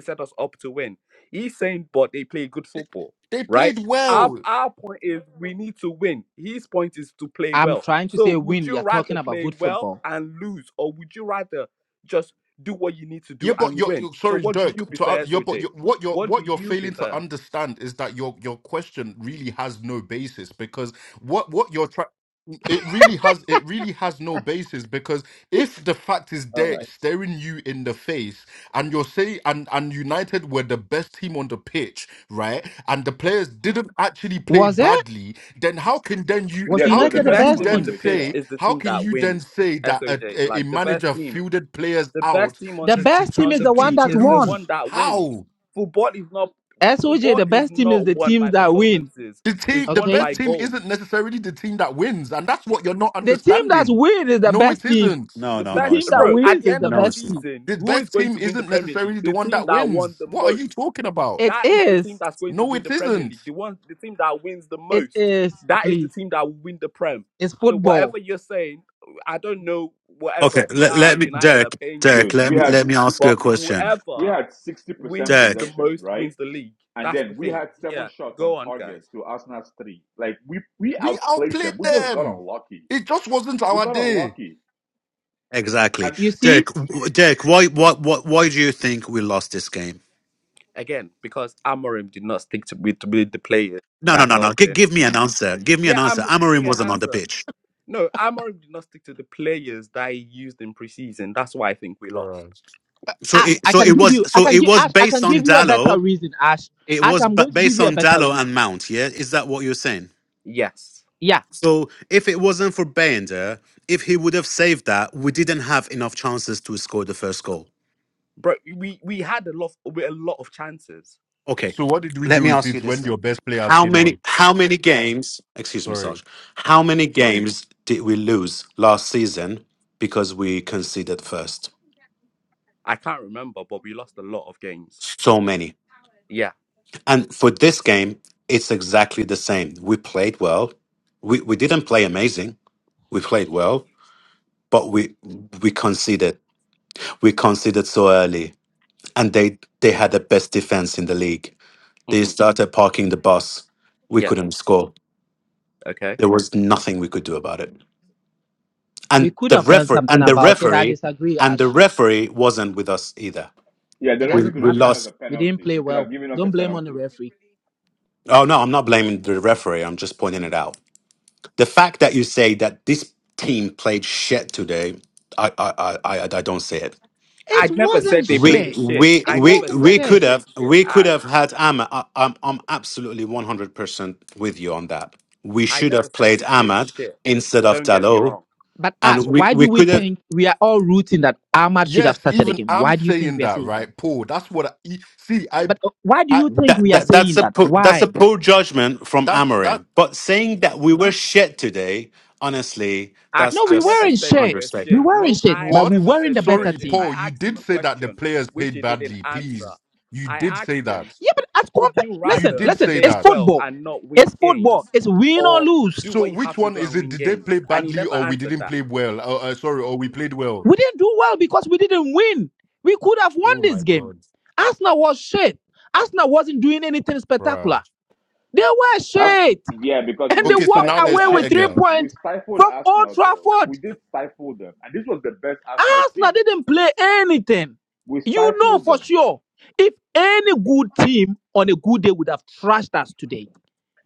set us up to win. He's saying, but they play good
They
football,
they
right?
played
Our
well.
our point is we need to win. His point is to play
I'm
well.
trying to
So
say
would
win.
you
You're talking
rather
about
play
good
well
football.
and lose, or would you rather just do what you need to do
Yeah, but
and
you're,
win?
you're
So
sorry,
what do
Dirk.
you
To uh,
prefer,
you're, but
SOJ?
you're, what you're
What do
what you're
you
failing to
prefer?
understand is that your your question really has no basis because what what you're trying it really has it really has no basis because if the fact is there staring you in the face and you're saying and and United were the best team on the pitch, right? And the players didn't actually play
Was it?
badly, then how can then you
Was
Yes, we
how
were the
the
United
can
the
best
you
best
team
best
on
team
the
then
on
team?
the
pitch.
pitch
Yeah,
say
is the
how
team
can
that
you then
wins.
say that a,
SOJ,
a a
like the best
manager
team,
fielded players
the
out?
best team on
The
to
the
to
best
to
team
on
is
the
to
the
to,
one
pitch
to
that
is the
won.
one
lose.
that wins.
How?
Football is not
SOJ,
football
the
is
best team is
not
the
won by
teams that win.
performances.
The team,
It's
the
won
Okay?
best
by
team
goals.
isn't necessarily the team that wins, and that's what you're not
The team that
understanding.
wins is the
No, it
best team.
isn't.
The
The
best,
team that
bro. At
wins
the
is
end
the
of the
best team.
season,
The
who is
best
going
team
to win the
isn't
Premier League?
necessarily the
The
one
team
that
that won
wins.
the
What are
most.
you talking about?
It
That is the
is.
team that's going to
No,
win
it
the Premier
isn't.
League. The one, the team that wins the
It
most.
is.
That is the
Please,
team that will win the Prem.
it's
So
football.
whatever you're saying, I don't know whatever
Okay. Let,
PR
let me,
United are
Derek.
paying you
Derek.
to
dude,
Let
we
me
do,
had
let me
we,
ask you a
but
question.
we
whoever
had sixty percent
wins
Derek,
the
possession,
most
right?
wins the league.
And
That's the
then we
thing.
had seven
Yeah,
shots on
go on,
target
guys.
to Arsenal's three. Like we we
We
outplayed them.
outplayed
We just got
them.
unlucky.
It just wasn't
We
our
got
day.
unlucky.
Exactly,
And.
You see,
Dirk. w- Dirk, why, what, what, why do you think we lost this game?
Again, because Amorim did not stick to with, with the players
No, no,
that
no, no.
helped
G-
him.
give me an answer. Give me an
Yeah, I'm
answer.
giving
Amorim
you an
wasn't on the
answer.
pitch,
No, Amorim did not stick to the players that he used in preseason. That's why I think we lost.
Bruh.
so
Ash,
it,
I
so
can
it
give
was,
you. I
so
can
it
give
was
Ash. I
based
can
on
give you a better
Dallo.
reason, Ash.
It
Ash,
was
I'm
ba-
going to give
based
you a
on
better
Dallo
reason.
and Mount. Yeah, is that what you're saying?
Yes.
Yeah,
So if it wasn't for Bender, if he would have saved that, we didn't have enough chances to score the first goal.
Bro, we we had a lot of, a lot of chances.
Okay,
So what did we
let
do
me
with
ask you
it
this
when your
then:
best players
How
came
many
on?
how many games? Excuse me,
Sorry.
Sarge. How many games did we lose last season because we conceded first?
I can't remember, but we lost a lot of games.
So many.
Yeah.
And for this game, it's exactly the same. We played well. We we didn't play amazing. We played well, but we we conceded. We conceded so early, and they they had the best defense in the league. They
hmm
started parking the bus. We
Yeah.
couldn't score.
Okay.
There was nothing we could do about it.
we
and
could
the
have done
referee
something
and the
about it. I
referee
disagree,
and the
Ash.
referee wasn't with us either.
Yeah, the
It
We
referee
doesn't
could
we
have given
matter.
us a
lost.
We didn't
penalty.
play
He could
well.
have given us a
Don't blame on the
penalty.
referee.
Oh no, I'm not blaming the referee. I'm just pointing it out. The fact that you say that this team played shit today, I I I I, I don't see it.
It
I never
wasn't
said they
We
played
shit.
shit.
we
It
I
we
never
wasn't
we
said they
could
shit.
have
played shit,
we could have
Ash.
had Ahmad. I, I'm I'm absolutely 100 percent with you on that. We
I
should
never
have
said
played
we played
Ahmad
shit.
instead of
Don't get me
Dalo,
wrong.
But Ash,
and we
why do
we
we
could have
think we are all rooting that Ahmad should have
Yes,
started the
even
game?
I'm
Why do you think
saying
we are
that,
saying that?
right, Paul? That's what I e- see. I,
But uh, why do
I,
you think
That,
we are
that
saying
that's a
that?
po- that's a
Why?
poor judgment from
that's that.
Amorim. But saying that we were shit today, honestly,
Ash,
that's
No, we
I never
just
wearing
said we were
shit. We
shit.
understatement.
wearing
No,
shit,
I've
but we
What?
never
wearing
said
the
we were
better
Sorry,
shit. I
team.
Paul, you
asked
did
him a
say that the
question
players
which
paid
he didn't
badly.
answer.
Please. You
I
did say
asked
that.
him
Yeah, but as
would you
compared,
You
listen,
rather
did
listen,
say
play
it's
that.
well
football.
and not
It's
win
football.
games
It's win or
or
lose.
do
So
what you
which
have to
one
do
is
and
it?
win
Did they play
games? And he
badly
never
or we
answered
didn't
that.
play well? Uh, uh, sorry, or we played well?
We didn't do well because we didn't win. We could have won
Oh my
this game.
God.
Arsenal was shit. Arsenal wasn't doing anything
Bruh.
spectacular. They were
As,
shit,
yeah, because
and they
we
Okay, so
walked
now
stifled
there's
away
shit
with three
Arsenal.
again.
We
points
stifled
from Old
Arsenal, though. We
Trafford.
did stifle them. And this was the best Arsenal team.
Arsenal didn't play anything.
We
You know
stifled
for
them.
sure. If any good team on a good day would have trashed us today,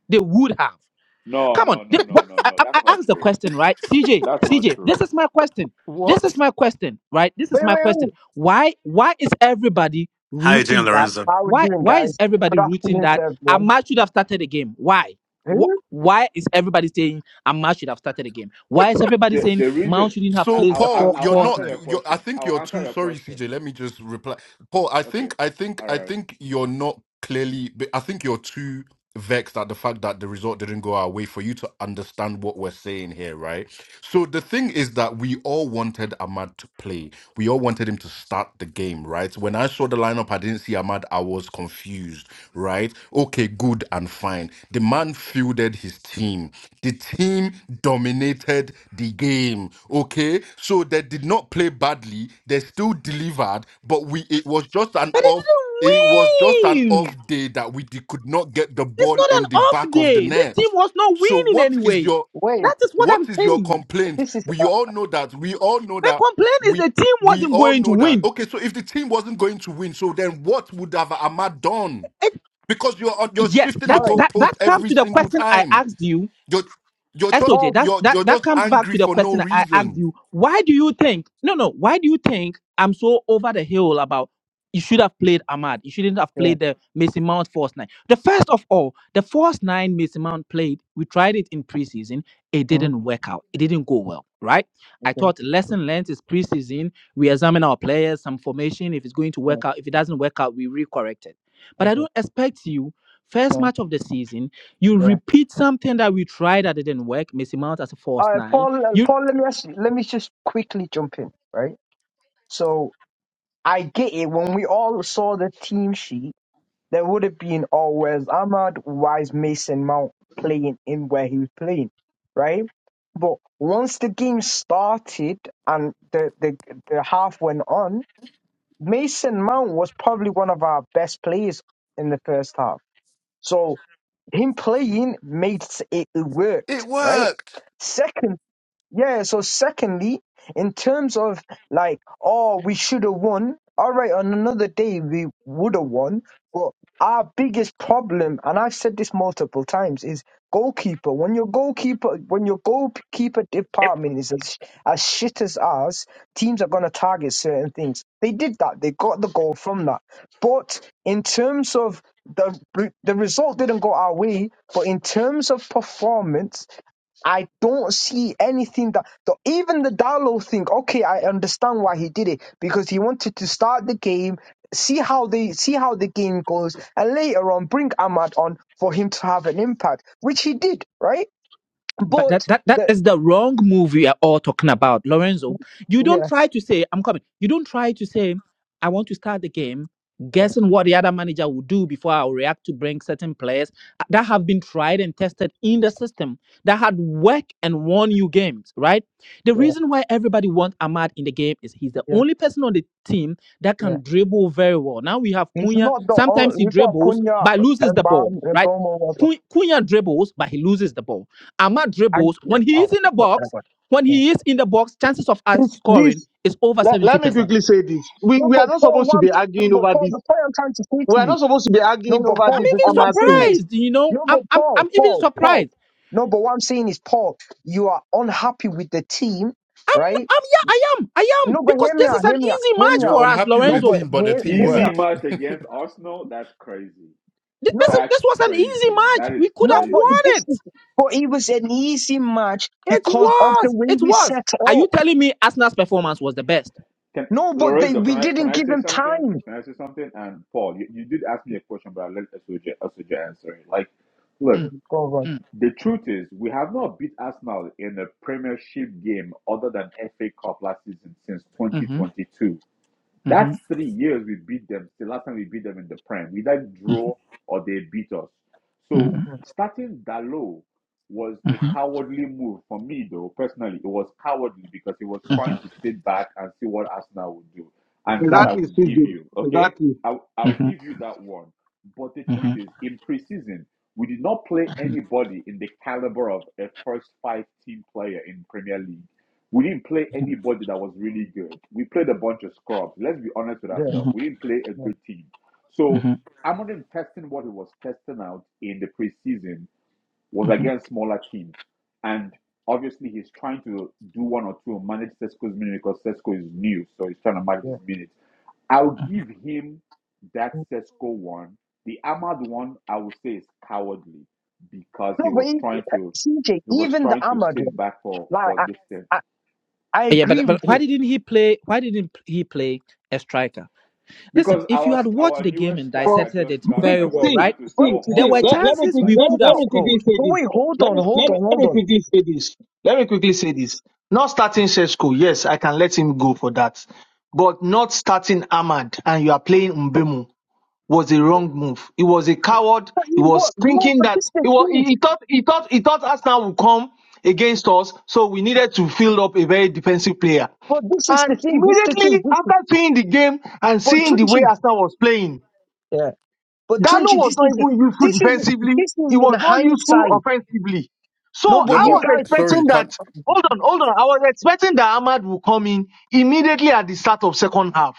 they would have.
No,
Come on.
no,
They,
no, no,
what,
no,
I,
no.
I I
That's not
asked the
true.
question, right? C J.
That's
C
not
J. this
true.
is my question. This
What?
is my question, right? This is
Wait,
my
wait,
question.
wait.
Why why is everybody
How you doing,
rooting that?
Lorenzo?
How are we
Why
doing,
why is
guys?
everybody
Good
rooting
afternoon to
that
everyone.
Ahmad should have started the game? Why? Wh-
Who?
Why is everybody saying Ahmad should have started the game? Why is everybody
The
saying
the
Mount
reason
shouldn't have
I-
So
placed
I'll,
the
I'll
Paul,
four,
you're
I'll
false
answer
not
nine?
your
you. You're, I
question.
think
I'll
you're
answer
too.
your
Sorry,
question.
CJ. Let me just reply. Paul, I
Okay.
think I think
All
I
right.
think you're not clearly. I think you're too vexed at the fact that the result didn't go our way for you to understand what we're saying here, right? So the thing is that we all wanted Ahmad to play. We all wanted him to start the game, right? When I saw the lineup, I didn't see Ahmad. I was confused, right? Okay, good and fine. The man fielded his team. The team dominated the game. Okay, so they did not play badly. They still delivered, but we it was just an
But
off. It was just
they
an
didn't
off
win.
day that we did- could not get the
It's
ball
not an
in the
off
back of the
day. This
net.
team was not
So
winning
what is
anyway.
your
Wait,
That is what
what
I'm
is your
saying.
complaint?
this is
We
uh,
all know that. We all know
My
that.
complaint is
We
the team
we
wasn't
all
going to
know that.
win.
Okay, so if the team wasn't going to win, so then what would have Ahmad done?
It,
Because you're you're
yes,
shifting the
all
that,
right.
that
goalpost
that comes
every
to the
single
question I
time.
asked you
You're you're just
SOJ,
Paul.
that's
you're
that
you're
that
just
comes back
angry
to the
for no
question I asked
reason.
you. Why do you think no no, why do you think I'm so over the hill about you should have played Ahmad. You shouldn't have
Yeah.
played the Mason Mount Force Nine. The first of all, the Force Nine Mason Mount played, we tried it in preseason. It
hmm
didn't work out. It didn't go well, right? I
Okay.
thought lesson learned is preseason. We examine our players, some formation. If it's going to
Yeah.
work out, if it doesn't work out, we recorrect it. But I
Okay.
don't expect you, first
Yeah.
match of the season, you
Yeah.
repeat something that we tried that didn't work. Missy Mount as a false
All right,
nine.
Paul. Uh,
You
Paul, let me ask you, let me just quickly jump in. Right. So I get it. When we all saw the team sheet, there would have been always Ahmad, Wise, Mason, Mount playing in where he was playing. Right. But once the game started and the the the half went on Mason Mount was probably one of our best players in the first half. So him playing made s- it, it
It
worked, right?
worked.
Second yeah, so secondly, in terms of like, oh, we should have won. All right, on another day we would have won. But our biggest problem, and I've said this multiple times, is goalkeeper. When your goalkeeper, when your goalkeeper department is as, as shit as ours, teams are going to target certain things. They did that. They got the goal from that. But in terms of the the result didn't go our way, but in terms of performance I don't see anything that the, even the Dalo thing. Okay, I understand why he did it because he wanted to start the game, see how they see how the game goes, and later on bring Ahmad on for him to have an impact, which he did, right?
but that,
But
that that
the
is the wrong move we are all talking about lorenzo you don't
yeah,
try to say i'm coming you don't try to say i want to start the game guessing what the other manager will do before i will react to bring certain players uh, that have been tried and tested in the system that had worked and won you games right the
yeah,
reason why everybody wants ahmad in the game is he's the
yeah,
only person on the team that
yeah.
can dribble very well now we have
He's
cunha
not the only.
sometimes he
We've got
dribbles
Cunha
but loses
and
the ball
Bam and
right
Bomo. Whatever.
Cun- cunha dribbles but he loses the ball Ahmad
I
dribbles.
yeah,
When he
oh,
is in the
my
box,
God.
when
yeah.
he is in the box, chances of us
This,
scoring
this,
is over
let,
70%.
let me quickly say this. We,
No,
we
but
are not
Paul
supposed to be
wants. No,
arguing
but
over
Paul,
this.
the point I'm trying to say
We
to
are
you
not supposed to be
No,
arguing
but
I-
over
am
Paul,
this
the
even
thing I'm
Ahmad
saying
thing.
is,
surprised, you know.
no,
I'm
but
I'm
Paul,
I'm even
Paul, Paul.
surprised.
No, but what I'm saying is, Paul, you are unhappy with the team,
I'm
right?
I'm yeah, I am. I
No,
am
but
because
hear me
this
out,
is an
hear me out,
easy
hear
match
me out.
You're
for us,
unhappy with the
No,
Lorenzo.
but
team, but the
hear,
team
hear me
Easy
out.
worked.
match against Arsenal. That's crazy.
This this
No,
That's
this was an easy
crazy.
match.
That is
We could
no,
have
but
crazy.
won
this
it.
is, but it was an easy match
It
because of the
was.
way
It
we
was.
set
Are you
up.
telling me Arsenal's performance was the best?
Can
No, but they,
Lorenzo, can
we
I can
didn't
I
give
say
him
something?
time.
Can I say something? And Paul, you, you did ask me a question, but I let Asoja Asoja answer it. Like, look,
Mm,
Mm, Go, go.
mm,
the truth is we have not beat Arsenal in a Premiership game other than FA Cup last season since
mm-hmm,
2022.
mm-hmm,
That's three years we beat them. The last time we beat them in the Prem, we either draw or they beat us. So
mm-hmm,
hmm
starting that low was a
mm-hmm,
cowardly move for me, though. Personally, it was cowardly because he was
mm-hmm,
trying to sit back and see what Arsenal would do, and
Yeah,
that I
Exactly,
would
CJ.
give you. Okay,
Exactly.
I
mm-hmm,
I'll
mm-hmm,
give you that one. But the truth
mm-hmm,
is, in preseason, we did not play
mm-hmm,
anybody in the caliber of a first five team player in Premier League. We didn't play anybody that was really good. We played a bunch of scrubs. Let's be honest with
yeah,
mm-hmm,
ourselves. We didn't play a
yeah,
good team. So
mm-hmm,
I'm not even testing what he was testing out in the preseason was
mm-hmm.
against smaller teams. And obviously, he's trying to do one or two and manage Cesco's minute because Cesco is new, so he's trying to manage his
yeah.
minutes. I'll give him that Cesco one. The Ahmad one, I would say, is cowardly because he
No, but
was
he,
trying to
CJ,
he was
even the
trying to
Ahmad
sit
one,
back for
like
for
I,
this thing.
I, I
Yeah,
agree
but
with
but why
you.
didn't he play? Why didn't he play a striker? Listen,
Because
if you
our
had watched
our
the game
newest
and
But
striker
dissected
just
it
got and
very
I was
well,
see,
right?
trying to
What?
see,
sell
the-
There
see,
were
let,
Hoyland,
let
dude.
me,
chances
quick,
Like
we
let,
No,
could
let
have
but,
me quickly
scored.
say
but wait,
this.
hold
Let
on,
me,
hold
let me,
on,
let
hold
me
on.
quickly say this. Let me quickly say this. Not starting Sheshko. Yes, I can let him go for that. But not starting Ahmad and you are playing Mbemu. was a wrong move. He was a coward.
But
He
you
was
what? No,
thinking
but
that
this is the
he, was,
thing.
he, he thought he thought he thought Arsenal would come against us, so we needed to field up a very defensive player.
But this is
And
the thing. This is the thing.
immediately
This is,
after seeing the game and
but
seeing the way
Tunji,
Arsenal was playing,
yeah. But
Dalo
Tunji,
was
this
not
is
even useful
this is
defensively.
this is
He was
in
not useful
hindsight.
offensively. So
No,
Yeah,
but
I
you
but
was
guys,
expecting
sorry, can
that. Hold on, hold on. I was expecting that Ahmad would come in immediately at the start of second half.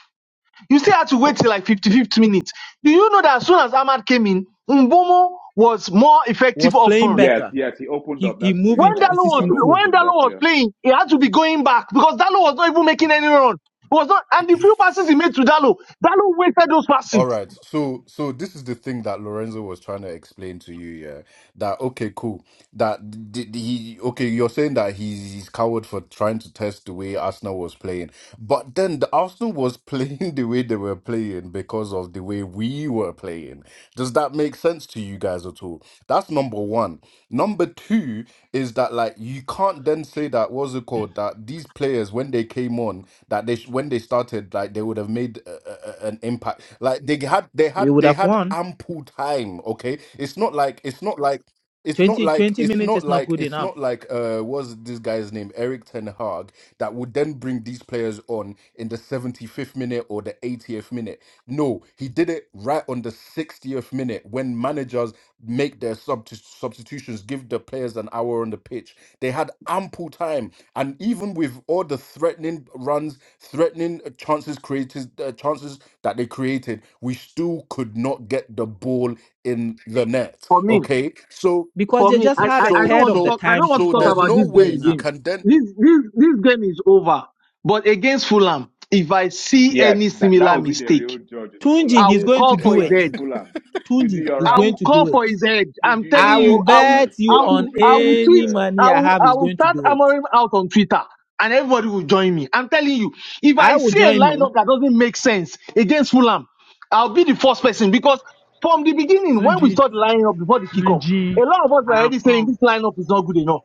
You still had to wait till like 55th minute. Do you know that as soon as Ahmad came in, Mbomo was more effective
Was
up
playing
front.
yes,
better.
yes, he opened
He
up.
he
That's true.
moved
You're
When
into
right.
Dalo was
position
Obama
fully.
when
opened up.
Dalo was
Yeah.
playing, he had to be going back because Dalo was not even making any run. It was not, and the few passes he made to Dalo, Dalo wasted those
All
passes.
right. So so this is the thing that Lorenzo was trying to explain to you, yeah. That okay, cool. That d d- he okay, you're saying that he's he's coward for trying to test the way Arsenal was playing. But then the Arsenal was playing the way they were playing because of the way we were playing. Does that make sense to you guys at all? That's number one. Number two is that like you can't then say that what's it called? That these players when they came on that they sh- when they started like they would have made a, a, a- an impact like they had they
We
had
would
they
have
had
won.
ample time okay it's not like it's not like it's not
Twenty
like
twenty
it's
minutes
not
is not
like
good
it's
enough.
not like uh what's this guy's name Eric Ten Hag that would then bring these players on in the 75th minute or the 80th minute no he did it right on the 60th minute when managers make their subti- substitutions give the players an hour on the pitch they had ample time and even with all the threatening runs, threatening uh, chances created, uh, chances that they created, we still could not get the ball in the net.
For me,
Okay, so
because
for
they
me,
just
I,
had
I,
a
I
so
don't
third
want to
of the
so
talk. I
time
don't
to
want to
so
talk
score,
there's
about
which
no
was
this
way
not
game
you
enough.
again.
can then.
This this this game is over. But against Fulham, if I see
Yeah,
any
that, that
similar
would be the
mistake,
real judge is
Tunji,
Fulham.
I
he's
will
Yes,
going to
call
you're
for
do
his
right.
it.
head.
Fulham. Tunji,
Tunji,
you're
he's
I
right.
going
will
to
call
do it.
for his head. I'm
Tunji,
telling
you're
I will
right.
you, I
You're
will,
bet
right.
you
I
Fulham will
on
will,
be
I
the
will
real
tweet.
any
test.
money
I
I
will,
have,
I
he's
will
going to
start
do it.
hammering out on Twitter, and everybody will join me. I'm telling you, if
I
I
will
see a
join you.
lineup that doesn't make sense against Fulham, I'll be the first person because from the beginning, when we
Sunji.
started lining up before the kickoff,
Sunji.
a lot of us
I
were
have
already saying this
come.
lineup is not good enough.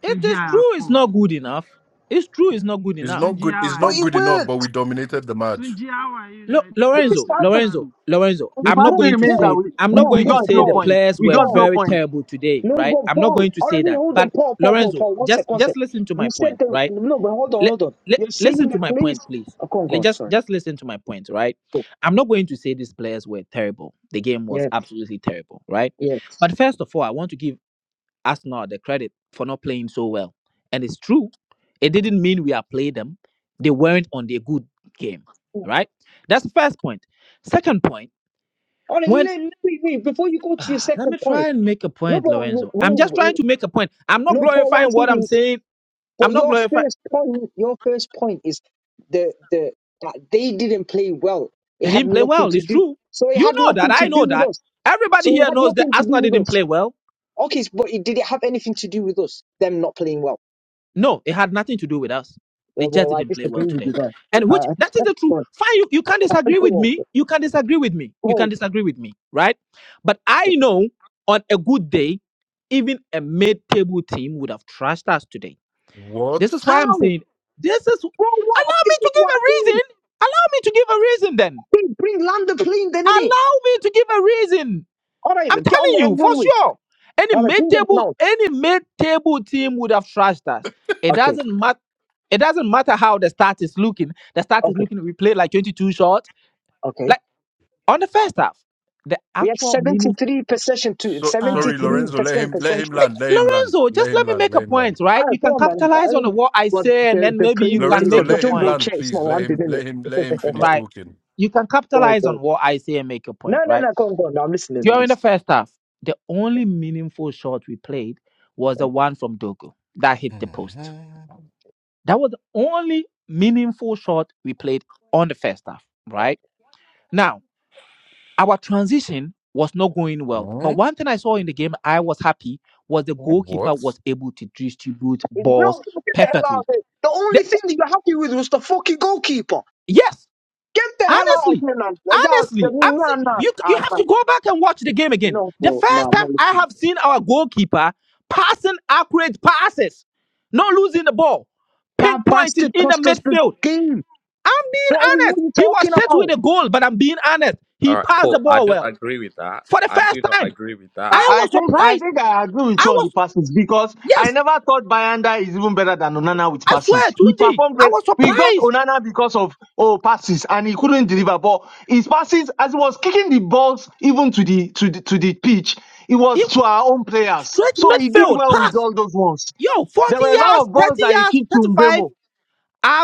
It
Sunji,
is
I have
true, it's
come.
not good enough. It's true, it's not good
It's
enough.
not
Sunji,
good.
how
It's
are
but
not
you?
it
good enough. But
worked.
we dominated the match.
Tunji, how are you
Lo-
now? You
But
don't
This
want
is
Lorenzo,
to
what the
answer
Lorenzo,
me.
Lorenzo.
The
I'm
fact
not
no,
still
going
but
to
remains that
Paul,
say
we,
I'm
we,
not
Paul,
we
going to
got
Paul,
say
zero
the
Paul,
points.
players
We
were
got zero
Paul.
very
points.
terrible today,
No,
right?
but
I'm not
Paul.
going to
All right,
say
wait,
that.
hold on,
But
Paul, Paul, Paul,
Lorenzo,
Paul. One
just
sec, one sec.
just listen to
You
my
said
point,
the
right?
no, but hold on, hold on.
Let
You're
listen
saying
to
the
my point,
place.
please.
Oh, go on, go
Le-
on.
just
Sorry.
just listen to my point, right?
Oh,
I'm not going to say these players were terrible. The game was
yes,
absolutely terrible, right?
yes.
But first of all, I want to give Arsenal the credit for not playing so well. And it's true. It didn't mean we outplayed them. They weren't on their good game, right? That's the first point. Second point,
Hold
when
let, let me, read before you go to your
Ah, let
second
me
point,
try and make a
no,
point,
but
Lorenzo. I'm just trying
no,
to make a point. I'm not
no, point one
glorifying what I'm
thing is,
saying.
but
I'm not
your
glorifying.
first point, your first point is the the that they didn't play well. It
They
had
didn't play
nothing
well.
to
It's
do.
true.
So it
You
had
know that.
nothing to
I
do
know
with
that.
us.
Everybody
So it
here
had
knows that
nothing to do
Arsenal
with
didn't
us.
play well.
Okay, but it did it have anything to do with us? Them not playing well.
No, it had nothing to do with us. They
Well,
just
well, I
didn't play well
disagree with you
today.
there.
And which
Uh,
that is
that's
the truth.
good.
Fine, you, you can disagree
Go
with
on,
me. You can disagree with me.
go
You can
on.
disagree with me, right? But I know on a good day, even a mid-table team would have trashed us today. This
What?
is why
How?
I'm
Bro,
saying this is allow
what?
me
This is
to
what
give
I
a
mean.
reason. Allow me to give a reason then.
They bring Lander clean, then, innit?
Allow me to give a reason.
All right,
I'm
get on
telling
the
you for
every week.
sure. Any
All right, bring them
mid-table,
down.
any mid-table team would have trashed us. It
Okay,
doesn't matter. It doesn't matter how the start is looking. The start is
okay,
looking. We played like 22 shots,
okay.
like on the first half. The
We had
actual meaning.
73 percent to
So
Ah,
sorry,
73
Jesus.
Lorenzo. Let
percent
him. Let him
percentage.
land. Let him land.
Lorenzo,
Let
just
him
let me
land.
make a
Let him land.
point,
All
right?
right,
You
come
can
on, man. I
capitalize on
mean,
what I
what
say, and
the
then
the
maybe you
premium
can
is
Lorenzo,
a
make your
let him
jumbo
point,
land,
chair. It's not
please. Let
one
him.
minute.
Let him. Let him finish
right?
talking.
You can
go,
capitalize on
go.
what I say and make your
No,
point,
no,
right?
no, go on, go on. No, I'm listening. I'm
During the
listening.
first half, the only meaningful shot we played was the one from Dogo that hit the post.
Mhm.
That was the only meaningful shot we played on the first half, right? Now, our transition was not going well.
Hmm?
But one thing I saw in the game I was happy was the
Yeah.
goalkeeper
What?
was able to distribute balls
No, get the hell out
perfectly.
of here. The only
The-
thing that you're happy with was the fucking goalkeeper.
yes,
Get the hell out of
Honestly,
here, man. Yeah,
honestly, I'm
no, no,
see- you. You have
no,
to go back and watch the game again.
no,
The
bro.
first
No, I'm
time
not
I
listening.
have seen our goalkeeper passing accurate passes, not losing the ball,
That
pinpointing
bastard
in the
cost us the
midfield.
game.
I'm
What
being
are we, what are
honest.
you
He was
talking
set with
about?
a goal, but I'm being honest.
All
He
right,
passed the
Paul, I
ball
don't
well
agree with that.
for the
I
first
do not
time.
agree with that.
I
I
I
was
think I
surprised.
think I agree with you
I
on the
was
passes because I
yes.
never thought Bayanda is even better than Onana with
I swear,
passes. He
Tunji,
performed
I
well.
was
We got
surprised.
Onana because of oh passes and he couldn't deliver. But his passes, as he was kicking the balls even to the to the to the pitch, it
He
was to our own players.
straight
So he did
midfield
well with
pass.
all those ones.
Yo,
There
40
were a lot
yards,
of balls
30
that he
yards,
kicked to
35.
Mbemo.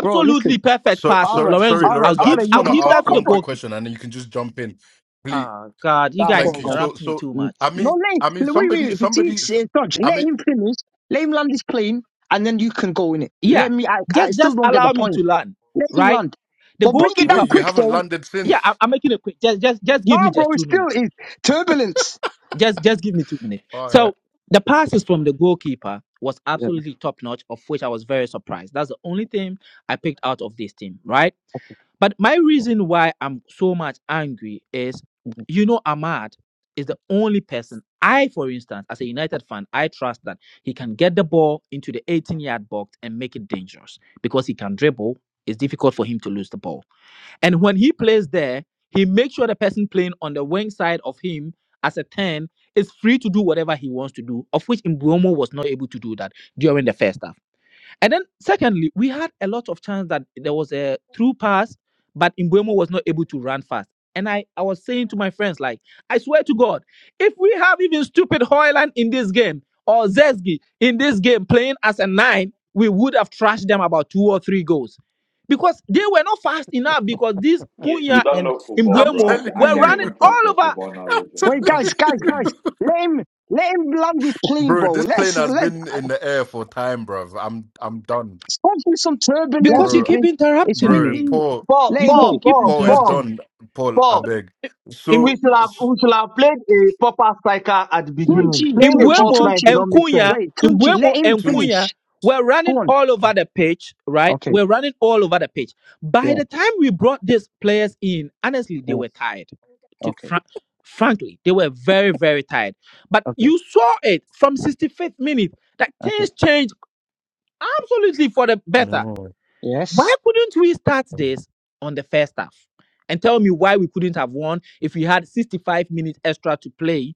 Bro, listen.
perfect
So,
All
passes,
so
right,
sorry,
Lorenzo.
all right,
I'll
Lorenzo. I
all
give
right.
just
You
I'll
want
can
to
give
talk
ask
that to the
one
about.
quick
goalkeeper.
question, and then you can just jump in, please.
Ah, God, you
Ah, go
guys
Thank
on,
you.
go. on.
So,
interrupt me
so
too
Mm.
I
much.
No,
mean,
let
I mean,
wait, wait.
somebody,
wait, If
somebody.
it's uh, Dodge,
I
let
mean,
him finish. Let him land his plane, and then you can go in it. Let
Yeah,
me. I, I
just
still
just
don't get the
allow me
point.
to learn,
Let him
right?
land,
The
but bring it
goalkeeper.
wait,
down
you
quick
haven't
though.
landed
Yeah, I,
since.
I'm making it quick. Just just just give me
Nah, bro,
just
it's
two
still
minutes.
it's turbulence.
just just give me two minutes.
All right.
So the passes from the goalkeeper was
Yeah.
absolutely top notch, of which I was very surprised. That's the only thing I picked out of this team, right? But my reason why I'm so much angry is, you know, Ahmad is the only person I, for instance, as a United fan, I trust that he can get the ball into the 18 yard box and make it dangerous because he can dribble. It's difficult for him to lose the ball. And when he plays there, he makes sure the person playing on the wing side of him as a 10 is free to do whatever he wants to do, of which Mbuomo was not able to do that during the first half. And then secondly, we had a lot of chance that there was a through pass, but Imbuemo was not able to run fast. And I, I was saying to my friends, like, I swear to God, if we have even stupid Hoyland in this game or Zesgi in this game playing as a nine, we would have trashed them about two or three goals. Because they were not fast enough because these
You, you
Punya
don't
and
know football,
I'm
bro. I,
Imbuemo
ca- I
telling
were
can't
you,
running
even
all
trust
I'm
your
over.
football knowledge
Wait,
Oh,
anymore.
telling
guys, guys,
you,
guys. Let him let him land his plane,
bro.
bro.
This plane
Let's
has
let.
been in the air for time, bro. I'm, I'm done,
It's going through some
Let,
turbulence.
Because you
It's,
bro,
keep
it's
interrupting
bro.
me.
windy.
Paul,
Paul,
Let it
Because
go.
you
Paul,
keep
Paul,
Paul is
interrupting
Paul,
done.
me.
Paul, I
Paul.
beg.
Im-
We
So,
should have
so
we should have played a proper striker at the
Hmm.
beginning.
Tunji,
Playing
In
a
Tunji,
false
Buemo
nine did
Tunji.
and
not make sense.
Cunha,
Wait,
in
Tunji,
Buemo
let him
and
Tunj-
Cunha,
finish.
we're running
Go on.
all over the pitch, right?
Okay,
We're running all over the pitch. By
yeah,
the time we brought these players in, honestly, they
yeah,
were tired. To
okay,
fran- frankly, they were very, very tired. But
okay,
you saw it from 65th minute that
okay.
things changed absolutely for the better. Why
Yes.
couldn't we start
Oh.
this on the first half? And tell me why we couldn't have won if we had 65 minutes extra to play.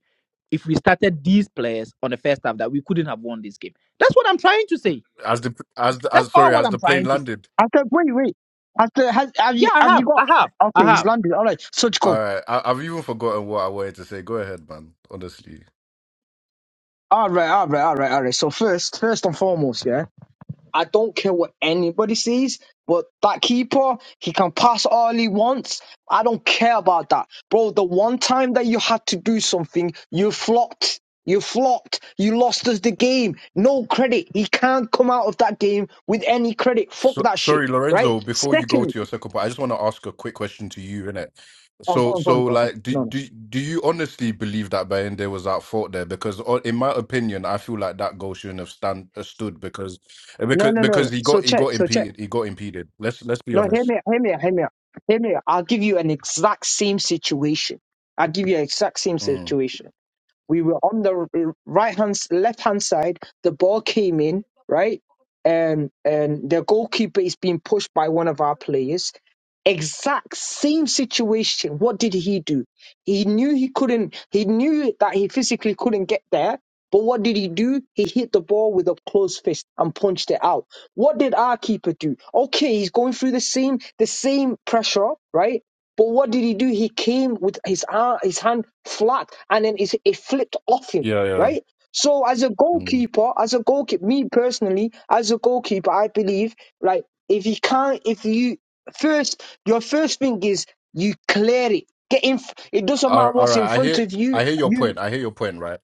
If we started these players on the first half, that we couldn't have won this game. That's what I'm trying to say.
as the as the,
That's
as sorry,
all what
has
I'm
the plane
trying to say.
landed?
After, wait, wait. After, has, have
Yeah,
you,
I
have you
have.
got,
I have. I
okay, he's
have.
landed. All right, so
All
go.
right, I, I've even forgotten what I wanted to say. Go ahead, man. Honestly,
All right, all right, all right, all right. So first, first and foremost, yeah. I don't care what anybody sees, but that keeper, he can pass all he wants. I don't care about that. Bro, the one time that you had to do something, you flopped. You flopped. You lost us the game. No credit. He can't come out of that game with any credit. Fuck
so,
that shit.
sorry,
Right?
Lorenzo. Before you go
Secondly,
to your second point, I just want to ask a quick question to you, innit?
oh, go
So,
on, go on,
so
go on.
like, do
go on.
do do you honestly believe that Bayende was at fault there? Because, o- in my opinion, I feel like that goal shouldn't have stand uh, stood because
No, no,
because
no, no, no.
because
no.
he
So
got he
check,
got
so check.
impeded. He got impeded. Let's let's be
No, hear
honest.
me, out, hear me, out, hear me, out. hear me. out. I'll give you an exact same situation. I'll give you an exact same
Mm.
situation we were on the right hand left hand side the ball came in right and and the goalkeeper is being pushed by one of our players exact same situation what did he do he knew he couldn't he knew that he physically couldn't get there but what did he do? He hit the ball with a closed fist and punched it out. What did our keeper do? Okay, he's going through the same the same pressure, right? But what did he do? He came with his arm, his hand flat, and then his, it flipped off him,
Yeah, yeah.
right? So as a
Mm.
goalkeeper, as a goalkeeper, me personally, as a goalkeeper, I believe, like if you can't, if you first, your first thing is you clear it, get in. f- It doesn't
All,
matter
all
what's
right,
in
I
front
hear
of you,
I hear your
you,
point. I hear your point, right?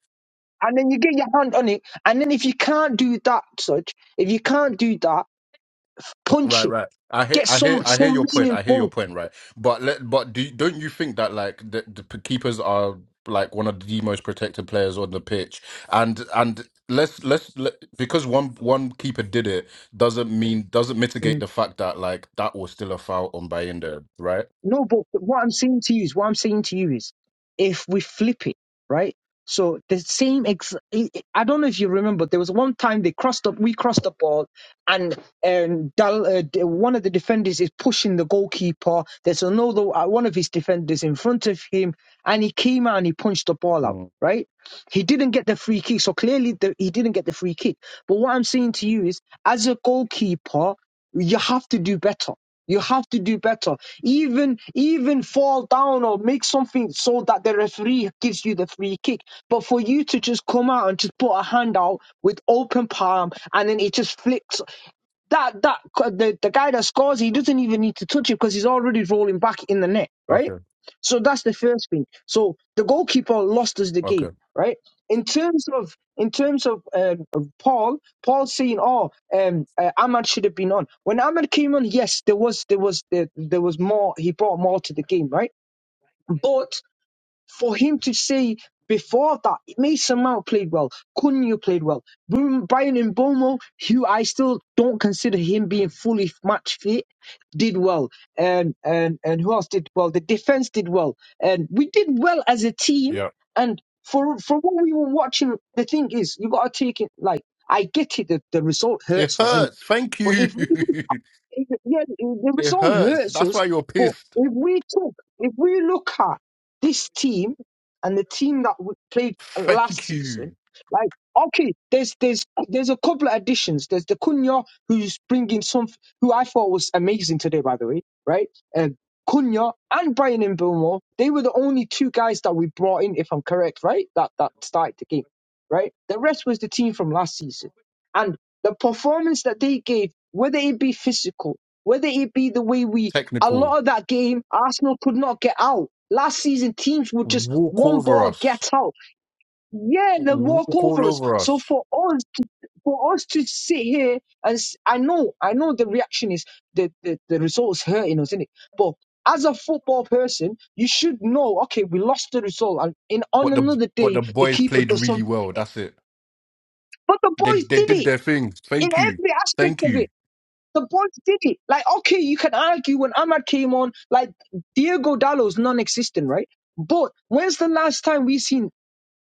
and then you get your hand on it, and then if you can't do that, such, if you can't do that, punch
Right,
it,
right. I hear,
get
I hear,
some
I hear
some
your point. I hear your
meaningful.
point. Right, but let, but do don't you think that like the, the p- keepers are like one of the most protected players on the pitch, and and let's let's let, because one one keeper did it doesn't mean doesn't mitigate the fact that like that was still a foul on Bayinda, right?
No, but what I'm saying to you is, what I'm saying to you is, if we flip it, right? So the same ex, I I don't know if you remember, there was one time they crossed up, we crossed the ball, and um, Dal, uh, d- one of the defenders is pushing the goalkeeper. There's another uh, one of his defenders in front of him, and he came out and he punched the ball out,
Mm,
right? He didn't get the free kick, so clearly the, he didn't get the free kick. But what I'm saying to you is, as a goalkeeper, you have to do better. You have to do better. Even even fall down or make something so that the referee gives you the free kick. But for you to just come out and just put a hand out with open palm and then it just flips that that the, the guy that scores, he doesn't even need to touch it because he's already rolling back in the net, right?
okay,
So that's the first thing. So the goalkeeper lost us the game,
okay,
right? In terms of in terms of uh, of Paul, Paul saying, "Oh, um, uh, Ahmad should have been on." When Ahmad came on, yes, there was there was there, there was more. He brought more to the game, right? but for him to say before that, Mason Mount played well, Cunha played well, Bru- Brian Mbomo, who I still don't consider him being fully match fit, did well, and and and who else did well? The defense did well, and we did well as a team.
yeah.
And for for what we were watching, the thing is, you got to take it like I get it that the result
It
hurts us, innit?
hurts. Thank
But
you.
if we it- yes, the
it
result
hurts.
hurts
That's
us.
why you're
but
pissed.
if we took, if we look at this team and the team that we played last
Thank you.
season, like okay, there's there's there's a couple of additions. There's the Cunha who's bringing some, who I thought was amazing today, by the way, right? Uh, Cunha and Brian and Bilmore, they were the only two guys that we brought in, if I'm correct, right? That that started the game, right? The rest was the team from last season the performance that they gave, whether it be physical, whether it be the way we, a
Technical.
lot of that game, Arsenal could not get out. Last season, teams would just
Walk
one
over
ball
us.
get out. Yeah, they walk
walk all
over us.
over
So
us.
for us, for us to sit here and s- I know, I know the reaction is the the, the results hurting us, isn't it? But as a football person, you should know. Okay, we lost the result, and in on
But the
another
but
day,
the
the
boys
keeper
played
does
really
something.
well. That's it.
But the
They
boys
they
did
did
it
their thing.
in
Thank you,
every aspect
thank
of
you.
it. The boys did it. Like, okay, you can argue when Ahmad came on, like Diego Dallo's non-existent, right? But when's the last time we seen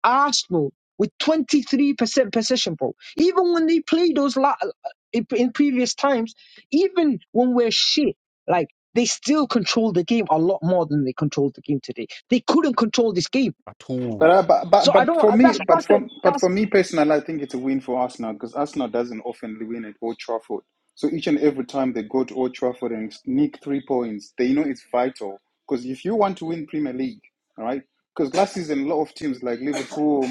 Arsenal with 23% possession, bro? Even when they play those la- in in previous times, even when we're shit, like they still control the game a lot more than they controlled the game today. They couldn't control this game.
At
But,
all.
I, but but
So I
but
don't.
for me,
That's
but
that's
for
it.
but for
That's
me personally, I think it's a win for Arsenal because Arsenal doesn't often win at Old Trafford. So each and every time they go to Old Trafford and sneak three points, they know it's vital. Because if you want to win Premier League, all right. Because last season, a lot of teams like Liverpool,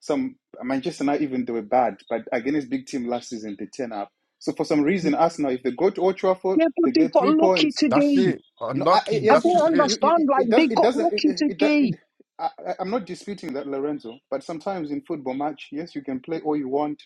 some Manchester, not even they were bad, but against big team last season, they turn up. So for some reason, Arsenal, if they go to Old Trafford,
yeah,
they
but they
get
got
three
lucky
points.
That's
today.
it.
No, I, I-
Unlucky.
I
yes,
That's
don't
just
you,
it.
you, you,
understand.
it
Like
does.
they
It
got
doesn't. It,
lucky
it, it, do-
today.
it I, I- I'm not disputing that, Lorenzo. But sometimes in football match, yes, you can play all you want.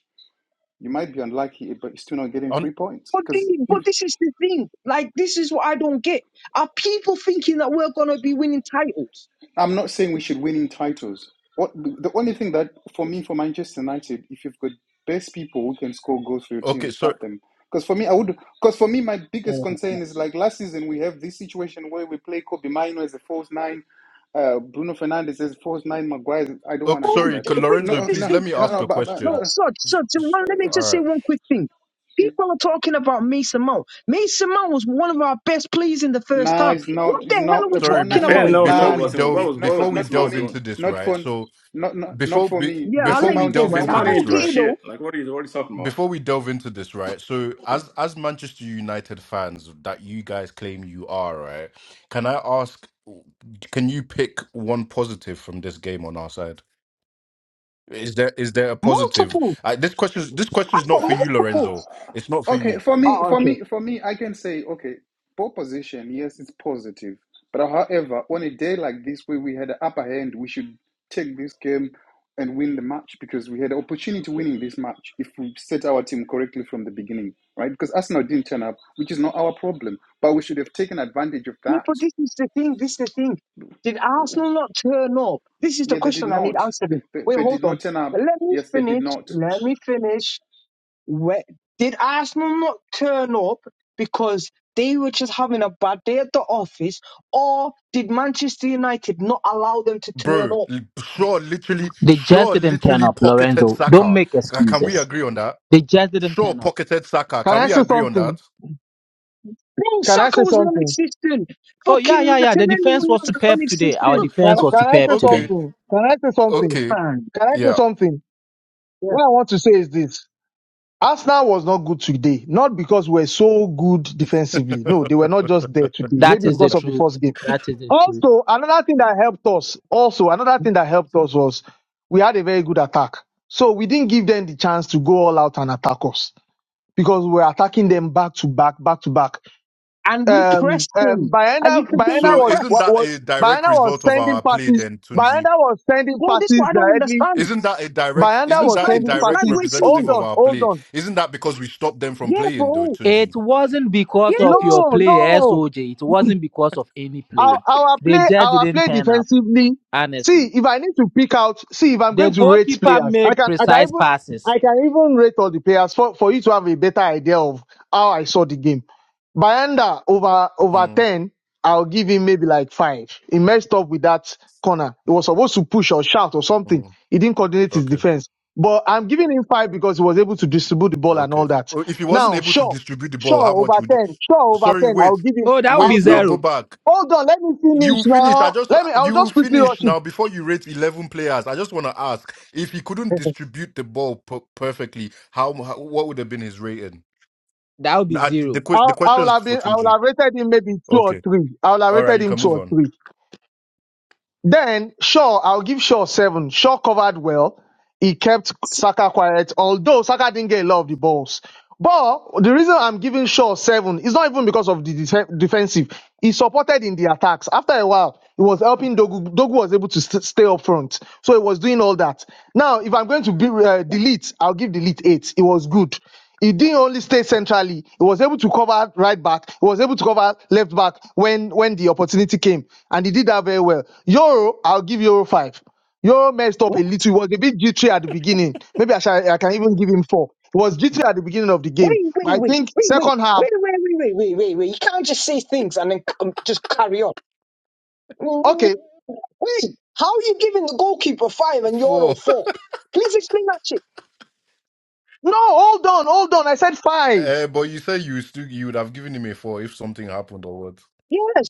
You might be unlucky, but you're still not getting
Un-
three points
But,
because
thi- but
if,
this is the thing. Like, this is what I don't get. Are people thinking that we're going to be winning titles?
I'm not saying we should win in titles. What the only thing that for me for Manchester United, if you've got best people who can score goals for your team,
okay. So
start them. Because for me, I would. Because for me, my biggest
Oh,
concern
no,
is like last season we have this situation where we play Kobe Mino as a false nine, uh, Bruno Fernandes as a false nine, Maguire. I don't want
okay.
to
No,
hear
Sorry,
that.
C-
th-
shit.
but
No,
Lorenzo.
this
uh,
is
Please
no,
let
the.
me
no,
um,
ask
no.
a
But, but
No,
question.
uh,
so, so,
S-
so
s-
one, let me
All
just say
right.
one quick thing.
yeah.
People are talking about Mason Mount. Mason Mount was one of our best players in the first
nah,
half.
it's not.
What the
It's
hell
not.
are we
Nah,
Sorry.
nah,
talking
Before
nah,
Man,
about?
we
no, no,
before
it
nah,
we
not for
wasn't. What
me.
delve
was
Not,
what
not,
was
before we
not
Miss
for
Mount
delve
me.
doing?
into this,
Not
right?
for.
So
Not, not, not
before
for
be,
me.
Yeah, I'll
Mason
before
let
we
you
Mount
go,
delve
shouldn't
man.
Miss
be.
into
I
Mount didn't
this,
don't
do
get
right?
it, though.
shit. Like what are you what are you talking about?
before we delve into this, right? So, as as Manchester United fans that you guys claim you are, right? Can I ask? Can you pick one positive from this game on our side? Is there is there a positive?
Multiple.
Uh, this question's this question's
I've got
not for you, Lorenzo.
multiples.
Ah,
It's not for
okay
you,
for me
Oh,
for
okay.
me for me i can say okay pole position yes it's positive but however on a day like this where we had an upper hand we should take this game and win the match because we had an opportunity winning this match if we set our team correctly from the beginning right because arsenal didn't turn up which is not our problem but we should have taken advantage of
No,
that
but this is the thing. This is the thing. Did Arsenal not turn up? This is the
yeah they did
question I need
not they,
answering.
they,
Wait,
they
hold
did
on.
not turn up
Let me
yes they did
finish.
not
Let me finish. Where, did Arsenal not turn up because they were just having a bad day at the office, or did Manchester United not allow them to turn
bro.
up?
L- Shaw literally, Shaw literally pocketed Saka.
Make
Ca- Can we
excuses.
agree on that?
They just didn't
Shaw
turn up.
pocketed Saka.
Can
Can
I
we
say
agree on
something?
that?
Bro,
Can I
Saka
say
was
something?
non-existent.
Oh,
Fucking
yeah, yeah, yeah. The
Martinelli
defense was
was
superb today. Our
non-existent.
Can,
defense was
can I
superb
say
okay,
today.
something? Can I say something?
okay,
Man.
Can I say
yeah.
something?
Yeah.
What I want to say is this. Arsenal was not good today, not because we're so good defensively. No, they were not just there today.
That
Maybe
is the
because of the
truth.
first game.
That is the truth.
Also, another thing that helped us, also, another thing that helped us was we had a very good attack. So we didn't give them the chance to go all out and attack us because we were attacking them back to back, back to back.
And we
um
pressed
um
them. And
Bayanda
you could get in
Bayanda
So
the
was
isn't
wa-
press.
that
was
a direct
Bayanda was
result of
sending
our play
passes.
then, Tunji?
Bayanda was sending
Bro, this is
passes
what I don't
directly.
understand.
Isn't that a direct
Bayanda
isn't
It's
was
that a
like
sending
it's like
direct
passes.
we're
representative
Hold
singing,
of
on,
our
hold
play?
on.
Isn't that because we stopped them from
yeah,
playing though,
bro,
Tunji?
It wasn't because of
yes.
your
No,
play,
no.
SOJ. It wasn't because of any
our,
play.
our
They
play
just
our
didn't
play
turn up,
defensively.
honestly.
See, if I need to pick out, see if I'm
The
going to rate
goalkeeper
players, I
made
can I can
precise
even
passes.
I can even rate all the players for, for you to have a better idea of how I saw the game. Bayanda over over
Mm,
ten, I'll give him maybe like five. He messed up with that corner. He was supposed to push or shout or something.
mm,
He didn't coordinate his
okay.
defense. But I'm giving him five because he was able to distribute the ball and
Okay.
all that.
Oh, If he wasn't
Now,
able to
sure,
distribute the ball,
sure
how much
over
would it
ten, sure over
sorry,
ten.
wait.
I'll give him.
Oh, that would
I'll
be
Wait
give
now, go
zero.
back.
Hold on, let me finish
You finish. I
now.
just
Let me. I'll
you
just quickly rush
finish
it.
now before you rate eleven players. I just want to ask if he couldn't distribute the ball per- perfectly, how, how what would have been his rating?
That would be
I,
zero.
the que-
I,
the
I
question
will
is
have
for
been. I will
Tunji.
have rated him maybe two or
Okay.
three. I will have
All right.
rated
You
him
can
two
move
or
on.
three. Then Shaw, I'll give Shaw seven. Shaw covered well. he kept
S-
Saka quiet, although Saka didn't get a lot of the balls. But the reason I'm giving Shaw seven is not even because of the def- defensive. He supported in the attacks. After a while, he was helping Dogu. Dogu was able to st- stay up front, so he was doing all that. Now, if I'm going to be, uh, delete, I'll give delete eight. It was good. He didn't only stay centrally. He was able to cover right back. He was able to cover left back when when the opportunity came, and he did that very well. Euro, I'll give Euro five. You all messed up a
Wait,
little. It was a bit jittery at the beginning. Maybe I, shall, I can even give him four. It was jittery at the beginning of the game.
wait,
But
wait,
I
wait,
think
wait, wait,
second half,
wait, wait, wait, wait, wait, wait. You can't just say things and then c- um, just carry on. Mm,
okay.
Wait, how are you giving the goalkeeper five and you're
Four.
all four? Please explain that shit.
No, hold on, hold on. I said five.
Uh, but you said you still you would have given him a four if something happened or what?
Yes,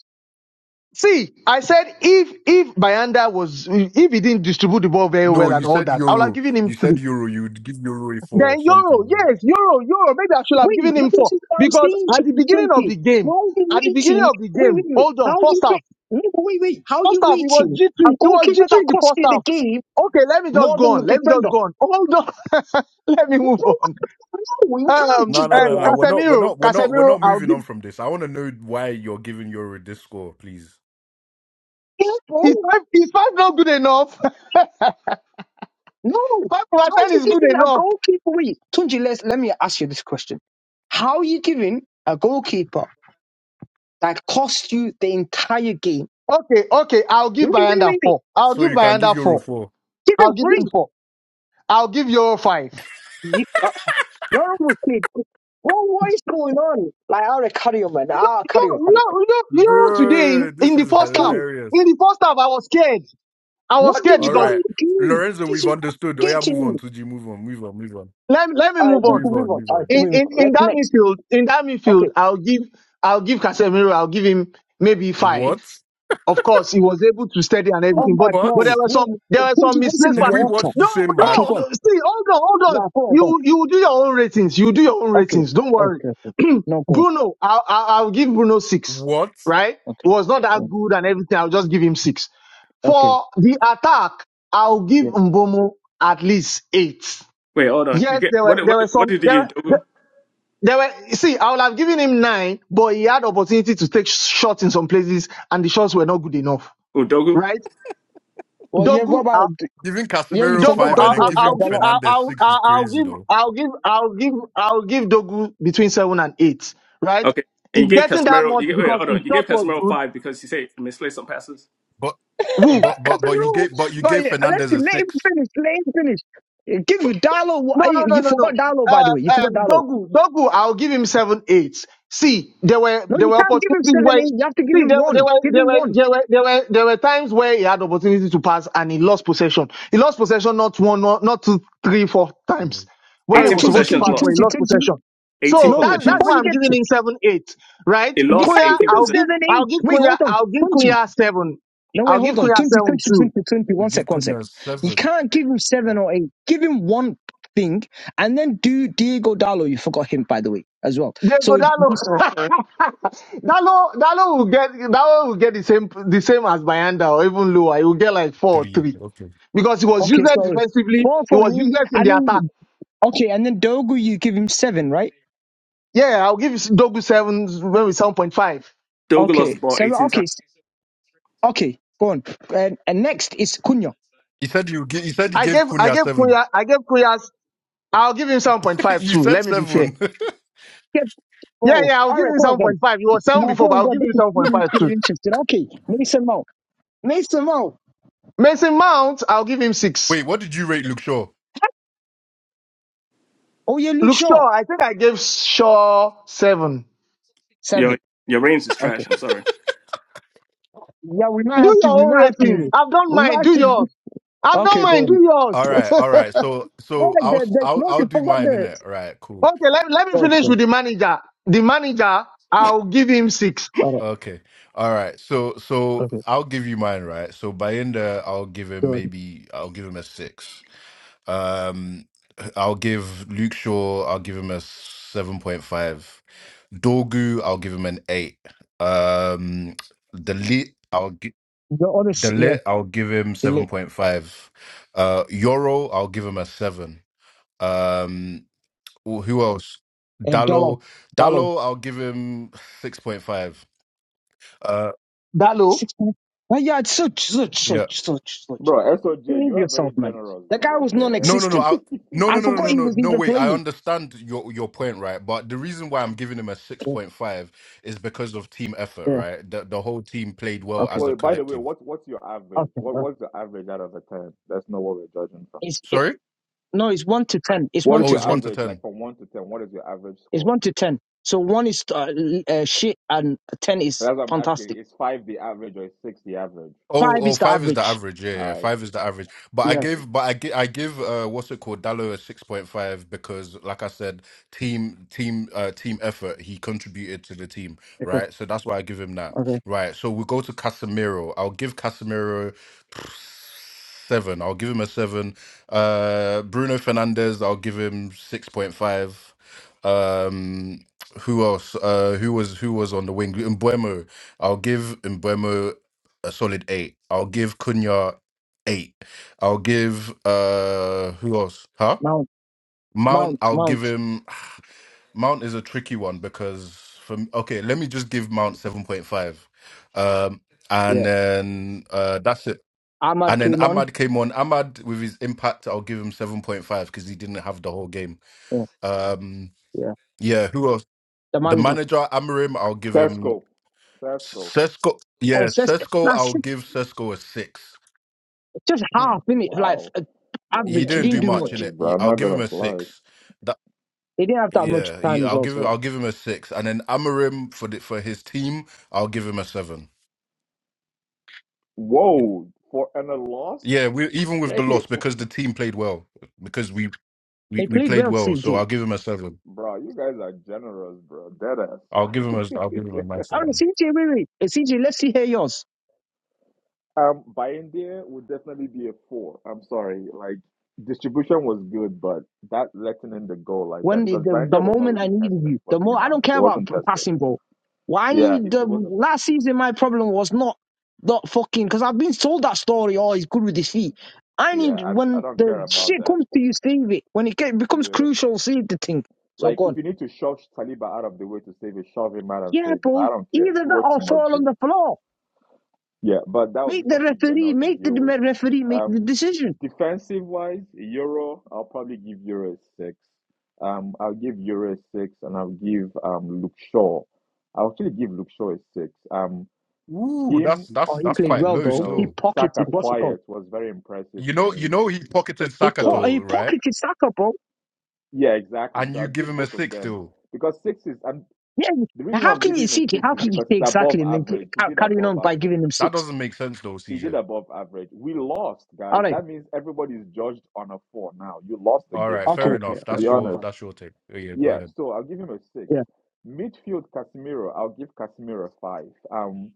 See, I said if if Bayanda was if he didn't distribute the ball very
No,
well
you
and all
said
that, I would have
euro.
given him
You
three.
said euro. You'd give euro a four or
Then Euro,
something. Yeah.
yes, Euro, Euro. Maybe I should have
wait,
given
but
him four
this is what I'm
because
saying to
at the
you,
beginning of
Trumpy.
the game,
How are you
at the beginning
rating?
of the
Wait, wait,
game,
wait.
hold
How
on,
are
first
you
half.
rating? No, but wait, wait. How are
First
you
half, he was
rating a
G2. He was
goalkeeper
G2
that
in the
cost
first
you the
half.
game
Okay, let me just
more
go
than the
on. Let me
defender?
just go on. Hold on. let me
No,
move
bro, what
on.
No, you can't
Um,
No,
just
no,
go
um,
no, no.
on.
We're not. We're
Casemiro,
not. We're not. We're
Casemiro,
not
I'll
moving
give.
on from this. I want to know why you're giving euro this score, please,
Yeah,
Is
bro.
five, is five not good enough?
No.
five over
How are
ten
you
is good
giving a
enough.
goalkeeper? Wait, Tunji, let let me ask you this question. How are you giving a goalkeeper that cost you the entire game?
Okay, okay, I'll give
Wait, wait,
Bayanda
wait, wait.
four. I'll
so
give
you can give
Bayanda
euro
four.
four.
Give
I'll
him
give him
free.
four. I'll give Euro five.
You, uh, you're almost played. Bro, what is going on? Like, I'll carry on, man. I'll
Yo,
carry on, buddy.
yo, yo, Euro today in,
Bro,
in
this
the
is
first half.
Okay.
In
hilarious.
the first half, I was scared. I was
What did
scared
All
you
because
right,
only do?
Lorenzo,
This
we've
is
understood. Oh yeah,
get to
move on.
you.
Tuji, move on. Move on. Move on.
let, me- let me
All right,
move
Tunji,
on.
Move
move
on.
on.
Move
All right,
on.
in,
move
in,
on.
in
Let's
that
next.
midfield, in that
Okay.
midfield, I'll give I'll give Casemiro, I'll give him maybe five.
What?
Of course, he was able to steady and
Oh
everything,
my
but
What?
but there
bro,
were some
what,
there were
what
some
you what's in
misplaced
the
Did we
passes.
water?
watch
No,
the same
Okay,
no,
go
match?
on.
no. See, hold on, hold on.
Nah, go on, go on.
You you do your own ratings. You do your own
Okay,
ratings. Don't worry.
okay, okay. No, go on.
Bruno, I'll, I'll I'll give Bruno six.
What?
Right? It
Okay,
was not that
Um,
good and everything. I'll just give him six.
okay,
For the attack, I'll give
yeah.
Mbomo at least eight.
Wait, hold on. You
Yes,
get
there
what
were
what
there were
what
some
did
there
you give
were.
Dogu?
There were see, I would have given him nine, but he had opportunity to take shots in some places, and the shots were not good enough.
Oh, Dogu.
Right?
Well, yeah, what
Dogu,
about
i
Giving
yeah? You
Casemiro
Dogu,
forgot
five and
I'll,
then
Dogo
I'll,
and
I'll,
giving
gi-
Dala.
I'll,
Fernandez
I'll
six is
I'll I'll
crazy
give,
though.
I'll give, I'll give, I'll give Dogu between seven and eight. Right?
Okay, and you
It's
gave
getting that
Casemiro. You
much
get wait,
because
hold
his
on. You gave
shot was
Casemiro
good.
five because he said misplaced some passes.
But
Woo.
but
Because
but but you
no,
gave but you
but
gave
yeah, let's
Fernandez
see,
a
let him
six.
finish. Let him finish. Uh, Give
But
Dalo. wha-
No, no,
hey,
no,
You
no,
forgot
no.
Dalo, by the way. You
Uh,
forgot
um,
Dalo.
Dogu, Dogu, I'll give him seven eight. See, there were
No,
there
you
were
can't give him
opportunities
seven,
where
eight. You have to give
see
him
there, there
one.
were
Give
there
him
were
one.
there were there were there were times where he had opportunity to pass and he lost possession. He lost possession not one, not, not two, three, four times
Mm.
All
where he
right,
eighteen
was
Tunji,
supposed to
possessions
pass,
Tunji,
but
lost.
he
Tunji,
lost
Tunji.
possession.
Eighteen
So
No,
that's that's
before
why
possessions.
you
I'm
get,
giving him seven eight, right?
It
you
lost
Kunya,
can't give
eighteen
him
I'll
possessions.
give
seven,
I'll
eight.
give
Wait,
Kunya
hold on,
I'll give
Tunji.
Kunya seven.
No, wait,
I'll give
hold on.
Kunya
20,
seven two.
twenty, twenty, twenty,
You
one
give
sec, one sec.
Cunha a
You
seven.
can't give him seven
Oh,
or eight. Give him one thing and then do Diego Dallo. You forgot him, by the way, as well.
Diego,
So, you
that
s-
look, that look, will get that will get the same the same as Bayanda or even lower. He will get like four or
Three.
three
Okay.
because he was
okay,
useless
so
defensively.
four
He
for
was
him.
useless in
And
the attack.
then, okay, and then Dogu, you give him seven, right?
Yeah, I'll give Dogu seven maybe seven point five.
Dogu lost the
Okay,
ball
seven.
eighteen
Okay,
times.
s- okay, go on. And, and next is Cunha.
He said you gi- he said he
I
gave
gave I
Cunha
gave
seven.
Kuya I gave Kuya's I'll give him seven point five
you
too.
said
Let me be fair.
seven.
Get,
Yeah,
bro.
yeah, I'll
All
give
right,
him
go on,
seven
then.
point five. He was seven
Now, go
before, but
on,
I'll
go on.
give
This
him
is,
seven point
this is
five too.
really interesting. Okay, Mason Mount. Mason Mount.
Mason Mount, I'll give him six.
Wait, what did you rate Luke Shaw?
Oh, yeah, Luke
Look,
Shaw.
Shaw, I think I gave Shaw seven.
Your
Seven.
your range is
Okay.
trash. I'm sorry.
Yeah, we not have
Do
to.
your
We
own
not have
ratings.
to.
I've done
We not
mine.
have
Do
to.
yours. I've done
Okay, go
mine. Do
on.
yours.
All right, all right.
okay,
So
Oh,
so
like
I'll
the, the,
I'll
no,
I'll
you
do
forgot
mine in
the.
it. All right, cool.
let, let me
God,
finish
God.
with the manager. The manager, I'll give him six.
All
Okay. All right. So
right.
so
Okay.
I'll give you mine, right? So Bayinda, I'll give him
Good.
maybe I'll give him a six. Um I'll give Luke Shaw, I'll give him a seven point five. Dorgu, I'll give him an eight. Um the lit I'll gi-
The other,
the
s- yeah,
lit I'll give him seven
delay.
point five. Uh Yoro, I'll give him a seven. Um who who else?
Uh, dollar,
Dallo,
dollar,
Dallo, I'll give him six point five. Uh
Dalo.
six minutes. Oh, yeah, it's such, such,
yeah.
such, such, such.
Bro, SOJ,
Behave
you are very
yourself, man.
generous,
The
though.
guy was
What the
No, no, no.
non-existent.
I, no, no,
I
heck?
no, no,
forgot
no,
he
no,
was
no.
even
Wait, I
playing.
understand your your point, right? But the reason why I'm giving him a six
Yeah.
point five is because of team effort,
yeah.
right? The the whole team played well
Okay.
as a
well, by the way,
collective.
what, what's your average?
Okay. all
What,
right.
what's your average out of a 10? That's not what we're judging from.
It's it,
Sorry,
no. It's one to ten. It's
What
one
is
oh,
to
your
it's one
ten.
to
average?
ten.
Like from 1 to 10, what is your average
It's
score?
one to ten. So one is uh, uh, shit, and ten is
That's what I'm asking.
fantastic.
Is 5 the average or is 6 the average?
Oh,
Five
oh,
is the
five is the
average.
average. Yeah,
All
yeah, five
right.
is the average. But I
Yeah.
gave, but I give, I give, uh, what's it called, Dallo a six point five because, like I said, team, team, uh, team effort. He contributed to the team,
Okay.
right? So that's why I give him that,
Okay.
right? So we go to Casemiro. I'll give Casemiro seven. I'll give him a seven. Uh, Bruno Fernandez. I'll give him six point five. Um, who else? Uh, who was who was on the wing? Mbuemo. I'll give Mbuemo a solid eight. I'll give Cunha eight. I'll give uh who else? Huh?
Mount.
Mount.
Mount.
I'll give
Mount.
him. Mount is a tricky one because for me, okay, let me just give Mount seven point five, um, and
Yeah.
then uh that's it.
Ahmad
And then
came on.
Ahmad came on. Ahmad with his impact, I'll give him seven point five because he didn't have the whole game.
Yeah.
Um,
Yeah.
yeah. Who else?
The
The
manager.
manager Amarim, I'll give him
Tesco, Tesco.
Sesco.
Oh,
Yeah,
just
Sesco.
nah,
I'll
just
give Sesco a six
just
Hmm.
half minute, like
Wow.
uh,
Bro,
He
you
average.
are
He
didn't
didn't
do
do
much in
much.
generous,
it.
bro. I'm
I'll
not
give him
gonna
a
play.
six. That
He didn't have that much
yeah, he,
time as
I'll give
also.
I'll give him a six, and then Amarim for the, for his team, I'll give him a seven.
Whoa. For and a loss?
Yeah, we even with the
Damn.
loss because the team played well because we we,
They
we
played
played
well,
well, so
CJ.
I'll give him a seven.
Bro, you guys are generous, bro. Deadass.
I'll give him a I'll give him a nice
Oh,
seven.
CJ, wait, wait. Uh, CJ, let's see here yours.
um, buying there would definitely be a four. I'm sorry. Like distribution was good, but that letting in the goal like that
When the,
because
the, the
Bandia was not
moment I
really
needed
tested.
you,
If we're
the more
being
I don't
honest, it
care about
wasn't
p-
tested.
passing ball. Why I
Yeah, he,
need
he
the
wasn't.
last season? My problem was not not fucking because I've been told that story. Oh, he's good with his feet. I
Yeah,
need
I I
when
don't care
the
about
shit
that.
comes to you, save it. When it get, becomes
Yeah.
crucial, save the thing. So
Like
go
if
on.
you need to shove Saliba out of the way to save it, shove him out and
Yeah,
save it. Like,
bro.
I don't care.
Either
Do
that
what
or
you must
fall on
do.
the floor.
Yeah, but that would be
Make the
for
referee.
PGML to
Make the
deal
dem-
with.
referee make the
Um,
decision.
defensive wise, Euro, I'll probably give Euro a six. Um, I'll give Euro a six, and I'll give um Luke Shaw. I'll actually give Luke Shaw a six. Um,
Ooh, that's
him
Oh,
that's
he
that's
played
quite
keeping
well
low
you
though. He
know
still.
Saka
pocketed. What's it called?
quiet was very impressive
You
to
know,
me.
you know he pocketed
He po-
So
he
Sakato, right?
pocketed Saka, bro.
yeah, exactly.
And
So
you
I'll
give
give
him a
both of
six
them
still.
because six is and
Yeah.
The reason why
How
I'm
can
giving
you
him a
see?
six
How
is
can you
because
say
it's above
exactly and then c-
average. He
ca-
did
carrying
above
on by
average.
giving him
That
six?
doesn't make sense though,
He did
CJ.
above average. We lost,
All
guys.
right.
That means everybody's judged on a four now. You lost the
All
game.
right,
Okay.
fair
Um,
Okay.
enough.
to
All right,
be
That's
go on.
your
Go
honest,
on.
that's your take. Oh, yeah, go
yeah.
ahead.
So I'll give him a six.
Yeah.
Midfield Casemiro, I'll give Casemiro a five. Um,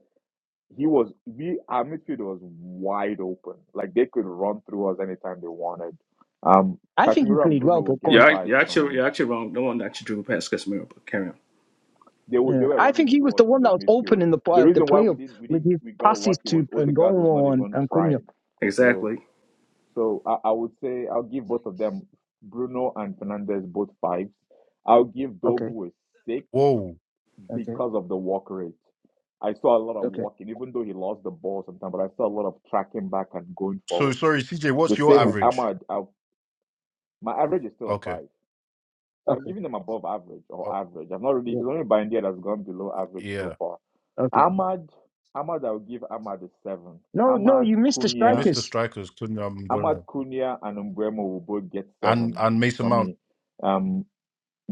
he was we our midfield was wide open. Like they could run through us anytime they wanted. Um,
I think he
Casemiro and
played
Bruno
well,
will
but
get
go
You're,
on.
act-
fives
you're
for
actually
me.
you're actually wrong. No one actually drew past Casemiro, but carry on.
They were, they
Yeah.
were
I think
running
he was
through
the
us through
one
the
that was open
midfield.
in the
The
uh, the
reason why we
playoff
didn't we
with
didn't
his
we got
passes
lucky was
to
Odegaard was not
Ngongo and,
even
and Cunha.
trying. So
Exactly.
so I, I would say I'll give both of them Bruno and Fernandez both fives. I'll give
Okay.
Dogu a six
Whoa.
Okay.
because of the walk rate. I saw a lot of
Okay.
walking, even though he lost the ball sometimes, but I saw a lot of tracking back and going
So
forward.
sorry, CJ.
The
What's your
same
Yeah.
with
average?
Ahmad. I, my average is still a
Okay.
five. So I'm
Okay.
giving them above average or
Oh,
average. I've not really, it's
Yeah.
only Bindia that's gone below average so
yeah,
far.
Okay.
Ahmad, Ahmad, I'll give Ahmad a seven.
No. No.
Ahmad
You missed the
you
Kunia,
missed the
strikers
strikers, Kunyam
Ahmad
Bueno,
Kunia and Umbremo will both get
and
sevens
and Mason
for
Mount.
me. Um,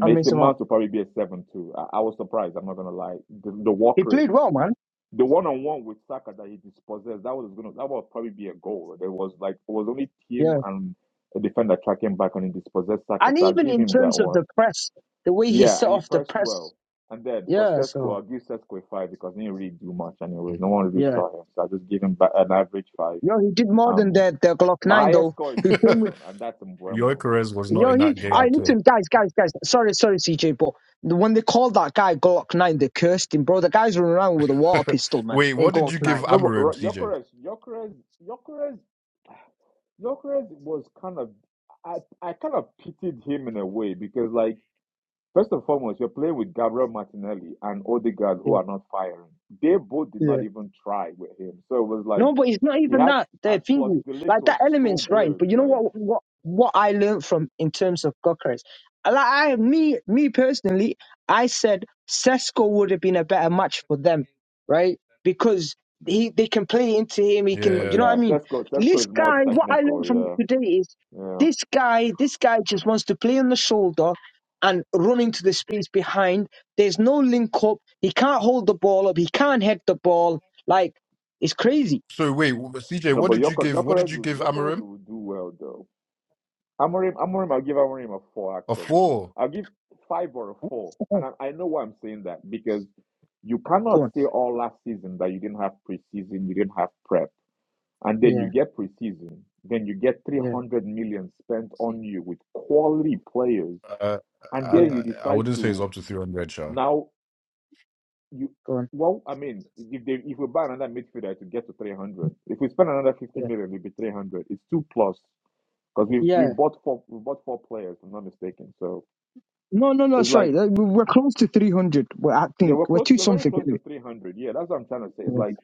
on Mason Mount.
Mount will probably be a seven too. I, I was surprised. I'm not gonna lie. The, the
He
walk rate,
played well, man.
the one on one with Saka that he dispossessed, that was gonna that would probably be a goal. There was like it was only him
Yeah.
and a defender tracking back on him dispossessed Saka.
And
So I'll
even
give
in
him that
terms of
one.
the press, the way he
Yeah,
set
and he
off the
pressed
press.
well. And then for
Yeah.
Sesko,
So.
I'll give Sesko a five because he didn't really do much anyways. No one really
Yeah.
saw him. So I just give him ba- an average five.
Yo, he did more than
Um,
the The Glock
my
Nine
highest
though,
score is
who
a
came with.
seven, and that's Mbuemo.
Yoikerez was not
Yo,
in
he.
that game
I
That's
at
it.
all.
listen, guys, guys, guys. Sorry, sorry, CJ, but the- when they called that guy Glock Nine, they cursed him, bro. The guys running around with a water pistol, man,
wait,
in
what did
Glock
you give
Nine.
No, but
Amarim,
Ro-
CJ?
Gyökeres, Gyökeres, Gyökeres, Gyökeres was kind of, I, I kind of pitied him in a way because, like, first and foremost, you're playing with Gabriel Martinelli and Odegaard who
Yeah,
are not firing. They both did
yeah.
not even try with him. So it was like,
No, but it's not
He
even
had
that.
and
They're
plus
thinking
Delict
like
was
that
so
element's right.
good.
But you know
Like
what? What what I learned from in terms of Gokras, like I me me personally, I said Sesko would have been a better match for them, right? Because he they can play into him. He can,
but
you
Yeah.
know
yeah,
what I mean.
Sesko Sesko
This
is more
guy, what I learned
technical,
from
yeah.
today is
Yeah.
this guy. This guy just wants to play on the shoulder and run into the space behind. There's no link up. He can't hold the ball up. He can't head the ball. Like it's crazy.
So wait, w- CJ,
No,
what
but
did you give? What did
Yokores
you
will
give
Jokeres
Amarim?
will do well though. Amorim Amorim I'll give Amorim a four
A
actually.
four.
I'll give five or a four. And
Oh,
I, I know why I'm saying that because you
go
cannot
on.
say all last season that you didn't have preseason, you didn't have prep. And then
Yeah,
you get preseason, then you get
yeah,
300 million spent on you with quality players,
Uh,
and
I, I
then
yeah.
you
I
decide
wouldn't say it's
to
up to three hundred, Shah.
now you
Go on.
well, I mean, if they if we buy another midfielder to get to three hundred, if we spend another fifty
Yeah,
million, it'll be three hundred. It's two plus because we we
yeah.
bought four we bought four players, if I'm not mistaken. So
No, no, no.
it's
That's
like
right. Uh, we- We're close to three hundred. We're I
yeah,
think
we're
we're
close.
two
We're very
something
close to
anyway.
three hundred. Yeah, that's what I'm trying to say. It's
Yeah,
like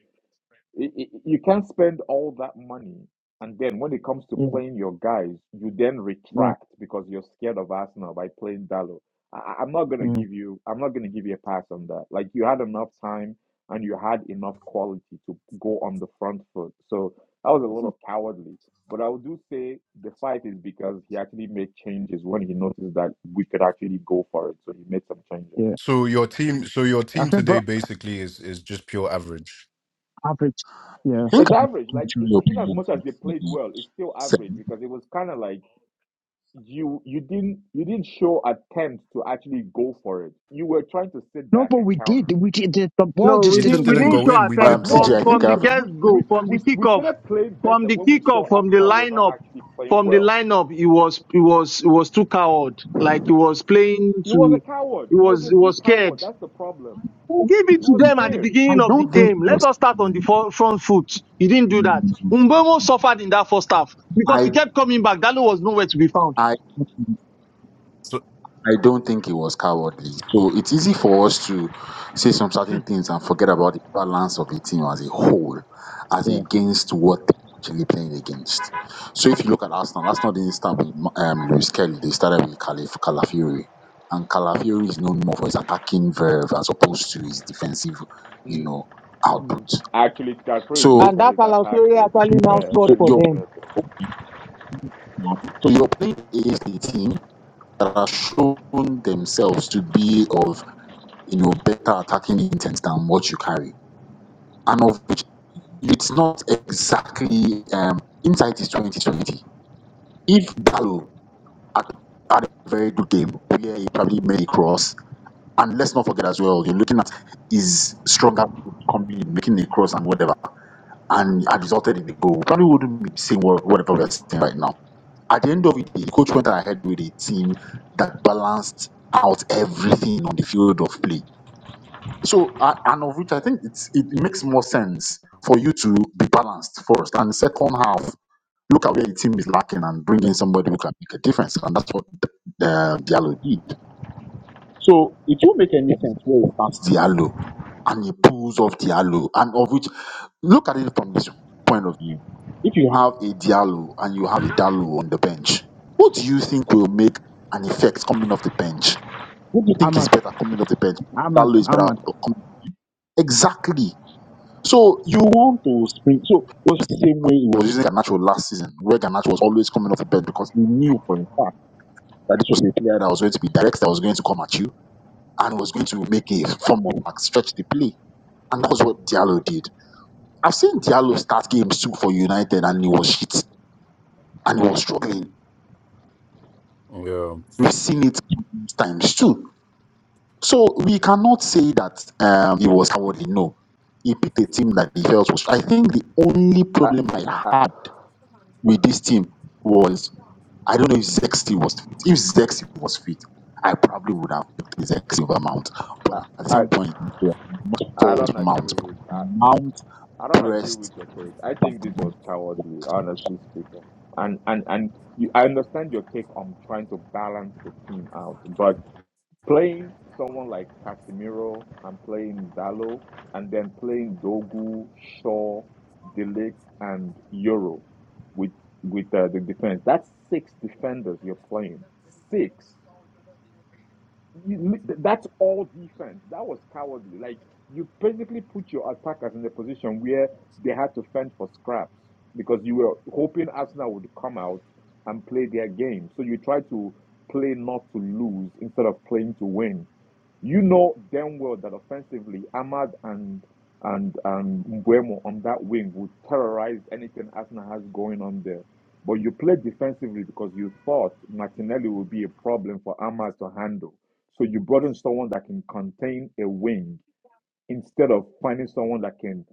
Y- y- You can't spend all that money, and then when it comes to
yeah,
playing your guys, you then
yeah,
retract because you're scared of Arsenal by playing Dallo. I, I- am not gonna
mm,
give you. I'm not gonna give you a pass on that. Like you had enough time and you had enough quality to go on the front foot. So that was a little cowardly. But I would do say the fight is because he actually made changes when he noticed that we could actually go for it. So he made some changes.
yeah.
So your team, so your
I
team
think
today
bro,
basically is is just pure average.
average. Yeah.
I think
It's
I have
average. Like
contrary
in as
opinion
much
from
as they played
CJ.
well, it's still average
Sam.
because it was kind of like you you didn't you didn't show attempt to actually go for it. You were trying to sit
No,
back
but
and
we did.
counter.
We did. The the ball
No,
just
we
It just
didn't
didn't. We
go
didn't
in.
didn't
go
show
in. We
Um,
attempt
did
No,
CJ,
though.
from
I
we
think
from
didn't
I
the
have
show.
a
guest
We we
go from the
we, we
kickoff,
started playing
from
better
the
when we saw
kickoff, from the
Arsenal were not
lineup,
actually playing
from the
well.
lineup. He was he was he was too coward. Like he was playing
He was a
to.
coward.
He
He was
was
a
he
big
was
coward.
scared.
That's the problem.
Give it
He
to
was
them at the
scared.
I
beginning of the
don't think
game.
it was.
Let us start on the
um,
for- front foot. He didn't do that. Mbemo suffered in that first half because
I
he kept coming back. Dalo was nowhere to be found.
I
So
I don't think it was cowardly. So it's easy for us to say some certain things and forget about the balance of the team as a whole, as
Yeah,
against what they're actually playing against. So if you look at Arsenal, Arsenal didn't start with um, Luis Kelly. They started with Calif Calafiori, and Calafiori is known more for his attacking verve as opposed to his defensive, you
Mm,
know, output.
mm. Actually, Scarpa is
So
yeah.
known
And
for
that
his attack,
Alaufere
though. To be
actually now
fair,
scored
so
let's
for
be
you're
them.
fair, though.
so you're playing against a team that has shown themselves to be of you know, better attacking intent than what you carry. And of which it's not exactly um insight is 2020. If Dalo had, had a very good game where he probably made a cross, and let's not forget as well, you're looking at his stronger foot coming in, making a cross and whatever, and had resulted in the goal. we Probably wouldn't be saying what, whatever we're saying right now. At the end of it, the coach went ahead with a team that balanced out everything on the field of play So, uh, and of which I think it's, it makes more sense for you to be balanced first. And second half, look at where the team is lacking and bring in somebody who can make a difference. And that's what the, the Diallo did. So, it won't make any sense where he starts Diallo and he pulls off Diallo. And of which, look at it from this point of view. If you have a Diallo and you have a
Hello?
Diallo on the bench, what do you think will make an effect coming off the bench? Who do you think is
Ahmad,
better coming off the bench?
Ahmad,
Diallo is better
Ahmad.
coming. Exactly. So you want to spring. So it was the same way he was using Garnacho last season, where Garnacho was always coming off the bench because he knew for a fact that this was a player that was going to be direct, that was going to come at you, and was going to make a form of like, stretch the play. And that was what Diallo did. I've seen Diallo start games too for United, and he was shit, and he was struggling.
yeah.
We've seen it times too. So we cannot say that um, he was cowardly. No, he picked a team that he felt was. I think the only
I
problem I
I
had with this team was I don't know if Zexi was fit. If Zexi was fit, I probably would have picked Zexi over Mount. But
I
at the
I,
same point, it
I
falls
don't
Mount.
agree with. I
Mount
I don't agree
pressed
with your take. I think this was cowardly, honestly speaking. And and and you, I understand your take on trying to balance the team out, but playing someone like Casemiro and playing Dalo and then playing Dogu, Shaw, Delict, and Euro with with uh, the defense. That's six defenders you're playing. Six. You, that's all defense. That was cowardly. Like you basically put your attackers in a position where they had to fend for scraps because you were hoping Arsenal would come out and play their game. So you try to play not to lose instead of playing to win. You know damn well that offensively, Ahmad and and and Mbuemo on that wing would terrorize anything Arsenal has going on there. But you play defensively because you thought Martinelli would be a problem for Ahmad to handle so you brought in someone that can contain a wing instead of finding someone that can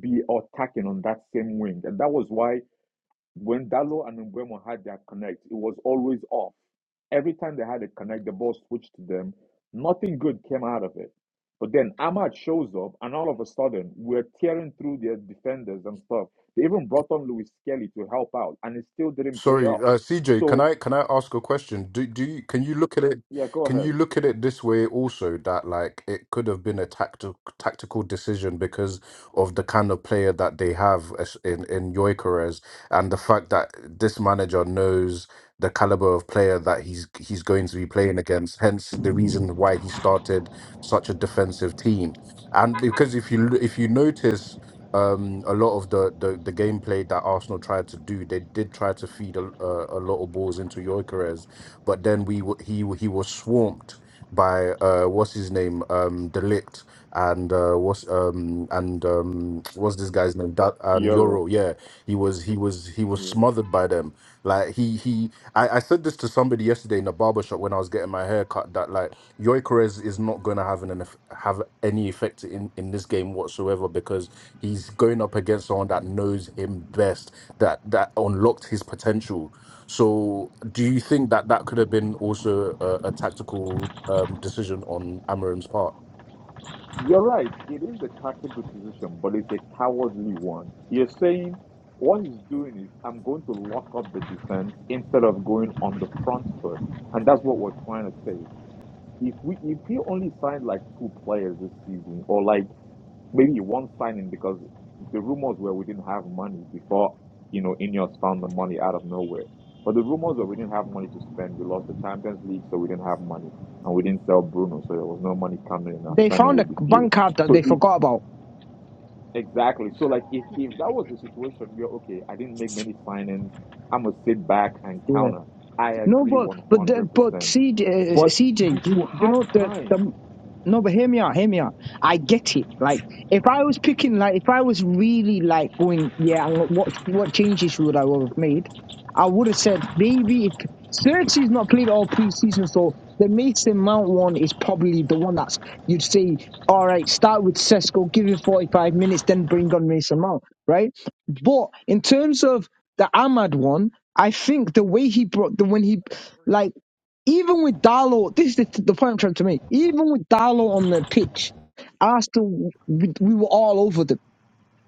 be attacking on that same wing. And that was why when Dalo and Mbemo had their connect, it was always off. Every time they had a connect, the ball switched to them. Nothing good came out of it. But then Ahmad shows up, and all of a sudden, we're tearing through their defenders and stuff. They even brought on Louis Kelly to help out, and it still didn't pay
Sorry,
off.
uh, CJ, can
So,
I can I ask a question? Do do you can you look at it
yeah, go
can you
ahead.
look at it this way also that like it could have been a tactical tactical decision because of the kind of player that they have as- in in Gyökeres and the fact that this manager knows the caliber of player that he's he's going to be playing against, hence the reason why he started such a defensive team. And because if you l- if you notice um a lot of the the, the gameplay that Arsenal tried to do they did try to feed a, a, a lot of balls into Gyökeres but then we w- he w- he was swamped by uh what's his name um Delict and uh what's um and um what's this guy's name that and Euro
Euro.
yeah he was he was he was smothered by them like he he I, I said this to somebody yesterday in a barber shop when I was getting my hair cut that like Gyökeres is not going to have an an eff- have any effect in in this game whatsoever because He's going up against someone that knows him best, that that unlocked his potential. So, do you think that that could have been also a, a tactical um, decision on Amarim's part?
You're right. It is a tactical decision, but it's a cowardly one. You're saying what he's doing is I'm going to lock up the defense instead of going on the front foot. And that's what we're trying to say if we if we only signed like two players this season, or like maybe one signing because the rumors were we didn't have money before you know Ineos found the money out of nowhere. But the rumors were we didn't have money to spend. We lost the Champions League, so we didn't have money, and we didn't sell Bruno, so there was no money coming in. Our
They
spending
found a
would be few.
bank card that
So
they
if
forgot about.
exactly, so like if if that was the situation, we're okay. I didn't make many signings. I'm gonna sit back and
Yeah.
counter. I
No,
agree
but
one
but the,
hundred
but
percent.
CJ, uh,
But you
CJ,
you
you, you
had
know the
time
the no, but hear me out, hear me out. I get it. Like if I was picking, like if I was really like going, yeah, wh- what what changes would I have made? I would have said maybe if Xerxes not played all preseason, so the Mason Mount one is probably the one that's you'd say, all right, start with Cesco, give him forty five minutes, then bring on Mason Mount, right? But in terms of the Ahmad one. I think the way he brought the when he like even with Darlow, this is the, the point I'm trying to make. Even with Darlow on the pitch, Arsenal we, we were all over them.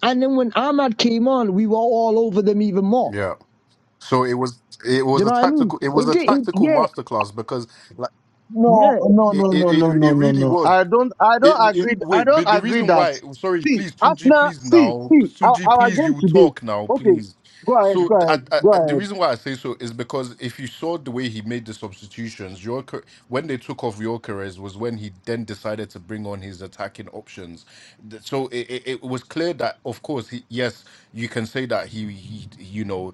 And then when Ahmad came on, we were all over them even more.
Yeah. So it was it
Do
was
you
a
know what I mean?
tactical it was
It
a
did. It,
tactical
yeah,
masterclass because like
No,
yeah.
no,
it
no,
it,
no, no,
it it
no, no,
really
no.
was
I don't, I
It,
don't
it,
agree. I
wait,
don't
but the
agree
reason
that.
why, sorry,
See,
please, Tunji,
Arsenal,
please
see,
now,
see, our,
Tunji,
our
please, you
game
will
today.
talk now,
Okay,
please.
go ahead,
So
go
th- I,
ahead,
I,
go
I- the
ahead.
reason why I say so is because if you saw the way he made the substitutions, your when they took off Yorkeres was when he then decided to bring on his attacking options. Th- So it, it, it was clear that, of course, he, yes, you can say that he, he you know,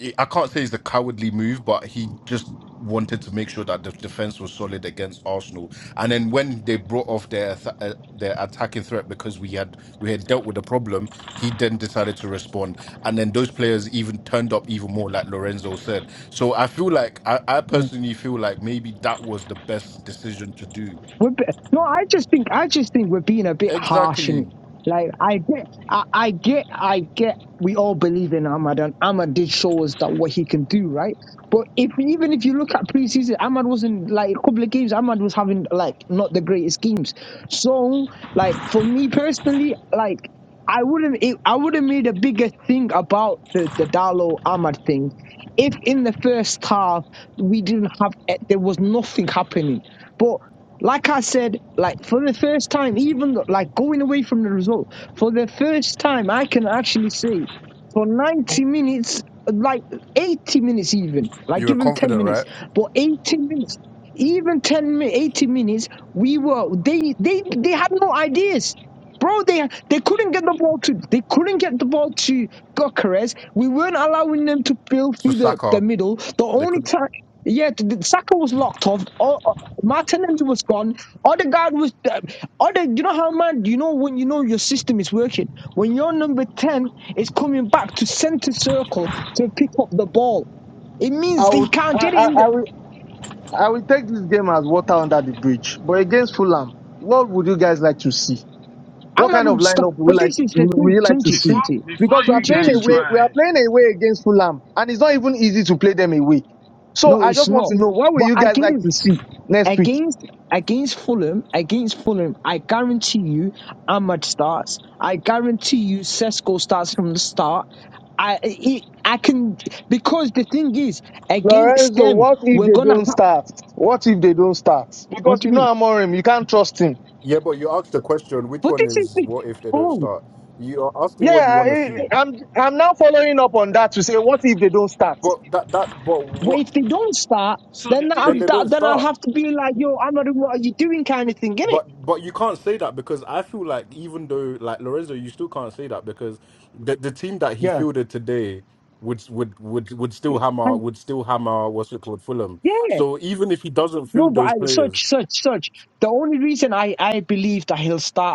I I can't say it's a cowardly move, but he just wanted to make sure that the defense was solid against Arsenal and then when they brought off their th- uh, their attacking threat because we had we had dealt with the problem, he then decided to respond. And then those players even turned up even more, like Lorenzo said. So I feel like I, I personally feel like maybe that was the best decision to do.
We're, be- no, I just think I just think we're being a bit harsh in it.
Exactly.
Like I get, I, I get, I get. We all believe in Ahmad, and Ahmad did show us that what he can do, right? But if even if you look at preseason, Ahmad wasn't like a couple of games. Ahmad was having like not the greatest games. So like for me personally, like I wouldn't, it, I would have made a bigger thing about the the Dalo Ahmad thing if in the first half we didn't have, eh, there was nothing happening. But like I said, like for the first time, even though, like going away from the result, for the first time, I can actually say for 90 minutes, like 80 minutes, even, like
You were
give them 10
confident, right?
minutes, but 80 minutes, even 10, mi- 80 minutes, we were, they, they, they had no ideas. Bro, they they couldn't get the ball to they couldn't get the ball to Gokeres. We weren't allowing them to build
So
through the,
Saka,
the middle. The
they
only
couldn't.
time yeah, the, the Saka was locked off. Martinez was gone. Odegaard was. Uh, Ode, you know how mad. You know when you know your system is working. When your number ten is coming back to centre circle to pick up the ball, it
I
means that
will,
he
I,
can't get it
I,
in. the
I will, I will take this game as water under the bridge. But against Fulham, what would you guys like to see? What
Ahmad
kind of
would stop.
lineup would you
But
like,
this
to,
is the
would would
thing,
you like to
Tunji,
see?
Before
Tunji,
before
Because we are
you
Tunji,
playing
guys go
Tunji.
away, we are
ahead.
playing away against Fulham, and it's not even easy to play them away. So
No,
I
it's
just want
not.
to know what will
But
you guys like
against
to see next week?
against against Fulham, against Fulham, I guarantee you, Ahmad starts. I guarantee you, Sesko starts from the start. I he, I can because the thing is against
Lorenzo,
them
what if
we're
they
gonna
don't
ha-
start? What if they don't start?
what
Because
do you
you know
mean?
Amorim, you can't trust him.
Yeah, but you asked the question, which
But
one
this is
is
the
what if they don't
oh.
start? You are asking
Yeah,
what you want to see.
Yeah,
I, I'm I'm now following up on that to say, what if they don't start?
But that that but
well,
what
if they don't start,
So the
then
thing
I'll
then
is
they don't
that, then
start.
I'll have to be like yo, I'm not. What are you doing? Kind of thing, innit?
But but you can't say that because I feel like even though like Lorenzo, you still can't say that because the the team that he
Yeah.
fielded today would would would would still
You-
hammer
and-
would still hammer what's it called Fulham.
yeah.
So even if he doesn't
No,
field
but I,
those players
such such such. The only reason I I believe that he'll start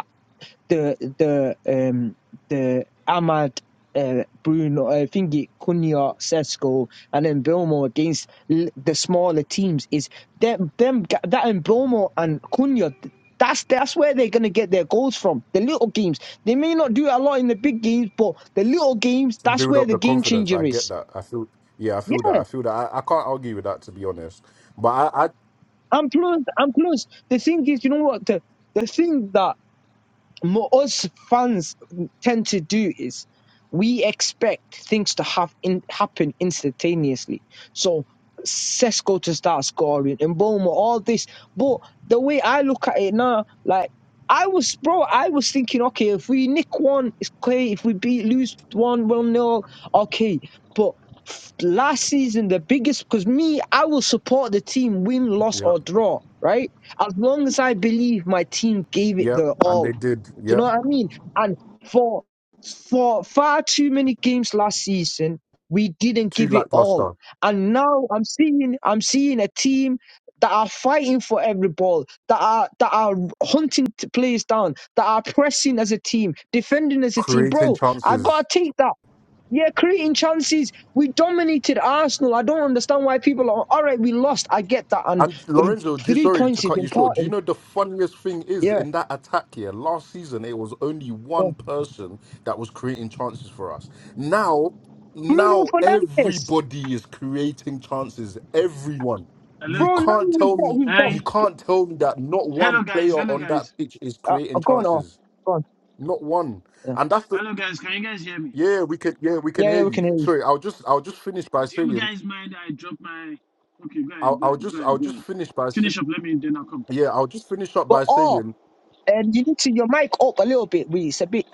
the the um the Ahmad uh, Bruno, I think it Cunha, Sesko, and then Bilmo against l- the smaller teams is them them ga- that and Bilmo and Cunha. th- That's that's where they're gonna get their goals from. The little games. They may not do it a lot in the big games, but the little games.
to
That's
build
where
up
the
the
game
confidence, I
changer
get
is.
that. I feel yeah, I feel that.
Yeah,
I feel that. I, I can't argue with that to be honest. But I, I
and plus, and plus, the thing is, you know what? The the thing that What us fans tend to do is we expect things to have in, happen instantaneously. So Sesko to start scoring and Boma, all this. But the way I look at it now, like I was, bro, I was thinking, okay, if we nick one, it's okay. If we beat, lose one, one nil, okay. But f- last season, the biggest, because me, I will support the team, win, loss,
yeah
or draw, right? As long as I believe my team gave it
yeah,
the
and
all
they did
do you
yeah
know what I mean? And for for far too many games last season, we didn't
too
give it all.
lackluster
And now I'm seeing I'm seeing a team that are fighting for every ball, that are that are hunting t- players down, that are pressing as a team, defending as a team.
creating
Bro, I
chances.
gotta take that. Yeah, creating chances. We dominated Arsenal. I don't understand why people are all right. We lost. I get that, and
And
th-
Lorenzo, do,
three
sorry to
points is
cut you short. Do you
important.
know the funniest thing is
Yeah,
in that attack here last season? It was only
yeah.
one person that was creating chances for us. Now,
Bruno
now
Fernandez.
everybody is creating chances. Everyone.
Hello?
You
Bro, now
can't
you
tell
stop.
me.
You stop.
You
Hey.
can't tell me that not one
Hello
player
guys, hello
on that
guys.
pitch is
Uh,
creating
I'm going off.
chances.
Go on.
Not one.
Yeah.
And that's the
Hello guys, can you guys hear me?
yeah. We can yeah. We can
yeah,
hear
yeah, we
you.
can hear you.
Sorry. I'll just I'll just finish by
Do you
saying.
guys mind I drop my okay, go
I'll
ahead, go
I'll
ahead,
just
go
I'll
ahead, go
just
ahead.
finish by saying
Finish up, let me then I'll come.
yeah. I'll just finish up
But
by
oh,
saying
and you need to your mic up a little bit. We it's a bit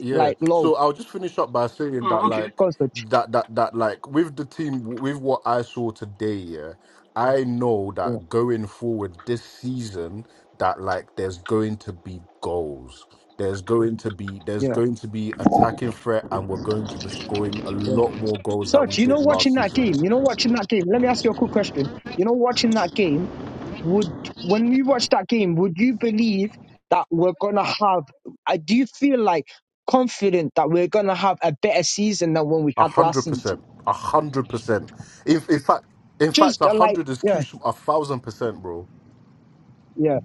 Yeah.
like low.
So I'll just finish up by saying that
Oh, okay.
like
Go on, Such.
that that that like with the team with what I saw today, yeah, I know
Yeah,
that going forward this season that like there's going to be goals. There's going to be there's
yeah,
going to be attacking threat and we're going to be scoring a
yeah.
lot more goals that we
Such, you
did
know,
last
watching that
season.
game. You know, watching that game. Let me ask you a quick question. You know, watching that game. Would when we watch that game, would you believe that we're gonna have? I do you feel like confident that we're gonna have a better season than when we
A
had last
hundred
season.
percent. A hundred percent. In in fact in fact
Just
a
uh, like
hundred is too
yeah,
sm- a thousand percent, bro.
yeah.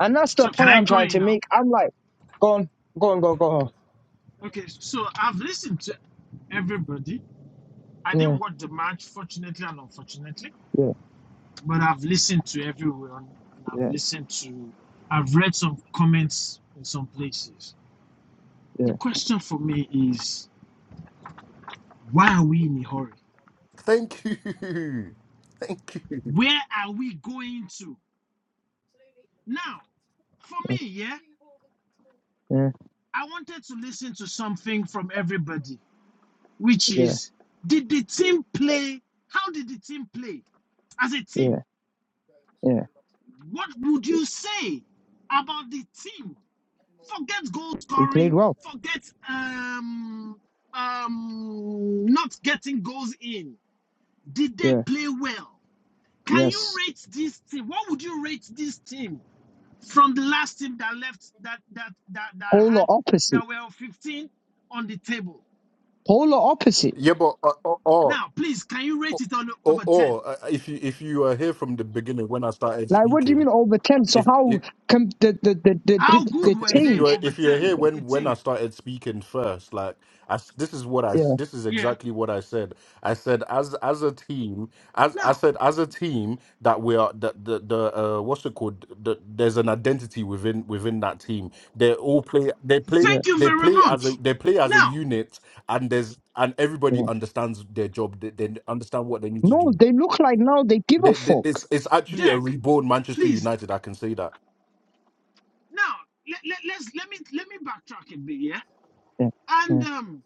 And that's the
So can
point
I
I'm
go
trying
in
to
now?
make. I'm like, go on, go on, go, go on.
Okay, so I've listened to everybody. I
Yeah,
didn't watch the match, fortunately and unfortunately.
yeah,
but I've listened to everyone and I've
yeah,
listened to I've read some comments in some places. The
yeah,
question for me is why are we in a hurry?
Thank you. Thank you.
Where are we going to? Now, for me, yeah,
yeah,
I wanted to listen to something from everybody, which
yeah,
is did the team play? How did the team play? As a
yeah,
team,
yeah.
what would you say about the team? Forget goal
We played
scoring.
well.
Forget um um not getting goals in. Did they
Yeah,
play well? Can you
yes.
rate this team? What would you rate this team from the last team that left that that that that
Polar
had
opposite.
that were 15 on the table?
Polar opposite.
Yeah, but uh, or, or
Now, please, can you rate it on
or
over 10?
or uh, if you if you uh, hear from the beginning when I started
Like, what do you
speaking,
mean over 10? So
if if
how come the, the, the, the,
How
the, the
good were
if
they
you
change?
were
over
if you were
10?
here
Your
when when I
team.
started speaking first, like I s this is what I s-
Yeah,
this is
Yeah.
exactly what I said. I said as as a team, as I
Now,
said as a team that we are that the the uh, what's it called? The, there's an identity within within that team. They all play. They play.
yeah,
thank you
They
very
play as a
much.
they play as a
Now,
unit, and there's and everybody
yeah.
understands their job. They, they understand what they need to
No,
do.
they look like now they give a
They, they,
fuck.
it's it's actually a
Deck,
reborn Manchester
please
United. I can say that
Now, let, let, let's let me let me backtrack a bit, yeah.
Yeah,
And
yeah,
um,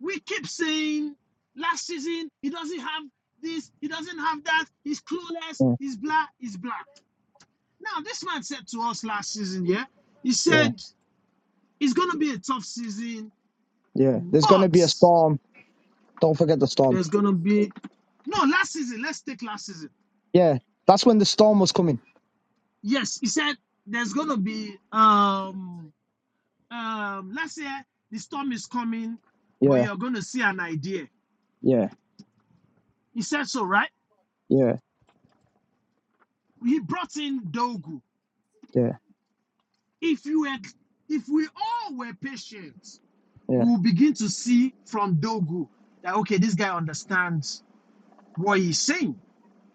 we keep saying last season he doesn't have this, he doesn't have that, he's clueless,
yeah,
he's blah, he's blah. Now, this man said to us last season, yeah, he
yeah.
said it's gonna be a tough season,
yeah. There's going to
but
be a storm. Don't forget the storm.
there's gonna be no last season. Let's take last season.
Yeah, that's when the storm was coming.
Yes, he said there's gonna be um um last year the storm is coming, but
Yeah,
you're gonna see an idea.
yeah,
He said so, right?
yeah,
He brought in Dogu.
yeah.
If you had, if we all were patient,
yeah,
we will begin to see from Dogu that okay, this guy understands what he's saying.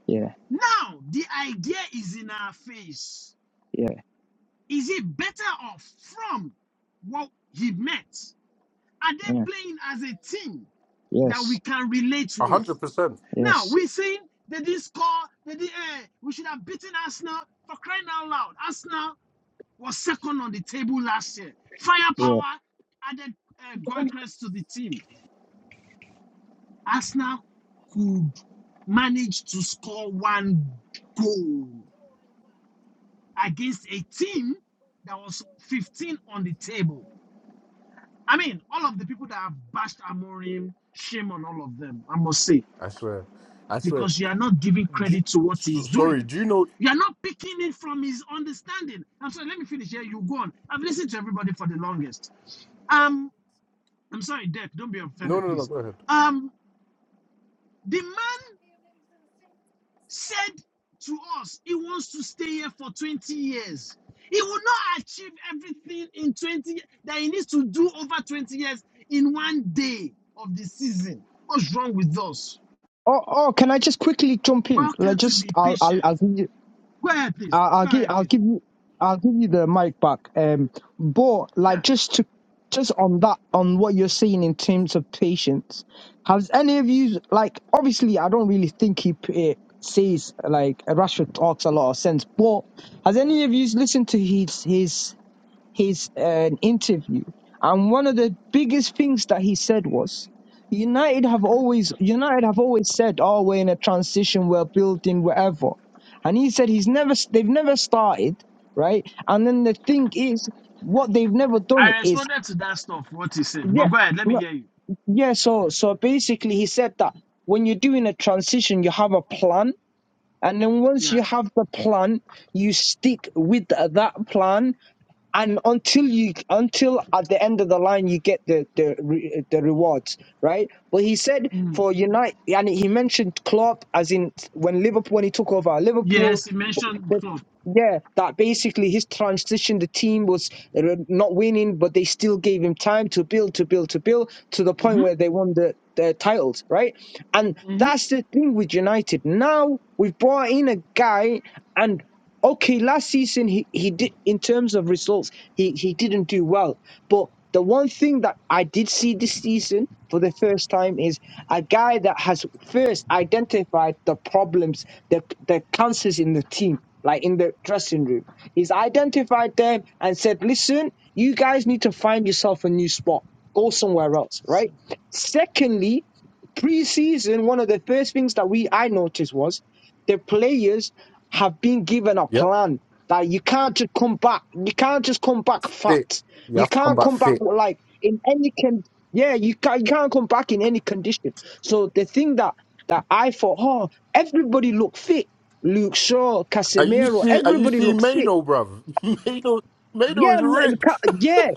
yeah,
Now the idea is in our face.
yeah,
Is it better off from what he met? Are they
yeah.
playing as a team that we
Yes,
can relate
A
with?
hundred percent.
Now
yes,
we saying they didn't score. They did. Uh, we should have beaten Arsenal for crying out loud. Arsenal. was second on the table last year.
yeah.
Firepower added uh, Goycrest to the team. Arsenal could manage to score one goal against a team that was 15 on the table. I mean, all of the people that have bashed Amorim, shame on all of them, I must say,
I swear. I swear.
because you are not giving
Do you-
credit to what he's
s- sorry,
doing.
do you know?
You are not picking it from his understanding. I'm sorry, let me finish here. You go on. I've listened to everybody for the longest. Um. I'm sorry, Dirk, don't be
No,
offended,
no, no.
please.
Go ahead.
Um, the man said to us he wants to stay here for 20 years. He will not achieve everything in 20 ye- that he needs to do over 20 years in one day of the season. What's wrong with us?
Oh, oh, can I just quickly jump in?
Why
Like,
can't we
just
be
I'll, I'll,
patient?
I'll give you,
Go ahead, please.
I'll, I'll
Go
give,
ahead,
I'll
please.
give you, I'll give you the mic back. Um, but like,
Yeah.
just to, just on that, on what you're saying in terms of patience, has any of you like? Obviously, I don't really think he it says like Rashford talks a lot of sense, but has any of you listened to his his his uh, interview. And one of the biggest things that he said was, United have always United have always said, "Oh, we're in a transition, we're building whatever," and he said he's never they've never started right. And then the thing is, what they've never
I
done is
responded to that stuff, what he said. But
yeah,
go ahead, let me
no,
hear you.
yeah. So so basically, he said that when you're doing a transition, you have a plan, and then once
Yeah.
you have the plan, you stick with that plan and until you until at the end of the line you get the the re, the rewards right but he said
Mm.
for unite and he mentioned Klopp as in when liverpool when he took over liverpool
Yes, he mentioned
that-
stuff.
yeah, that basically his transition, the team was uh, not winning, but they still gave him time to build, to build, to build, to the point where
Mm-hmm.
they won the, the titles, right? And
Mm-hmm.
that's the thing with United. Now we've brought in a guy, and okay, last season he, he did in terms of results, he he didn't do well. But the one thing that I did see this season for the first time is a guy that has first identified the problems, the the cancers in the team, like in the dressing room. He's identified them and said, "Listen, you guys need to find yourself a new spot. Go somewhere else."
So,
Right. Secondly, preseason, one of the first things that we I noticed was the players have been given a
Yep.
plan. That you can't just come back. You can't just come back
Fit.
fat.
You
You
have to come
can't
back
come back
fit.
with, like in any yeah, you can't, you can't come back in any condition. So the thing that, that I thought, oh, everybody look fit. Luke Shaw,
Are you
Casemiro,
see? Are you
everybody
seeing
look fit.
Mano, bruv? Mano, Mano
Yeah,
is
m-
ripped.
ca- yeah.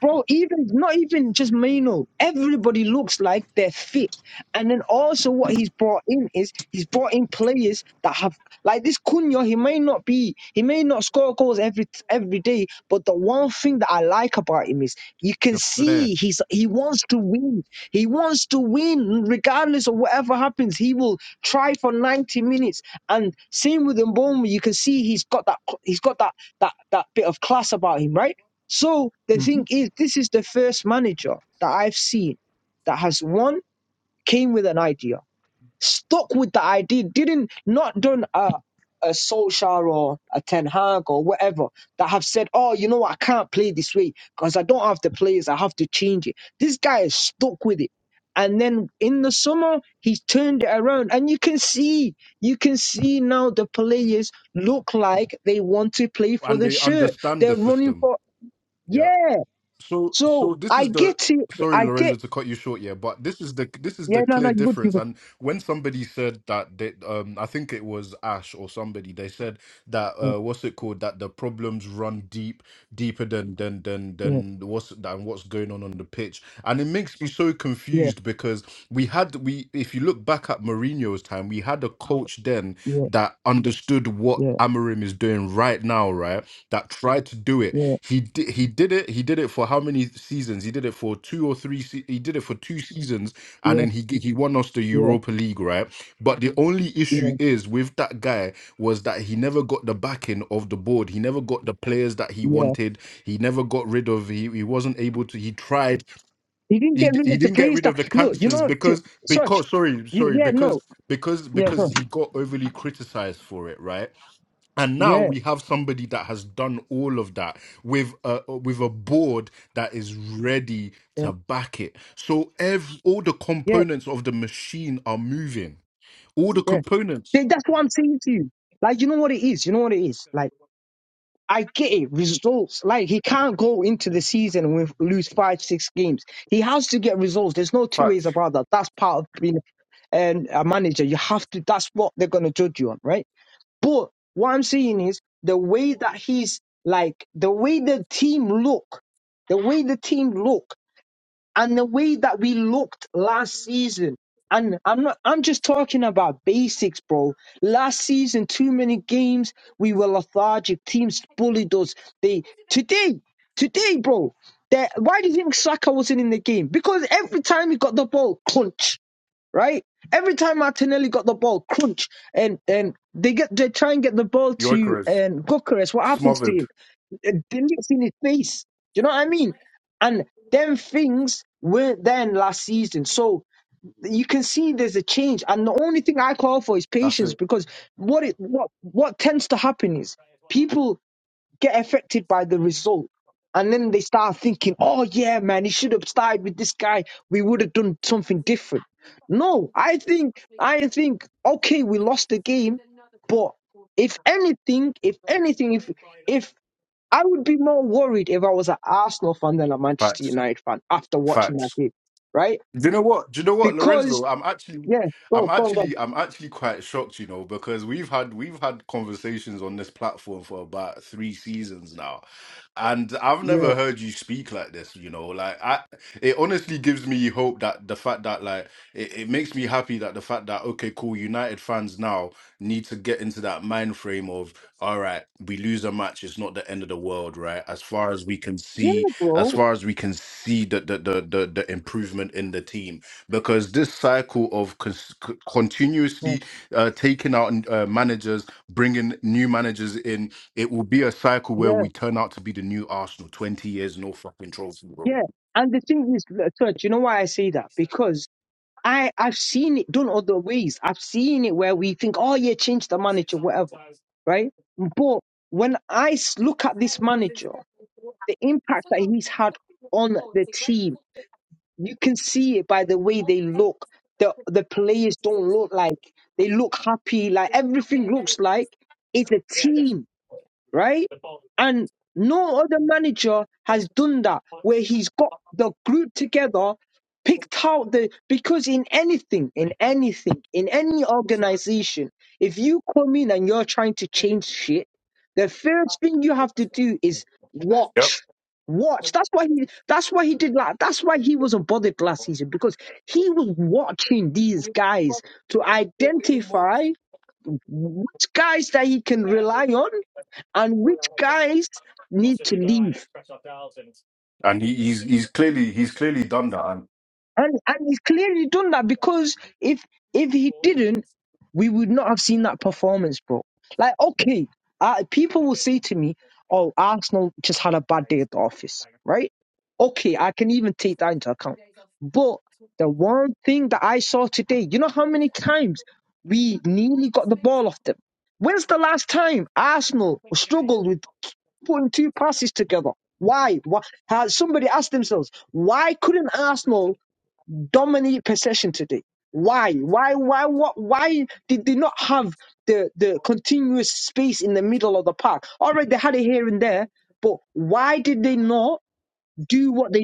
Bro, even not even just Mino. Everybody looks like they're fit. And then also what he's brought in is he's brought in players that have like this Cunha, he may not be he may not score goals every every day, but the one thing that I like about him is you can
The flair,
see he's he wants to win. He wants to win regardless of whatever happens. He will try for 90 minutes. And same with Mboma, you can see he's got that he's got that that that bit of class about him, right? So the
mhm.
thing is, this is the first manager that I've seen that has one came with an idea, stuck with the idea, didn't not done a a Solskjaer or a Ten Hag or whatever that have said, oh, you know, what, I can't play this way because I don't have the players. I have to change it. This guy is stuck with it. And then in the summer, he's turned it around, and you can see, you can see now the players look like they want to play for
and
the
they
shirt.
understand the
They're running
system.
for,
Yeah.
yeah,
So,
so
so this
I
is the
get it.
sorry,
I
Lorenzo,
get.
to cut you short, yeah, but this is the this is the
Yeah, no, no,
clear
you good, you
difference.
good.
And when somebody said that, they, um, I think it was Ash or somebody, they said that uh, what's it called? That the problems run deep, deeper than than than
Yeah,
than what's than what's going on on the pitch, and it makes me so
yeah,
confused because we had we if you look back at Mourinho's time, we had a coach then
yeah,
that understood what
yeah,
Amarim is doing right now, right? That tried to do it
yeah,
he did. He did it. He did it for how many seasons? He did it for two or three. Se- he did it for two seasons, and
yeah,
then he g- he won us the
yeah, yeah,
Europa League, right? But the only issue
yeah.
is with that guy was that he never got the backing of the board. He never got the players that he
yeah.
wanted. He never got rid of. He, he wasn't able to. He tried.
He didn't
He
get
d-
rid
he
of the
didn't get
police.
rid
That
of the
look, you
cancers
know, t-
because
such.
because sorry
y-
sorry
Yeah,
because
no,
because
yeah,
because
sorry.
he got overly criticized for it, right? and now
Yeah,
we have somebody that has done all of that with a with a board that is ready
yeah,
to back it so every, all the
yeah,
components of the machine are moving all the
yeah.
components
Then that's what I'm saying to you. Like, you know what it is. You know what it is. Like. I get it. Results. Like he can't go into the season with lose five, six games. He has to get results. There's no two ways about that. That's part of being um, a manager. You have to. That's what they're gonna judge you on, right? But what I'm saying is the way that he's like the way the team look, the way the team look and the way that we looked last season. And I'm not I'm just talking about basics, bro. Last season, too many games, we were lethargic. Teams bullied us. They today, today, bro. That why do you think Saka wasn't in the game? Because every time he got the ball, crunch, right? Every time Martinelli got the ball, crunch, and and they get they try and get the ball to
yoikers
um, Gokeres. What happens to him?
smothered
It didn't in his face. Do you know what I mean? And them things weren't then last season. So you can see there's a change. And the only thing I call for is patience because what it what what tends to happen is people get affected by the result. And then they start thinking, oh yeah, man, he should have started with this guy. We would have done something different. No, I think I think, okay, we lost the game, but if anything, if anything, if if I would be more worried if I was an Arsenal fan than a Manchester
facts
United fan after watching
facts
that game, right?
Do you know what? Do you know what, Lorenzo?
Because
I'm actually,
yeah,
I'm
go go go,
actually, I'm actually quite shocked, you know, because we've had we've had conversations on this platform for about three seasons now, and I've
yeah,
never heard you speak like this, you know. Like, I, it honestly gives me hope that the fact that like it, it makes me happy that the fact that okay, cool, United fans now need to get into that mind frame of all right, we lose a match, it's not the end of the world, right? As far as we can
yeah,
see as
bro,
far as we can see the the the, the, the improvement in the team because this cycle of cons- c-
yeah,
continuously uh, taking out uh, managers bringing new managers in it will be a cycle where
yeah,
we turn out to be the new arsenal 20 years no fucking trophy bro
yeah. And the thing is, church, you know why I say that? Because I I've seen it done other ways. I've seen it where we think, oh yeah, change the manager, whatever, right? But when I s- look at this manager, the impact that he's had on the team You can see it by the way they look. The the players don't look like they look happy. Like everything looks like it's a team right? And no other manager has done that where he's got the group together, picked out the because in anything, in anything, in any organization, if you come in and you're trying to change shit, the first thing you have to do is watch. Watch. That's why he that's why he did that. That's why he wasn't bothered last season, because he was watching these guys to identify which guys that he can rely on and which guys need to leave.
and he, he's he's clearly he's clearly done that
And and he clearly done that because if if he didn't, we would not have seen that performance, bro. Like, okay, uh, people will say to me, oh, Arsenal just had a bad day at the office, right? Okay, I can even take that into account. But the one thing that I saw today, you know how many times we nearly got the ball off them? When's the last time Arsenal struggled with putting two passes together? Why? Why? Has somebody asked themselves, why couldn't Arsenal dominant possession today. Why? Why? Why? What? Why did they not have the the continuous space in the middle of the park? All right, they had it here and there, but why did they not do what they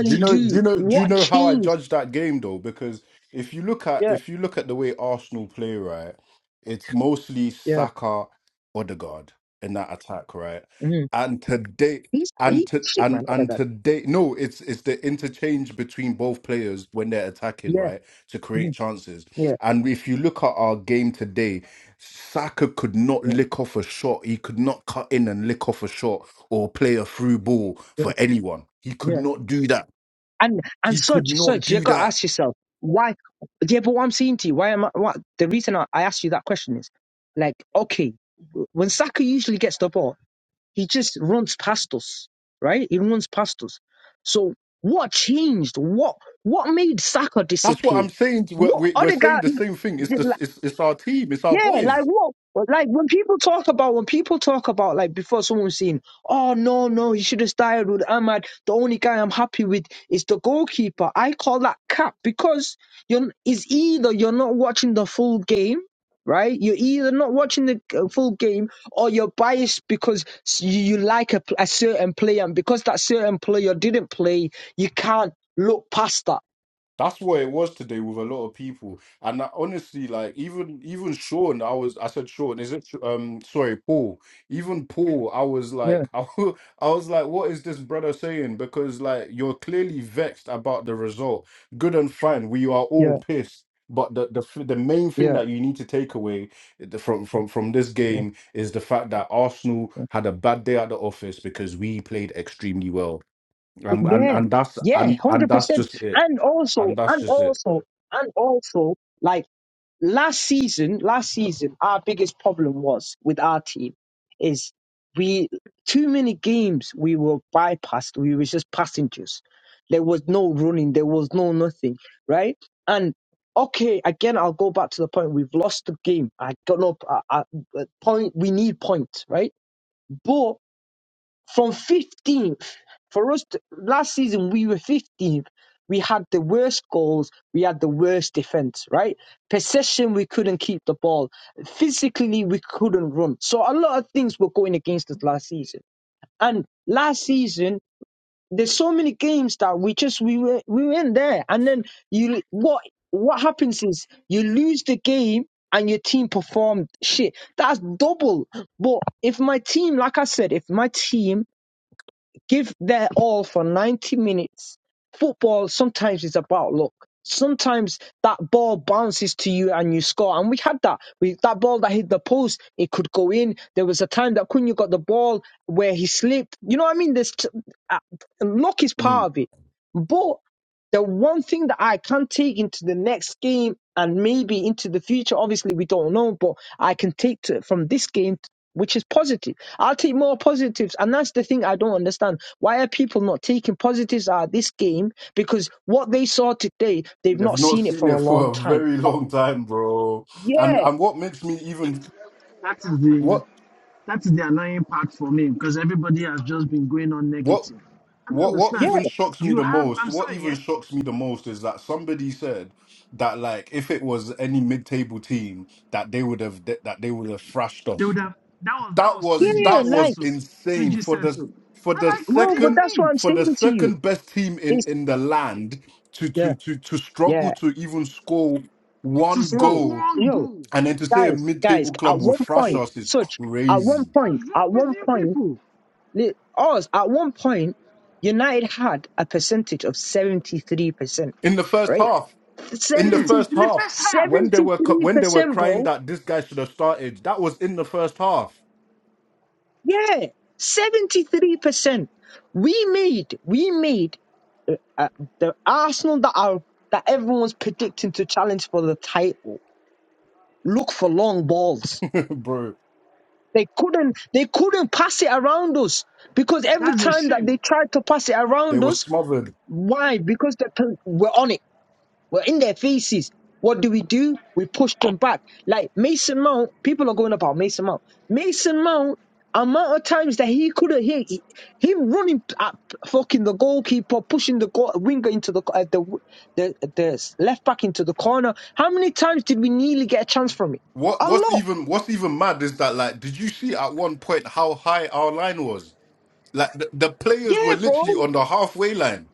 Do you know? Do
do?
you know? Do you
What
know how I
changed?
judge that game though? Because if you look at
Yeah,
if you look at the way Arsenal play, right, it's mostly
yeah.
Saka, Odegaard in that attack, right.
Mm.
And today,
He's
and
he's
to
shit, man.
and
Oh my
and
god.
today, no, it's it's the interchange between both players when they're attacking,
Yeah,
right, to create
mhm,
chances.
yeah,
And if you look at our game today, Saka could not
yeah,
lick off a shot. He could not cut in and lick off a shot or play a through ball
yeah,
for anyone. He could
yeah.
not do that.
And and
He could
such
not
such you
do
gotta
that.
ask yourself why. Yeah, but what I'm saying to you, why am I? What the reason I, I asked you that question is, like, okay, w- when Saka usually gets the ball, he just runs past us, right? He runs past us. So what changed? What what made Saka
That's what
disappear?
I'm saying. We're,
What
we're we're
other
saying
guy?
the same thing. It's,
like,
the, it's, it's our team, it's our
yeah,
boys.
like what? Like when people talk about when people talk about like before someone's seen. "Oh no, no, you should have started with Ahmad." The only guy I'm happy with is the goalkeeper. I call that cap because you're is either you're not watching the full game, right? You're either not watching the uh, full game or you're biased because s- you, you like a, pl- a certain player, and because that certain player didn't play, you can't look past that.
That's what it was today with a lot of people, and I, honestly, like even even Sean, I was I said Sean, is it Sh- um sorry Paul? Even Paul, I was
Yeah,
like I, I was like, what is this brother saying? Because like you're clearly vexed about the result. Good and fine, we are all
yeah,
pissed, but the the f- the main thing
yeah,
that you need to take away eh, the- from from from this game
yeah.
is the fact that Arsenal had a bad day at the office because we played extremely well and and
Yeah,
and that's
yeah,
and and
hundred
that's
percent.
just it,
And also,
and that's
and
just it.
also, and also, like last season, last season, our biggest problem was with our team is we too many games we were bypassed. We were just passengers. There was no running. There was no nothing. Right. And okay, again, I'll go back to the point. We've lost the game. I got no p- I- I- uh point. We need points. Right. But from 15th, for us to, last season, we were 15th. We had the worst goals. We had the worst defense, right? Possession, we couldn't keep the ball. Physically, we couldn't run. So a lot of things were going against us last season. And last season, there's so many games that we just we were we were in there. And then you what what happens is you lose the game and your team performed shit. That's double. But if my team, like I said, if my team give their all for 90 minutes. Football sometimes is about luck. Sometimes that ball bounces to you and you score. And we had that. We, that ball that hit the post, it could go in. There was a time that Cunha got the ball where he slipped. You know what I mean? There's t- uh, luck is
Mm.
part of it. but. The one thing that I can take into the next game and maybe into the future, obviously we don't know, but I can take to, from this game, which is positive. I'll take more positives. And that's the thing I don't understand. Why are people not taking positives out of this game? Because what they saw today, they've
They've
not
not
seen it
seen
for
it
a long
for a
time.
very
Uh,
long time, bro. And
yeah,
and what makes me even
That is the
what
That's the annoying part for me because everybody has just been going on
what
negative. I don't
What what
yeah,
understand.
even shocks me
You
the
have,
most,
I'm
what
sorry, yeah?
even shocks me the most is that somebody said that like if it was any mid-table team that they would have that they would have thrashed
They
us.
would have, that was, that
That
was
yeah.
was
Tunji
yeah,
that
that
said
was
Like,
so.
insane
Tunji
for
said
the
so.
for
I'm
the
like, what
no,
do
but
you
second
that's what
mean?
I'm
for
saying
the
to you.
second best team in
It's,
in the land to to
yeah,
to to struggle
yeah.
to even score
To
one
score
Bro,
goal
one
yo,
goal.
and then to say a
guys, guys,
mid-table club
at
will
one
thrash
point,
us is
such, at one
crazy.
point,
What's
at
wrong with
one
you
point,
people?
Li- Us, at one point, United had a percentage of 73%,
In the first
right?
half, in the
Yes,
seventy
first
in the
half
first half.
when they
seventy
were cu-
three
when they were
percent
crying
bro.
that this guy should have started that was in the first half
Yeah, 73%. We made, we made uh, the Arsenal that are, that everyone's predicting to challenge for the title look for long balls.
bro
They couldn't, they couldn't pass it around us because every
That's a
time that
shame.
they tried to pass it
they
around
were
us,
smothered
why? Because they, we're on it. We're in their faces. What do we do? We push them back. Like Mason Mount, people are going about Mason Mount. Mason Mount, amount of times that he could have hit he- him running at fucking the goalkeeper, pushing the goal, winger into the uh, the the the left back into the corner. How many times did we nearly get a chance from it?
what
A
what's
lot.
even what's even mad is that like did you see at one point how high our line was like the, the players were
Yeah, bro.
literally on the halfway line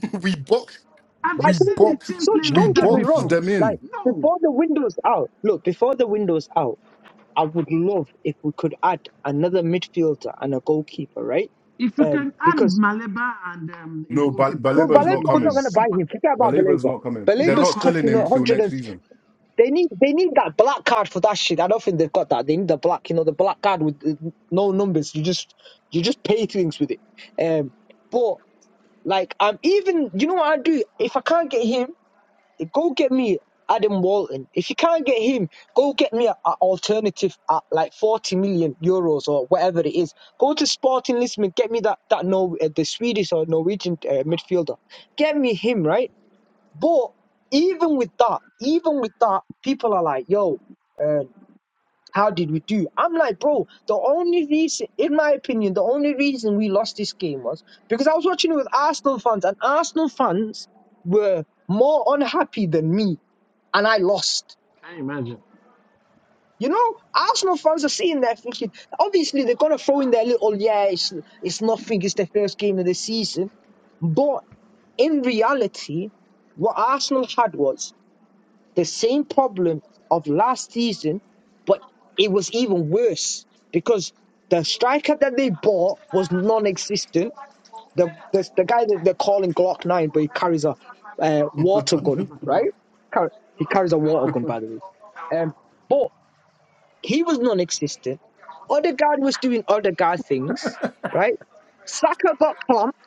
we boxed
Have you
Like
we
don't
seen
get,
the
boxed
team play
such.
we
like
Don't get
that
me
boxed
wrong.
before?
them in
Like
No.
before the windows out. Look, before the windows out. I would love if we could add another midfielder and a goalkeeper, right?
If you
Um,
can add
because
Maleba and um, a
no but
goalkeeper, I
no,
Baleba's
think
Baleba,
not
will
we're
be
not
coming
going to buy
super.
him. Forget about
Baleba's
Baleba.
not coming
He's
they're
not
Baleba's
not
coming
selling
costing
him
a
here.
till
hundred
next
and
season
they need they need that black card for that shit. I don't think they've got that. They need the black, you know, the black card with uh, no numbers. You just you just pay things with it. Um, but like I'm even you know what I do if I can't get him. Go get me Adam Walton. If you can't get him, go get me an alternative at like 40 million euros or whatever it is. Go to Sporting Lisbon, get me that that no uh, the Swedish or Norwegian uh, midfielder. Get me him, right? But even with that, even with that, people are like, yo, uh, how did we do? I'm like, bro, the only reason, in my opinion, the only reason we lost this game was because I was watching it with Arsenal fans, and Arsenal fans were more unhappy than me and I lost.
Can you imagine?
You know, Arsenal fans are sitting there thinking, obviously they're gonna throw in their little, yeah, it's it's nothing, it's their first game of the season. But in reality, what Arsenal had was the same problem of last season, but it was even worse because the striker that they bought was non-existent. The the, the guy that they're calling Glock Nine, but he carries a uh, water
and
Who's he
gun,
talking about?
right? Car- He carries a water gun, by the way. Um, but He was non-existent. Odegaard was doing Odegaard things, right? Saka got clumped.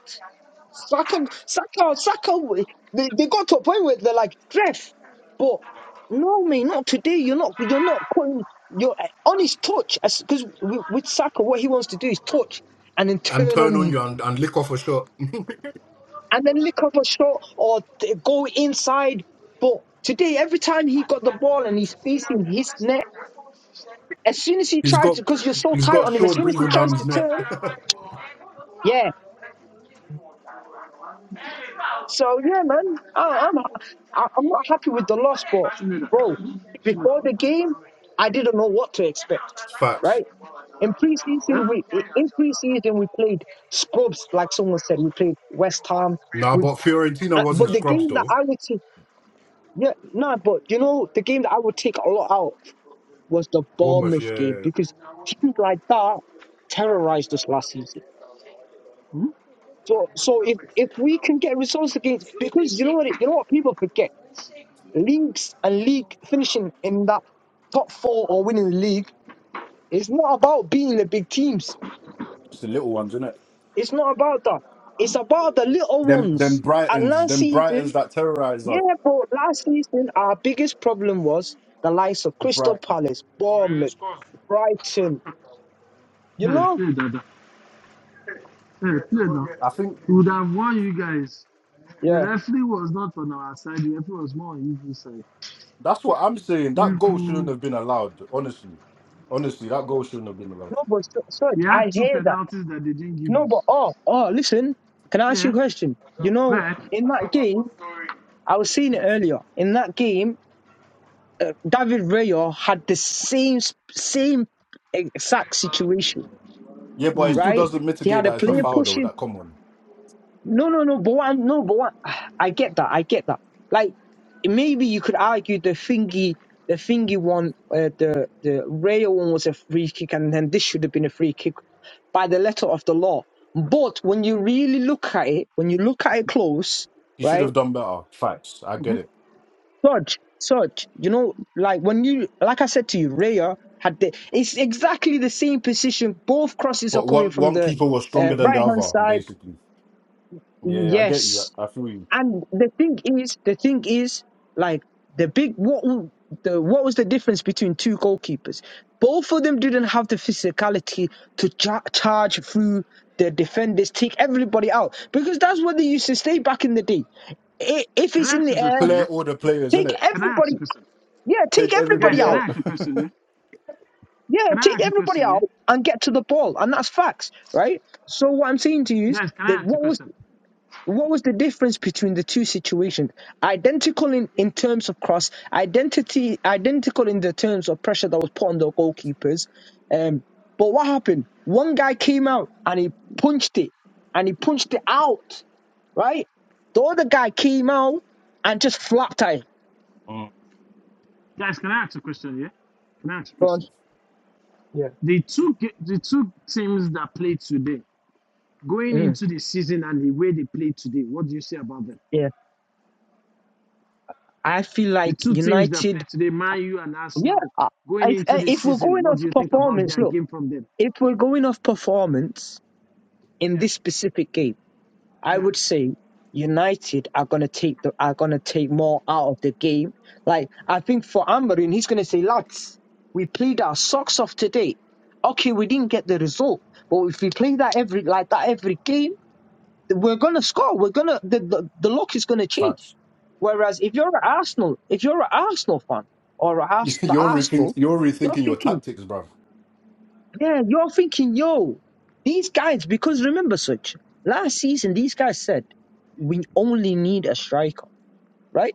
Saka, Saka, Saka. They, they got to a point where they're like, Ref, but no, mate, not today. You're not. You're not calling. You're on his touch because with, with Saka, what he wants to do is touch and then turn
turn
on
on
you
you and, and lick off a shot.
and then lick up a shot or t- go inside. But today, every time he got the ball and he's facing his net, as soon as he
He's
tries
got
to, because you're so
he's
tight
got
on him, as
Shaw
soon as he
breathing down
tries
his
to
neck.
turn. Yeah. So yeah, man, I, I'm I, I'm not happy with the loss, but
Shit,
bro, before the game, I didn't know what to expect.
facts.
Right in
Eh?
preseason, we in preseason we played scrubs, like someone said, we played West Ham.
Nah,
We
but Fiorentina
uh,
wasn't
but the
scrubs
game that
though.
I would say, yeah, no, but you know the game that I would take a lot out was the
Bournemouth,
Bournemouth game
yeah.
because teams like that terrorized us last season.
Hmm?
So so if if we can get results against because you know what it- you know what people forget leagues and league finishing in that top four or winning the league It's not about beating the big teams.
It's the little ones, isn't it?
It's not about that. It's about the little
Them,
ones.
them
And
Brightons,
last
them
season,
Brightons that terrorize us.
yeah, bro, last season our biggest problem was the likes of Crystal
Brighton.
Palace, Bournemouth, Brighton. You
Yeah,
know,
yeah, Yeah, yeah,
I think
We would have won you guys. The
yeah.
referee was not on our side. The referee was more on Eagles' side.
that's what I'm saying. That goal shouldn't
Eagles,
have been allowed. Honestly, honestly, that goal shouldn't have been allowed.
No, but so- search.
we had
I
two
hear that.
penalties that they didn't give
No,
us.
but oh, oh, listen. Can I ask you
Yeah.
a question? You know, in that game, I was seeing it earlier. In that game. David Rayo had the same same exact situation,
Yeah, but
Hmm.
it still
right?
doesn't
He
mitigate
had a
that it's a
Hmm.
player
foul though.
pushing.
That come on,
No, no, no, but what? no, but what? I get that. I get that. Like maybe you could argue the thingy, the thingy one, uh, the the Rayo one was a free kick, and then this should have been a free kick by the letter of the law. But when you really look at it, when you look at it close,
he should
right?
have done better. Facts, I
Mm-hmm.
get it.
Such, such, you know, like when you, like I said to you, Raya had the, it's exactly the same position. Both crosses are
But
coming
one,
from
one
the
people was
uh,
stronger than the
right hand
other,
side.
basically. Yeah, yeah, I get you.
Yes.
I feel you.
And the thing is, the thing is, like the big, what, w- the, what was the difference between two goalkeepers? Both of them didn't have the physicality to cha- charge through the defenders, take everybody out, because that's what they used to stay back in the day. I- If
Can
it's
I
in
ask
the
a
air,
question?
Clear
Yeah.
all the players,
take
innit?
Can I ask a
everybody
question?
yeah, take
Take
Guys,
everybody
everybody
can
out.
I
out.
ask a question? Yeah.
Yeah,
Can I
take
ask a
everybody
question? Yeah.
out and get to the ball, and that's facts, right? So what I'm saying to you is
Guys, can I
that
ask a
what was
question?
what was the difference between the two situations? Identical in, in terms of cross, identity identical in the terms of pressure that was put on the goalkeepers. Um, but what happened? One guy came out and he punched it, and he punched it out, right? The other guy came out and just flapped at it.
Guys, can I ask a question? Yeah. Can I ask a
Go on.
question?
Yeah.
The two the two teams that played today. Going
Mm,
into the season and the way they play today, what do you say about them?
yeah. I feel
The
like
two teams that play
United
today, Man U and
Yeah,
Arsenal,
I-
going
if
into
uh,
the
if we're
season,
going
what
off
do you think about
performance,
their
look,
game from them?
if we're going off performance in
Yeah,
this specific game, I
yeah.
would say United are gonna take the are gonna take more out of the game. Like I think for Amberin, he's gonna say, lads, we played our socks off today. Okay, we didn't get the result, but if we play that every like that every game, we're gonna score. We're gonna the the, the luck is gonna change.
Facts.
Whereas if you're at Arsenal, if you're an Arsenal fan or a Ars- the
you're rethinking.
Arsenal,
You're
you're
rethinking your
thinking.
tactics, bruv.
Yeah, you're thinking, yo, these guys, because remember, Switch, last season, these guys said, we only need a striker, right?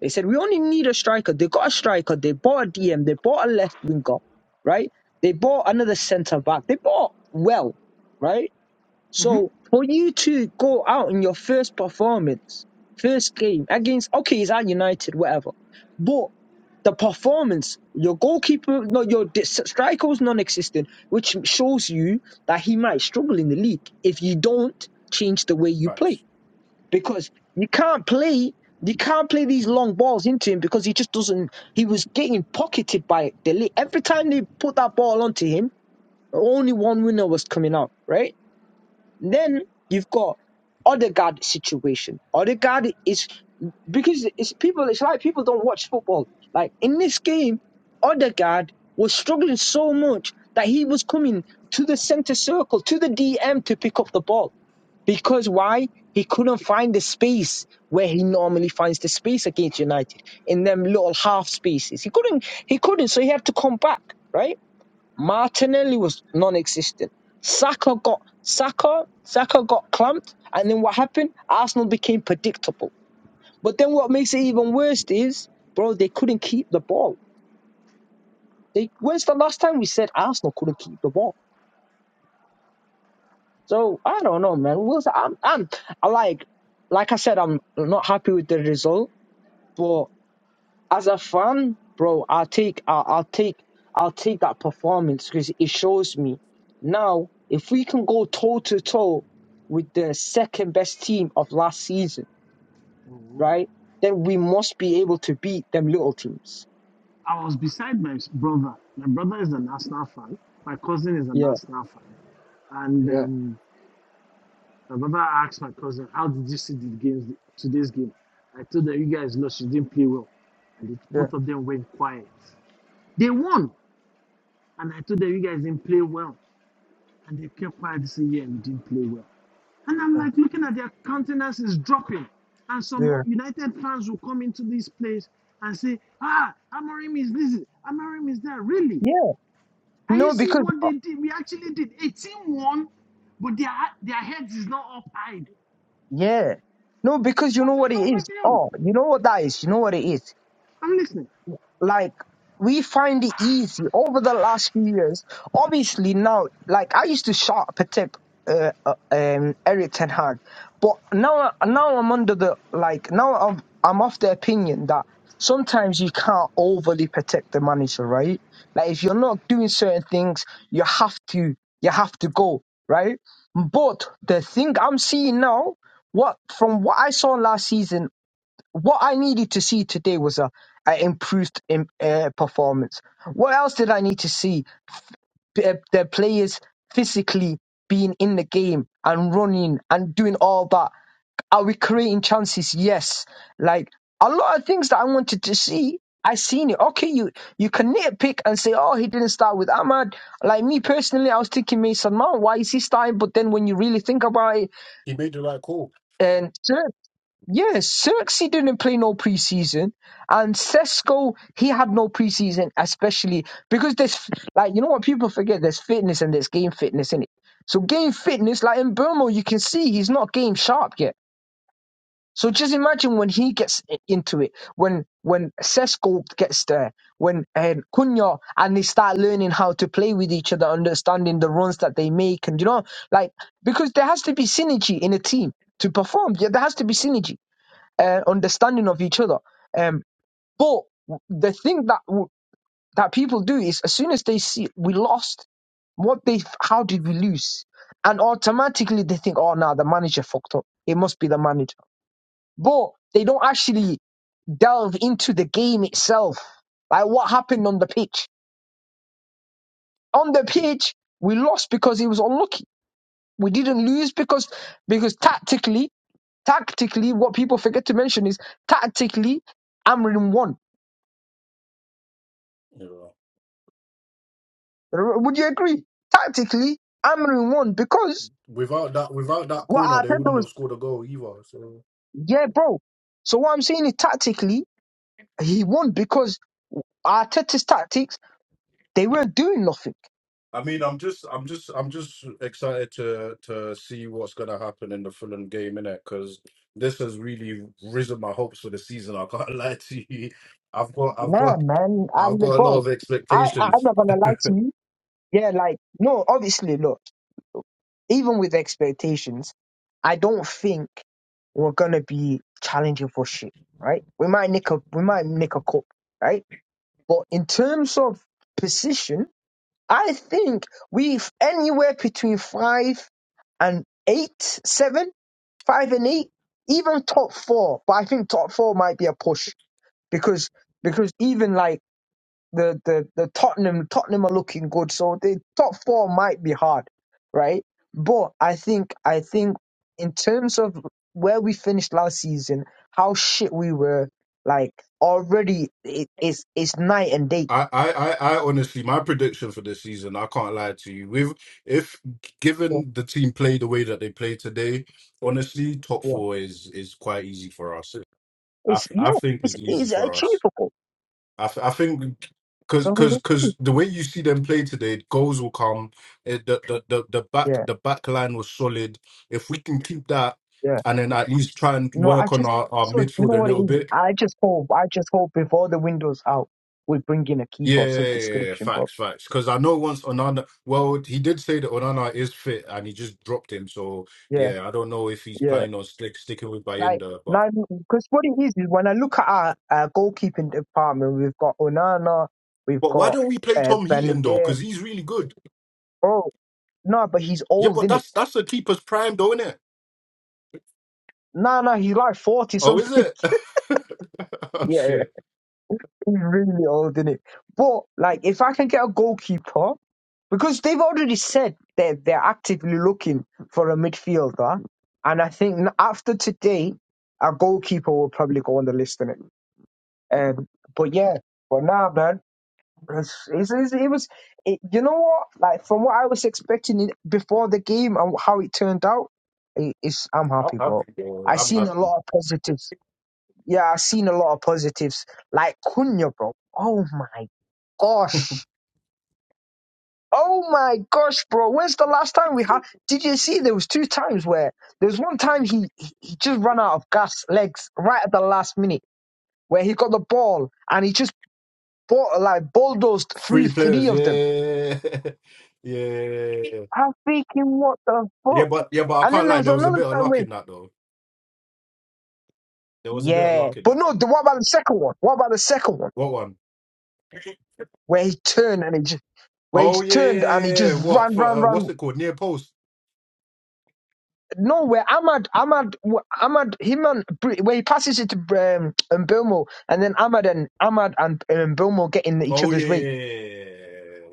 They said, we only need a striker. They got a striker. They bought a DM. They bought a left winger, right? They bought another centre back. They bought well, right?
hmm
So for you to go out in your first performance, first game against okay, it's at United, whatever, but the performance, your goalkeeper, no, your di- striker was non-existent, which shows you that he might struggle in the league if you don't change the way you
Facts.
play because you can't play. You can't play these long balls into him because he just doesn't. He was getting pocketed by Delete every time they put that ball onto him. Only one winner was coming out, right? Then you've got Odegaard situation. Odegaard is because it's people. It's like people don't watch football. Like in this game, Odegaard was struggling so much that he was coming to the center circle to the DM to pick up the ball because why he couldn't find the space where he normally finds the space against United in them little half spaces. He couldn't. He couldn't. So he had to come back. Right Martinelli was non-existent. Saka got Saka, Saka got clumped, and then what happened? Arsenal became predictable. But then what makes it even worse is, bro, they couldn't keep the ball. They when's the last time we said Arsenal couldn't keep the ball? So I don't know, man. Wilson, I'm, I'm, I like, like I said, I'm not happy with the result, but. as a fan, bro, I'll take I'll, I'll take I'll take that performance because it shows me now if we can go toe to toe with the second best team of last season, right? Then we must be able to beat them little teams.
I was beside my brother. My brother is an Arsenal fan. My cousin is an
Yeah,
Arsenal fan. And
yeah,
um, my brother asked my cousin, "How did you see the game today's game?" I told them, "You guys know she didn't play well," and it,
yeah,
both of them went quiet. They won, and I told them, "You guys didn't play well." And they came quiet this year and said, yeah, we didn't play well. And I'm
yeah,
like looking at their countenance is dropping. And some
yeah.
United fans will come into this place and say, Ah, Amorim is this, Amorim is that. Really?
Yeah.
Are you
No,
seeing
because
what they did? We actually did 18 1, but their, their heads is not up high.
yeah. No, because you
What
know
is
what
wrong
it
with
is.
you?
Oh, you know what that is. You know what it is.
I'm listening.
like we find it easy over the last few years. Obviously now, like I used to shout protect uh, uh, um, Eric Ten Hag, but now I- now I'm under the like now I'm I'm of the opinion that sometimes you can't overly protect the manager, right? Like if you're not doing certain things, you have to you have to go right. But the thing I'm seeing now, what from what I saw last season what I needed to see today was a, a improved um, uh, performance. What else did I need to see? P- uh, the players physically being in the game and running and doing all that. Are we creating chances? Yes. Like a lot of things that I wanted to see, I seen it. Okay, you you can nitpick and say, oh, he didn't start with Ahmad. Like me personally, I was thinking Mason Mount. Why is he starting? But then when you really think about it,
He made the right call.
and yeah, Xerxes didn't play no preseason, and Sesko he had no preseason, especially because there's like you know what people forget there's fitness and there's game fitness in it. So game fitness, like in Burmo, you can see he's not game sharp yet. So just imagine when he gets i- into it, when when Sesko gets there, when um, Cunha and they start learning how to play with each other, understanding the runs that they make, and you know, like because there has to be synergy in a team to perform. Yeah, there has to be synergy uh, understanding of each other. Um, but the thing that w- that people do is as soon as they see we lost, what they how did we lose, and automatically they think, oh, now the manager fucked up. It must be the manager. But they don't actually delve into the game itself, like what happened on the pitch. On the pitch, we lost because it was unlucky. We didn't lose because because tactically, tactically, what people forget to mention is tactically, Amrin won
You know.
R- Would you agree? Tactically, Amorim won because
Without that, without that
what
corner, they
Arteta
wouldn't
was.
have scored a goal either. So
Yeah, bro. So what I'm saying is tactically, he won because Arteta's tactics they weren't doing nothing.
I mean, I'm just, I'm just, I'm just excited to to see what's gonna happen in the Fulham game innit? because this has really risen my hopes for the season. I can't lie to you. I've got, I've got,
Nah, man, I
I've got a lot
bro.
of
I
expectations.
I- I'm not gonna lie to you. Yeah, like no, obviously, look. Even with expectations, I don't think we're gonna be challenging for shit, right? We might nick a we might nick a cup, right? But in terms of position, I think we've anywhere between five and eight, seven, five and eight, even top four. But I think top four might be a push because because even like the the the Tottenham Tottenham are looking good, so the top four might be hard, right? But I think I think in terms of where we finished last season, how shit we were, like already it, it's it's night and day.
I, I, I I honestly, my prediction for this season, I can't lie to you. With if given the team play the way that they play today, honestly, top
Yeah.
four is is quite easy for us. I,
It's
th- I
yeah,
think
it's
it's easy
it's
for us.
achievable.
I, th- I think because because
So
because the way you see them play today, goals will come. It, the, the the the back
yeah,
the back line was solid. If we can keep that,
yeah.
and then at least try and
No, I
work on
just
our, our
so you
midfield
know
a
what it
little
is.
bit,
I just hope, I just hope if all the windows out, we bring in a
Yeah,
keeper of
yeah,
some
yeah, yeah,
description, bro.
facts, facts. Because I know once Onana, well, he did say that Onana is fit and he just dropped him. So
Yeah,
yeah, I don't know if he's
yeah.
planning on stick, sticking with
Like,
Bayinda, but
like, because what it is is when I look at our, our goalkeeping department, we've got Onana, we've
but why
got
don't we play
uh,
Tom Heaton though?
Benedict.
Because he's really good.
Bro, no, but he's
Yeah,
old,
but
isn't it?
that's that's a keeper's prime, though, isn't it?
No, no, he's like forty
Oh, is
something.
it? oh,
yeah,
shit,
He's really old, isn't it? But like, if I can get a goalkeeper, because they've already said that they're actively looking for a midfielder, and I think n- after today, a goalkeeper will probably go on the list in it. Um, but yeah, but now, nah, man, it's, it's, it's, it was, it, you know what? Like from what I was expecting it before the game and how it turned out, it, it's I'm
I'm
happy, bro.
happy though.
I
I'm
seen a
happy.
lot of positives yeah, I've seen a lot of positives. Like Cunha, bro. Oh my gosh. Oh my gosh, bro. When's the last time we had did you see there was two times where there was one time he he he just ran out of gas legs right at the last minute where he got the ball and he just bought, like bulldozed through
Free
three
players,
of them.
yeah, yeah,
I'm thinking what the
yeah.
fuck?
But yeah, but I
And
can't
then there
lie.
was
There was a
another
bit of
time
luck
where
in that though. There was a bit of
Yeah.
luck in
But
that.
no, the, what about the second one? What about the second one?
What one?
Where he turned and he just where he
Oh
just
yeah, yeah, yeah, yeah.
turned and he
yeah, yeah.
just
What
ran,
for?
ran,
Uh,
ran,
what's it called? Near post.
No, where Ahmad, Ahmad, Ahmad, him and Br- where he passes it to um, Mbomo, and then Ahmad and Ahmad and um, Mbomo get in each
Oh yeah,
other's way.
yeah, yeah. yeah.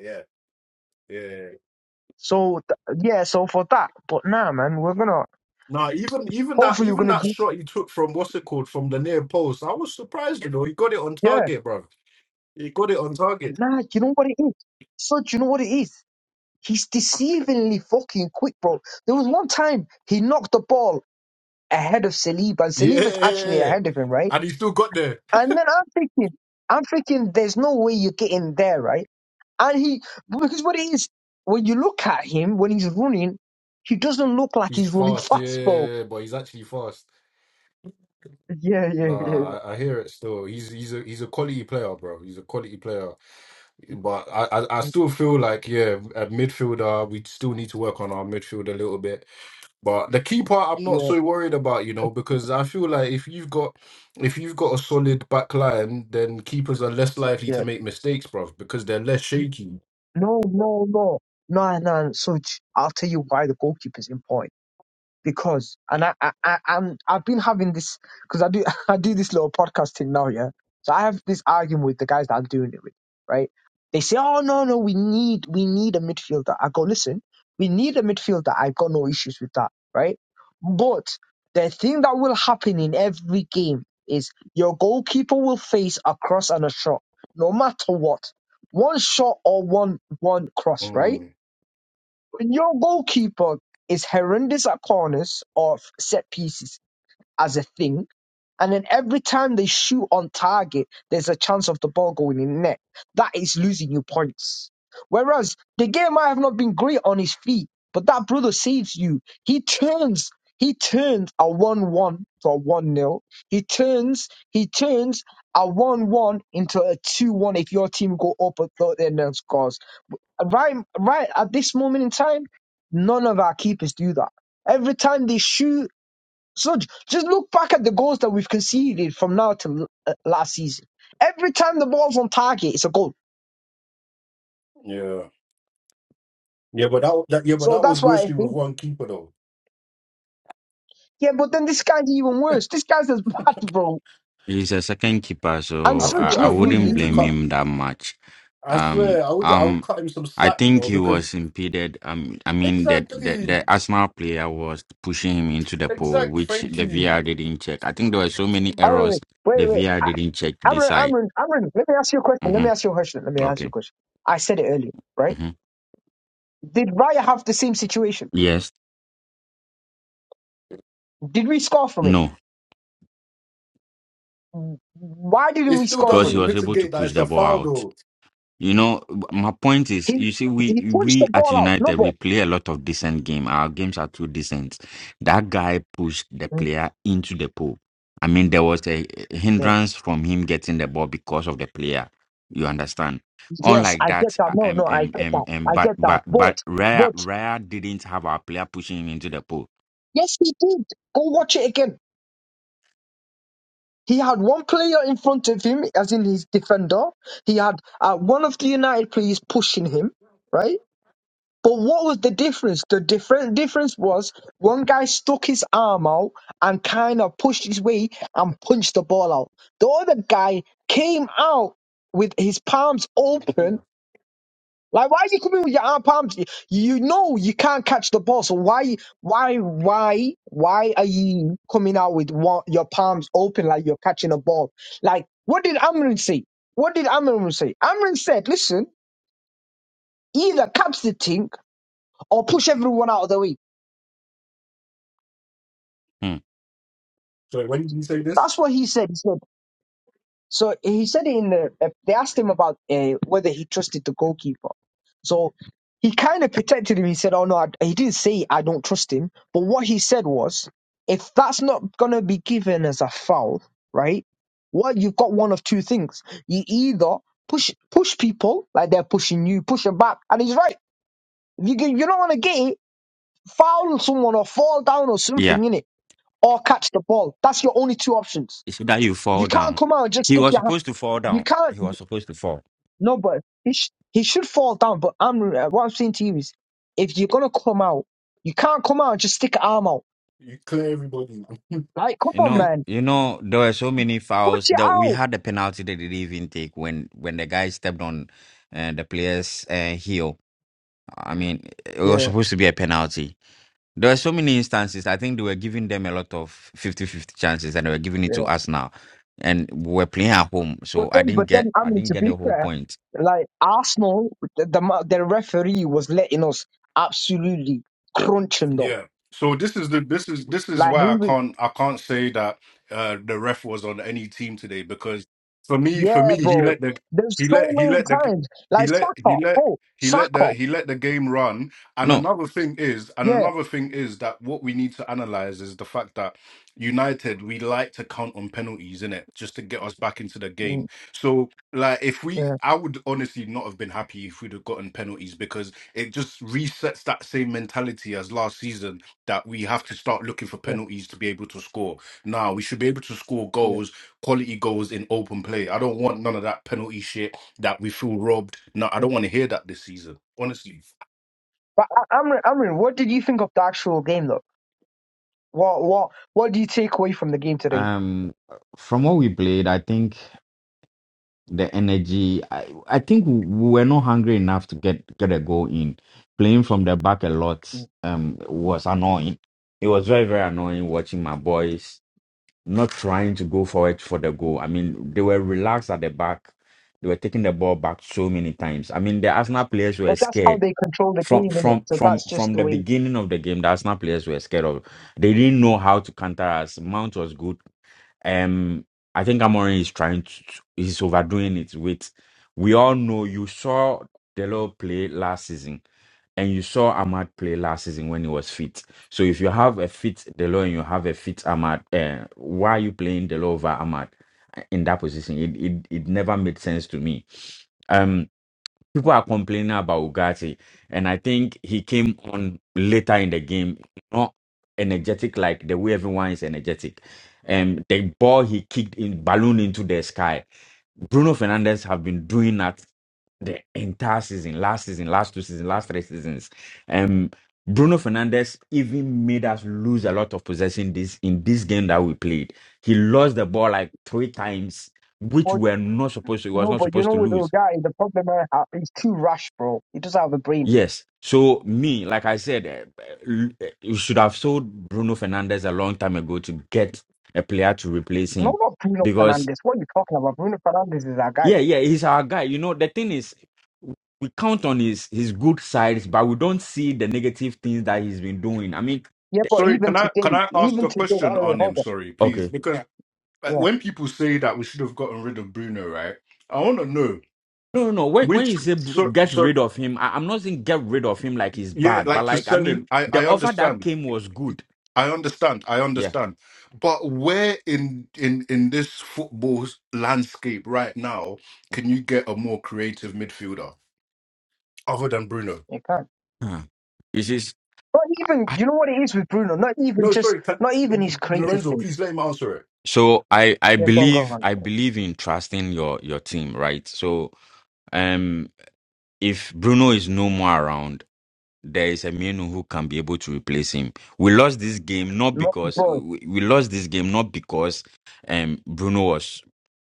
yeah, yeah, yeah, yeah, yeah.
So th- yeah, so for that, but nah, man, we're gonna
Nah, even even that
hopefully we're
even
gonna
that
do
shot he took from what's it called from the near post. I was surprised, you know. He got it on
yeah.
target, bro. He got it on target.
Nah, you know what it is? So you know what it is? He's deceivingly fucking quick, bro. There was one time he knocked the ball ahead of Saliba, and
Yeah, yeah,
Saliba's
yeah,
actually
yeah, yeah.
ahead of him, right?
and he still got there.
And then I'm thinking, I'm thinking, there's no way you're getting there, right? And he, because what it is, when you look at him, when he's running, he doesn't look like
He's
he's running
fast, yeah, yeah,
fastball.
yeah, yeah, but he's actually fast.
Yeah, yeah, yeah,
Nah, I, I hear it still. He's he's a he's a quality player, bro. He's a quality player. But I, I, I still feel like yeah, at midfielder we still need to work on our midfield a little bit But the key part I'm not
yeah,
so worried about, you know, because I feel like if you've got if you've got a solid back line, then keepers are less likely to
yeah.
make mistakes, bruv, because they're less shaky.
No, no, no. No, no, so j- I'll tell you why the goalkeeper's important. because and I, I, I I'm I've been having this because I do I do this little podcast thing now, yeah. So I have this argument with the guys that I'm doing it with, right? They say, Oh no, no, we need we need a midfielder. I go, listen, we need a midfielder. I've got no issues with that, right? But the thing that will happen in every game is your goalkeeper will face a cross and a shot, no matter what. One shot or one one cross, right?
Mm,
When your goalkeeper is horrendous at corners or set pieces as a thing, and then every time they shoot on target, there's a chance of the ball going in net. That is losing you points. Whereas the game might have not been great on his feet, but that brother saves you. He turns, he turns a one-one to a one-nil. He turns, he turns a one-one into a two-one if your team go up at 30 and then scores right right at this moment in time, none of our keepers do that. Every time they shoot, so j- just look back at the goals that we've conceded from now to l- last season. Every time the ball's on target, it's a goal.
yeah, yeah, but that, that yeah, but
So
that
that's
was
why I
mostly with
think,
one keeper though.
yeah. But then this guy's even worse. This guy's as bad, bro.
He's a second keeper,
And
I
so
feel
such,
I, I
I
look, you,
feel you
wouldn't
need
you,
to
blame
you
cut.
him that much.
I
Um,
swear, I would I would
um,
cut him some
I
slack, you
think
know,
he
because
was impeded. Um, I mean, the, the the
exactly,
Arsenal player was pushing him into the pole,
exact.
which
Thank
the
you.
VR didn't check. I think there were so many
all
errors
right, wait,
the
wait.
VR
I,
didn't check this
Amran,
side.
Amran, Amran, let me ask you a question. Let me
Mm-hmm.
ask you a question. Let me ask you a
Okay.
question. I said it earlier, right?
Mm-hmm.
Did Raya have the same situation?
Yes.
Did we score from it?
No,
Why
It
didn't we
still
score
because he
from
doesn't
it?
was able to
mitigate that
push
it's a
the ball
foul
out.
though.
You know, my point is,
He
you see, we
he punched the
we at
ball out. No
United we
ball.
play a lot of decent game. Our games are too decent. That guy pushed the
Mm,
player into the pool. I mean, there was a
Yeah.
hindrance from him getting the ball because of the player. You understand?
Yes,
Unlike
I get
that,
that.
uh,
No,
um,
no, I
um,
get
um,
that.
um,
I
but
get that.
but
But
but Raya
but
Raya didn't have our player pushing him into the pool.
yes, he did. Go watch it again. He had one player in front of him, as in his defender. He had uh, one of the United players pushing him, right? But what was the difference? The different difference was one guy stuck his arm out and kind of pushed his way and punched the ball out. The other guy came out with his palms open. Like why is he coming with your arm palms? You know you can't catch the ball, so why why why why are you coming out with one, your palms open like you're catching a ball? Like what did Amrin say? What did Amrin say? Amrin said, "Listen, either catch the thing or push everyone out of the way."
Hmm.
Sorry, when did you say this?
That's what he said. He said so. He said in the uh, they asked him about uh, whether he trusted the goalkeeper. So he kind of protected him. He said, "Oh no, I, he didn't say I don't trust him." But what he said was, if that's not gonna be given as a foul, right? Well, you've got one of two things. You either push push people like they're pushing you, push them back, and he's right. If you get- you don't want to get it, foul someone or fall down or
Yeah,
something in it, or catch the ball. That's your only two options.
so that you
You
fall
can't
down.
come out and just
He
stick
was
your
supposed to fall
You
down.
can't.
He was supposed to fall.
No, but he, sh- he should fall down. But I'm uh, what I'm saying to you is, if you're gonna come out, you can't come out and just stick an arm out.
You clear everybody. out.
Like, come
You
on,
know,
man,
you know, there were so many
put
fouls
it
that we
out.
had a penalty that they didn't even take when when the guy stepped on uh, the player's uh, heel. I mean, it was
Yeah,
supposed to be a penalty. There were so many instances. I think they were giving them a lot of fifty-fifty chances, and they were giving it to
yeah.
us now. And we were playing at home,
But
so I
then,
didn't
but
get
then, I
I
mean,
didn't
to
get
be
the whole
fair,
point.
like Arsenal, the the, ma- the referee was letting us absolutely crunch him though.
Yeah. So this is the this is this is
Like, he
why I
was,
can't I can't say that uh the ref was on any team today because for me for
yeah,
me he
bro.
let the
There's
he let
so
he
many
let the
times,
he
like
let he
Saka.
let
Oh,
he let
Saka.
the he let the game run and
No,
another thing is and
Yeah,
another thing is that what we need to analyze is the fact that United we like to count on penalties in it just to get us back into the
Mm,
game. So like if we
yeah,
I would honestly not have been happy if we'd have gotten penalties because it just resets that same mentality as last season that we have to start looking for
yeah,
penalties to be able to score. Now we should be able to score
yeah.
goals, quality goals in open play. I don't want none of that penalty shit that we feel robbed. No, I don't want to hear that this season. Honestly.
But I- Amrin, Amrin, what did you think of the actual game, though? What what what do you take away from the game today?
um, from what we played, I think. the energy. I, I think we were not hungry enough to get get a goal in. Playing from the back a lot um was annoying. It was very very annoying watching my boys not trying to go forward for the goal. I mean, they were relaxed at the back. They were taking the ball back so many times. I mean, the Arsenal players were
But that's how
scared
they control the
from
game, innit?
from
So
from
that's just
from
the
the
way.
beginning of the game. The Arsenal players were scared of. They didn't know how to counter us. Mount was good um, I think Amorim is trying to, he's overdoing it with, we all know you saw Delo play last season and you saw Ahmad play last season when he was fit. So if you have a fit Delo and you have a fit Ahmad, uh, why are you playing Delo over Ahmad in that position? It, it, it never made sense to me. Um, people are complaining about Ugarte, and I think he came on later in the game, not energetic like the way everyone is energetic. And the ball he kicked in balloon into the sky. Bruno Fernandez have been doing that the entire season, last season, last two seasons, last three seasons. Um, Bruno Fernandez even made us lose a lot of possession this in this game that we played. He lost the ball like three times, which
Or,
we are not supposed to. He was
no,
not
but you
supposed
know,
to
with
lose
the guy, the problem I have, he's too rash, bro. He doesn't have a brain.
Yes. So me, like I said, eh, eh, you should have sold Bruno Fernandez a long time ago to get a player to replace
No, Not
him,
about Bruno
because
Fernandez. What are you talking about? Bruno Fernandez is our guy.
yeah, yeah, he's our guy. You know, the thing is, we count on his his good sides, but we don't see the negative things that he's been doing. I mean,
Yeah,
the-
but
Sorry,
even
can I
today,
can I ask
even
a
today, oh,
question
wait,
on
hold
him?
on.
Sorry, please,
okay,
because uh,
Yeah,
when people say that we should have gotten rid of Bruno, right? I want to know
no, no, no. When when
which.
you say br-
So,
get
so
rid of him, I, I'm not saying get rid of him like he's
yeah,
bad, but
like to
like I
sell
mean,
him. I I
the offer that
understand.
came was good.
I understand. I
Yeah,
understand. But where in in in this football landscape right now can you get a more creative midfielder other than Bruno?
you can't.
Huh. you see.
Not even, you know what it is with Bruno? Not even
No,
just,
sorry, can,
not even his creative
Lorenzo.
thing.
Please let him answer it.
so i i
Yeah, go on, go on,
believe
go
i
on.
believe in trusting your your team right so um if bruno is no more around there is a man who can be able to replace him. We lost this game not
Not,
because we,
bro,
we we lost this game not because um Bruno was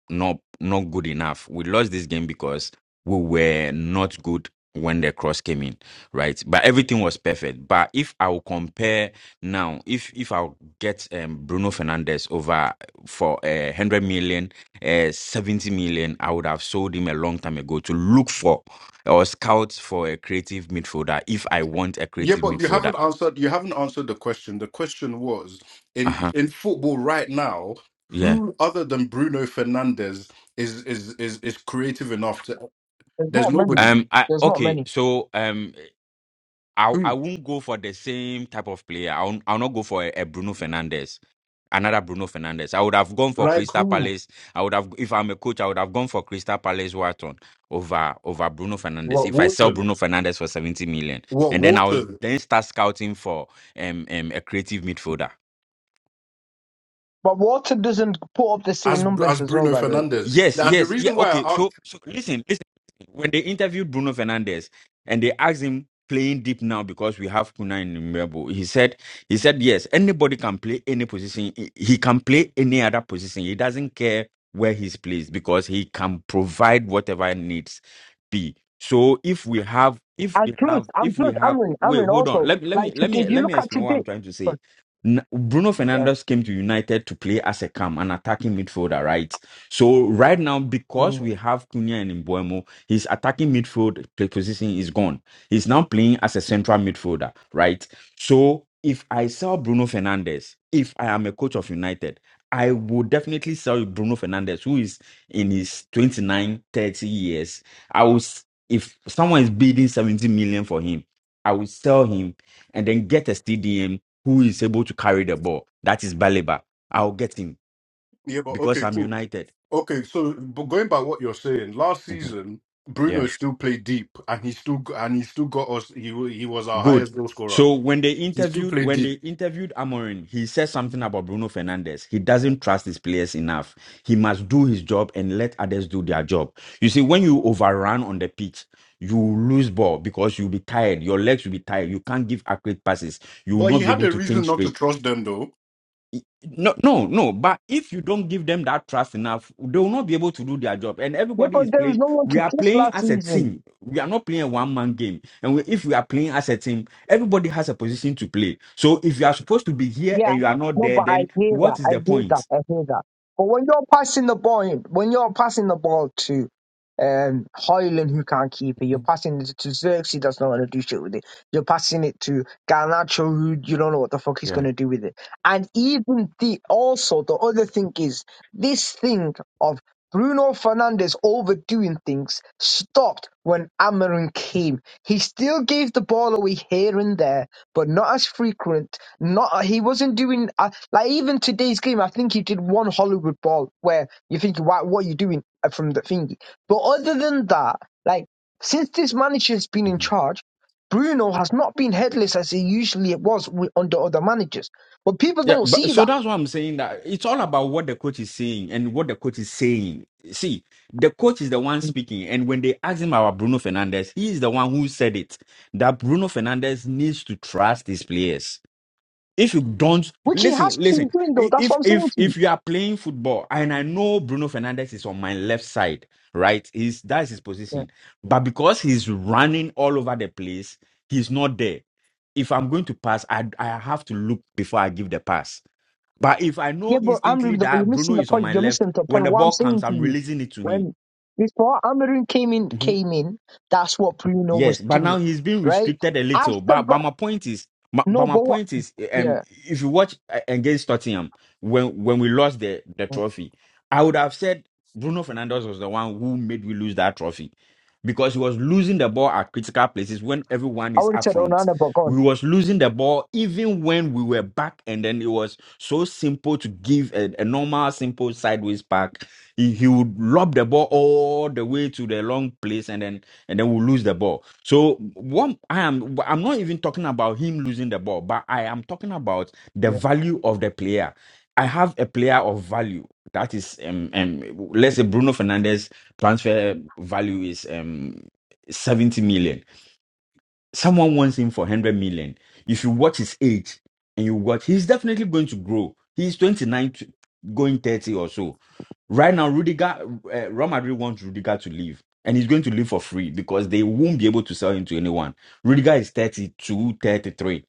not not good enough. We lost this game because we were not good when the cross came in, right? But everything was perfect. But if I will compare now, if if I'll get um, Bruno Fernandez over for a uh, 100 million, uh, 70 million, I would have sold him a long time ago to look for or scout for a creative midfielder if I want a
Yeah,
creative
but you
midfielder.
haven't answered. You haven't answered the question. The question was
Uh
in
huh.
in football right now.
Yeah.
Who other than Bruno Fernandez is is is is creative enough to?
there's
There's
not many.
nobody.
Um. I
There's not many.
okay. So um. I I
Who
won't go for the same type of player. I'll I'll not go for a, a Bruno Fernandes. Another Bruno Fernandes. I would have gone for
like
Crystal
who?
Palace. I would have if I'm a coach. I would have gone for Crystal Palace Wharton over over Bruno Fernandes.
What
If I sell
Wharton?
Bruno Fernandes for seventy million,
What
and then I will
Wharton?
then start scouting for um, um a creative midfielder.
But Watson doesn't put up the same
As
numbers
as
as well,
Bruno
by the way.
Fernandez.
Yes,
And the
yes, yeah.
reason why
Okay,
I
so
asked,
so listen, listen. When they interviewed Bruno Fernandez and they asked him playing deep now because we have Kuna in Mbembo, he said he said yes, anybody can play any position. He he can play any other position. He doesn't care where he's placed because he can provide whatever needs be. So if we have if
And
we
plus,
have
and
if we
plus,
have
Amrin,
wait,
Amrin
hold on.
also,
Let, let me
like,
let
if
me
if you
let me
look at
explain what
today,
I'm trying to
but,
say. N- Bruno
uh,
Fernandez came to United to play as a cam, an attacking midfielder, right? So right now, because
mm.
we have Cunha and Mbuemo, his attacking midfield position is gone. He's now playing as a central midfielder, right? So if I sell Bruno Fernandes, if I am a coach of United, I would definitely sell Bruno Fernandes, who is in his 29, 30 years. I was if someone is bidding 70 million for him, I will sell him and then get a CDM who is able to carry the ball. That is Baleba. I'll get him
yeah, but
because
okay,
I'm
cool.
United.
Okay, so but going by what you're saying, last season
Yeah.
Bruno still played deep, and he still and he still got us. He wa- he was our
Good.
highest goal scorer.
So when they
He still
interviewed
played
when they
deep.
interviewed Amorin, he said something about Bruno Fernandes. He doesn't trust his players enough. He must do his job and let others do their job. You see, when you overrun on the pitch, you lose ball because you'll be tired. Your legs will be tired. You can't give accurate passes. You will
But he
not be
had
able
a
to
reason
think
not to
straight.
trust them, though.
No, no, no. But if you don't give them that trust enough, they will not be able to do their job. And
yeah,
everybody is
but there was
playing.
no one
We
to
are
trust
playing
last
as a
season.
team. We are not playing a one man game. And we, if we are playing as a team, everybody has a position to play. So if you are supposed to be here
Yeah.
and you are not
No,
there,
but I
then
hear that.
what is
I
the
hear that.
point?
I hear that. But when you're passing the ball, when you're passing the ball to um Hoyland who can't keep it, you're passing it to Xerxes that's not gonna do shit with it. You're passing it to Garnacho who you don't know what the fuck he's
Yeah.
gonna do with it. And even the also the other thing is this thing of Bruno Fernandes overdoing things, stopped when Amarin came. He still gave the ball away here and there, but not as frequent. Not he wasn't doing uh, like even today's game. I think he did one Hollywood ball where you think, "Why? What are you doing uh, from the thingy?" But other than that, like since this manager's been in charge. Bruno has not been headless as he usually was wi- under other managers, but people
Yeah,
don't
but
see
so
that,
that's why I'm saying that it's all about what the coach is saying and what the coach is saying. See, the coach is the one speaking, and when they ask him about Bruno Fernandez, he is the one who said it that Bruno Fernandez needs to trust his players. If you don't
which he has
listen, listen.
been doing though.
i-
That's what
If
I'm saying
if
to you.
if you are playing football, and I know Bruno Fernandez is on my left side, right? Is that's his position, but because he's running all over the place, he's not there. If I'm going to pass, I I have to look before I give the pass but if I know
Yeah, but I'm
instantly
reading the you're
that Bruno
missing the
is on
point.
my
You're
left,
missing the
when
point.
the
What I'm
ball comes,
saying to
I'm
you,
releasing it to him.
when before Amarin came in,
Mhm.
came in, that's what Bruno was
Yes, but
doing,
now he's been
right?
restricted a little.
After,
But but
but
my point is, my, but
no,
my
but what?
point is, um,
Yeah,
if you watch uh, against Tottenham when when we lost the the trophy, I would have said Bruno Fernandez was the one who made we lose that trophy because he was losing the ball at critical places when everyone
I
is
would have
up
said
front.
Onana, but gone.
We was losing the ball even when we were back, and then it was so simple to give a, a normal, simple sideways pack. He, he would lob the ball all the way to the long place, and then and then we lose the ball. So one, I am I'm not even talking about him losing the ball, but I am talking about the
Yeah,
value of the player. I have a player of value. That is, um, um, let's say Bruno Fernandes transfer value is um 70 million Someone wants him for 100 million. If you watch his age and you watch, he's definitely going to grow. He's 29, to, going 30 or so. Right now, Rudiger, uh, Real Madrid wants Rudiger to leave. And he's going to leave for free because they won't be able to sell him to anyone. Rudiger is 32, 33.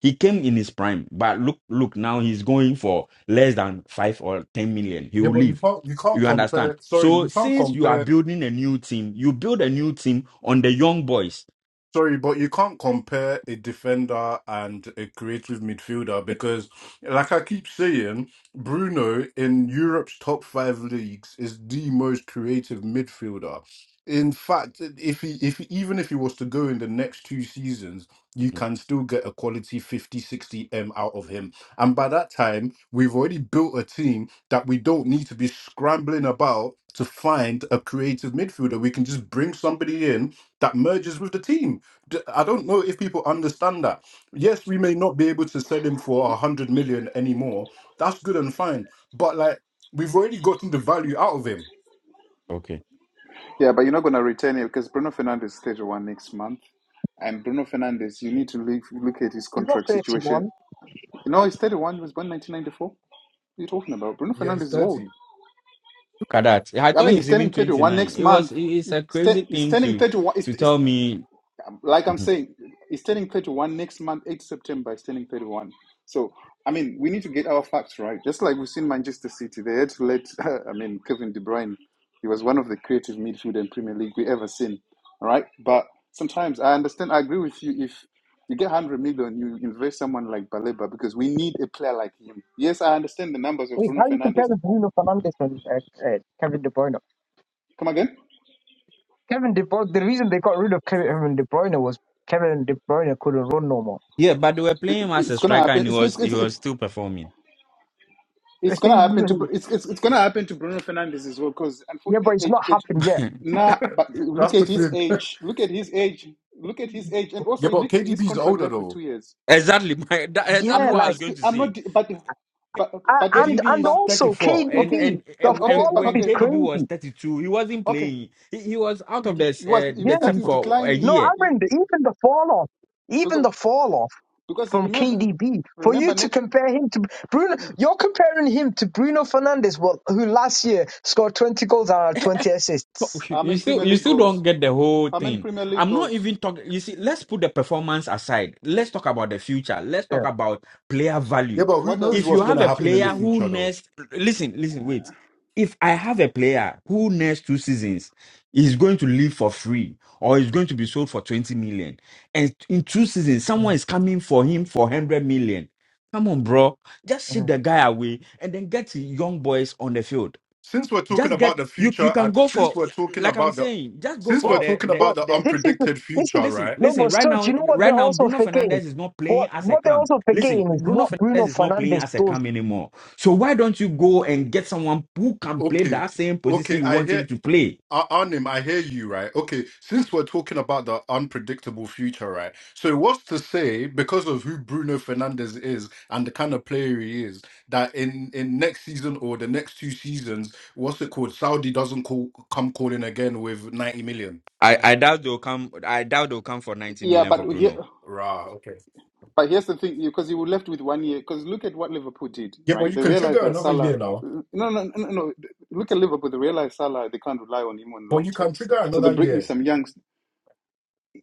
He came in his prime, but look, look, now he's going for less than five or 10 million. He
Yeah,
will
but you
leave.
can't you can't
You understand?
compare. Sorry,
So
you can't
since you are
compare
building a new team, you build a new team on the young boys.
Sorry, but you can't compare a defender and a creative midfielder because, like I keep saying, Bruno in Europe's top five leagues is the most creative midfielder. In fact, if he, if he- even if he was to go in the next two seasons, you can still get a quality 50 60 M out of him. And by that time, we've already built a team that we don't need to be scrambling about to find a creative midfielder. We can just bring somebody in that merges with the team d- I don't know if people understand that. Yes, we may not be able to sell him for a hundred million anymore. That's good and fine. But like we've already gotten the value out of him.
Yeah, but you're not going to retain it because Bruno Fernandes stage one next month. And Bruno Fernandes, you need to look, look at his
he's not
contract situation.
31.
You know, he's 31, he was born 1994. What are you talking about? Bruno
Yeah, he's
Fernandes is old.
thirty.
Look at that. I
I
thought
mean, he's
he's even
turning 31
29.
next
It was
month.
it- it's
He's,
a crazy
t- he's
thing
turning
to
31.
to
He's, he's,
tell me.
like I'm
Mhm.
saying, it's turning 31 next month, 8 September, it's turning 31. So, I mean, we need to get our facts right. Just like we've seen Manchester City, they had to let, I mean, Kevin De Bruyne, he was one of the creative midfield in Premier League we ever seen, all right? But sometimes I understand, I agree with you. If you get 100 million, you invest someone like Baleba because we need a player like him. Yes, I understand the numbers of
Wait,
Bruno
how you
Fernandes.
compare the Bruno Fernandez and uh, uh, Kevin De Bruyne?
Come again?
Kevin De Bruyne. The reason they got rid of Kevin De Bruyne was Kevin De Bruyne couldn't run no more.
Yeah, but they were
It-
playing him as a
It's going to
striker and
happen.
he
It's,
was
it's,
he
it's,
was still performing.
It's gonna
yeah,
happen to Bru- it's, it's it's gonna happen to Bruno Fernandez as well because
but
unfortunately
it's not
education.
happened yet.
Nah, but look
That's the
at his
thing.
age. Look at his age. Look at his age, and also
yeah, but
look his
KDB's
contract
older
left with
though.
two years.
exactly my that,
I'm
exactly
Yeah,
what
not
I
like.
was going
disp-
to
I'm not.
say.
di- But but
A-
but he did
And
KDB
not.
and
is
But oh,
also
34 and
okay.
KDB,
and
the
But
and
okay.
and
fall
But
off
when
is
okay. oh,
KDB was
crazy.
32, he wasn't
Okay.
playing. He, he was out
He
of
di-
this
he was
uh,
he was
Yeah,
the team
starting
bro.
for a
no,
declining
year.
I
He-
remember even the fall off, even
because
the fall off
because you
from
remember
KDB. For you
remember
to
Nick,
compare him to Bruno, you're comparing him to Bruno Fernandez, well, who last year scored 20 goals and had 20
But
assists.
how
You
many
still
Premier
you
League
still don't
goals?
get the whole
How many
thing.
Premier League
I'm not
goals?
even talking. You see, let's put the performance aside. Let's talk about the future. Let's talk
Yeah.
about player
Yeah,
value.
but who
What does
knows
he
If you
what's going
have
to
a
contribute to your
happen in the
player
team?
who
future, though?
next listen, listen, wait. If I have a player who next two seasons is going to leave for free or is going to be sold for 20 million, and in two seasons, someone
mm
is coming for him for 100 million. Come on, bro. Just ship
mm.
the guy away and then get young boys on the field
Since we're talking
just
about
get
the
you you
future,
can
and
go
since
for
we're talking
like I'm
about the,
saying, just go
since
for
we're
But
the
talking
the
about
but
the
the
this is the-
unpredicted
this is
future,
listen,
right?
no,
listen,
but
right
Serge,
now
you know what
right
they're
now
also
Bruno
forgetting.
Fernandez is not playing
What
as a
what they're
cam.
also
Listen,
forgetting is
Bruno
what Bruno
Fernandez is not playing
Fernandez
as a
does.
cam anymore. So why don't you go and get someone who can play
Okay,
that same position
okay,
you
I
want
hear
him to play?
Ar- Arnim, I hear you, right? Okay, since we're talking about the unpredictable future, right? So what's to say because of who Bruno Fernandez is and the kind of player he is that in in next season or the next two seasons, what's it called? Saudi doesn't call come calling again with ninety million.
I, I doubt they'll come I doubt they'll come for 90
Yeah,
million for
but here.
Bruno.
Rah, okay.
But here's the thing, because you were left with one year. Because look at what Liverpool did,
Yeah, but
right?
you
They
can
realized
trigger
that
another
Salah.
year now.
No, no, no, no. Look at Liverpool. They realized Salah. They can't rely on him on the
But
long
you can
term.
trigger
So they
another
bring in
year.
some youngs.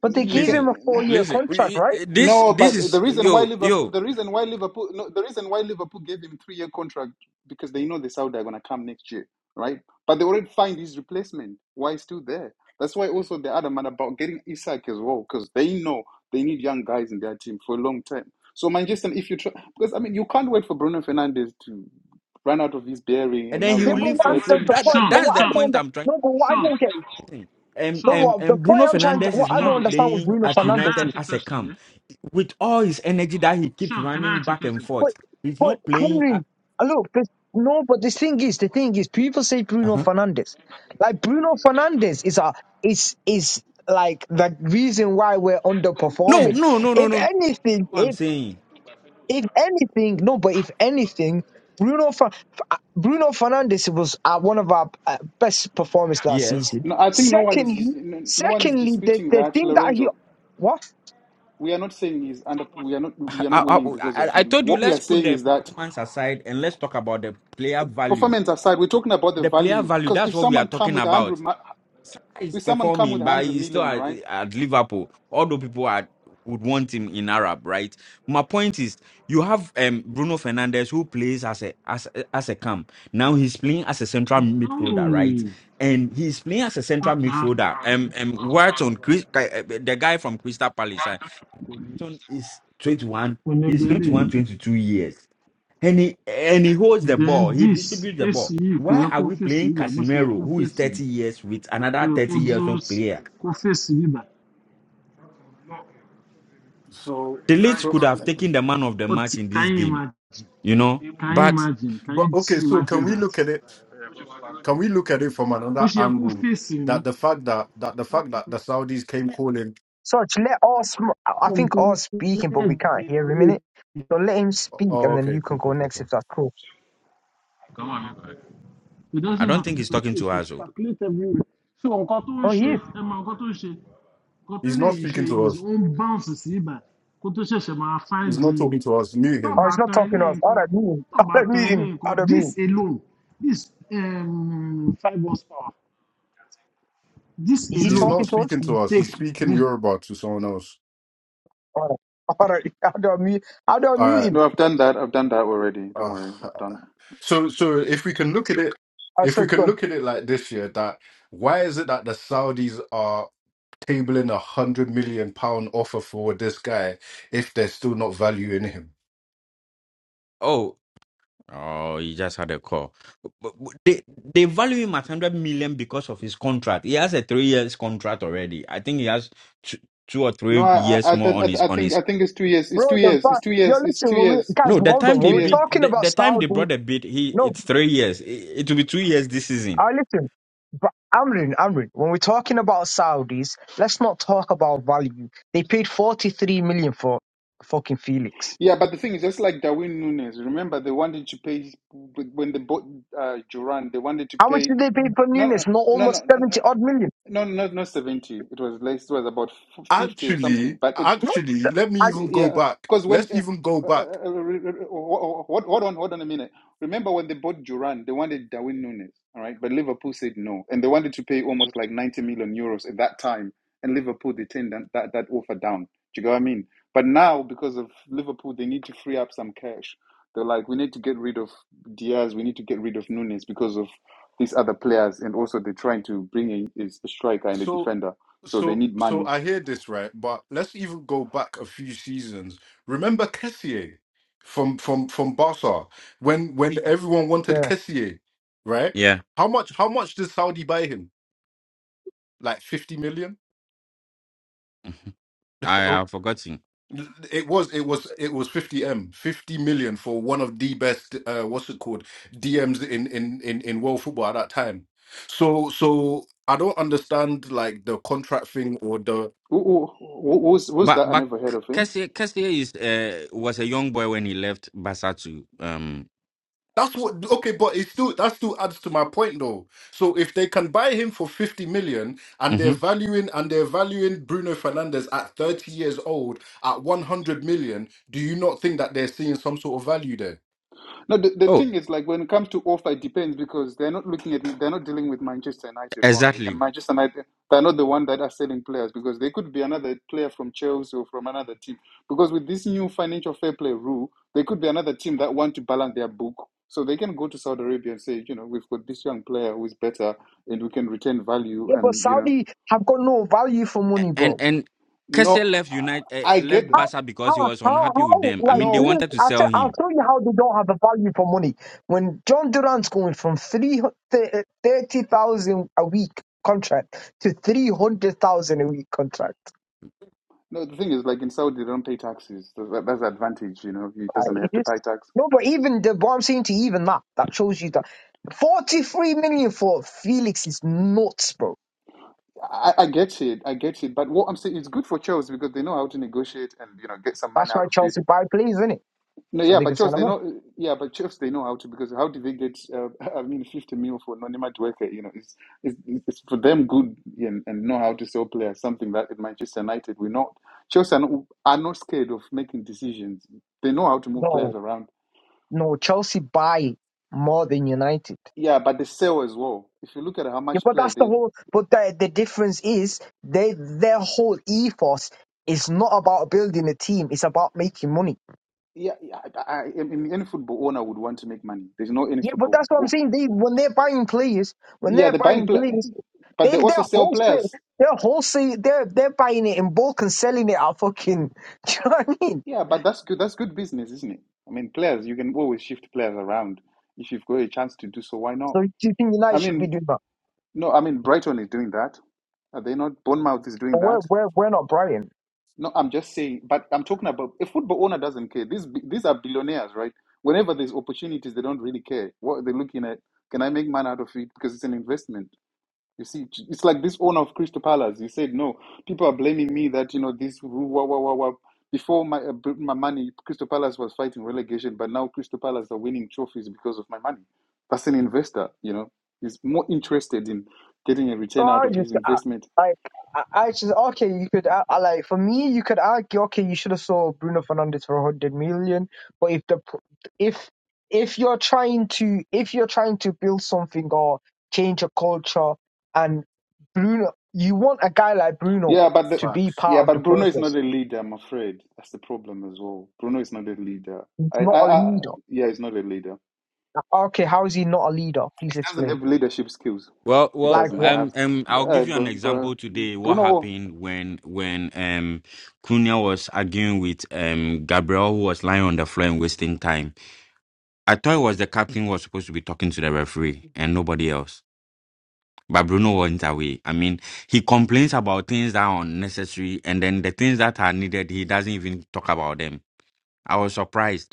But they
You
gave
Listen,
him a
can.
four-year
listen,
contract,
we,
right?
this
No,
this
but the
is
reason why
yo,
Liverpool,
yo,
the reason why Liverpool, no, the reason why Liverpool gave him three year contract because they know the Saudi are gonna come next year, right? But they already find his replacement. Why he's still there? That's why also the other man about getting Isak as well because they know they need young guys in their team for a long time. So Manchester, if you try, because I mean you can't wait for Bruno Fernandes to run out of his bearing
and
and
then
now you
he'll
Yeah,
want
but
to
leave
what
for
I'm,
replace
free.
the,
him.
the point,
That
Sean,
but
that's
what
the
I
Sean,
don't
point
under,
I'm trying
no, but what I
Sean,
don't get,
thing. And,
no,
Sean,
and,
what the
and
point
Bruno
I'm trying to,
Fernandez is
what I don't
not
understand with
playing
Bruno
at
Sean, can
Fernandez
I
United
is,
ask you a
as a
question, yeah?
camp with all his energy that he keeps
Sean, can I
running
ask you a
back and
question?
but,
forth. He's
but
not playing. At,
Henry, uh, look, this, no, but the thing is, the thing is, people say Bruno
uh-huh.
Fernandez, like Bruno Fernandez is a, is is like the reason why we're
No,
underperforming.
no, no, no,
If
no.
anything,
What I'm saying,
If anything, no, but if anything, Bruno Fer- F- Bruno Fernandes was uh, one of our uh, best performers last
yes.
season.
No, I think no one is dis-
Secondly,
no no one is
secondly, the,
disputing
the
that,
thing that he
Lorenzo.
what?
we are not saying he's under we are not we are not
I, I,
winning because
I
of
I
him
told you,
what we
let's
are
put
saying
the
is that
performance aside and let's talk about the player value.
performance aside we're talking about the
The player
value
value,
because
that's
if
what we are
someone come
talking
with 100
about.
mi-
He's
if someone come with
performing, but
100
he's still
million
at,
right
at Liverpool. Although people are, would want him in Arab, right? My point is, you have um, Bruno Fernandez who plays as a as a- as a cam. Now he's playing as a central midfielder, right? And he's playing as a
Oh,
central midfielder. Um, um, Wharton, Chris, the guy from Crystal Palace, uh,
uh-uh.
Wharton is 21. He's
oníbẹlé
21, 22 years and he and he holds the ball. He
dendis
distributes the
èsì
ball.
yìí kò
Why
yẹ
are
kó
we
fèsì
playing
bíbà bó ṣe yẹ kó
Casemiro, who is
fèsì
30 years with
kó
another
yẹ kó
30 years
dúró
old player?
kó fèsì bíbà
So,
The Leeds
so,
could have taken the man of the
ó
match in
can
this
you
game,
imagine
you know.
can you
But
imagine can
but
you
okay.
see
So, can
imagine
we
that
look at it? Can we look at it from
bó
another
ṣe yẹ kó
angle?
fèsì ni
That the fact that that the fact that the Saudis came calling.
Sorry, let us. I I think all speaking, but we
kọ́ńtínẹ́ẹ̀tì
can't hear him in it.
ilé
So let him speak,
Oh,
and then
okay,
you can
cool, cool,
go
cool,
next if
cool.
that's cool.
Come it
I
doesn't
don't
matter
think he's talking
so
to
to
us. Oh,
circulate everywhere so nǹkan tó ń
Oh, he
ṣe
is.
ẹ mọ nǹkan tó ń ṣe nǹkan tó
He's
lè
not
ṣe
speaking to
is
us.
ó ń bounce sí ibà kó tó ṣẹ̀ṣẹ̀ máa find
He's not
the
talking to us. Mute him.
Oh,
tọ́ọ̀bà
he's not
tan
talking
ilé
to us. All
nǹkan
right, mute him. I don't
tọ́ọ̀bà tan
mute
ilé
him.
nǹkan
I don't mute
this
him.
alone this um, five horsepower this
Is he
He's
alone
not
talking to us?
speaking to
should
us. He's
take
speaking
this
Yoruba to someone else.
All right. All right. I don't mute. I don't
All
mute him.
no i've done that i've done that already don't
right.
worry
Uh,
i've done
so, so if we can look at it,
I
if we
said,
can look at it like this year, that why is it that the Saudis are? tabling a hundred million pound offer for this guy if they're still not valuing him.
oh, oh, he just had a call. But- but They they value him at 100 million because of his contract. He has a three years contract already. I think he has two, two or
no
three
i i
years
i,
more on his
I I
on
think
his
i think it's 2 years it's
Bro,
2
the
years it's
fact,
2
yo,
years it's 2
listen, when we,
years
guys,
No, the
hold
it's
time
on.
2
When
they
we're
years
bid,
talking
the,
about
the time they
Saudi,
brought the bid, he
no,
it's three years. It, it will be two years this season.
I listen, but Amrin, Amrin, when we're talking about Saudis, let's not talk about value. They paid 43 million for fucking Felix.
yeah but the thing is just like Darwin Nunes remember they wanted to pay when they bought uh Duran they wanted to
How much
pay
did they pay for
no no
Nunes? Not
no no
almost
no,
70 odd million.
No, no, not seventy. It was less. It was about f- fifty or something.
Actually,
But it
No,
actually, let me
I,
even go
yeah,
back.
because when
Let's
uh,
even go
uh, uh,
back.
uh, re- re- re- ho- ho- hold on, hold on a minute. Remember when they bought Duran, they wanted Darwin Nunes, all right? But Liverpool said no, and they wanted to pay almost like 90 million euros at that time, and Liverpool they turned that, that, that offer down. Do you know what I mean? But now, because of Liverpool, they need to free up some cash. They're like, we need to get rid of Diaz, we need to get rid of Nunes because of these other players, and also they're trying to bring in is a striker and a
So.
defender, so they
so
need
so
money.
I hear this right, but let's even go back a few seasons. Remember Kessié from from from Barca when when everyone wanted
yeah.
Kessié, right?
Yeah,
How much how much did Saudi buy him? Like 50 million?
Mhm. I
Oh,
have forgotten.
It was it was it was 50 m 50 million for one of the best uh what's it called DMs in in in in world football at that time. So so I don't understand like the contract thing or the
Who, who, who- who's, who's
But
that? I
but
never heard of him.
Kessie is uh, was a young boy when he left Barca to um.
That's what okay, but it still that still adds to my point though. So if they can buy him for 50 million and they're
mhm.
valuing and they're valuing Bruno Fernandez at 30 years old at 100 million, do you not think that they're seeing some sort of value there?
No, the, the
Oh,
thing is, like, when it comes to offer, it depends because they're not looking at, they're not dealing with Manchester United only. And
exactly.
Manchester United, they're not the one that are selling players because they could be another player from Chelsea or from another team. Because with this new financial fair play rule, they could be another team that want to balance their book. So they can go to Saudi Arabia and say, you know, we've got this young player who is better and we can retain value.
Yeah, but
And, you know,
Saudi have got no value for
A-
money,
And
bro.
and Kessie
no,
left
I
United uh, left
get,
Barca because he
How,
was
how,
unhappy with
how,
them. I
like,
mean, they
look,
no,
wanted to
I'll,
sell
tell
him
I'll tell you how they don't have a value for money. When John Durant's going from three hundred thirty thousand a week contract to 300,000 a week contract.
no, the thing is, like in Saudi, they don't pay taxes. That- That's the advantage, you know. He
Like,
doesn't
it
have to pay
just,
tax.
no, but even the, what I'm saying to you, even that, that shows you that 43 million for Felix is nuts, bro.
I, I get it. I get it. But what I'm saying, it's good for Chelsea because they know how to negotiate and you know get some money
That's
out
why
of it.
Chelsea buy players, isn't it?
No,
So
yeah,
they can
but
sell
Chelsea
him
they
up.
know. Yeah, but Chelsea they know how to because how do they get? Uh, I mean, 50 mil for non-image worker. You know, it's it's, it's for them good and, and know how to sell players. Something that at Manchester United we're not. Chelsea are not, are not scared of making decisions. They know how to move players
No,
around.
no, Chelsea buy more than United.
Yeah, but they sell as well. If you look at how
Yeah,
much
but
players
that's the
they.
whole. But the the difference is they their whole ethos is not about building a team. It's about making money.
Yeah, yeah I, I, I mean, any football owner would want to make money. There's no any
Yeah, but
football.
that's what I'm saying. They when they're buying players, when
Yeah,
they're
they're buying,
buying
pla-
players,
but
they
they also
they're
sell
wholesale.
players.
They're wholesale. They're they're buying it in bulk and selling it at fucking. Do you know what I mean?
Yeah, but that's good. That's good business, isn't it? I mean, players, you can always shift players around if you've got a chance to do so. Why
So
not?
do you think
I
United should be
mean,
doing that?
no, I mean, Brighton is doing that. Are they not? Bournemouth is doing
But we're
that.
we're we're not Brian.
No, I'm just saying, but I'm talking about a football owner doesn't care. These bi- these are billionaires, right? Whenever there's opportunities, they don't really care. What they're looking at, can I make money out of it? Because it's an investment. You see, it's like this owner of Crystal Palace. You said no. People are blaming me that you know this. Wah, wah, wah, wah. Before my uh, b- my money, Crystal Palace was fighting relegation, but now Crystal Palace are winning trophies because of my money. That's an investor, you know. He's more interested in getting a
No,
return out
I
of
just
his
I,
investment.
like I, I just okay. You could I, I, like for me, you could argue okay, you should have sold Bruno Fernandez for a hundred million. But if the pr- if if you're trying to if you're trying to build something or change a culture, and Bruno, you want a guy like Bruno
Yeah, but the,
to be
yeah,
part of the
but Bruno is not
process.
a leader. I'm afraid that's the problem as well. Bruno is not a leader.
He's
I, I,
not a
I
leader.
yeah, he's not a leader.
Okay, how is he not a leader?
He
Please
doesn't
explain.
have leadership skills.
Well,
He
well,
Like
doesn't
what?
have.
um, um, I'll
Uh,
give you
Br-
an
Br-
example today. What
Bruno.
happened when when um Cunha was arguing with um Gabriel, who was lying on the floor and wasting time. I thought it was the captain who was supposed to be talking to the referee and nobody else. But Bruno went away. I mean, he complains about things that are unnecessary, and then the things that are needed, he doesn't even talk about them. I was surprised.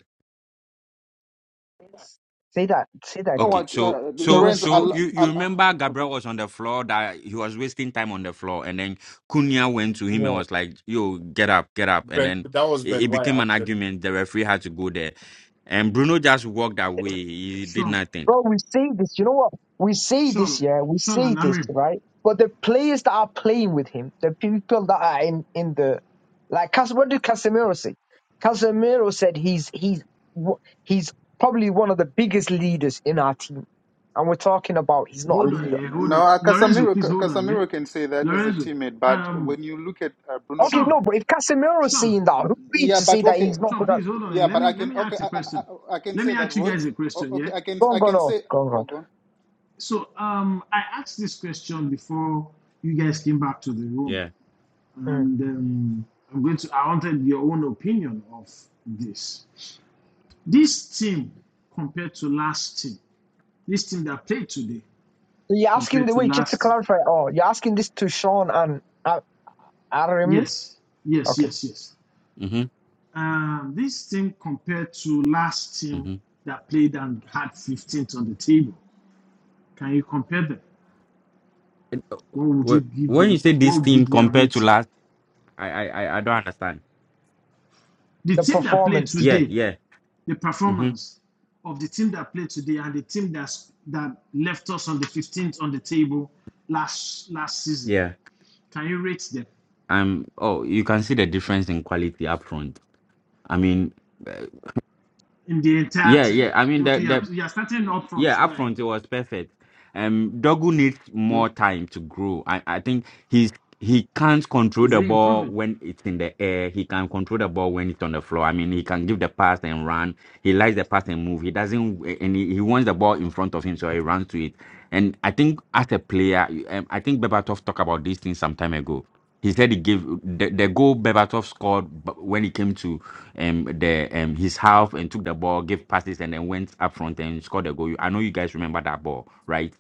Say that. Say that
know
again.
Okay,
what,
so
uh,
He
so
was.
Lorenzo?
He,
so
I'll,
you you
I'll,
remember
okay.
Gabriel was on the floor that he was wasting time on the floor, and then Cunha went to him
yeah.
and was like, "Yo, get up, get up," and
Ben
then
that was
it,
Ben
it
White
became an
actually.
argument. The referee had to go there, and Bruno just walked away. He did
Sean
nothing.
Bro, we see this. You know what? We see
Sean
this, yeah. We
Sean
see
and
this,
Amir
right? But the players that are playing with him, the people that are in in the like, Cas- what did Casemiro say? Casemiro said he's he's w- he's probably one of the biggest leaders in our team, and we're talking about he's not a
hold on
leader.
yeah hold
No,
on
uh,
Lorenzo
Casemiro,
please hold on yeah
Casemiro can say that as a
Lorenzo
teammate, but
um,
when you look at uh, Bruno, Fer-
Okay,
Sean
no, but if Casemiro's
Sean
seeing that, who are we
yeah,
to say
but
that
okay,
he's
b-
not
Sean
good at?
please hold on yeah.
yeah,
let
but
me
I
let
can
me
okay,
ask
I,
a
I,
question
I I can
let
say
me
that
ask you
Roy.
guys a
o-
question
Okay,
yeah
I can
Go on,
I
go on,
can
oh,
say.
go on, go
Oh,
on.
go on.
so um I asked this question before you guys came back to the room
Yeah.
Mm.
and um, I'm going to. I wanted your own opinion of this. This team compared to last team, this team that played today
So you're asking
compared
the
to
wait, just to
last team.
clarify. Oh, you're asking this to Sean and uh, Aramin.
Yes, yes,
Okay,
yes, yes.
Mm-hmm.
Um, this team compared to last team
Mm-hmm.
that played and had 15th on the table. Can you compare them? What would you give
When you
them?
say
What
this
would
team
be their
compared to
rating?
last, I I I I don't understand.
The
the
team that played
performance.
Yeah,
today
yeah.
the
Mm-hmm.
performance of the team that played today and the team that's, that left us on the 15th on the table last last season.
Yeah.
Can you rate them
Um. Oh, you can see the difference in quality up front. I mean, uh,
in the entire
yeah,
team?
yeah. I mean, the
Okay, you are,
the
you are starting up front.
Yeah,
Go
up
ahead.
front it was perfect. Um, Dogu needs
Good.
more time to grow. I, I think he's he can't control
Is
the
it
ball
improving?
when it's in the air. He can control the ball when it's on the floor. I mean, he can give the pass and run. He likes the pass and move. He doesn't, and he, he wants the ball in front of him, so he runs to it. And I think as a player, you- um, I think Bebatov talked about these things some time ago. He said he gave the, the goal Bebatov scored b- when he came to um the um his half and took the ball, gave passes, and then went up front and scored a goal. I know you guys remember that ball, right?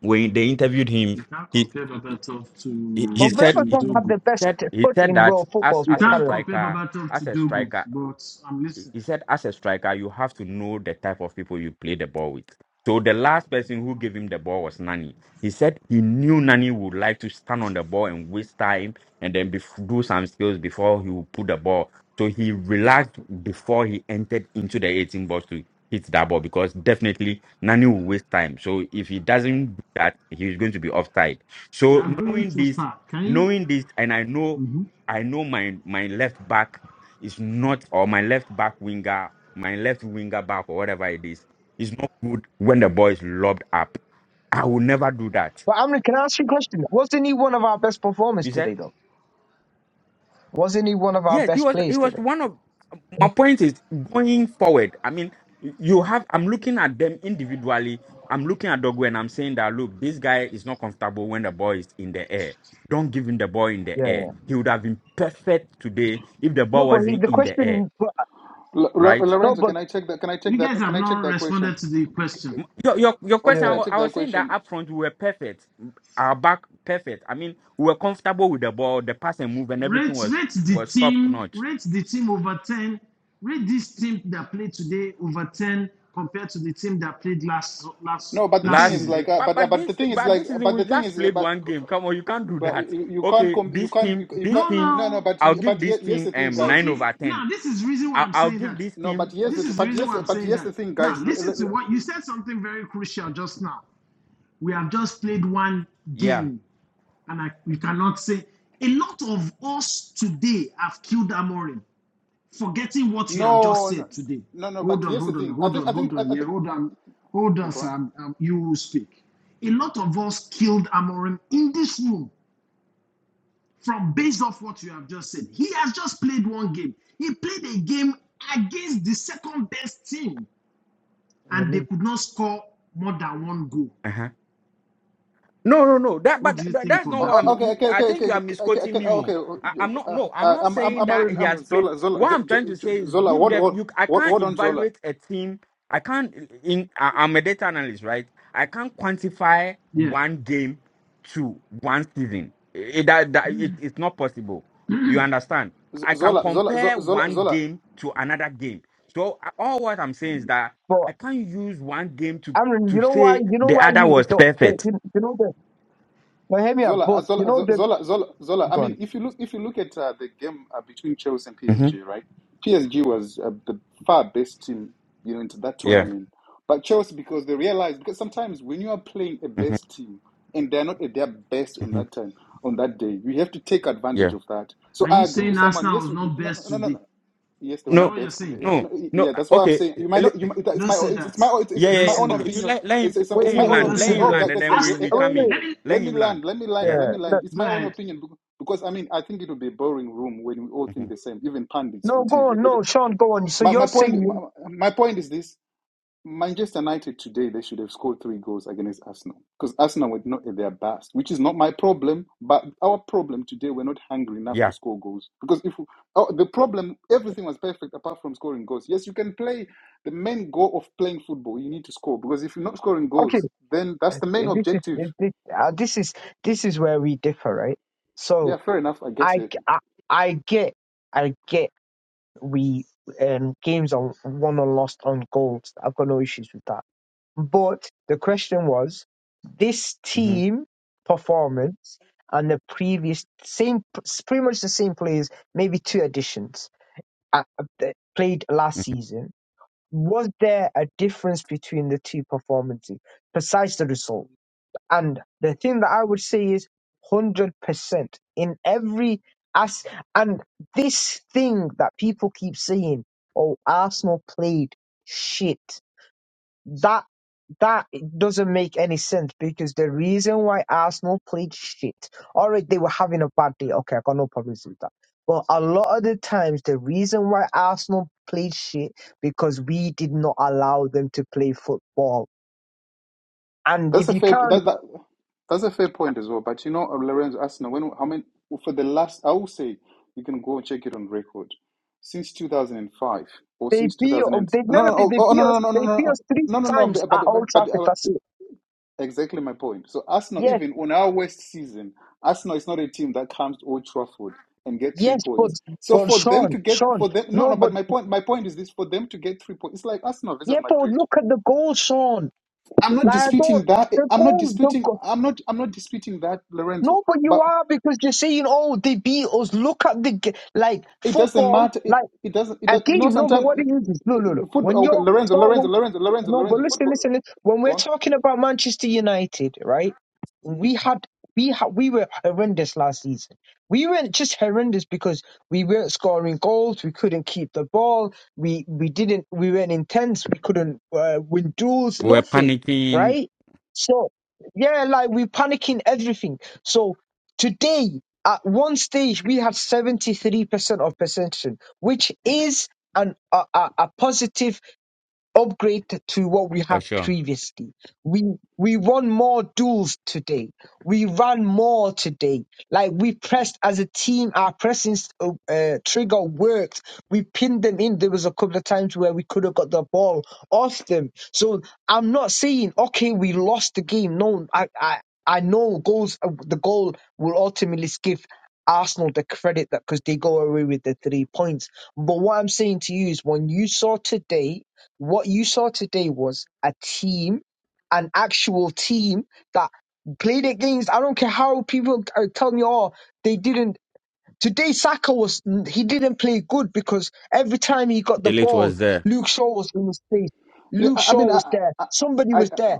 When they interviewed him,
You can't
he
compare Babatov
he, he
But
to
said
to
he
Berbatov had
Dogo.
the best
said he
foot
said
in
that
world
as
football's
You
as a
can't
career.
compare
striker,
Babatov to
as a
Dogo,
striker
but I'm
he
listening.
he said as a striker you have to know the type of people you play the ball with so the last person who gave him the ball was nani he said he knew nani would like to stand on the ball and waste time and then bef- do some skills before he would put the ball so he relaxed before he entered into the 18 box to hit that ball because definitely nani will waste time so if he doesn't do that he's going to be offside
You
so
are going
knowing
too
this
far. Can you?
knowing this and i know
Mm-hmm.
i know my my left back is not or my left back winger, my left winger back or whatever it is, is not good when the ball is lobbed up. I will never do that.
But Amri, can I ask you a question? Wasn't he one of our best performers
You said
today, though? Wasn't he one of our
yes. He
best
was. He
players
was
today?
one of my point is going forward. I mean, you have. I'm looking at them individually. I'm looking at Dogu and I'm saying that look, this guy is not comfortable when the ball is in the air. Don't give him the ball in the
Yeah.
air. He would have been perfect today if the
No,
ball
but he,
wasn't
the
in the air,
question, but,
L- L-
right?
no,
Lorenzo,
but
can I check that? Can I check
You guys
that? Can
have
I
not
check that question?
responded to the
Okay, c-
question.
c-
M- Your, your your
oh,
question,
can
I
I
yeah,
wa-
check
I
that
was saying that
question?
up front we were perfect, M- our back perfect. I mean, we were comfortable with the ball, the pass and move, and everything
Rate
was
rate the
was top
team,
notch
rate the team over 10. Rate this team that played today over 10 compared to the team that played last last
No, but the thing
last
last
is
season.
season.
like, uh,
But
but uh,
but
but the
this
thing is
but
like,
this season
but the
we
thing
just
is, uh,
played
but
one game. Come on, you can't do
but
that.
you, you can't
Okay,
com- you
this
can't you,
team,
you
this
No,
can't
team,
no no
no.
but
I'll give
but ye-
this
here's
team
the thing
um
So
guys
nine
if
over
now
ten.
this is the reason why
I'll,
I'm
I'll
saying
give
that.
this
No, but
team
here's the
This is the
but
reason
here's
why I'm
but
saying
here's the
that.
thing,
Now
guys. L- l-
listen to
l-
what you said something very crucial just now. We have just played one
yeah.
game, and I, we cannot say a lot of us today have killed Amorim. forgetting what you have just
No, no,
said today.
no, no. But
Hold on,
here's the
hold on,
thing. I
hold
think
on,
I think
hold
I,
on.
I
Yeah,
think.
hold on, hold
Oh,
on,
go on.
Sam. Um, you will speak. A lot of us killed Amorim in this room from based off what you have just said. He has just played one game. He played a game against the second best team,
in the
and they
league.
could not score more than one goal.
Uh-huh. No, no, no. That,
What
but
do you
that,
think
that's
of
not
Oh,
what
that
I'm.
play?
oh, okay,
You,
okay,
I
okay, okay,
think you are
okay, okay.
misquoting
okay,
me.
oh,
oh.
okay. oh,
I,
j-
I'm not.
Uh,
No, I'm
uh,
not
I'm I'm
saying
I'm
that
already,
he has
I'm
played.
Zola Zola
What
J-
I'm trying
J-
to say
J-
is
Zola.
give
What
them.
what
You, I
what
can't
what on Zola?
evaluate a team. I can't. In I, I'm a data analyst, right? I can't quantify
Yeah.
one game to one season. It, that, that it, it's not possible. You understand?
Z-
I can
Zola Zola Zo-
compare
Zola
one
Zola.
game to another game. So I- all what I'm saying is that
But
I can't use one game to
Amrin,
to
you know why?
say
You know
the
why
other
you
was
don't? The,
perfect.
you, you know the. No, hear me out.
Zola, uh,
But you
Zola,
know
Zo-
the.
Zola, Zola, Zola. I
Go on.
mean, if you look, if you look at uh, the game uh, between Chelsea and
Mm-hmm.
PSG, right? PSG was uh, the far best team, you know, into that
Yeah.
tournament. But Chelsea, because they realized, because sometimes when you are playing a
hmm
best team and they're not at their best on
hmm
that time, on that day, you have to take advantage
Yeah.
of that. So
Are
I
you
agree with
saying
someone.
Arsenal
Yes,
was
you-
not
no,
best
no, no, no.
today?
Yes, they were
Is that
No,
not
what you're
best. Yeah,
saying?
yeah,
no, no.
yeah,
uh,
that's why I'm
Okay.
saying you might
le-
not. You might, it's
Don't
my
say
it's, it's
that.
my it's, it's
Yeah,
it's
Don't
yeah,
my
yeah.
say
own
Okay.
that.
You
opinion.
let, let him
It's, it's
Wait,
let
it's my
him
wait,
own
land.
wait,
Don't
Let
say
opinion.
wait,
him
Oh,
that.
guys,
land,
wait,
and
guys,
then
guys eh,
we
Arsenal,
eh,
we
eh,
wait,
come
eh,
in.
wait.
eh.
let me
Let
let me
him
land.
land.
Let me land.
Yeah.
Let
Yeah.
me land.
No,
It's
Go
my own
ahead.
opinion bec- because I mean I think it would be a boring room when we all think
hmm
the same. Even pundits
no,
on
go
TV.
on.
They do-
No, Sean, go on. So
My my
you're
point my,
saying,
my point is this. Manchester United today, they should have scored three goals against Arsenal because Arsenal were not at their best, which is not my problem. But our problem today, we're not hungry enough to
Yeah.
score goals because if oh, the problem, everything was perfect apart from scoring goals. Yes, you can play the main goal of playing football. You need to score because if you're not scoring
okay,
goals, then that's the main
this is
objective.
this this, uh, this is this is where we differ, right? So
Yeah, fair enough. I get
I,
it.
I, I get, I get we um, games are won or lost on goals. I've got no issues with that. But the question was this
hmm
team performance and the previous same, pretty much the same players, maybe two additions uh, uh, that played last season. Was there a difference between the two performances besides the result? And the thing that I would say is 100% in every as and this thing that people keep saying, oh, Arsenal played shit. That that doesn't make any sense because the reason why Arsenal played shit, all right, they were having a bad day. Okay, I got no problems with that. But a lot of the times, the reason why Arsenal played shit because we did not allow them to play football. And
That's
if
a
you
fair
can't
that, that that's a fair point as well. But you know, uh, Lorenzo Arsenal, when how many for the last I will say you can go and check it on record. Since two thousand and five or
They
since two
pee.
thousand and
They
no no
never beat
oh,
They
oh no
pee
no
us.
no no
They beat
no
us three
no no no
times
but
at Old
but, but
Trafford.
uh,
That's it.
exactly my point. So Arsenal
Yes,
even on our worst season, Arsenal is not a team that comes to Old Trafford and get three
yes, but
points. So
but
for them
Sean,
to get
Sean,
for them no
no,
no but
but
my point my point is this for them to get three points it's like Arsenal versus
yeah, but
Madrid.
look at the goal, Sean.
I'm not
Like I
disputing
don't
that.
the
I'm not
goal, the
disputing.
goal.
I'm not. I'm not disputing that, Lorenzo.
No, but you
But
are because you're saying, oh, they beat us. Look at the g- like
it doesn't
football,
matter. It
like
it doesn't. It
I
does,
tell
you know.
you, no, but
Sometimes
what it is is no,
i- i-
no, no. When
football. Okay,
you're
Lorenzo.
4
Lorenzo. Lorenzo. Lorenzo.
No, but
Lorenzo.
listen,
Football.
listen. listen. When
Go
we're
on.
talking about Manchester United, right?
hmm
We had we had we were horrendous last season. We weren't just horrendous because we weren't scoring goals. We couldn't keep the ball. We we didn't. We weren't intense. We couldn't uh, win duels.
We were
Nothing,
panicking
right? So yeah, like we're panicking everything. So today, at one stage, we had seventy three percent of possession, which is an a, a, a positive upgrade to what we
for
had
sure.
previously. We we won more duels today. We ran more today. Like we pressed as a team, our pressing uh, uh, trigger worked. We pinned them in. There was a couple of times where we could have got the ball off them. So I'm not saying okay, we lost the game. No, I I, I know goals. uh, The goal will ultimately give. Arsenal the credit that because they go away with the three points. But what I'm saying to you is when you saw today what you saw today was a team, an actual team that played against. I don't care how people are telling you, oh, they didn't. Today, Saka was he didn't play good because every time he got the
Delete
ball,
was there.
Luke Shaw was in his face.
Yeah.
Luke
I, I
Shaw
mean, I
was there.
I
Somebody
I, I
was there.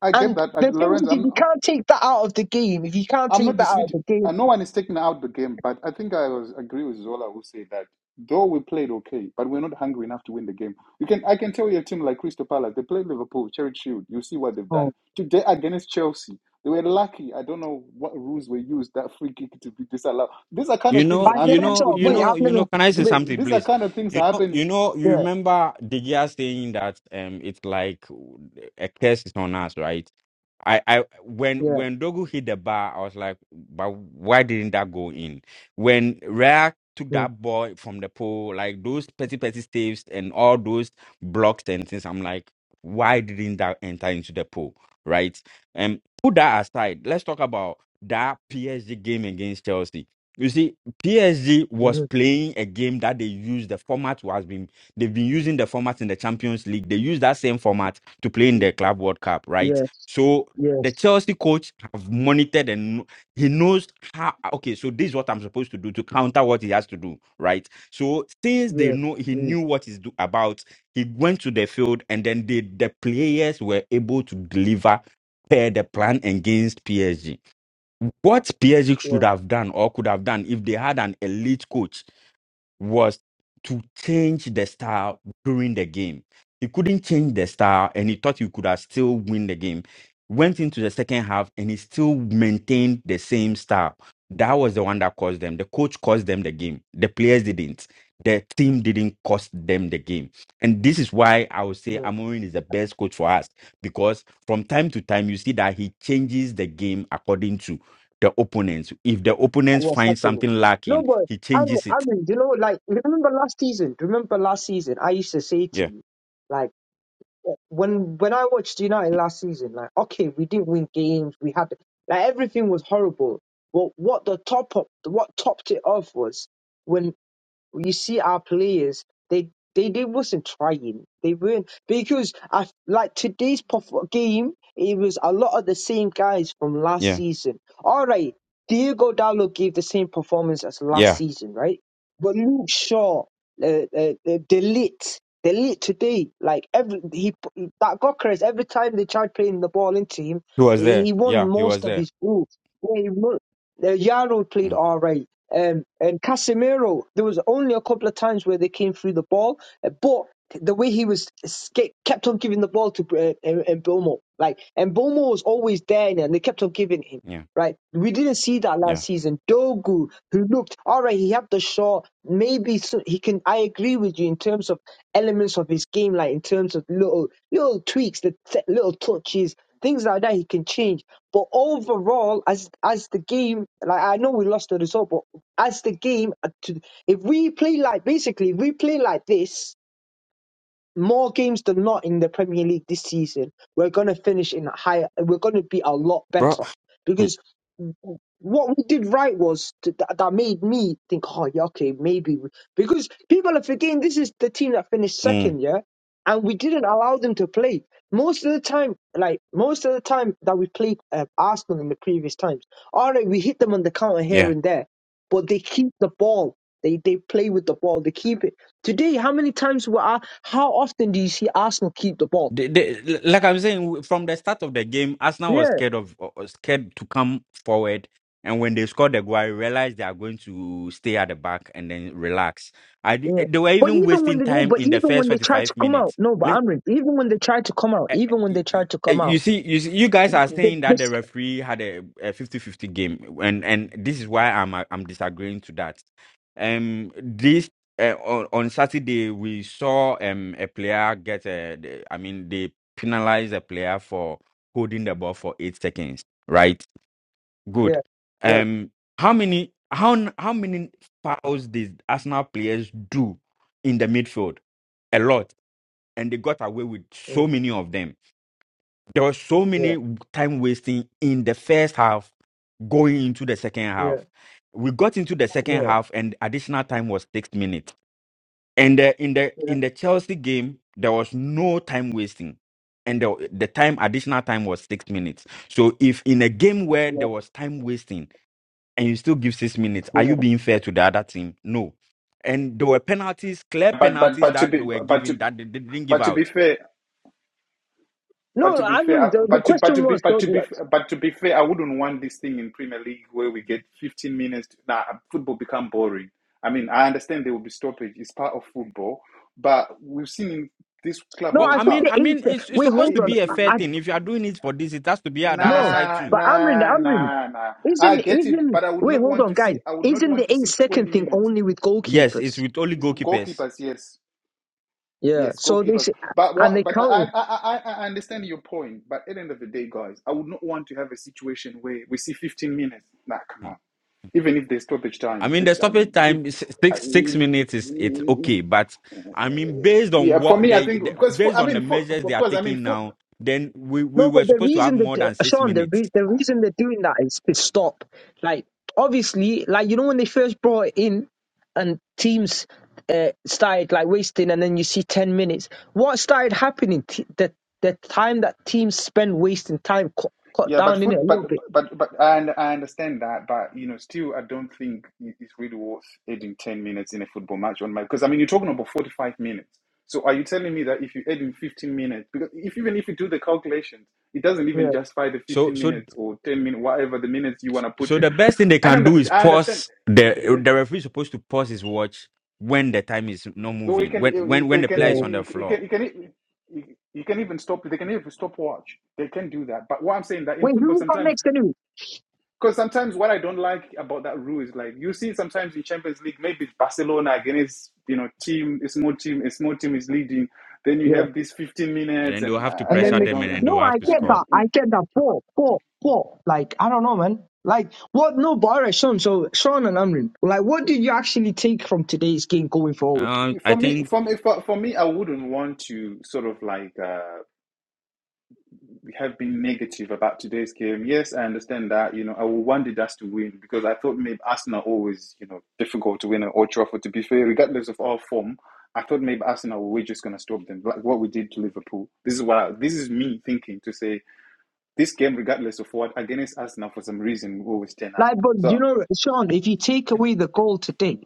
I get
And
that, uh,
the thing is,
Lorenzo.
if
I'm
you can't take that out of the game, if you can't
I'm not
take that out of
disputing.
the game,
Uh, no one is taking out the game, but I think I was agree with Zola who said that though we played okay, but we're not hungry enough to win the game. You can I can tell you a team like Crystal Palace, they played Liverpool, Cherry Shield. You see what they've done
oh,
today against Chelsea. They were lucky. I don't know what rules were used that free kick to be disallowed. These are kind
You
of things
by
know.
the
You
happen in
know.
letter,
You
wait,
football.
know.
I've
You
never,
know. Can I say
These
wait,
something,
these are
please?
kind of things
You know.
happen.
You know. You
yeah,
remember Digia saying that um, it's like uh, a curse is on us, right? I, I when
yeah,
when Dogu hit the bar, I was like, but why didn't that go in? When Rare took
yeah,
that ball from the pole, like those petty petty staves and all those blocks and things, I'm like, why didn't that enter into the pole? Right? And put that aside, let's talk about that PSG game against Chelsea. You see, PSG was
mhm,
playing a game that they used the format was been they've been using the format in the Champions League. They use that same format to play in the Club World Cup, right?
yes,
So the
yes,
Chelsea coach have monitored and kn- he knows how okay, so this is what I'm supposed to do to counter what he has to do, right? So since they
yeah.
know he
mm.
knew what he's do about, he went to the field and then the, the players were able to deliver per the plan against PSG. What PSG should
Yeah.
have done or could have done if they had an elite coach was to change the style during the game. He couldn't change the style and he thought he could have still win the game. Went into the second half and he still maintained the same style. That was the one that caused them. The coach caused them the game. The players didn't. The team didn't cost them the game. And this is why I would say
Mm.
Amorin is the best coach for us because from time to time you see that he changes the game according to the opponents. If the opponents
What's
find
happening?
something
No,
lacking,
but
he
I mean,
changes
I
it.
mean, you know, like remember last season? Remember last season? I used to say
Yeah.
to you, like eh, when when I watched United last season, like okay, we didn't win games, we had like everything was horrible. But what the top up, what topped it off was when. you see our players they they, they wasn't trying they weren't because i like today's perf- game it was a lot of the same guys from last
Yeah,
season all right diego Dallo gave the same performance as last
yeah,
season right but luke shaw uh, uh, uh, delete delete today like every he he- that Gokeres every time they tried playing the ball into him
he was
he
there.
he won
Yeah, he was
most of
there.
his balls Yeah, the Yaro played
Mm,
all right. Um, and Casemiro, there was only a couple of times where they came through the ball, uh, but the way he was esca- kept on giving the ball to uh, M- Mbomo, like Mbomo was always there, and they kept on giving him.
yeah,
Right, we didn't see that
yeah,
last season. Dogu, who looked all right, he had the shot. Maybe so he can. I agree with you in terms of elements of his game, like in terms of little little tweaks, the t- little touches, Things like that he can change. But overall, as as the game, like I know we lost the result, but as the game, uh, to, if we play like basically, if we play like this, more games than not in the Premier League this season, we're going to finish in a higher. We're going to be a lot
bro.
better
Mm,
because what we did right was th- that, that made me think, oh yeah, okay, maybe we-" because people are forgetting this is the team that finished
mm,
second, yeah, and we didn't allow them to play most of the time. Like most of the time that we played uh, Arsenal in the previous times, all right, we hit them on the counter here
yeah.
and there, but they keep the ball. They they play with the ball. They keep it. Today, how many times were I, how often do you see Arsenal keep the ball?
They, they, li- like I'm saying, w- from the start of the game, Arsenal was
Yeah,
scared of uh, uh, scared to come forward, and when they scored the goal, I realized they are going to stay at the back and then relax. I d-
yeah.
they were
But
even
even when
wasting
they no,
time
but
in the
even
first
when they tried to
45
come out,
minutes.
no, but Amrin, even when they tried to come out,
eh,
even when
eh,
they tried to
eh,
come
you
out,
see, you see, you guys are
they,
saying
they,
that the referee had a, a 50 fifty game, and and this is why I'm I'm disagreeing to that. Um, this uh, on, on Saturday we saw um a player get a, the- I mean they penalized a player for holding the ball for eight seconds, right?
yeah,
Good.
yeah,
Um, how many how n- how many fouls did Arsenal players do in the midfield? A lot, and they got away with
yeah,
so
mm,
many of them there were so
yeah,
many time wasting in the first half going into the second
yeah,
half. We got into the
yeah,
second half and additional time was six minutes. And uh, in the in the Chelsea game, there was no time wasting. And the, the time additional time was six minutes. So if in a game where
yeah,
there was time wasting and you still give six minutes, are
yeah,
you
yeah,
being fair to the other team? No. And there
yeah.
were penalties, clear
But but
penalties
but to
that
be
they were
but to
given that they they didn't give
but to
out
be fair, But
No, no,
to be
Amrin,
fair,
the, the
but to but to
question
be
was,
but
though,
to be
the-
but to be fair, I wouldn't want this thing in Premier League where we get 15 minutes. Now nah, football become boring. I mean, I understand there will be stoppage; it's part of football. But we've seen in this Club
no,
Well,
World
I
I
think
mean,
Cup.
the
I mean,
eighth.
it's it's
Wait,
I, I,
supposed
hold
to
on,
be a
I,
fair
I
I,
thing. If you are doing it for this, it has to be at the other
no,
side
nah,
too.
but Amrin,
nah,
Amrin,
nah, nah. I
isn't
get it,
isn't
but I would
wait,
not
hold
want
on,
to see.
guys,
I would not
isn't
want
the
to
eight
see 20
second thing
minutes.
only with
Yes,
goalkeepers?
it's with only
It's
goalkeepers.
goalkeepers, yes.
Yeah.
Yes,
So they
goalkeepers.
say,
But
and
what?
they
But I,
counting.
I I I understand your point. But at the end of the day, guys, I would not want to have a situation where we see 15 minutes. Nah, come
Hmm.
on. Even if there's stoppage
I
time,
mean,
th-
the
I mean,
stoppage
if
time is
I,
six six minutes is it's okay, but I mean, based on
yeah, for
what
me, I
they,
think
the
because fo-
based
I
on the
mean, foot,
measures they are
because I mean,
taking
foot.
now, then we we
No,
were
but the
supposed to have
reason
more
that uh,
than six
Sean, the
minutes.
re- the reason they're doing that is to stop. Like obviously, like you know when they first brought it in, and teams uh, started like wasting, and then you see ten minutes. What started happening? T- the the time that teams spend wasting time cut, cut
Yeah, but
down in it a
food, but
little bit.
but but I, und- I understand that, but you know, still, I don't think it- it's really worth adding ten minutes in a football match on my because I mean, you're talking about forty-five minutes. So are you telling me that if you add in fifteen minutes, because if even if you do the calculations, it doesn't even
Yeah,
justify the
So
fifteen
so
minutes or ten minutes, whatever the minutes you want to put
so
it.
the best thing they
I don't.
can
know,
do
If it-
is
I understand.
pause
The,
the
the,
the referee is supposed to pause his watch when the time is not
but we
moving
can,
when
you
when when
you
the
can,
player is
yeah.
on
you
the
you
floor,
can, you can, e, you you can even stop. They can even stop watch. They can do that. But what I'm saying that in
Wait,
football,
who got
sometimes
next anyway?
Because sometimes what I don't like about that rule is like you see sometimes in Champions League, maybe it's Barcelona against you know team, a small team, a small team is leading. Then you have these 15
and
minutes,
then they'll
and
have to
I,
And
I,
then
pressure
I
make,
them, and
don't.
then they'll
no, I
have to
Uh, uh,
get
score.
that.
uh,
I get that. But, but, but, like, I don't know, man. Like, what? No, but all right, Sean. So, Sean and Amrin, like, what did you actually take from today's game going forward?
Uh,
uh.
I
for me,
think
for me, for, for me, I wouldn't want to sort of like. uh, we have been negative about today's game. Yes, I understand that. You know, I wanted us to win because I thought maybe Arsenal always, you know, difficult to win at Old Trafford. To be fair, regardless of our form, I thought maybe Arsenal were just going to stop them, like what we did to Liverpool. This is what I, this is me thinking to say this game, regardless of what, against Arsenal for some reason we always turn up.
Like, but you
So
know, Sean, if you take away the goal today,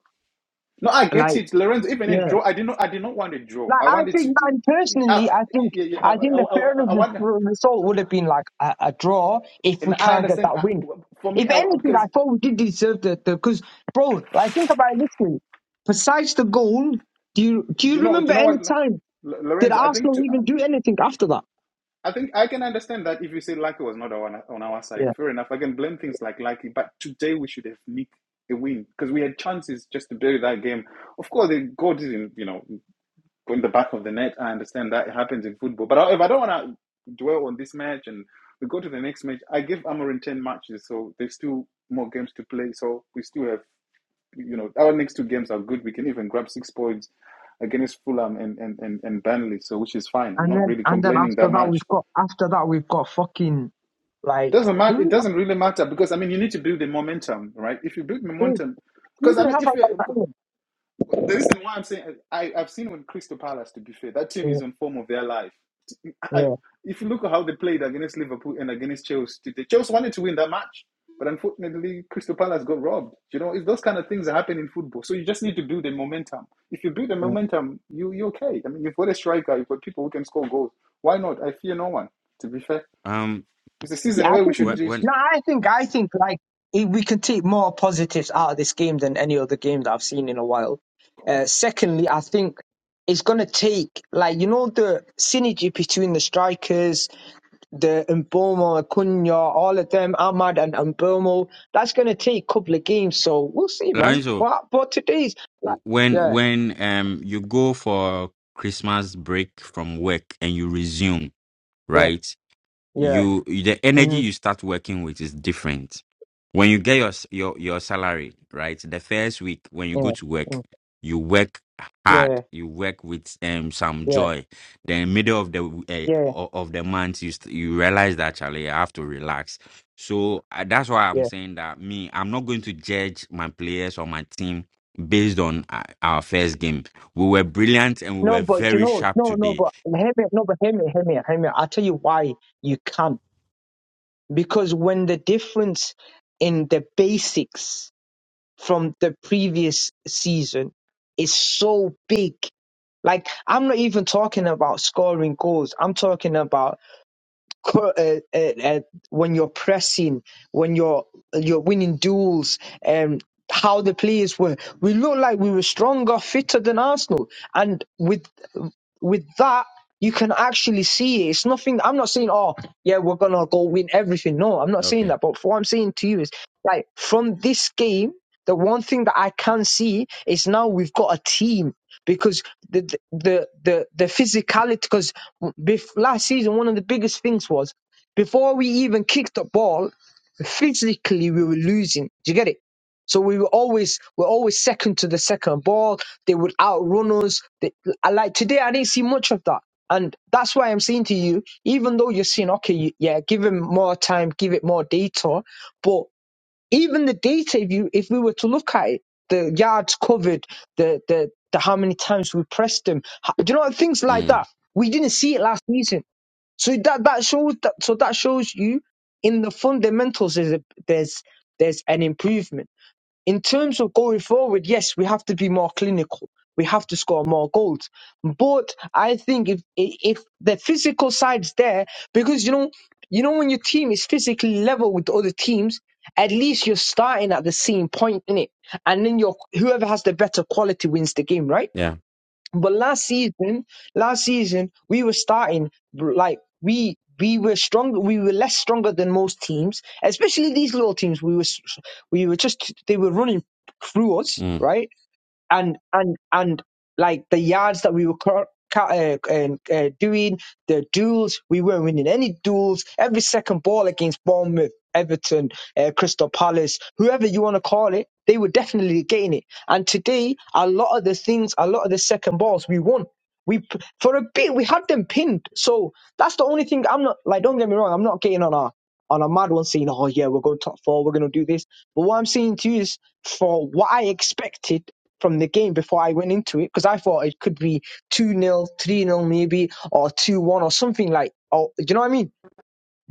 no, I get
like,
it, Lorenzo. Even a
yeah.
draw, I did not, I did not want a draw.
Like
I
I
wanted to,
think, man,
I,
personally, I think,
I, I,
I think the
I, I
fairness
I
of
want
the result would have been like a, a draw if
and
we
I
can't get
understand.
that
uh,
win.
For me,
If
I,
anything, I
because
thought we did deserve the because, bro, like think about it this way. Besides the goal, do you do
Do
you
you know? Do you
remember
know what,
any
L-
time did
Lorenzo? I think
Arsenal
to,
even do anything after that?
I think I can understand that if you say Lucky was not on on our side,
Yeah.
fair enough. I can blame things like Lucky, but today we should have nicked a win because we had chances just to bury that game. Of course, the goal didn't, you know, go in the back of the net. I understand that it happens in football, but however, I don't want to dwell on this match and we go to the next match. I give Amorim ten matches, so there's still more games to play. So we still have you know, our next two games are good. We can even grab six points against Fulham and and and, and Burnley, so which is fine. I'm
And
not
then
really
and then
complaining
after
that
that we've
much.
got after that we've got fucking like
Doesn't matter. It
who
doesn't really matter because I mean, you need to build the momentum, right? If you build
who,
momentum,
who
because
do
I
you
mean,
have at
if
that
you
time?
The reason why I'm saying I, I've seen with Crystal Palace, to be fair, that team is
Yeah,
on form of their life. I,
yeah.
if you look at how they played against Liverpool and against Chelsea, today, Chelsea wanted to win that match, but unfortunately, Crystal Palace got robbed. You know, if those kind of things happen in football, so you just need to build the momentum. If you build the
yeah.
momentum, you you're okay. I mean, you've got a striker, you've got people who can score goals. Why not? I fear no one. To be fair,
um
it's a season
Yeah, I
where we
think.
should
when
just
when
No, I think I think like eh, we can take more positives out of this game than any other game that I've seen in a while. Uh, secondly, I think it's going to take like you know the synergy between the strikers, the Mbomo, Acuna, all of them, Ahmad and Mbomo. That's going to take a couple of games, so we'll see, man.
Lorenzo
But but today's like
when
yeah
when um you go for Christmas break from work and you resume,
yeah
right?
yeah
you the energy
mm-hmm,
you start working with is different when you get your s- your your salary right the first week when you go
yeah
to work
mm,
you work hard
yeah
you work with um some
yeah
joy then middle of the
yeah
uh, of the month you st- you realize that Charlie I have to relax so uh, that's why I'm
yeah.
saying that me I'm not going to judge my players or my team based on uh, our first game we were brilliant and we
No,
were
but you
very
know,
sharp
no, no,
today
but hear me, no, but hear me, hear me, hear me. I'll tell you why you can't. Because when the difference in the basics from the previous season is so big, like I'm not even talking about scoring goals. I'm talking about cur- uh, uh, uh, when you're pressing, when you're you're winning duels, um, how the players were. We looked like we were stronger, fitter than Arsenal, and with with that. You can actually see it. It's nothing. I'm not saying, oh, yeah, we're gonna go win everything. No, I'm not saying
okay
that. But what I'm saying to you is, like, from this game, the one thing that I can see is now we've got a team because the the the the the physicality. Because bef- last season, one of the biggest things was before we even kicked the ball, physically we were losing. Do you get it? So we were always we're always second to the second ball. They would outrun us. They, I- like today, I didn't see much of that, and that's why I'm saying to you, even though you're saying, okay, you- yeah, give him more time, give it more data, but even the data if you if we were to look at it the yards covered the the, the how many times we pressed them ho- do you know things like
mm.
that we didn't see it last season so that that shows that so that shows you in the fundamentals there's a, there's there's an improvement in terms of going forward, yes, we have to be more clinical. We have to score more goals. But I think if if the physical side's there, because you know, you know, when your team is physically level with the other teams, at least you're starting at the same point in it, and then your whoever has the better quality wins the game, right?
yeah
But last season, last season we were starting br- like we we were stronger. We were less stronger than most teams, especially these little teams. We were s- we were just they were running through us, right? and and and like the yards that we were cur- ca- uh, um, uh, doing, the duels we weren't winning any duels. Every second ball against Bournemouth, Everton, uh, Crystal Palace, whoever you want to call it, they were definitely getting it. And today, a lot of the things, a lot of the second balls, we won. We p- for a bit we had them pinned. So that's the only thing I'm not like. Don't get me wrong, I'm not getting on our on a mad one saying, oh yeah, we're going top four, we're going to do this. But what I'm saying to you is for what I expected from the game before I went into it, because I thought it could be 2 nil, 3 nil, maybe, or 2 1 or something like, or, do you know what I mean?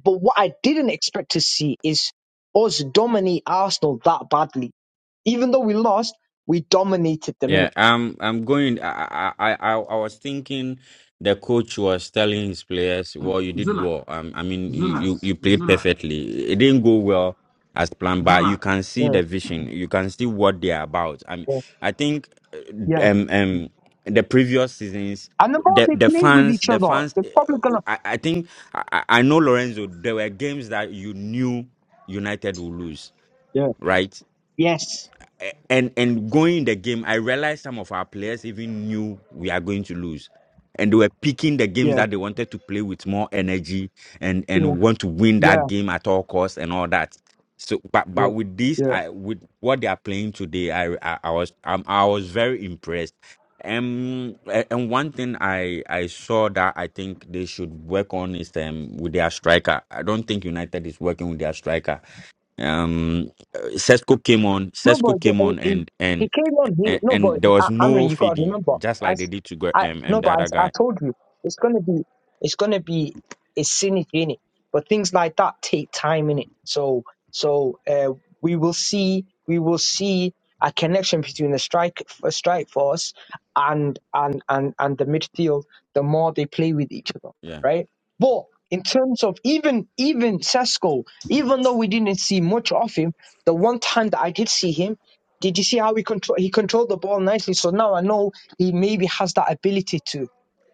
But what I didn't expect to see is us dominate Arsenal that badly. Even though we lost, we dominated them, innit?
Yeah, I'm I'm going. I I I, I was thinking the coach was telling his players, "Well, you did
Zula,
well. Um, I mean, you
Zula,
you you played
Zula,
perfectly. It didn't go well as planned, but you
Zula.
can see
Yeah,
the vision. You can see what they are about. I mean,
yeah,
I think uh,
yeah.
um um the previous seasons."
And the more
The
they
the
play with
fans
each
the
other,
fans
they're probably going
uh,
to.
I, I think I, I I know Lorenzo there were games that you knew United would lose
Yeah.
right
Yes.
a- and and going the game, I realized some of our players even knew we are going to lose, and they were picking the games
Yeah.
that they wanted to play with more energy and
Yeah.
and want to win
Yeah.
that game at all costs and all that. So, but
Yeah.
but with this,
Yeah.
I with what they are playing today, I I, I was um, I was very impressed. Um, a- and one thing I I saw that I think they should work on is um with their striker. I don't think United is working with their striker um, Cesco came on.
No, but
Cesco
the,
came
uh,
on,
he,
and and
he came on. He,
and
no, but
and there was
uh,
no
Amrin, you gotta
feeding,
remember.
just like they
As
did to Gre-
I
um, um
no,
the
but
other
as I
guy.
told you, it's gonna be, it's gonna be, it's scenic in it. But things like that take time in it. So, so uh, we will see, we will see a connection between the strike, uh, strike force, and and and and the midfield. The more they play with each other,
Yeah,
right? But in terms of even even Sesko, even though we didn't see much of him the one time that I did see him, did you see how he control he controlled the ball nicely? So now I know he maybe has that ability to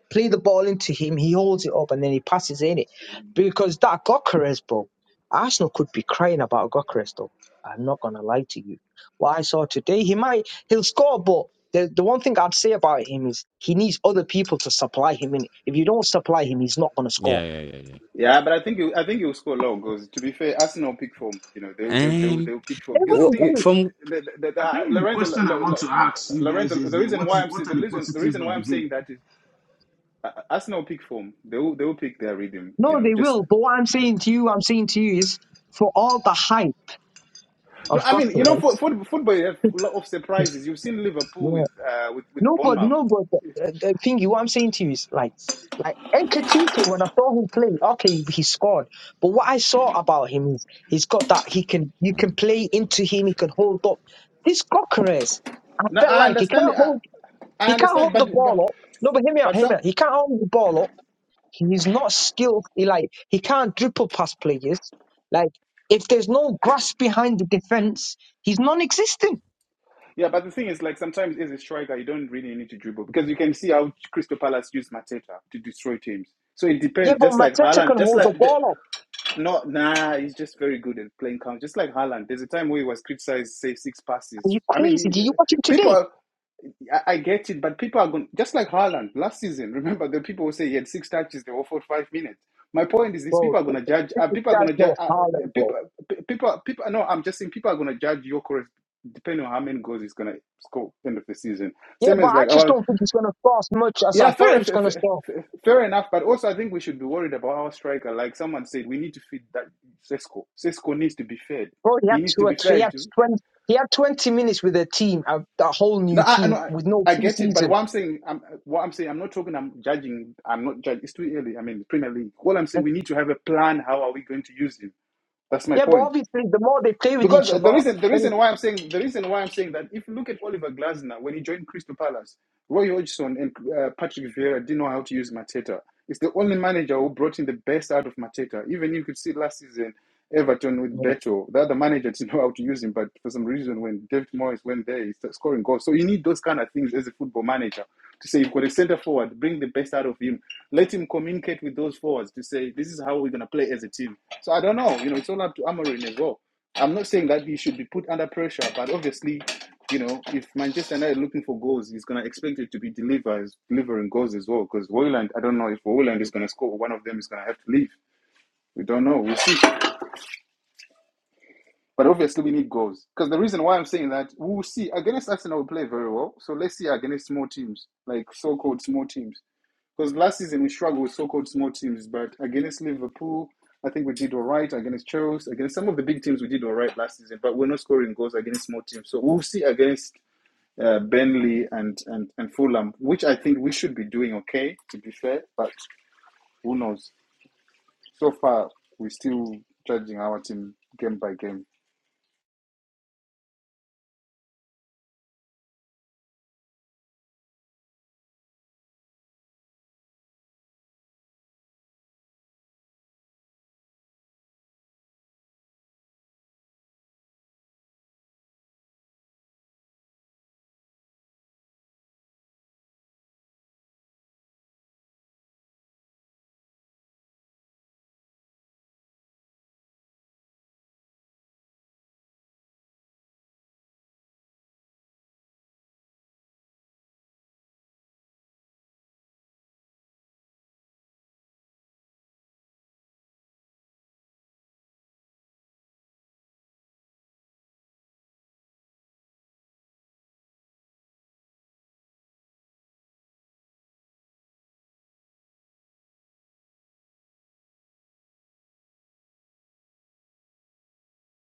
play the ball into him. He holds it up and then he passes in it. Because that Gokeres, bro, Arsenal could be crying about Gokeres though. I'm not gonna lie to you. What I saw today, he might he'll score, but the, the one thing I'd say about him is he needs other people to supply him in. If you don't supply him, he's not gonna score.
yeah, yeah, yeah, yeah.
Yeah, but I think he- I think he'll score a lot of goals. To be fair, Arsenal pick form. You know, they they they
Um,
they'll pick form
They
because the
will, they
wh-
thing is,
wh-
will.
from.
the, the, the,
I
uh,
think the
Lorenzo Lo-
question I
Lo-
want
Lo-
to ask you guys
Lorenzo.
is
The
that
reason
what
why
is
I'm
what
saying
are
the
the
reason the
positives
reason why
of the
I'm
game?
saying that is uh, uh, Arsenal pick form. They will they will pick their rhythm. You
No,
know,
they
just
will. But what I'm saying to you, I'm saying to you is for all the hype.
no.
Of
I
course,
mean, you know, for,
yes.
for football, you have a lot of surprises. You've seen Liverpool with
Yeah.
uh with with
No, but
Bournemouth.
no, but the, the the thing you, what I'm saying to you is like, like Nketiah. When I saw him play, okay, he scored. But what I saw about him is he's got that he can you can play into him. He can hold up. This Coquerez, I
No,
felt
I
like he
understand.
can't
I,
hold
I
he can't
understand,
hold the
but but
ball up. No, but hear me out,
but
hear me
some.
out. He can't hold the ball up. He's not skilled. He like he can't dribble past players. Like if there's no grasp behind the defense, he's non-existent.
Yeah, but the thing is, like sometimes as a striker, you don't really need to dribble because you can see how Crystal Palace used Mateta to destroy teams. So it
Yeah,
depends.
but
Just like
Mateta
Haaland,
can
just
hold the
like the-
ball up.
not nah, he's just very good at playing count. Just like Haaland, there's a time where he was criticized, say six
Are
passes.
you
I mean,
crazy? Did you watch him today?
people. I, I get it, but people are going just like Haaland last season. Remember, the people who say he had six touches, they were for five minutes. My point is this:
Bro,
people are going to judge.
this
Uh,
this
people are
guy's
going to judge.
no
Uh,
Haaland, bro.
people, pe- people, people. No, I'm just saying people are going to judge your course depending on how many goals he's going to score end of the season.
Yeah,
Same
but
as
I
like
just
our
don't think he's going to score as much as
yeah,
I thought
fair,
he was
fair,
going to
fair,
score.
fair enough. But also, I think we should be worried about our striker. Like someone said, we need to feed that Sesko. Sesko needs to be fed.
Bro, he
He
had
needs
two
to
or
be
three, he
fed.
had 20, he had 20 minutes with a team, a, a whole
No,
new
I, I no,
team
I,
with no
I get it, but
preseason.
what I'm saying, I'm, what I'm saying, I'm not talking. I'm judging. I'm not judging. It's too early. I mean, Premier League. All I'm saying, we need to have a plan. How are we going to use him? That's my
Yeah, but
point.
obviously the more they play with
Because
each
the
other,
reason the
then
reason why I'm saying the reason why I'm saying that if you look at Oliver Glasner when he joined Crystal Palace, Roy Hodgson and uh, Patrick Vieira didn't know how to use Mateta. It's the only manager who brought in the best out of Mateta. Even you could see last season Everton with Beto, the other manager didn't know how to use him, but for some reason when David Moyes went there, he started scoring goals. So you need those kind of things as a football manager to say you've got a centre forward, bring the best out of him, let him communicate with those forwards to say this is how we're gonna play as a team. So I don't know, you know, it's all up to Amorim as well. I'm not saying that he should be put under pressure, but obviously, you know, if Manchester United are looking for goals, he's going to expect it to be delivers, delivering goals as well. Because Woyland, I don't know if Woyland is going to score or one of them is going to have to leave. We don't know. We'll see. But obviously, we need goals. Because the reason why I'm saying that, we'll see. Against Arsenal, we play very well. So let's see against small teams, like so called small teams. Because last season we struggled with so-called small teams, but against Liverpool, I think we did all right. Against Chelsea, against some of the big teams, we did all right last season. But we're not scoring goals against small teams, so we'll see against uh, Burnley and, and and Fulham, which I think we should be doing okay, to be fair. But who knows? So far, we're still judging our team game by game.